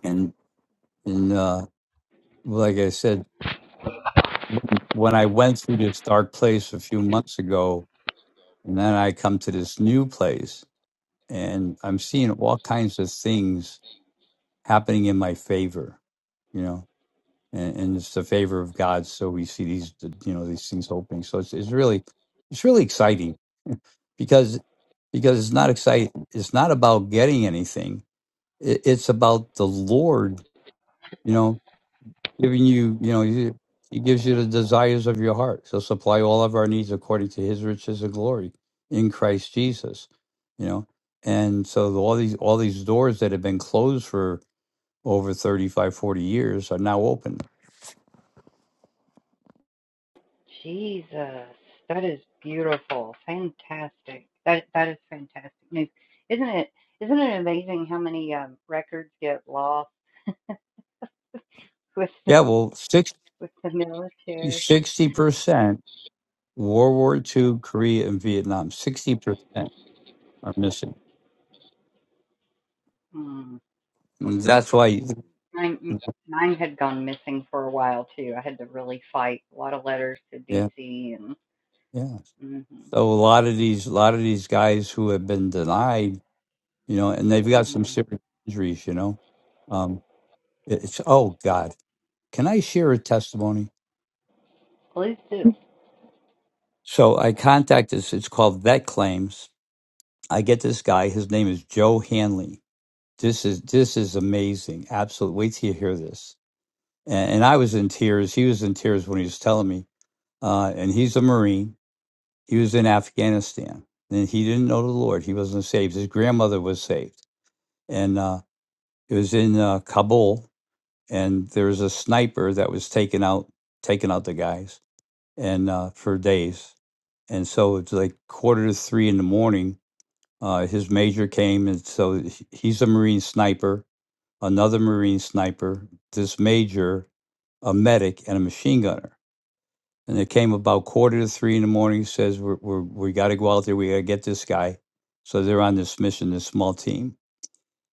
[SPEAKER 8] And and uh, like I said, when I went through this dark place a few months ago, and then I come to this new place, and I'm seeing all kinds of things happening in my favor, you know, and, and it's the favor of God. So we see these, you know, these things opening. So it's, it's really, it's really exciting [LAUGHS] because, because it's not exciting. It's not about getting anything. It, it's about the Lord, you know, giving you, you know, he, he gives you the desires of your heart. So supply all of our needs according to his riches and glory in Christ Jesus, you know? And so all these, all these doors that have been closed for over 35, 40 years are now open.
[SPEAKER 2] Jesus. That is beautiful. Fantastic. That that is fantastic news. Isn't it isn't it amazing how many um, records get lost [LAUGHS] with the,
[SPEAKER 8] Yeah, well,
[SPEAKER 2] with the military?
[SPEAKER 8] 60 percent World War II, Korea, and Vietnam, 60% are missing.
[SPEAKER 2] Mm.
[SPEAKER 8] And that's why,
[SPEAKER 2] Mine mine had gone missing for a while too. I had to really fight a lot of letters to
[SPEAKER 8] yeah,
[SPEAKER 2] DC and
[SPEAKER 8] yeah.
[SPEAKER 2] mhm.
[SPEAKER 8] So a lot of these, a lot of these guys who have been denied, you know, and they've got some
[SPEAKER 2] Mm.
[SPEAKER 8] serious injuries, you know. Um, it- it's oh God, can I share a testimony?
[SPEAKER 2] Please do.
[SPEAKER 8] So I contacted. It's called Vet Claims. I get this guy. His name is Joe Hanley This is this is amazing. Absolutely. Wait till you hear this. And, and I was in tears. He was in tears when he was telling me. Uh, and he's a Marine. He was in Afghanistan, and he didn't know the Lord. He wasn't saved. His grandmother was saved, and uh, it was in uh, Kabul. And there was a sniper that was taking out taking out the guys, and uh, for days. And so it's like quarter to three in the morning. Uh, his major came, and so he- he's a Marine sniper another Marine sniper, this major, a medic, and a machine gunner. And it came about quarter to three in the morning. He Says we're, we're, we got to go out there. We got to get this guy. So they're on this mission, this small team.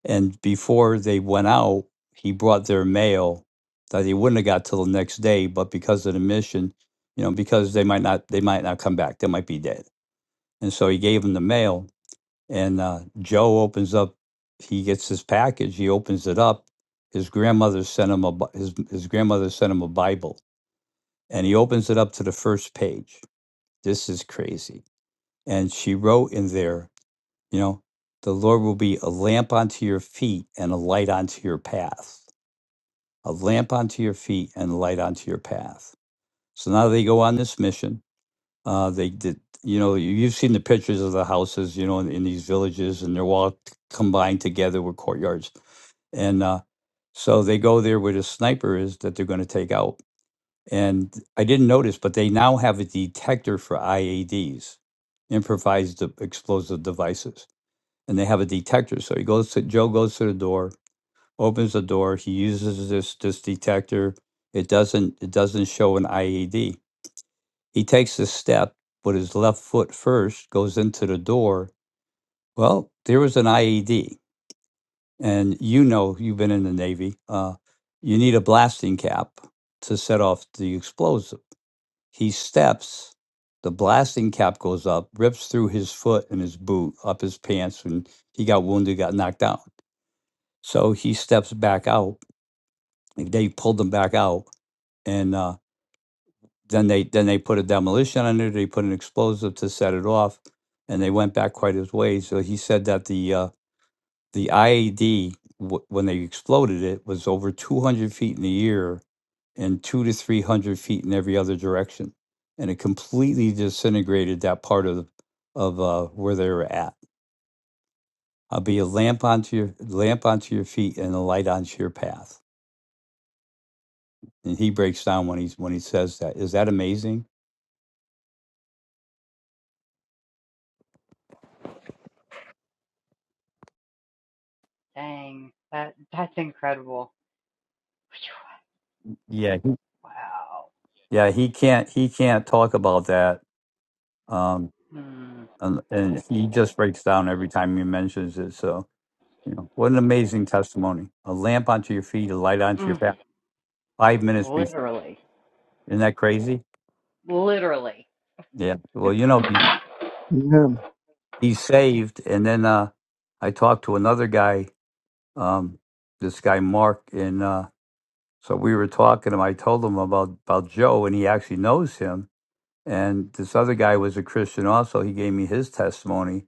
[SPEAKER 8] And before they went out, he brought their mail that he wouldn't have got till the next day, but because of the mission, you know, because they might not, they might not come back. They might be dead. And so he gave them the mail and uh, Joe opens up, he gets his package, he opens it up. His grandmother sent him a Bi- his his grandmother sent him a Bible, and he opens it up to the first page. This is crazy. And she wrote in there, you know, the Lord will be a lamp unto your feet and a light unto your path. A lamp unto your feet and a light unto your path. So now they go on this mission Uh, they did, you know, you- you've seen the pictures of the houses, you know, in, in these villages, and they're all t- combined together with courtyards. And uh, so they go there where the sniper is that they're going to take out. And I didn't notice, but they now have a detector for IADs, improvised de- explosive devices, and they have a detector. So he goes to Joe goes to the door, opens the door. He uses this this detector. It doesn't it doesn't show an IED. He takes a step but his left foot first, goes into the door. Well, there was an IED. And you know, you've been in the Navy. Uh, you need a blasting cap to set off the explosive. He steps, the blasting cap goes up, rips through his foot and his boot, up his pants, and he got wounded, got knocked out. So he steps back out. and They pulled him back out. And uh, then they then they put a demolition on it. They put an explosive to set it off, and they went back quite a ways. So he said that the uh, the IED when they exploded it was over 200 feet in the air and two to 300 feet in every other direction, and it completely disintegrated that part of the, of uh, where they were at. I'll be a lamp onto your lamp onto your feet and a light onto your path. And he breaks down when he's when he says that. Is that amazing?
[SPEAKER 2] Dang. That that's incredible. Phew. Wow.
[SPEAKER 8] Yeah, he can't he can't talk about that. Um
[SPEAKER 2] Mm.
[SPEAKER 8] and, and he just breaks down every time he mentions it. So, you know, what an amazing testimony. A lamp onto your feet, a light onto your
[SPEAKER 2] Mm.
[SPEAKER 8] path. Five minutes before
[SPEAKER 2] Literally.
[SPEAKER 8] isn't that crazy?
[SPEAKER 2] Literally.
[SPEAKER 8] Yeah. Well, you know, he,
[SPEAKER 9] Yeah.
[SPEAKER 8] he's saved and then uh I talked to another guy, um, this guy Mark, and uh so we were talking to him. I told him about about Joe and he actually knows him. And this other guy was a Christian also. He gave me his testimony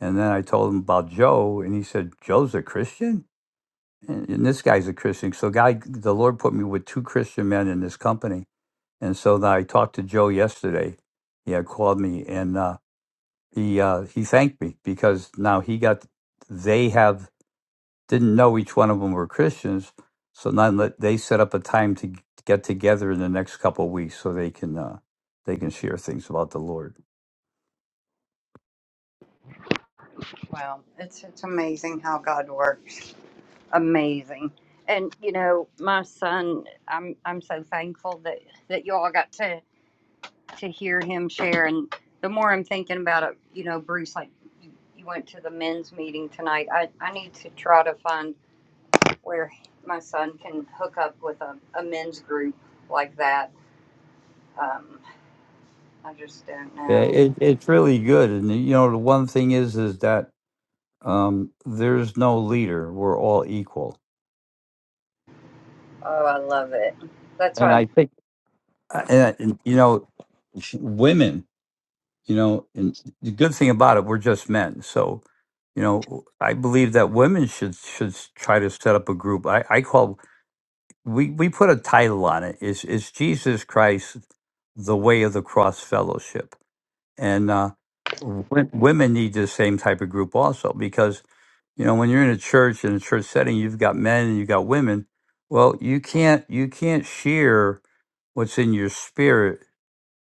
[SPEAKER 8] And then I told him about Joe, and he said, Joe's a Christian? And, and this guy's a Christian. So, God, the Lord put me with two Christian men in this company. And so then I talked to Joe yesterday. He had called me, and uh, he uh, he thanked me because now he got, they have, didn't know each one of them were Christians. So now that they set up a time to get together in the next couple of weeks so they can, uh, they can share things about the Lord.
[SPEAKER 2] Wow. It's it's amazing how God works. Amazing. And you know, my son, I'm I'm so thankful that that you all got to to hear him share and the more I'm thinking about it, you know, Bruce like you you went to the men's meeting tonight. I, I need to try to find where my son can hook up with a, a men's group like that. Um, I just don't
[SPEAKER 8] Yeah,
[SPEAKER 2] know.
[SPEAKER 8] it, it's really good. And, you know, the one thing is, is that um, there's no leader. We're all equal.
[SPEAKER 2] Oh, I love it. That's
[SPEAKER 8] And
[SPEAKER 2] why.
[SPEAKER 8] I think, and, and, you know, women, you know, and the good thing about it, we're just men. So, you know, I believe that women should should try to set up a group. I, I call we we put a title on it. Is is Jesus Christ the way of the cross fellowship? And uh, w- women need the same type of group also because you know when you're in a church in a church setting you've got men and you've got women well you can't you can't share what's in your spirit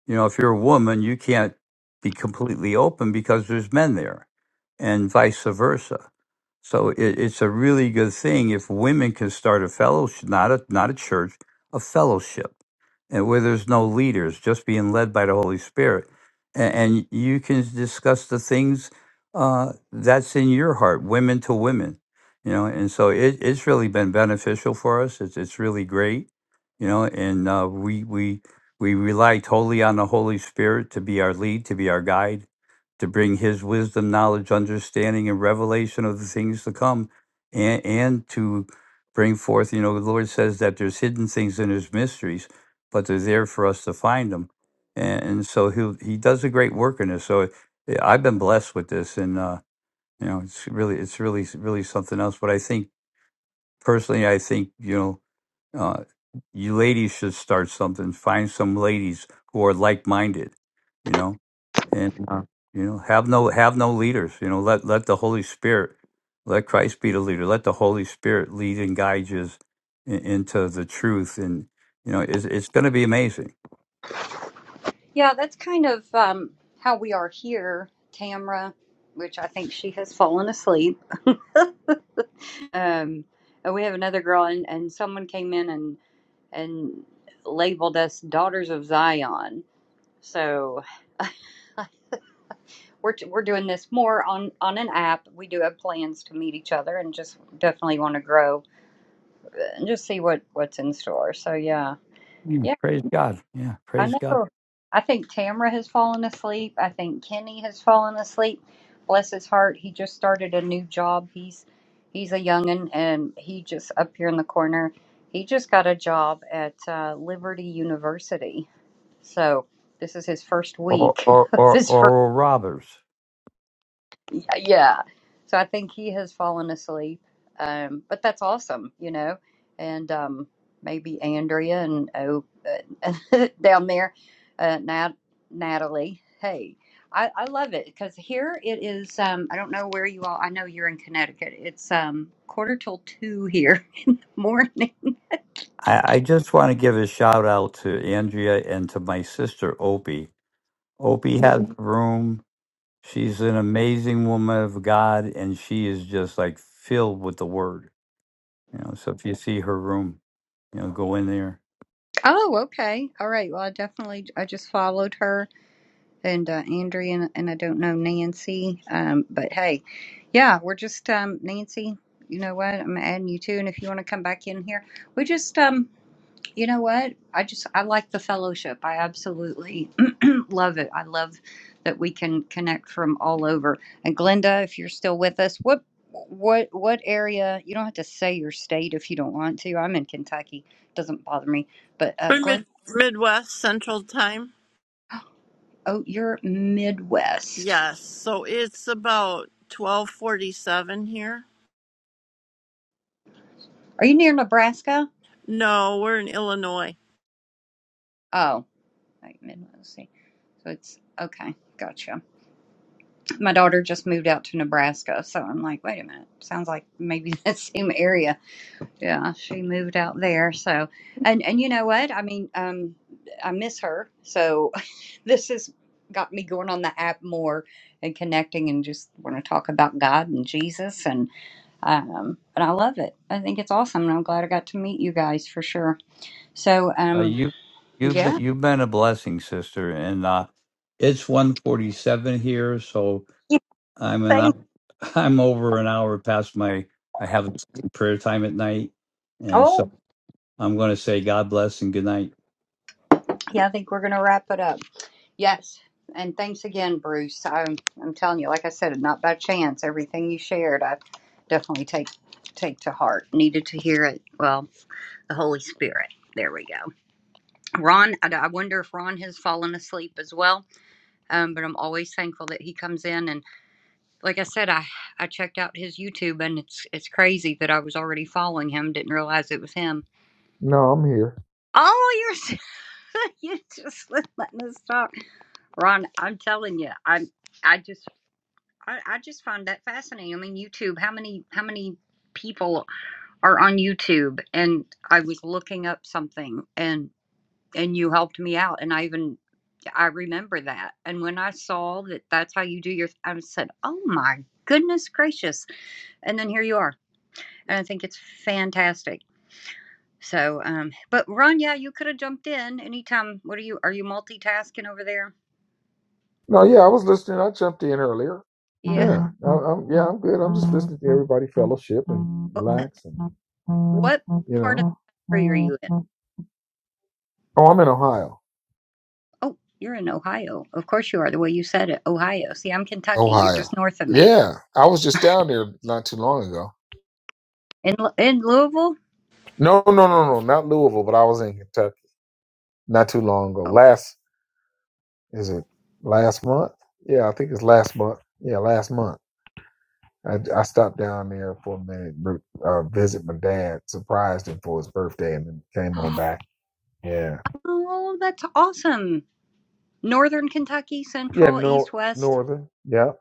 [SPEAKER 8] you know, if you're a woman, you can't be completely open because there's men there, and vice versa. So it, it's a really good thing if women can start a fellowship, not a not a church, a fellowship, and where there's no leaders, just being led by the Holy Spirit, and, and you can discuss the things uh, that's in your heart, women to women, you know. And so it, it's really been beneficial for us. It's it's really great, you know. And uh, we we we rely totally on the Holy Spirit to be our lead, to be our guide, to bring His wisdom, knowledge, understanding, and revelation of the things to come, and, and to bring forth. You know, the Lord says that there's hidden things in His mysteries, but they're there for us to find them. And, and so He He does a great work in this. So yeah, I've been blessed with this, and uh, you know, it's really it's really really something else. But I think personally, I think you know uh, you ladies should start something. Find some ladies who are like minded, you know, and uh, you know have no have no leaders. You know, let let the Holy Spirit, let Christ be the leader. Let the Holy Spirit lead and guide you in, into the truth, and you know it's it's going to be amazing.
[SPEAKER 2] Yeah, that's kind of um, how we are here, Tamra, which I think she has fallen asleep. Um, and we have another girl, and, and someone came in and and labeled us Daughters of Zion. So we're we're doing this more on on an app. We do have plans to meet each other, and just definitely want to grow and just see what what's in store. So yeah, yeah.
[SPEAKER 8] Mm, praise God, yeah,
[SPEAKER 2] I
[SPEAKER 8] praise God.
[SPEAKER 2] know. I think Tamra has fallen asleep. I think Kenny has fallen asleep. Bless his heart. He just started a new job. He's he's a youngin and he just up here in the corner. He just got a job at uh, Liberty University. So this is his first
[SPEAKER 8] Or
[SPEAKER 2] week.
[SPEAKER 8] or
[SPEAKER 2] [LAUGHS] this is
[SPEAKER 8] or,
[SPEAKER 2] his first
[SPEAKER 8] or robbers.
[SPEAKER 2] yeah. So I think he has fallen asleep. Um, but that's awesome, you know. And um, maybe Andrea and oh, uh, [LAUGHS] down there, uh, Nat, Natalie. Hey, I, I love it because here it is. Um, I don't know where you all. I know you're in Connecticut. It's um, quarter till two here [LAUGHS] in the morning.
[SPEAKER 8] I, I just want to give a shout out to Andrea and to my sister Opie. Opie has
[SPEAKER 2] Mhm.
[SPEAKER 8] a room She's an amazing woman of God, and she is just like filled with the Word. You know, so if you see her room, you know, go in there.
[SPEAKER 2] Oh, okay. All right. Well, I definitely I just followed her and uh, Andrea, and, and I don't know Nancy. Um, but hey, yeah, we're just um, Nancy. You know what? I'm adding you too, and if you want to come back in here, we just um, you know what? I just I like the fellowship. I absolutely [CLEARS THROAT] love it. I love that we can connect from all over. And Glenda, if you're still with us, what? What what area? You don't have to say your state if you don't want to. I'm in Kentucky; doesn't bother me. But uh,
[SPEAKER 7] For
[SPEAKER 2] Glenn,
[SPEAKER 7] mid- Midwest Central Time?
[SPEAKER 2] oh, you're Midwest.
[SPEAKER 7] Yes. So it's about 1247 here.
[SPEAKER 2] Are you near Nebraska?
[SPEAKER 7] No, we're in Illinois.
[SPEAKER 2] Oh, like Midwest. See, so it's okay. Gotcha. My daughter just moved out to Nebraska, so I'm like, wait a minute. Sounds like maybe [LAUGHS] that same area. Yeah, she moved out there. So, and and you know what? I mean, um, I miss her. So, [LAUGHS] this has got me going on the app more and connecting, and just want to talk about God and Jesus, and um, and I love it. I think it's awesome, and I'm glad I got to meet you guys for sure. So,
[SPEAKER 8] Uh,
[SPEAKER 2] um,
[SPEAKER 8] you, you've been,
[SPEAKER 2] yeah.
[SPEAKER 8] you've been a blessing, sister, and uh, it's one forty-seven here, so
[SPEAKER 2] [LAUGHS]
[SPEAKER 8] I'm an
[SPEAKER 2] Same.
[SPEAKER 8] hou- [LAUGHS] I'm over an hour past my I have prayer time at night, and so. I'm going to say God bless and good night.
[SPEAKER 2] Yeah, I think we're going to wrap it up. Yes. And thanks again, Bruce. I'm, I'm telling you, like I said, not by chance. Everything you shared, I definitely take take to heart. Needed to hear it. Well, the Holy Spirit. There we go. Ron, I, I wonder if Ron has fallen asleep as well. Um, but I'm always thankful that he comes in. And like I said, I I checked out his YouTube, and it's it's crazy that I was already following him. Didn't realize it was him.
[SPEAKER 11] No, I'm here.
[SPEAKER 2] Oh, you're [LAUGHS] you just let us talk. Ron, I'm telling you, I'm I just I, I just find that fascinating. I mean, YouTube, how many how many people are on YouTube? And I was looking up something and and you helped me out and I even I remember that. And when I saw that that's how you do your I said, "Oh my goodness gracious." And then here you are. And I think it's fantastic. So, um but Ron, yeah, you could have jumped in anytime. What are you are you multitasking over there?
[SPEAKER 11] No, yeah, I was listening. I jumped in earlier.
[SPEAKER 2] Yeah.
[SPEAKER 11] Yeah, I, I'm. Yeah, I'm good. I'm just listening to everybody fellowship and
[SPEAKER 2] [LAUGHS]
[SPEAKER 11] relax and.
[SPEAKER 2] What
[SPEAKER 11] you
[SPEAKER 2] part of
[SPEAKER 11] know.
[SPEAKER 2] the country are you in?
[SPEAKER 11] Oh, I'm in Ohio.
[SPEAKER 2] Oh, you're in Ohio. Of course you are. The way you said it, Ohio. See, I'm Kentucky. You're
[SPEAKER 11] Ohio.
[SPEAKER 2] just north of me.
[SPEAKER 11] Yeah. I was just down there not too long ago.
[SPEAKER 2] In Lu- in Louisville.
[SPEAKER 11] No, no, no, no, not Louisville, but I was in Kentucky not too long ago.
[SPEAKER 2] Okay.
[SPEAKER 11] Last, is it last month? Yeah, I think it's last month. Yeah, last month. I, I stopped down there for a minute, uh, visit my dad, surprised him for his birthday, and then came on
[SPEAKER 2] [GASPS]
[SPEAKER 11] back. Yeah.
[SPEAKER 2] Oh, that's awesome. Northern Kentucky,
[SPEAKER 11] Yeah,
[SPEAKER 2] central, east,
[SPEAKER 11] nor-
[SPEAKER 2] west.
[SPEAKER 11] Northern. Yeah.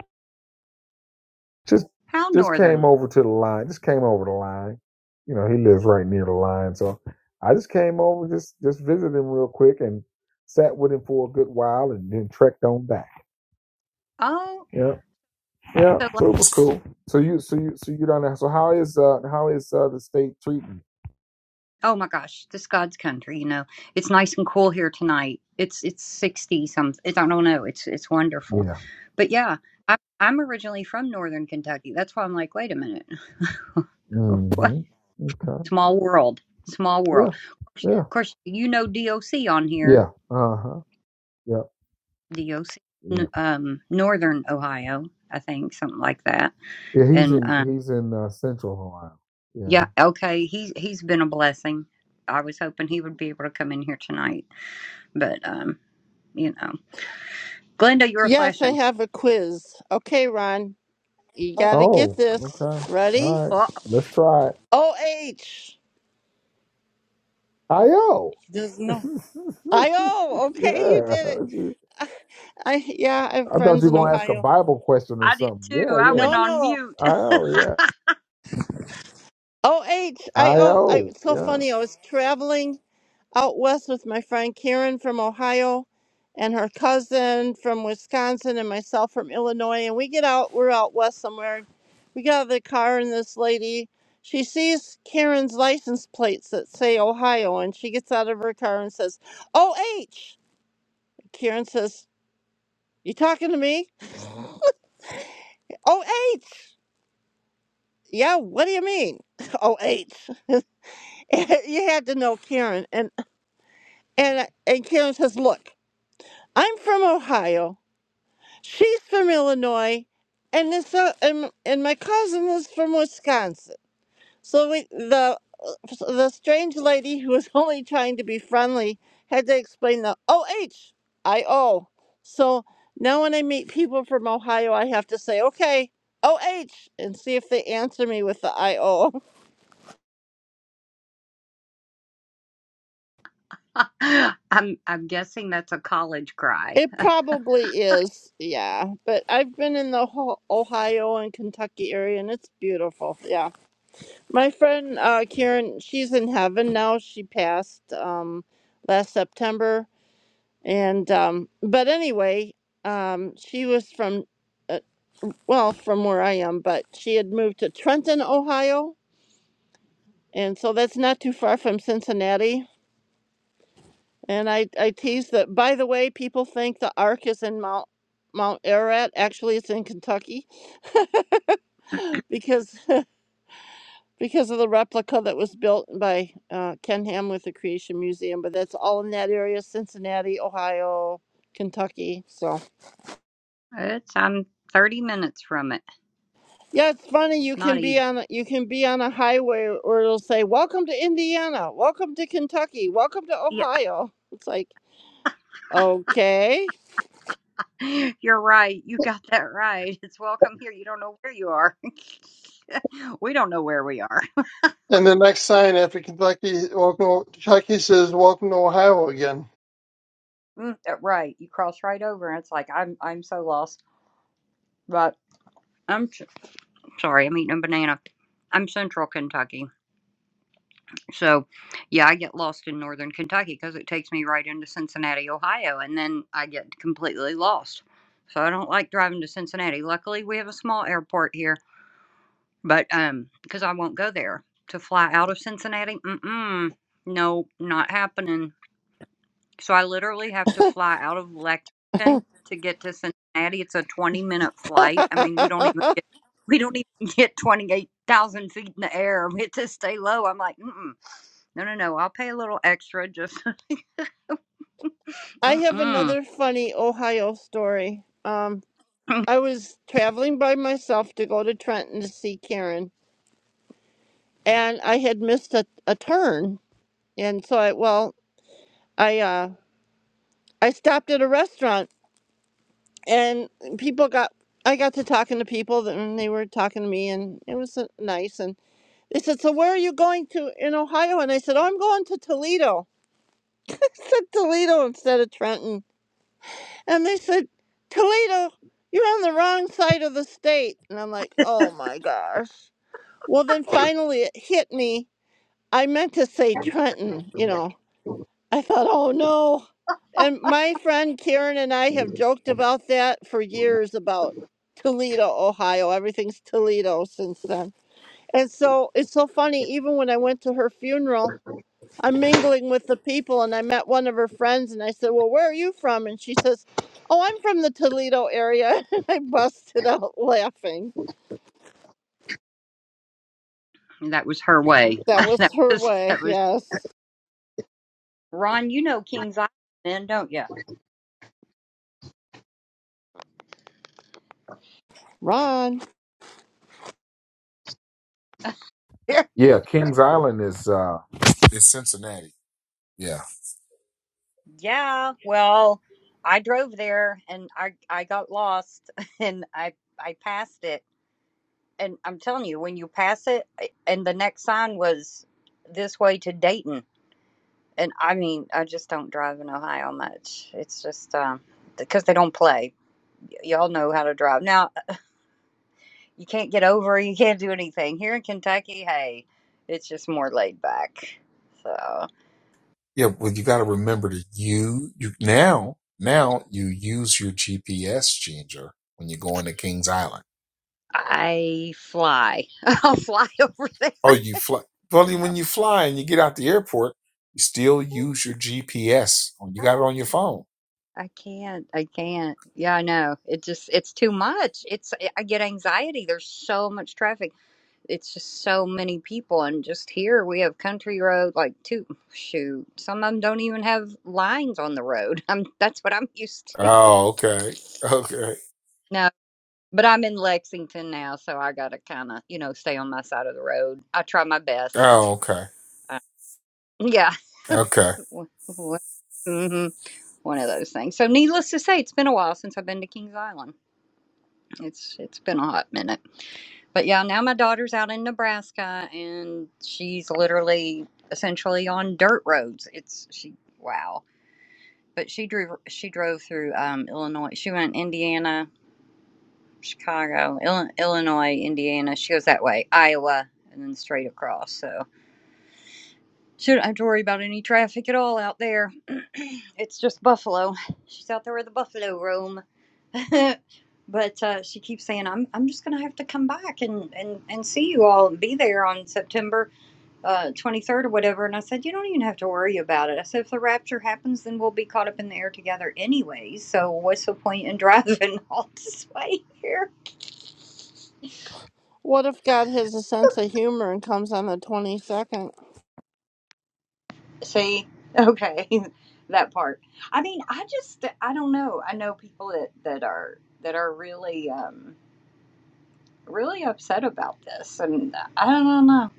[SPEAKER 11] Just
[SPEAKER 2] How
[SPEAKER 11] just came
[SPEAKER 2] northern?
[SPEAKER 11] over to the line. Just came over the line. You know, he lives right near the line, so I just came over, just just visited him real quick, and sat with him for a good while, and then trekked on back.
[SPEAKER 2] Oh,
[SPEAKER 11] Yeah, yeah.
[SPEAKER 2] so like,
[SPEAKER 11] So it was cool. So you, so you, so you don't know. So how is uh how is uh the state treating?
[SPEAKER 2] oh my gosh, this God's country. You know, it's nice and cool here tonight. It's it's sixty something. I don't know. It's it's
[SPEAKER 11] you?
[SPEAKER 2] wonderful.
[SPEAKER 11] Yeah.
[SPEAKER 2] But yeah, I, I'm originally from northern Kentucky. That's why I'm like, wait a minute, [LAUGHS] what?
[SPEAKER 11] hmm Okay.
[SPEAKER 2] Small world. Small
[SPEAKER 11] Yeah.
[SPEAKER 2] world.
[SPEAKER 11] Yeah.
[SPEAKER 2] Of course, you know DOC on here.
[SPEAKER 11] Yeah. Uh huh. Yeah.
[SPEAKER 2] DOC,
[SPEAKER 11] Yeah.
[SPEAKER 2] um, Northern Ohio, I think, something like that.
[SPEAKER 11] Yeah. He's
[SPEAKER 2] And
[SPEAKER 11] in
[SPEAKER 2] uh,
[SPEAKER 11] he's in uh, Central Ohio. Yeah.
[SPEAKER 2] yeah, okay, he's he's been a blessing. I was hoping he would be able to come in here tonight, but um, you know, Glenda, you're
[SPEAKER 7] Yes, I
[SPEAKER 2] flashing.
[SPEAKER 7] have a quiz. Okay, Ron, You
[SPEAKER 2] Oh,
[SPEAKER 7] gotta get
[SPEAKER 11] Oh. Okay.
[SPEAKER 7] this.
[SPEAKER 11] All
[SPEAKER 7] Ready?
[SPEAKER 11] right.
[SPEAKER 2] well,
[SPEAKER 11] Let's try it.
[SPEAKER 7] OH.
[SPEAKER 11] I know.
[SPEAKER 7] Does Doesn't know.
[SPEAKER 11] [LAUGHS]
[SPEAKER 7] I O. Okay, you
[SPEAKER 11] yeah.
[SPEAKER 7] did it. I yeah, I have
[SPEAKER 11] I thought
[SPEAKER 7] friends
[SPEAKER 11] you
[SPEAKER 7] in
[SPEAKER 11] were gonna ask a
[SPEAKER 7] Ohio.
[SPEAKER 11] Bible question or
[SPEAKER 2] I did
[SPEAKER 11] something.
[SPEAKER 2] too.
[SPEAKER 11] Yeah,
[SPEAKER 2] I went
[SPEAKER 11] yeah.
[SPEAKER 7] No,
[SPEAKER 2] on
[SPEAKER 7] no.
[SPEAKER 2] mute.
[SPEAKER 11] I know, yeah.
[SPEAKER 7] O H I
[SPEAKER 11] I
[SPEAKER 7] O. I
[SPEAKER 11] know.
[SPEAKER 7] it's so
[SPEAKER 11] Yeah.
[SPEAKER 7] funny. I was traveling out west with my friend Karen from Ohio and her cousin from Wisconsin and myself from Illinois. And we get out, we're out west somewhere. We get out of the car, and this lady, she sees Karen's license plates that say Ohio, and she gets out of her car and says, OH. Karen says, You talking to me? OH. Yeah, what do you mean? [LAUGHS] OH. [LAUGHS] you had to know Karen. And, and, and Karen says, Look, I'm from Ohio. She's from Illinois, and this uh, and, and my cousin was from Wisconsin. So we, the uh, the strange lady who was [LAUGHS] only trying to be friendly had to explain the O H I O. So now when I meet people from Ohio, I have to say okay O H and see if they answer me with the I O. [LAUGHS]
[SPEAKER 2] [LAUGHS] I'm I'm guessing that's a college cry.
[SPEAKER 7] It probably is, yeah. But I've been in the whole Ohio and Kentucky area, and it's beautiful. Yeah. My friend uh, Karen, she's in heaven now. She passed um, last September, and um, but anyway, um, she was from uh, well, from where I am, but she had moved to Trenton, Ohio, and so that's not too far from Cincinnati. And I I tease that. By the way, people think the Ark is in Mount Mount Ararat. Actually, it's in Kentucky because because of the replica that was built by uh, Ken Hamlin with the Creation Museum. But that's all in that area: Cincinnati, Ohio, Kentucky. So
[SPEAKER 2] It's I'm 30 minutes from it.
[SPEAKER 7] yeah, it's funny. You
[SPEAKER 2] Not
[SPEAKER 7] can be
[SPEAKER 2] even.
[SPEAKER 7] on a- you can be on a highway, or it'll say, "Welcome to Indiana. Welcome to Kentucky. Welcome to
[SPEAKER 2] Yeah,
[SPEAKER 7] Ohio." It's like okay.
[SPEAKER 2] [LAUGHS] You're right. You got that right. It's welcome here. You don't know where you are. [LAUGHS] we don't know where we are.
[SPEAKER 9] And the next sign after Kentucky, welcome, Kentucky says, "Welcome to Ohio again."
[SPEAKER 2] Mm, uh, Right. You cross right over, and it's like I'm I'm so lost. But I'm s- sorry. I'm eating a banana. I'm Central Kentucky, so yeah, I get lost in Northern Kentucky because it takes me right into Cincinnati, Ohio, and then I get completely lost. So I don't like driving to Cincinnati. Luckily, we have a small airport here But um, because I won't go there to fly out of Cincinnati. Mm-mm. No, not happening. So I literally have to fly out of Lexington to get to Cincinnati. It's a twenty-minute flight. I mean, we don't even get we don't even [LAUGHS] get twenty-eight thousand feet in the air. We have to stay low. I'm like, mm-mm. no, no, no. I'll pay a little extra. Just [LAUGHS]
[SPEAKER 7] I have
[SPEAKER 2] mm-mm.
[SPEAKER 7] another funny Ohio story. Um,
[SPEAKER 2] [CLEARS THROAT]
[SPEAKER 7] I was traveling by myself to go to Trenton to see Karen, and I had missed a, a turn. And so I well. I uh I stopped at a restaurant and people got I got to talking to people that- and they were talking to me and it was uh, nice and they said so where are you going to in Ohio and I said oh I'm going to Toledo [LAUGHS] I said Toledo instead of Trenton and they said Toledo you're on the wrong side of the state and I'm like oh my gosh well then finally it hit me I meant to say Trenton you know I thought, oh no. And my friend Karen and I have joked about that for years about Toledo, Ohio. Everything's Toledo since then. And so it's so funny, even when I went to her funeral, I'm mingling with the people and I met one of her friends and I said, Well, where are you from? And she says, Oh, I'm from the Toledo area. [LAUGHS] And I busted out laughing.
[SPEAKER 2] that was her way.
[SPEAKER 7] That
[SPEAKER 2] [LAUGHS]
[SPEAKER 7] was
[SPEAKER 2] that
[SPEAKER 7] her
[SPEAKER 2] was
[SPEAKER 7] way,
[SPEAKER 2] that was
[SPEAKER 7] yes.
[SPEAKER 2] Ron. You know King's Island, then, don't you?
[SPEAKER 7] Ron,
[SPEAKER 2] [LAUGHS]
[SPEAKER 11] Yeah, Kings Island is uh is Cincinnati. Yeah.
[SPEAKER 2] Yeah, well, I drove there and I I got lost [LAUGHS] and I I passed it. And I'm telling you, when you pass it, I- and the next sign was this way to Dayton. And I mean, I just don't drive in Ohio much. It's just um because they don't play. Y- Y'all know how to drive. Now, uh, you can't get over, you can't do anything. Here in Kentucky, hey, it's just more laid back. So
[SPEAKER 11] Yeah, well you gotta remember to you you now now you use your GPS Ginger when you go into Kings Island.
[SPEAKER 2] I fly. [LAUGHS] I'll fly over there. [LAUGHS]
[SPEAKER 11] Or you fly well
[SPEAKER 2] No.
[SPEAKER 11] when you fly and you get out the airport, you still use your GPS. You got it
[SPEAKER 2] I
[SPEAKER 11] on your phone.
[SPEAKER 2] I can't. I can't. Yeah, I know. It just it's too much. It's I get anxiety. There's so much traffic. It's just so many people and just here we have country road like two shoot. Some of them don't even have lines on the road. [LAUGHS] I'm that's what I'm [LAUGHS] used to.
[SPEAKER 11] Oh, okay. [LAUGHS] Okay.
[SPEAKER 2] No, but I'm in Lexington now, so I got to kind of, you know, stay on my side of the road. I try my
[SPEAKER 11] Oh,
[SPEAKER 2] best.
[SPEAKER 11] okay.
[SPEAKER 2] Uh, yeah.
[SPEAKER 11] Okay.
[SPEAKER 2] [LAUGHS] hmm One of those things. So needless to say, it's been a while since I've been to Kings Island. It's it's been a hot minute. But yeah, now my daughter's out in Nebraska and she's literally essentially on dirt roads. It's she wow. But she drove she drove through um, Illinois. She went Indiana, Chicago, Ill, Illinois, Indiana. She goes that way, Iowa, and then straight across. So. Shouldn't have to worry about any traffic at all out there. [CLEARS THROAT] it's just Buffalo. She's out there with the Buffalo roam. [LAUGHS] but uh, she keeps saying, "I'm I'm just gonna have to come back and and and see you all and be there on September uh, 23rd or whatever." And I said, "You don't even have to worry about it." I said, "If the rapture happens, then we'll be caught up in the air together anyways. So what's the point in [LAUGHS] driving all this way here?"
[SPEAKER 7] what if God has a sense of humor and comes on the 22nd?
[SPEAKER 2] See, okay, [LAUGHS] that part. I mean, I just, I don't know. I know people that that are that are really, um, really upset about this, and I don't know.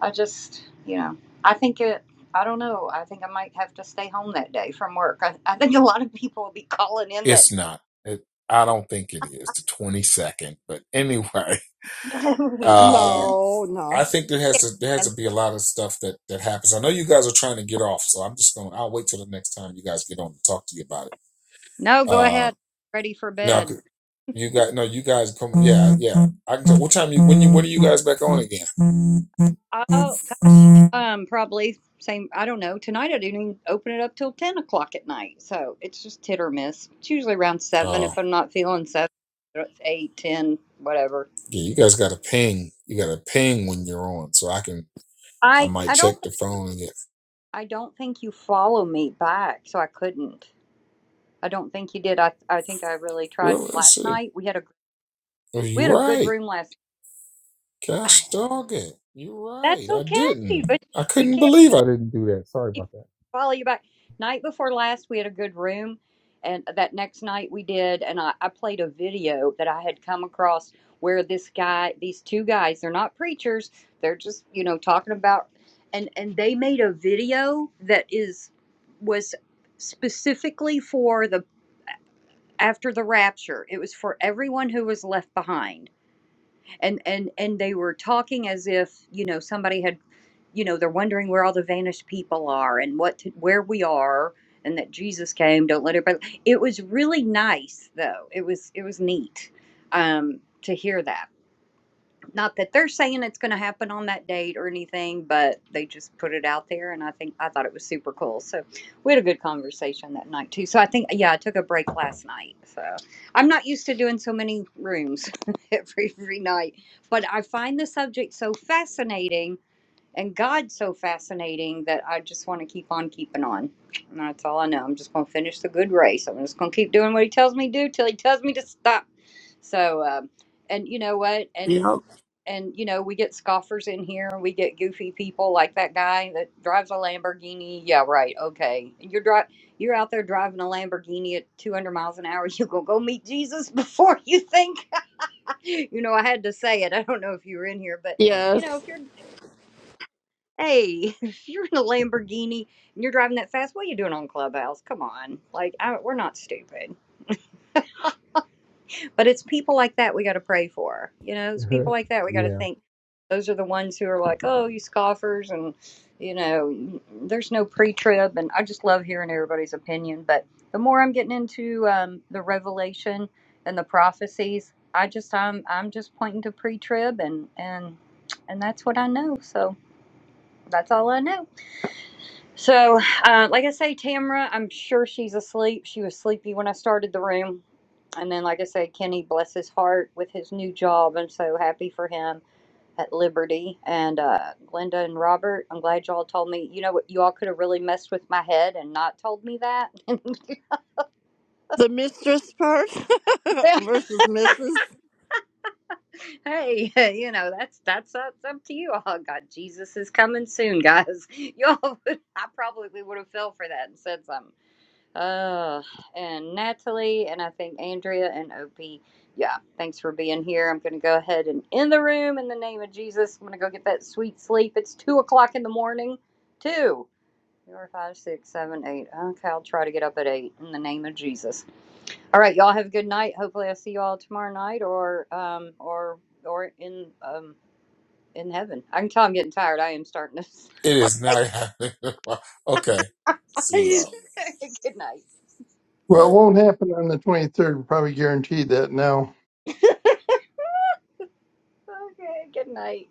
[SPEAKER 2] I just, you know, I think it. I don't know. I think I might have to stay home that day from work. I, I think a lot of people will be calling in that
[SPEAKER 11] It's not. It, I don't think it is the 22nd, but [LAUGHS] anyway,
[SPEAKER 2] [LAUGHS] call
[SPEAKER 11] uh,
[SPEAKER 2] in.
[SPEAKER 7] No,
[SPEAKER 11] I
[SPEAKER 7] no.
[SPEAKER 11] think there has to, there has to be a lot of stuff that, that happens. I know you guys are trying to get off, so I'm just going, to I'll wait till the next time you guys get on to talk to you about it.
[SPEAKER 2] No, go
[SPEAKER 11] Uh,
[SPEAKER 2] ahead. Ready for
[SPEAKER 11] now
[SPEAKER 2] bed.
[SPEAKER 11] c- you got, no, you guys come. Yeah. Yeah. I can tell, what time you, when you, when are you guys back on again?
[SPEAKER 2] Oh gosh, um, probably same. I don't know. Tonight I didn't even open it up till ten o'clock at night, so it's just hit or miss. It's usually around seven
[SPEAKER 11] Oh,
[SPEAKER 2] if I'm not feeling seven. It's eight, ten, whatever.
[SPEAKER 11] yeah. You guys got a ping. You got a ping when you're on, so I can, I
[SPEAKER 2] I
[SPEAKER 11] might
[SPEAKER 2] I don't
[SPEAKER 11] check the phone.
[SPEAKER 2] I don't think you follow me back, so I couldn't. I don't think you did. I I think I really tried
[SPEAKER 11] Well, let's
[SPEAKER 2] last
[SPEAKER 11] see.
[SPEAKER 2] night. We had a
[SPEAKER 11] Oh,
[SPEAKER 2] we
[SPEAKER 11] you're
[SPEAKER 2] had a good
[SPEAKER 11] right.
[SPEAKER 2] room last. night. [SIGHS]
[SPEAKER 11] Gosh dog it. You're
[SPEAKER 2] That's
[SPEAKER 11] right. I
[SPEAKER 2] okay,
[SPEAKER 11] didn't.
[SPEAKER 2] but
[SPEAKER 11] I
[SPEAKER 2] you
[SPEAKER 11] couldn't
[SPEAKER 2] can't.
[SPEAKER 11] believe I didn't do that. Sorry about
[SPEAKER 2] follow you back. Night before last, we had a good room, and that next night we did, and I, I played a video that I had come across where this guy, these two guys, they're not preachers, they're just you know talking about, and and they made a video that is was specifically for the after the rapture. It was for everyone who was left behind and and and they were talking as if you know somebody had you know they're wondering where all the vanished people are and what to, where we are and that jesus came don't let everybody it was really nice though it was it was neat um to hear that not that they're saying it's going to happen on that date or anything, but they just put it out there, and I think I thought it was super cool. So we had a good conversation that night too. So I think yeah, I took a break last night. So I'm not used to doing so many rooms [LAUGHS] every every night, but I find the subject so fascinating and God so fascinating that I just want to keep on keeping on. And that's all I know. I'm just going to finish the good race. I'm just going to keep doing what He tells me to do till He tells me to stop. So, um, and you know what? And
[SPEAKER 7] Yep.
[SPEAKER 2] and you know we get scoffers in here and we get goofy people like that guy that drives a lamborghini yeah right okay you're dri- you're out there driving a lamborghini at 200 miles an hour [LAUGHS] you're gonna go meet jesus [LAUGHS] before you think [LAUGHS] you know i had to say it i don't know if you were in here but you know
[SPEAKER 7] Yes.
[SPEAKER 2] if you're hey [LAUGHS] if you're in a lamborghini and you're driving that fast what are you doing on clubhouse come on like I, we're not stupid But it's people like that we got to pray for. You know, it's people
[SPEAKER 11] that.
[SPEAKER 2] like that
[SPEAKER 11] [LAUGHS]
[SPEAKER 2] we got to
[SPEAKER 11] yeah.
[SPEAKER 2] think. Those are the ones who are like, oh, you scoffers, and you know, "Mm, mm, there's no pre-trib, and I just love hearing everybody's opinion. But the more I'm getting into um, the revelation and the prophecies, I just I'm I'm just pointing to pre-trib, and and and that's what I know. So that's all I know. So, uh, like I say, Tamra, I'm sure she's asleep. She was sleepy when I started the room. And then, like I say, Kenny, bless his heart with his new job. I'm so happy for him at Liberty. And uh, Glenda and Robert, I'm glad y'all told me. You know what? You all could have really messed with my head and not told me that.
[SPEAKER 7] The mistress part [LAUGHS] versus Mrs.
[SPEAKER 2] [LAUGHS] hey, you know that's that's up, it's up to you all. God, Jesus is coming soon, guys. [LAUGHS] Y'all, would, I probably would have fell for that and said something. Uh, and Natalie, and I think Andrea and OP. Yeah, thanks for being here. I'm going to go ahead and in the room in the name of Jesus. I'm going to go get that sweet sleep. It's two o'clock in the morning. Two, four, five, six, seven, eight. Okay, I'll try to get up at eight in the name of Jesus. All right, y'all have a good night. Hopefully, I'll see you all tomorrow night, or um, or or in um in heaven. I can tell I'm getting tired. I am starting
[SPEAKER 11] It
[SPEAKER 2] to.
[SPEAKER 11] is now happening. [LAUGHS] okay. See y'all.
[SPEAKER 2] [LAUGHS] good night.
[SPEAKER 9] Well, it
[SPEAKER 11] Bye.
[SPEAKER 9] won't happen on the 23rd. We're probably guaranteed that now.
[SPEAKER 2] [LAUGHS] Okay, good night.